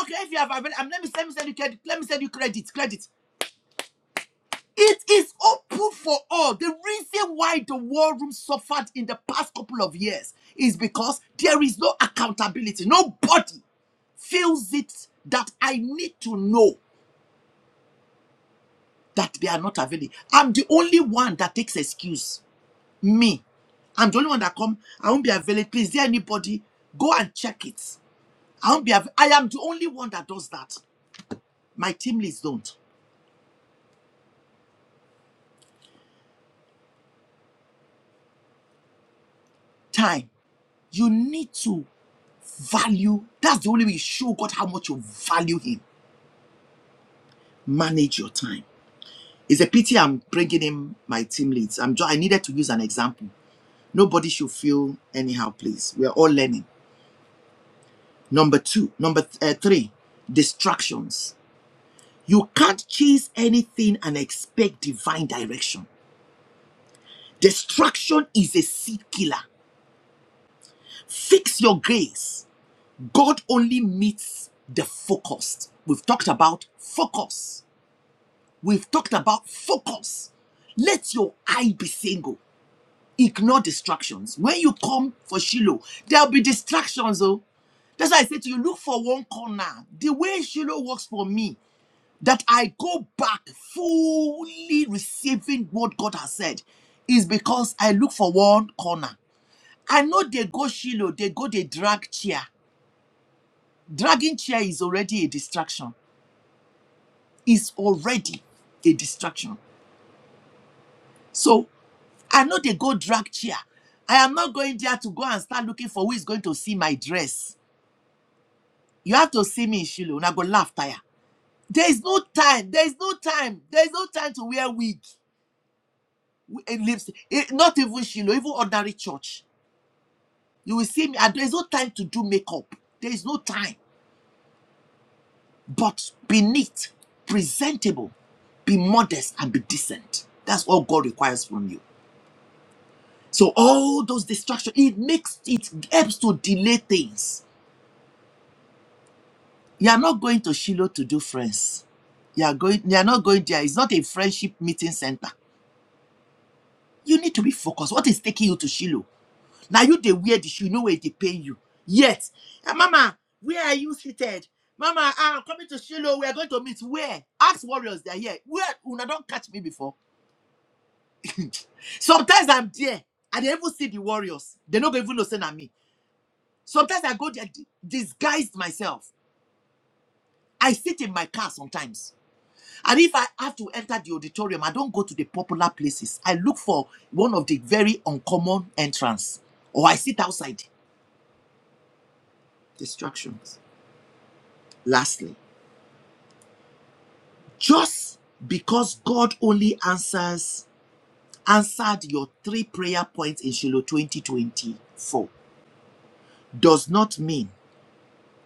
Okay, if you have available, um, let me let me send you credit. Let me send you credit. Credit. It is open for all. The reason why the war room suffered in the past couple of years is because there is no accountability. Nobody feels it that I need to know that they are not available. I'm the only one that takes excuse. Me. I'm the only one that come. I won't be available. Please, is there anybody? Go and check it. I won't be av- I am the only one that does that. My team leads don't. Time. You need to value. That's the only way you show God how much you value him manage your time. It's a pity I'm bringing in my team leads. I'm just, I needed to use an example. Nobody should feel anyhow, please. We're all learning. Number two, number th- uh, three, distractions. You can't chase anything and expect divine direction. Distraction is a seed killer. Fix your gaze. God only meets the focused. We've talked about focus. We've talked about focus. Let your eye be single. Ignore distractions. When you come for Shiloh, there'll be distractions, oh. That's why I say to you, look for one corner. The way Shiloh works for me, that I go back fully receiving what God has said, is because I look for one corner. I know they go Shiloh, they go they drag chair. Dragging chair is already a distraction. Is already a distraction. So I know they go drag chair. I am not going there to go and start looking for who is going to see my dress. You have to see me in Shiloh. Una go laugh tire. There is no time. There is no time. There is no time to wear wig and lipstick. Eh, Not even Shiloh, even ordinary church. You will see me. And there is no time to do makeup. There is no time. But be neat, presentable, be modest, and be decent. That's all God requires from you. So all those distractions, it makes it helps to delay things. You are not going to Shiloh to do friends. You are going. You are not going there. It's not a friendship meeting center you need to be focused. What is taking you to Shiloh? Now you they wear the shoe, you know where they pay you. Yet, "Ah, Mama, where are you seated? Mama, ah, I'm coming to Shiloh. We are going to meet. Where? Ask warriors, they're here. Where? Una don't catch me before. [laughs] Sometimes I'm there. I don't even see the warriors. They don't even listen at me. Sometimes I go there di- disguised myself. I sit in my car sometimes. And if I have to enter the auditorium, I don't go to the popular places. I look for one of the very uncommon entrance or I sit outside distractions. Lastly, just because God only answers answered your three prayer points in Shiloh 2024 does not mean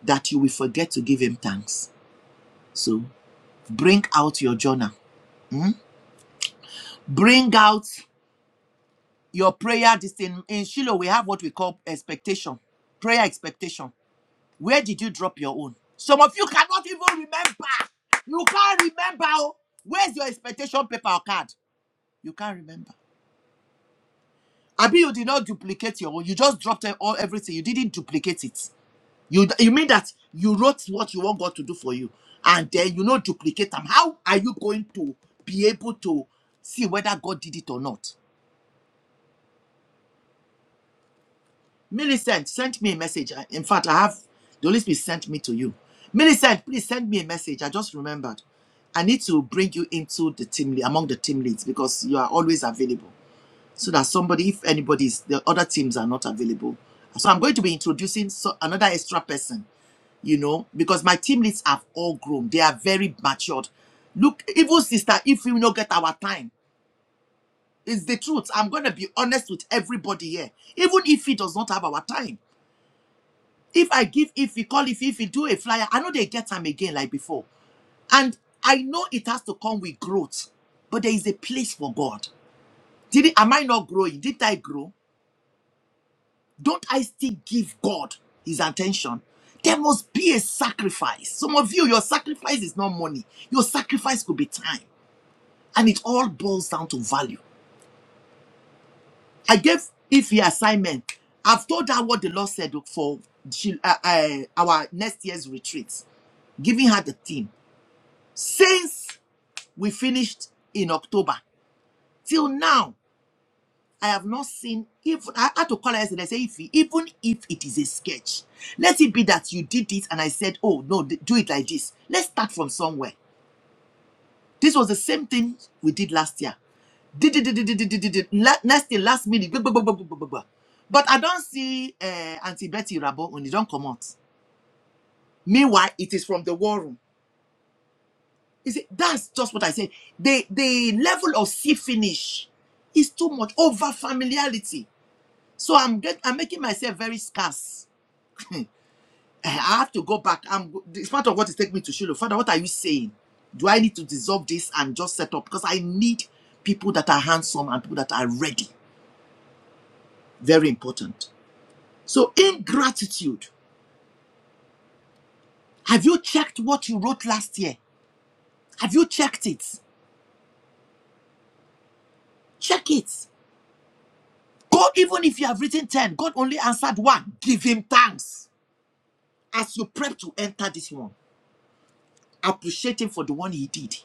that you will forget to give him thanks. So bring out your journal. mm? Bring out your prayer. This in, in Shiloh, we have what we call expectation, prayer expectation. Where did you drop your own? Some of you cannot even remember. You can't remember. oh. Where's your expectation paper or card? You can't remember. Abi, you did not duplicate your own. You just dropped it all everything. You didn't duplicate it. You you mean that you wrote what you want God to do for you, and then you not duplicate them. How are you going to be able to see whether God did it or not? Millicent sent me a message. I- In fact, I have the Holy Spirit sent me to you. Millicent, please send me a message. I just remembered. I need to bring you into the team lea- among the team leads because you are always available. so that somebody, if anybody's, the other teams are not available. So I'm going to be introducing so, another extra person, you know, because my team leads have all grown. They are very matured. Look, even sister, if we not get our time, it's the truth. I'm going to be honest with everybody here. Even if he does not have our time, if I give, if he call, if if he do a flyer, I know they get time again like before. And I know it has to come with growth, but there is a place for God. Did it, am I not growing? Did I grow? Don't I still give God his attention? There must be a sacrifice. Some of you, your sacrifice is not money. Your sacrifice could be time. And it all boils down to value. I gave if the assignment. I've told her what the Lord said for she- uh, uh, our next year's retreats, giving her the theme. Since we finished in October till now, I have not seen even I had to call her yesterday. I say if he- even if it is a sketch, let it be that you did it and I said, oh no, d- do it like this. Let's start from somewhere. This was the same thing we did last year. Did did did did did did did did. La- next thing last minute. blah, blah, blah, blah, blah, blah, blah. But I don't see uh, Auntie Betty Rabo when they don't come out. Meanwhile, it is from the war room. You see, that's just what I say. The the level of sea finish is too much over familiarity. So I'm get I'm making myself very scarce Hmm. I have to go back. I'm, it's part of what is taking me to Shiloh. Father, what are you saying? Do I need to dissolve this and just set up? Because I need people that are handsome and people that are ready. Very important. So, ingratitude. Have you checked what you wrote last year? Have you checked it? Check it. God, even if you have written 10, God only answered one. Give him thanks as you prep to enter this one. Appreciate him for the one he did.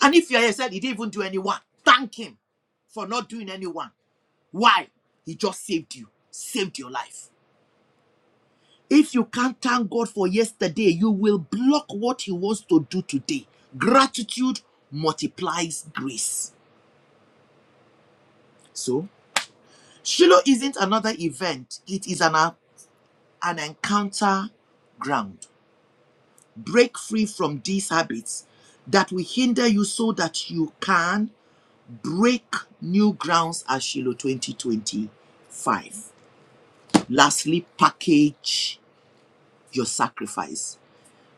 And if you are here said he didn't even do any one, thank him for not doing any one. Why? He just saved you, saved your life. If you can't thank God for yesterday, you will block what He wants to do today. Gratitude multiplies grace. So, Shiloh isn't another event, it is an, an encounter ground. Break free from these habits that will hinder you so that you can break new grounds at Shiloh 2025. Lastly, package your sacrifice.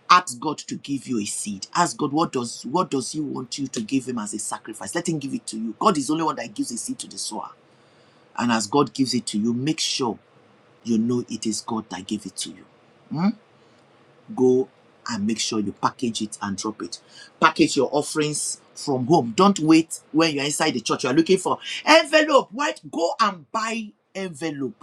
ask god to give you a seed ask god what does what does he want you to give him as a sacrifice let him give it to you god is the only one that gives a seed to the sower and as god gives it to you make sure you know it is god that gave it to you Hmm? go and make sure you package it and drop it package your offerings from home don't wait when you're inside the church you're looking for envelope right go and buy envelope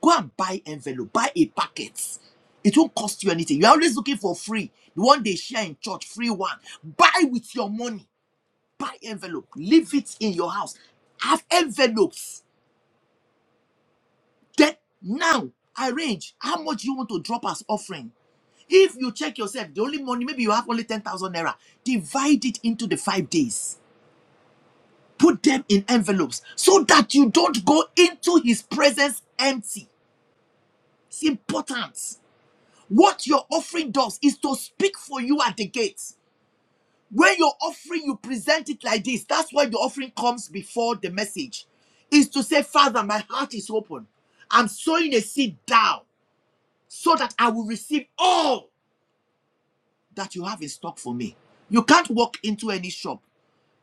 Go and buy envelope, buy a packet. It won't cost you anything. You're always looking for free. The one they share in church, free one. Buy with your money. Buy envelope. Leave it in your house. Have envelopes. Then now arrange how much you want to drop as offering. If you check yourself, the only money, maybe you have only 10,000 naira, divide it into the five days. Put them in envelopes so that you don't go into his presence empty. It's important. What your offering does is to speak for you at the gates. When your offering, you present it like this. That's why the offering comes before the message. Is to say, Father, my heart is open. I'm sowing a seed down so that I will receive all that you have in stock for me. You can't walk into any shop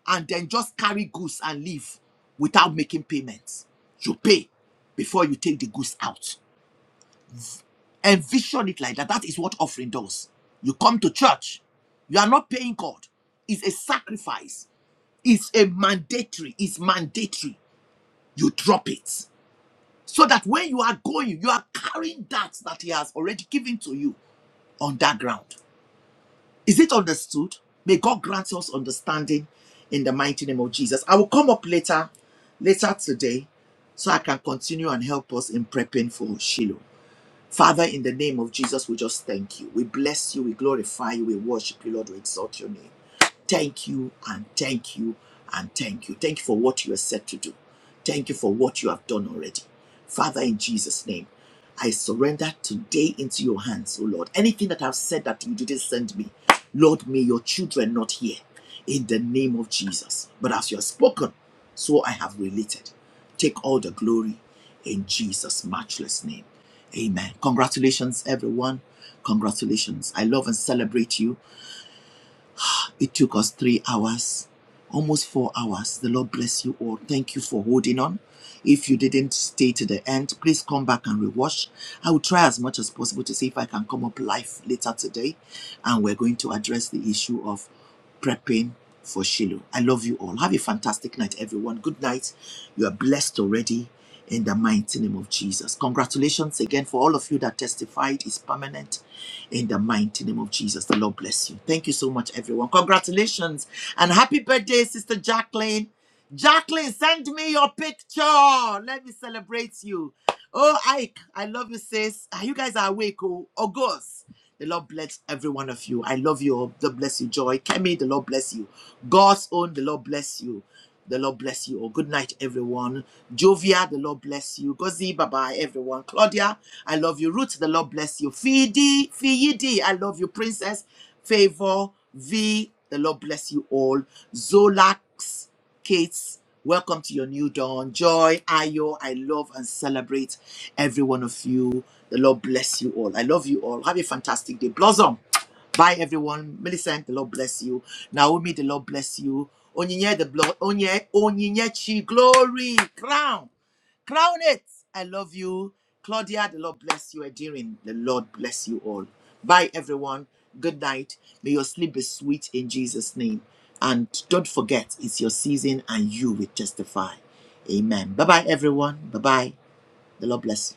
and then just carry goods and leave without making payments. You pay before you take the goods out. Envision it like that. That is what offering does. You come to church, you are not paying God. It's a sacrifice, it's a mandatory, it's mandatory. You drop it. So that when you are going, you are carrying that that He has already given to you on that ground. Is it understood? May God grant us understanding in the mighty name of Jesus. I will come up later, later today, so I can continue and help us in prepping for Shiloh. Father, in the name of Jesus, we just thank you. We bless you, we glorify you, we worship you, Lord, we exalt your name. Thank you and thank you and thank you. Thank you for what you are set to do. Thank you for what you have done already. Father, in Jesus' name, I surrender today into your hands, O Lord. Anything that I've said that you didn't send me, Lord, may your children not hear in the name of Jesus. But as you have spoken, so I have related. Take all the glory in Jesus' matchless name. Amen. Congratulations, everyone. Congratulations. I love and celebrate you. It took us three hours, almost four hours. The Lord bless you all. Thank you for holding on. If you didn't stay to the end, please come back and rewatch. I will try as much as possible to see if I can come up live later today. And we're going to address the issue of prepping for Shiloh. I love you all. Have a fantastic night, everyone. Good night. You are blessed already in the mighty name of Jesus. Congratulations again for all of you that testified. It's permanent in the mighty name of Jesus. The Lord bless you. Thank you so much, everyone. Congratulations and happy birthday, Sister Jacqueline. Jacqueline, send me your picture. Let me celebrate you. Oh, Ike, I love you, sis. Ah, You guys are awake, oh, August. The Lord bless every one of you. I love you. all. The Lord bless you. Joy. Kemi, the Lord bless you. God's own, the Lord bless you. The Lord bless you. all. good night, everyone. Jovia, the Lord bless you. Gozi, bye bye, everyone. Claudia, I love you. Ruth, the Lord bless you. Fidi, Fidi, I love you. Princess, Favor, V, the Lord bless you all. Zolax, Kate, welcome to your new dawn. Joy, Ayo, I love and celebrate every one of you. The Lord bless you all. I love you all. Have a fantastic day. Blossom. Bye, everyone. Millicent, the Lord bless you. Naomi, the Lord bless you. Onyinye, the blood. Onye, Onyinyechi, glory, crown. Crown it. I love you. Claudia, the Lord bless you. Adirin, the Lord bless you all. Bye, everyone. Good night. May your sleep be sweet in Jesus' name. And don't forget, it's your season and you will testify. Amen. Bye bye, everyone. Bye bye. The Lord bless you.